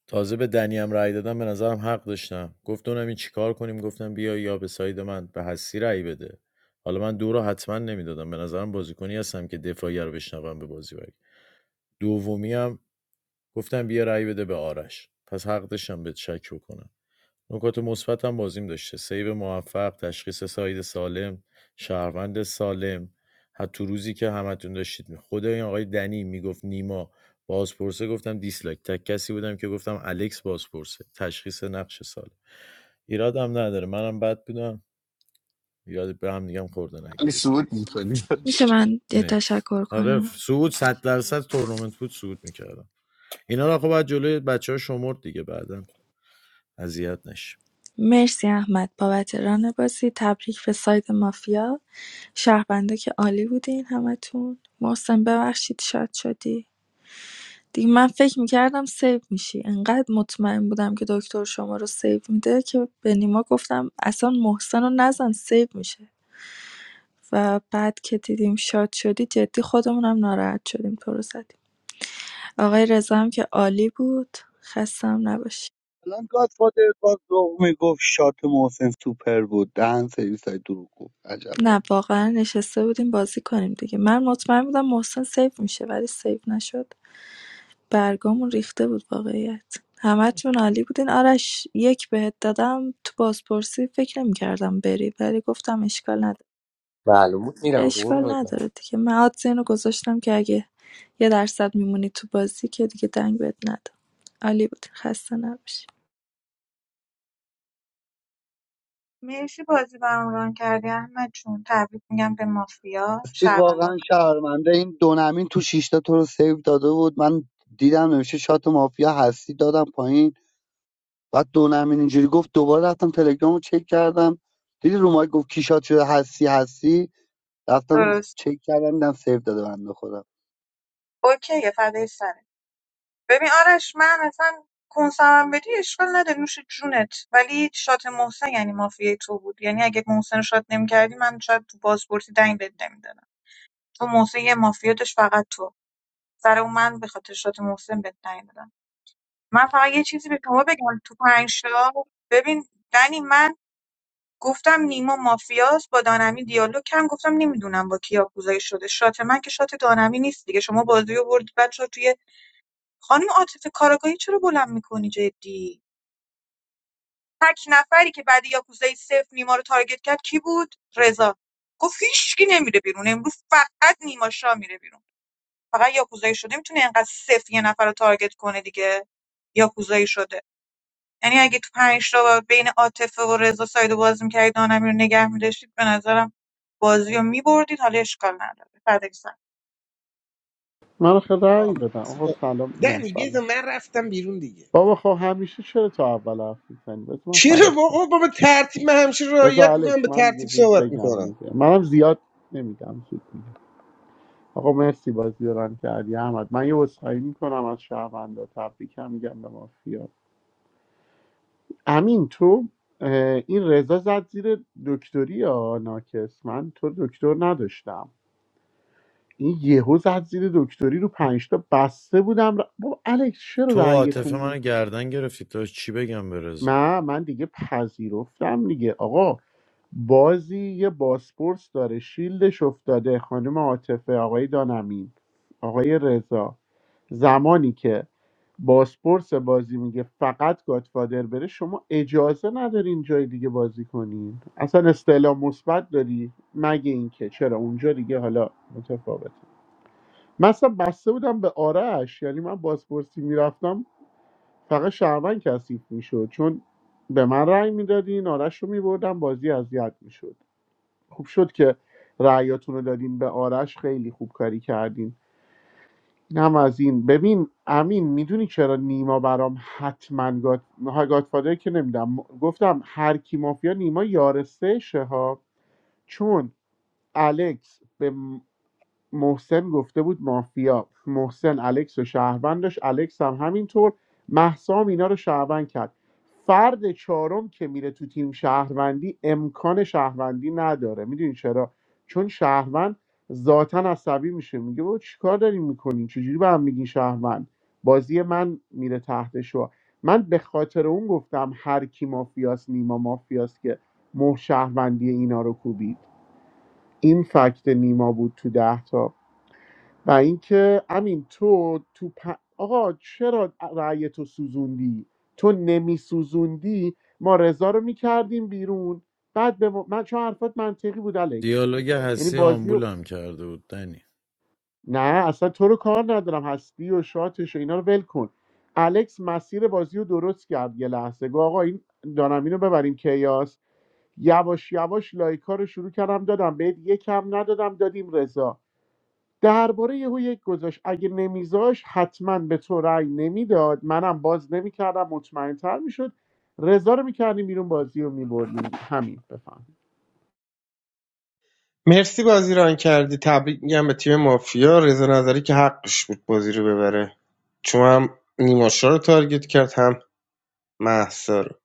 [SPEAKER 17] تازه به دنی هم رأی دادم به نظرم حق داشتم گفت دونم این چیکار کنیم گفتم بیا یا به ساید من به هستی رأی بده حالا من دو رو حتما نمیدادم به نظرم بازیکنی هستم که دفاعی رو بشنوم به بازی برگ دومی هم گفتم بیا رأی بده به آرش پس حق داشتم به شک بکنم نکات مثبت هم بازیم داشته سیو موفق تشخیص ساید سالم شهروند سالم حتی تو روزی که همتون داشتید خود این آقای دنی میگفت نیما بازپرسه گفتم دیسلایک تک کسی بودم که گفتم الکس بازپرسه تشخیص نقش سالم ایرادم نداره منم بد بودم ایراد به هم دیگه خورده
[SPEAKER 10] علی
[SPEAKER 17] نگیرید
[SPEAKER 10] سود میکنی
[SPEAKER 13] میشه
[SPEAKER 10] داشت
[SPEAKER 13] من
[SPEAKER 17] نکس
[SPEAKER 13] پر
[SPEAKER 17] آره
[SPEAKER 13] کنم
[SPEAKER 17] سعود صد درصد تورنمنت بود سعود میکردم اینا رو خب باید جلوی بچه ها شمرد دیگه بعدا اذیت نشه
[SPEAKER 13] مرسی احمد بابت ران بازی تبریک به سایت مافیا شهربنده که عالی بودین همتون محسن ببخشید شاد شدی دیگه من فکر میکردم سیو میشی انقدر مطمئن بودم که دکتر شما رو سیو میده که به نیما گفتم اصلا محسن رو نزن سیو میشه و بعد که دیدیم شاد شدی جدی خودمونم ناراحت شدیم تو رو زدیم آقای رضا هم که عالی بود خستم نباشی
[SPEAKER 15] الان گادفادر باز دوم میگفت شات محسن سوپر بود دهن سرویس های دروغ گفت عجب
[SPEAKER 13] نه واقعا نشسته بودیم بازی کنیم دیگه من مطمئن بودم محسن سیو میشه ولی سیو نشد برگامون ریخته بود واقعیت همتون عالی بودین آرش یک بهت دادم تو بازپرسی فکر نمیکردم بری ولی گفتم اشکال نداره
[SPEAKER 1] معلوم بود میرم
[SPEAKER 13] اشکال
[SPEAKER 1] قرونت برم
[SPEAKER 13] نداره دیگه من آدز اینو گذاشتم که اگه یه درصد میمونی تو بازی که دیگه دنگ بهت ندم عالی بود خسته نباشی
[SPEAKER 16] مرسی بازی برام ران کردی احمد جون تبریک میگم به مافیا
[SPEAKER 15] راستی
[SPEAKER 16] شهروندان
[SPEAKER 15] واقعا شهرمنده این دونمین تو شیشتا تو رو سیو داده بود من دیدم نمیشه شات مافیا هستی دادم پایین بعد دونمین اینجوری گفت دوباره رفتم تلگرام رو چک کردم دیدی رو مایک گفت کی شات شده هستی هستی رفتم
[SPEAKER 16] درست.
[SPEAKER 15] چک کردم دیدم سیو داده بنده خودم
[SPEAKER 16] اوکیه فدای سرت ببین آرش من اصلا کنسمم بدی اشکال نده نوش جونت ولی شات محسن یعنی مافیای تو بود یعنی اگه محسن رو شات نمیکردی من شاید تو بازپرسی دنگ بهت نمیدادم تو محسن یه مافیا داشت فقط تو سر اون من به خاطر شات محسن بهت دنگ دادم من فقط یه چیزی به شما بگم تو پنج تا ببین دنی من گفتم نیما مافیاست با دانمی دیالوگ کم گفتم نمیدونم با کی یاکوزایی شده شات من که شات دانمی نیست دیگه شما بازی رو بردید بچه خانم عاطفه کاراگاهی چرا بلند میکنی جدی تک نفری که بعد یاکوزای صفر نیما رو تارگت کرد کی بود رضا گفت هیچکی نمیره بیرون امروز فقط نیما شاه میره بیرون فقط یاکوزایی شده میتونه اینقدر صفر یه نفر رو تارگت کنه دیگه یاکوزایی شده یعنی اگه تو پنج تا بین عاطفه و رضا سایدو باز می‌کردید دانمی رو نگه می‌داشتید به نظرم بازی رو می‌بردید حالا اشکال نداره فدای سرت.
[SPEAKER 10] من آخه
[SPEAKER 14] آه،
[SPEAKER 10] رأی دادم آقا
[SPEAKER 14] مرسی.
[SPEAKER 10] سلام میگم
[SPEAKER 14] دنی بیا
[SPEAKER 10] سلام
[SPEAKER 14] من رفتم بیرون دیگه
[SPEAKER 10] بابا خب همیشه چرا تا اول حرف میزنی بذار من
[SPEAKER 14] چرا
[SPEAKER 10] خراب شد
[SPEAKER 14] بابا بابا ترتیب من همیشه
[SPEAKER 10] بذار
[SPEAKER 14] رعایت میکنم
[SPEAKER 10] الکس
[SPEAKER 14] به
[SPEAKER 10] من دیگه
[SPEAKER 14] ترتیب
[SPEAKER 10] زود
[SPEAKER 14] صحبت
[SPEAKER 10] بگم
[SPEAKER 14] میکنم
[SPEAKER 10] دیگه منم زیاد نمیگم زود میگم آقا مرسی بازی رو ران کردی احمد من یه وسخایی میکنم از شهروندا تبریکم میگم به مافیا امین تو اه، این رضا زد زیر دکتری یا ناکس من تو رو دکتر نداشتم این یهو زد زیر دکتری رو پنجتا بسته بودم ر... بابا الکس چرا
[SPEAKER 17] تو و عاطفه
[SPEAKER 10] رأیتون
[SPEAKER 17] منو
[SPEAKER 10] نیست
[SPEAKER 17] گردن گرفتی تا چی بگم به رضا
[SPEAKER 10] نه من دیگه پذیرفتم دیگه آقا بازی یه باسپورس داره شیلدش افتاده خانم عاطفه آقای دانمین آقای رضا زمانی که باسپورس بازی میگه فقط گاتفادر بره شما اجازه ندارین جای دیگه بازی کنین اصلا استعلام مثبت داری مگه اینکه چرا اونجا دیگه حالا متفاوت من اصلا بسته بودم به آرش یعنی من بازپرسی میرفتم فقط شهروند کثیف میشد چون به من رأی میدادین آرش رو میبردم بازی اذیت میشد خوب شد که رأیاتون رو دادین به آرش خیلی خوب کاری کردین این هم از این ببین امین میدونی چرا نیما برام حتما گات... گاتفادر که نمیدم گفتم هر کی مافیا نیما یارسه شه ها چون الکس به محسن گفته بود مافیا محسن الکس و شهروند داشت الکس هم همینطور محسام اینا رو شهروند کرد فرد چهارم که میره تو تیم شهروندی امکان شهروندی نداره میدونی چرا چون شهروند ذاتا عصبی میشه میگه بابا چیکار دارین میکنین چجوری به هم میگین شهروند بازی من میره تحت شوا من به خاطر اون گفتم هر کی مافیاس نیما مافیاس که مه شهروندی اینا رو کوبید این فکت نیما بود تو ده تا و اینکه همین تو تو پ- آقا چرا رأی تو سوزوندی تو نمی سوزوندی ما رضا رو میکردیم بیرون بعد به ما- من چون حرفات منطقی بود الکس
[SPEAKER 17] دیالوگ
[SPEAKER 10] یعنی
[SPEAKER 17] هستی
[SPEAKER 10] بازی رو-
[SPEAKER 17] آمبولم کرده بود دنی
[SPEAKER 10] نه اصلا تو رو کار ندارم هستی و شاتش و اینا رو ول کن الکس مسیر بازی رو درست کرد یه لحظه گفت آقا این دارم اینو ببریم کیاس یواش یواش لایکا رو شروع کردم دادم بهت یکم ندادم دادیم رضا درباره یهو یک گذاشت اگه نمیذاش حتما به تو رأی نمیداد منم باز نمیکردم مطمئنتر میشد رضا رو میکردیم بیرون بازی رو میبردیم همین بفهم
[SPEAKER 14] مرسی بازی ران کردی تبریک میگم به تیم مافیا رضا نظری که حقش بود بازی رو ببره چون هم نیماشا رو تارگت کرد هم محسا رو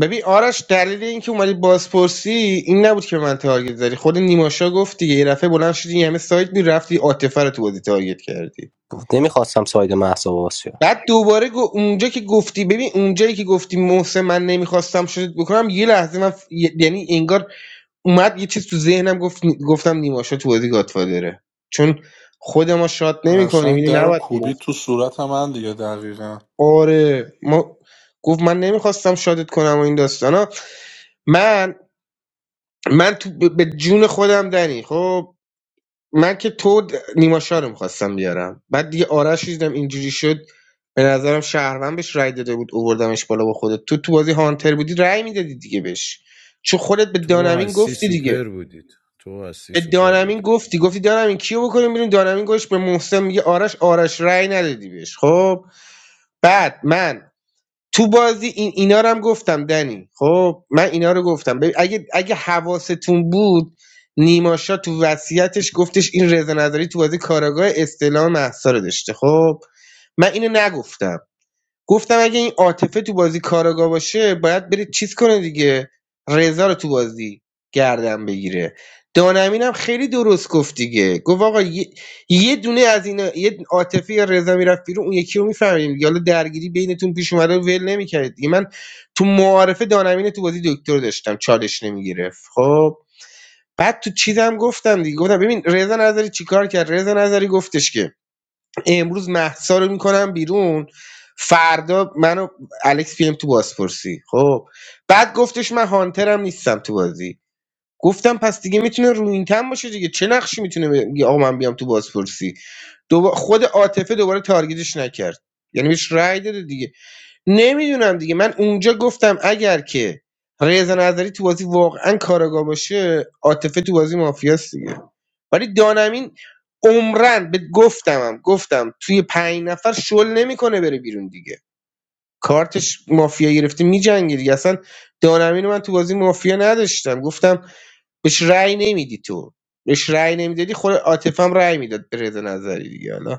[SPEAKER 14] ببین آرش دلیل اینکه اومدی بازپرسی این نبود که به من تارگت زدی خود نیماشا گفت دیگه یه دفعه بلند شدی یه همه سایت میرفتی عاطفه رو تو بازی تارگت کردی
[SPEAKER 1] نمیخواستم ساید مهسا باز شه
[SPEAKER 14] بعد دوباره گو- اونجا که گفتی ببین اونجایی که گفتی محسن من نمیخواستم شد بکنم یه لحظه من ف- ی- یعنی انگار اومد یه چیز تو ذهنم گفت گفتم نیما شاه تو بازی گاتفادره چون خود ما شاد نمیکنیم
[SPEAKER 12] قشنگ
[SPEAKER 14] اینو
[SPEAKER 12] در و
[SPEAKER 14] نباید
[SPEAKER 12] کوبی
[SPEAKER 14] میگفت
[SPEAKER 12] تو صورت من دیگه دقیقا
[SPEAKER 14] آره ما گفت من نمیخواستم شادت کنم و این داستانا من من تو ب- به جون خودم دنی خب من که تو د- نیما شاه رو میخواستم بیارم بعد دیگه آرش رو دیدم اینجوری شد به نظرم شهروند بهش رای داده بود اووردمش بالا با خودت تو تو بازی هانتر بودی رای میدادی دیگه بهش چون خودت به
[SPEAKER 17] تو و
[SPEAKER 14] دانمین
[SPEAKER 17] هستی
[SPEAKER 14] گفتی دیگه
[SPEAKER 17] سوپر بودید تو و هستی
[SPEAKER 14] به
[SPEAKER 17] سوپر
[SPEAKER 14] دانمین
[SPEAKER 17] بودید
[SPEAKER 14] گفتی گفتی دانمین کیو بکنیم بیرون دانمین گوش به محسن میگه آرش آرش رای ندادی بهش خب بعد من تو بازی این اینا رو هم گفتم دنی خب من اینا رو گفتم ببین اگه اگه حواستون بود نیماشا تو وصیتش گفتش این رضا نظری تو بازی کاراگاه استعلام محسا رو داشته خب من اینو نگفتم گفتم اگه این عاطفه تو بازی کاراگا باشه باید بره چیز کنه دیگه رضا رو تو بازی گردن بگیره دانمین هم خیلی درست گفت دیگه گفت آقا یه, یه دونه از اینا یه عاطفه یا رضا میرفت بیرون اون یکی رو میفهمیم دیگه. حالا درگیری بینتون پیش اومده رو ول نمیکردید دیگه من تو معارفه دانمین تو بازی دکتر داشتم چالش نمیگرفت خب بعد تو چیزم گفتم دیگه گفتم ببین رضا نظری چیکار کرد رضا نظری گفتش که امروز مهسا رو میکنم بیرون فردا منو الکس پیم تو بازپرسی خب بعد گفتش من هانترم نیستم تو بازی گفتم پس دیگه میتونه روینتن باشه دیگه چه نقشی میتونه بگه آقا من بیام تو بازپرسی دوبا... خود عاطفه دوباره تارگیتش نکرد یعنی بهش رأی داده دیگه نمیدونم دیگه من اونجا گفتم اگر که رضا نظری تو بازی واقعا کاراگاه باشه عاطفه تو بازی مافیاست دیگه ولی دانمین عمرن به گفتمم گفتم توی پنج نفر شل نمیکنه بره بیرون دیگه کارتش مافیا گرفته میجنگه دیگه اصلا دانمین رو من تو بازی مافیا نداشتم گفتم بهش رأی نمیدی تو بهش رأی نمیدادی خود عاطفه هم رأی میداد به رضا نظری دیگه حالا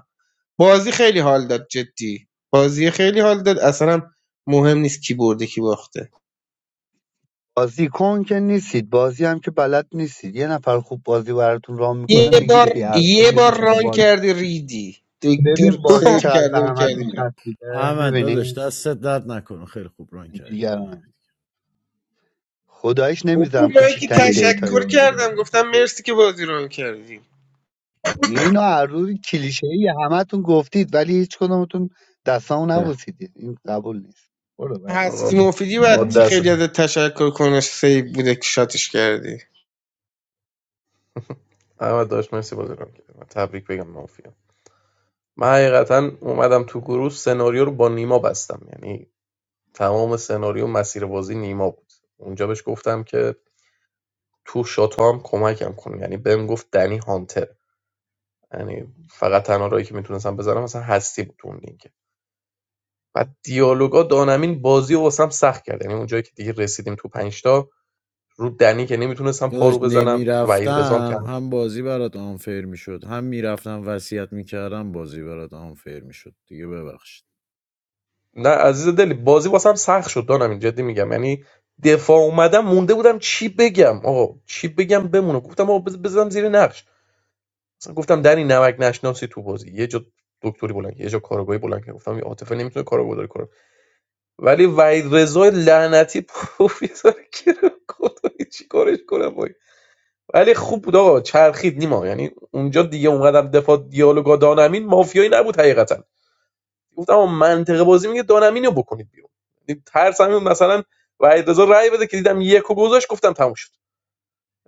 [SPEAKER 14] بازی خیلی حال داد جدی بازی خیلی حال داد اصلا هم مهم نیست کی برده کی باخته
[SPEAKER 15] بازیکن که نیستید بازی هم که بلد نیستید یه نفر خوب بازی براتون رام
[SPEAKER 14] یه
[SPEAKER 15] میکنه میگید
[SPEAKER 14] بار
[SPEAKER 15] بی حساب
[SPEAKER 14] یه
[SPEAKER 15] ببین
[SPEAKER 14] بار
[SPEAKER 15] چقدر
[SPEAKER 14] ران
[SPEAKER 15] بازی
[SPEAKER 14] کردی ریدی
[SPEAKER 15] ببین
[SPEAKER 14] دکتر
[SPEAKER 15] بازی
[SPEAKER 14] سیف
[SPEAKER 15] چقدر
[SPEAKER 14] کرده
[SPEAKER 15] به
[SPEAKER 14] بود کردی
[SPEAKER 15] همتون
[SPEAKER 14] می‌ری.
[SPEAKER 15] چسبیده
[SPEAKER 17] احمد داداش
[SPEAKER 15] میبینی
[SPEAKER 17] دستت درد نکنه خیلی خوب ران کردید احمد.
[SPEAKER 15] خدایش نمیذارم
[SPEAKER 14] من که
[SPEAKER 15] کوچکترین دیتایی
[SPEAKER 14] تشکر
[SPEAKER 15] وارد
[SPEAKER 14] کردم
[SPEAKER 15] بازی بشه
[SPEAKER 14] گفتم مرسی که بازی ران کردی
[SPEAKER 15] اینو هر روز کلیشه همتون گفتید ولی هیچ کدومتون دستامو
[SPEAKER 1] [LAUGHS]
[SPEAKER 15] نبوسیدید این قبول نیست برو بعدی
[SPEAKER 8] آقا
[SPEAKER 14] هستی مفیدی
[SPEAKER 8] ما
[SPEAKER 14] باید
[SPEAKER 8] دستت
[SPEAKER 14] خیلی ازت تشکر کنه سیف بوده که شاتش کردی
[SPEAKER 8] احمد داشت مرسی بازی رو کرد من تبریک بگم مافیا من حقیقتا اومدم تو گروه سناریو رو با نیما بستم یعنی تمام سناریو مسیربازی نیما بود اونجا بهش گفتم که تو شاتو هم کمکم کن یعنی بهم گفت دنی هانتر یعنی فقط تنها راهی که میتونستم بزنم مثلا هستی بود اون لینک و دیالوگا دانمین بازی رو واسم سخت کرد یعنی اونجایی که دیگه رسیدیم تو پنج تا رو دنی که نمیتونستم
[SPEAKER 17] داداش
[SPEAKER 8] پارو بزنم وحید رضام
[SPEAKER 17] نمیرفتم
[SPEAKER 8] کرد
[SPEAKER 17] هم بازی برات آنفیر میشد هم میرفتم وصیت میکردم بازی برات آنفیر میشد دیگه ببخشید
[SPEAKER 8] نه عزیز دلی بازی واسم سخت شد دانمین جدی میگم یعنی دفاع اومدم مونده بودم چی بگم آقا چی بگم بمونه گفتم آقا بز- بزنم زیر نقش مثلا گفتم در این نمک نشناسی تو بازی یه جا دکتری بلند کرد، یه جا کارگاهی بلند کرد. گفتم یه عاطفه نمیتونه کارگردانی کنه ولی وحید رضا لعنتی پروفسور کرم خدایی چی کارش کنم وای ولی خوب بود آقا چرخید نیما یعنی اونجا دیگه اونقدر دفاع دیالوگا دانمین مافیایی نبود حقیقتا گفتم آقا منطقه بازی میگه دانمینو بکنید بیرون یعنی ترس همین مثلا وحید رضا رأی بده که دیدم یکو گذاشت گفتم تموم شد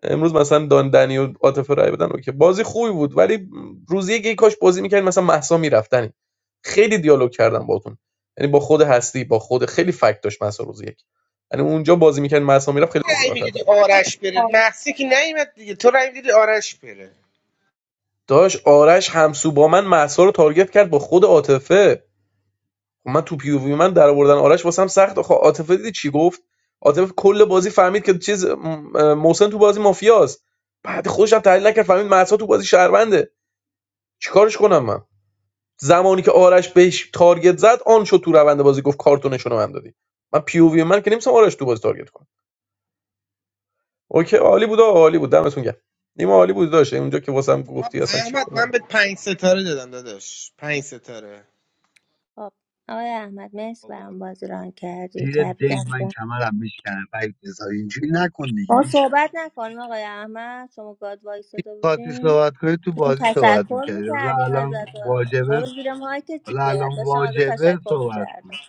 [SPEAKER 8] امروز مثلا دان دنی و عاطفه رای بدن اوکی بازی خوبی بود ولی روزی یکی کاش بازی میکردین مثلا محسا میرفتنی خیلی دیالوگ کردم باتون یعنی با خود هستی با خود خیلی فکت داشت محسا روز یک یعنی اونجا بازی میکرد محسا میرفت خیلی بازی
[SPEAKER 14] رأی
[SPEAKER 8] راحت
[SPEAKER 14] میدادی آرش بره محسی که نیمت دیگه تو رأی میدادی آرش بره
[SPEAKER 8] داشت آرش همسو با من محسا رو تارگت کرد با خود عاطفه من تو پی او وی من در آوردن آرش واسم سخت آخه عاطفه دیدی چی گفت عاطفه کل بازی فهمید که چیز م- محسن تو بازی مافیاست بعد خودش هم تحلیل نکرد فهمید محسا تو بازی شهرونده چیکارش کنم من زمانی که آرش بهش تارگت زد آن شد تو روند بازی گفت کارتونشون رو من دادی من پی او وی من که نمیسم آرش تو بازی تارگت کنم اوکی عالی بود آقا، عالی بود دمتون گرم نیمه عالی بود داشت اونجا که واسم
[SPEAKER 14] آه،
[SPEAKER 8] گفتی اصلا چی
[SPEAKER 14] احمد
[SPEAKER 8] بود.
[SPEAKER 14] من به پنج ستاره دادم داداش پنج ستاره
[SPEAKER 5] خب آقای احمد مرسی
[SPEAKER 15] بابا
[SPEAKER 5] برام بازی ران کردی
[SPEAKER 15] زیر
[SPEAKER 5] تبریک
[SPEAKER 15] دین من
[SPEAKER 5] میگم
[SPEAKER 15] کمرم میشکنم بعد بذار اینجوری نکن دیگه
[SPEAKER 5] ما
[SPEAKER 15] میشنم
[SPEAKER 5] صحبت نکنیم آقای احمد شما گاد وایستاده
[SPEAKER 15] خاطی
[SPEAKER 5] بودین
[SPEAKER 15] صحبت کنید تو
[SPEAKER 5] بهتون
[SPEAKER 15] بازی صحبت
[SPEAKER 5] تشکر
[SPEAKER 15] میکردید حالا
[SPEAKER 5] میکردیم ازت
[SPEAKER 15] الان واجبه
[SPEAKER 5] برو زیر مایک
[SPEAKER 15] حالا
[SPEAKER 5] چیه
[SPEAKER 15] الان
[SPEAKER 5] داشتم ازت
[SPEAKER 15] واجبه
[SPEAKER 5] تشکر
[SPEAKER 15] صحبت
[SPEAKER 5] میکردم
[SPEAKER 15] کن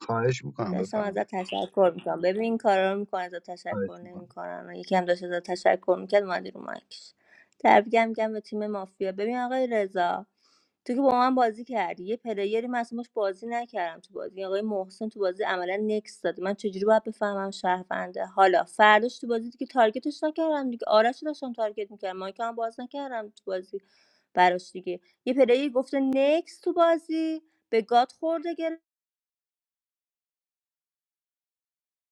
[SPEAKER 15] خواهش میکنم
[SPEAKER 5] داشتم
[SPEAKER 15] بفهمید
[SPEAKER 5] ازت تشکر میکنم ببین این کارا رو میکنن ازت
[SPEAKER 15] خواهش
[SPEAKER 5] تشکر
[SPEAKER 15] میکنم
[SPEAKER 5] نمیکنن یکی هم داشت ازت تشکر میکرد اومدی رو مایکش تبریکم میگم به تیم مافیا ببین آقای رضا تو که با من بازی کردی یه پلیری من اصلا باش بازی نکردم تو بازی یعنی آقای محسن تو بازی عملا نکس داد من چجوری باید بفهمم شهرونده حالا فرداش تو بازی دیگه تارگتش نکردم دیگه آرش رو داشتم تارگت میکردم مایکم هم باز نکردم تو بازی براش دیگه یه پلیر گفته نکس تو بازی به گاد خورده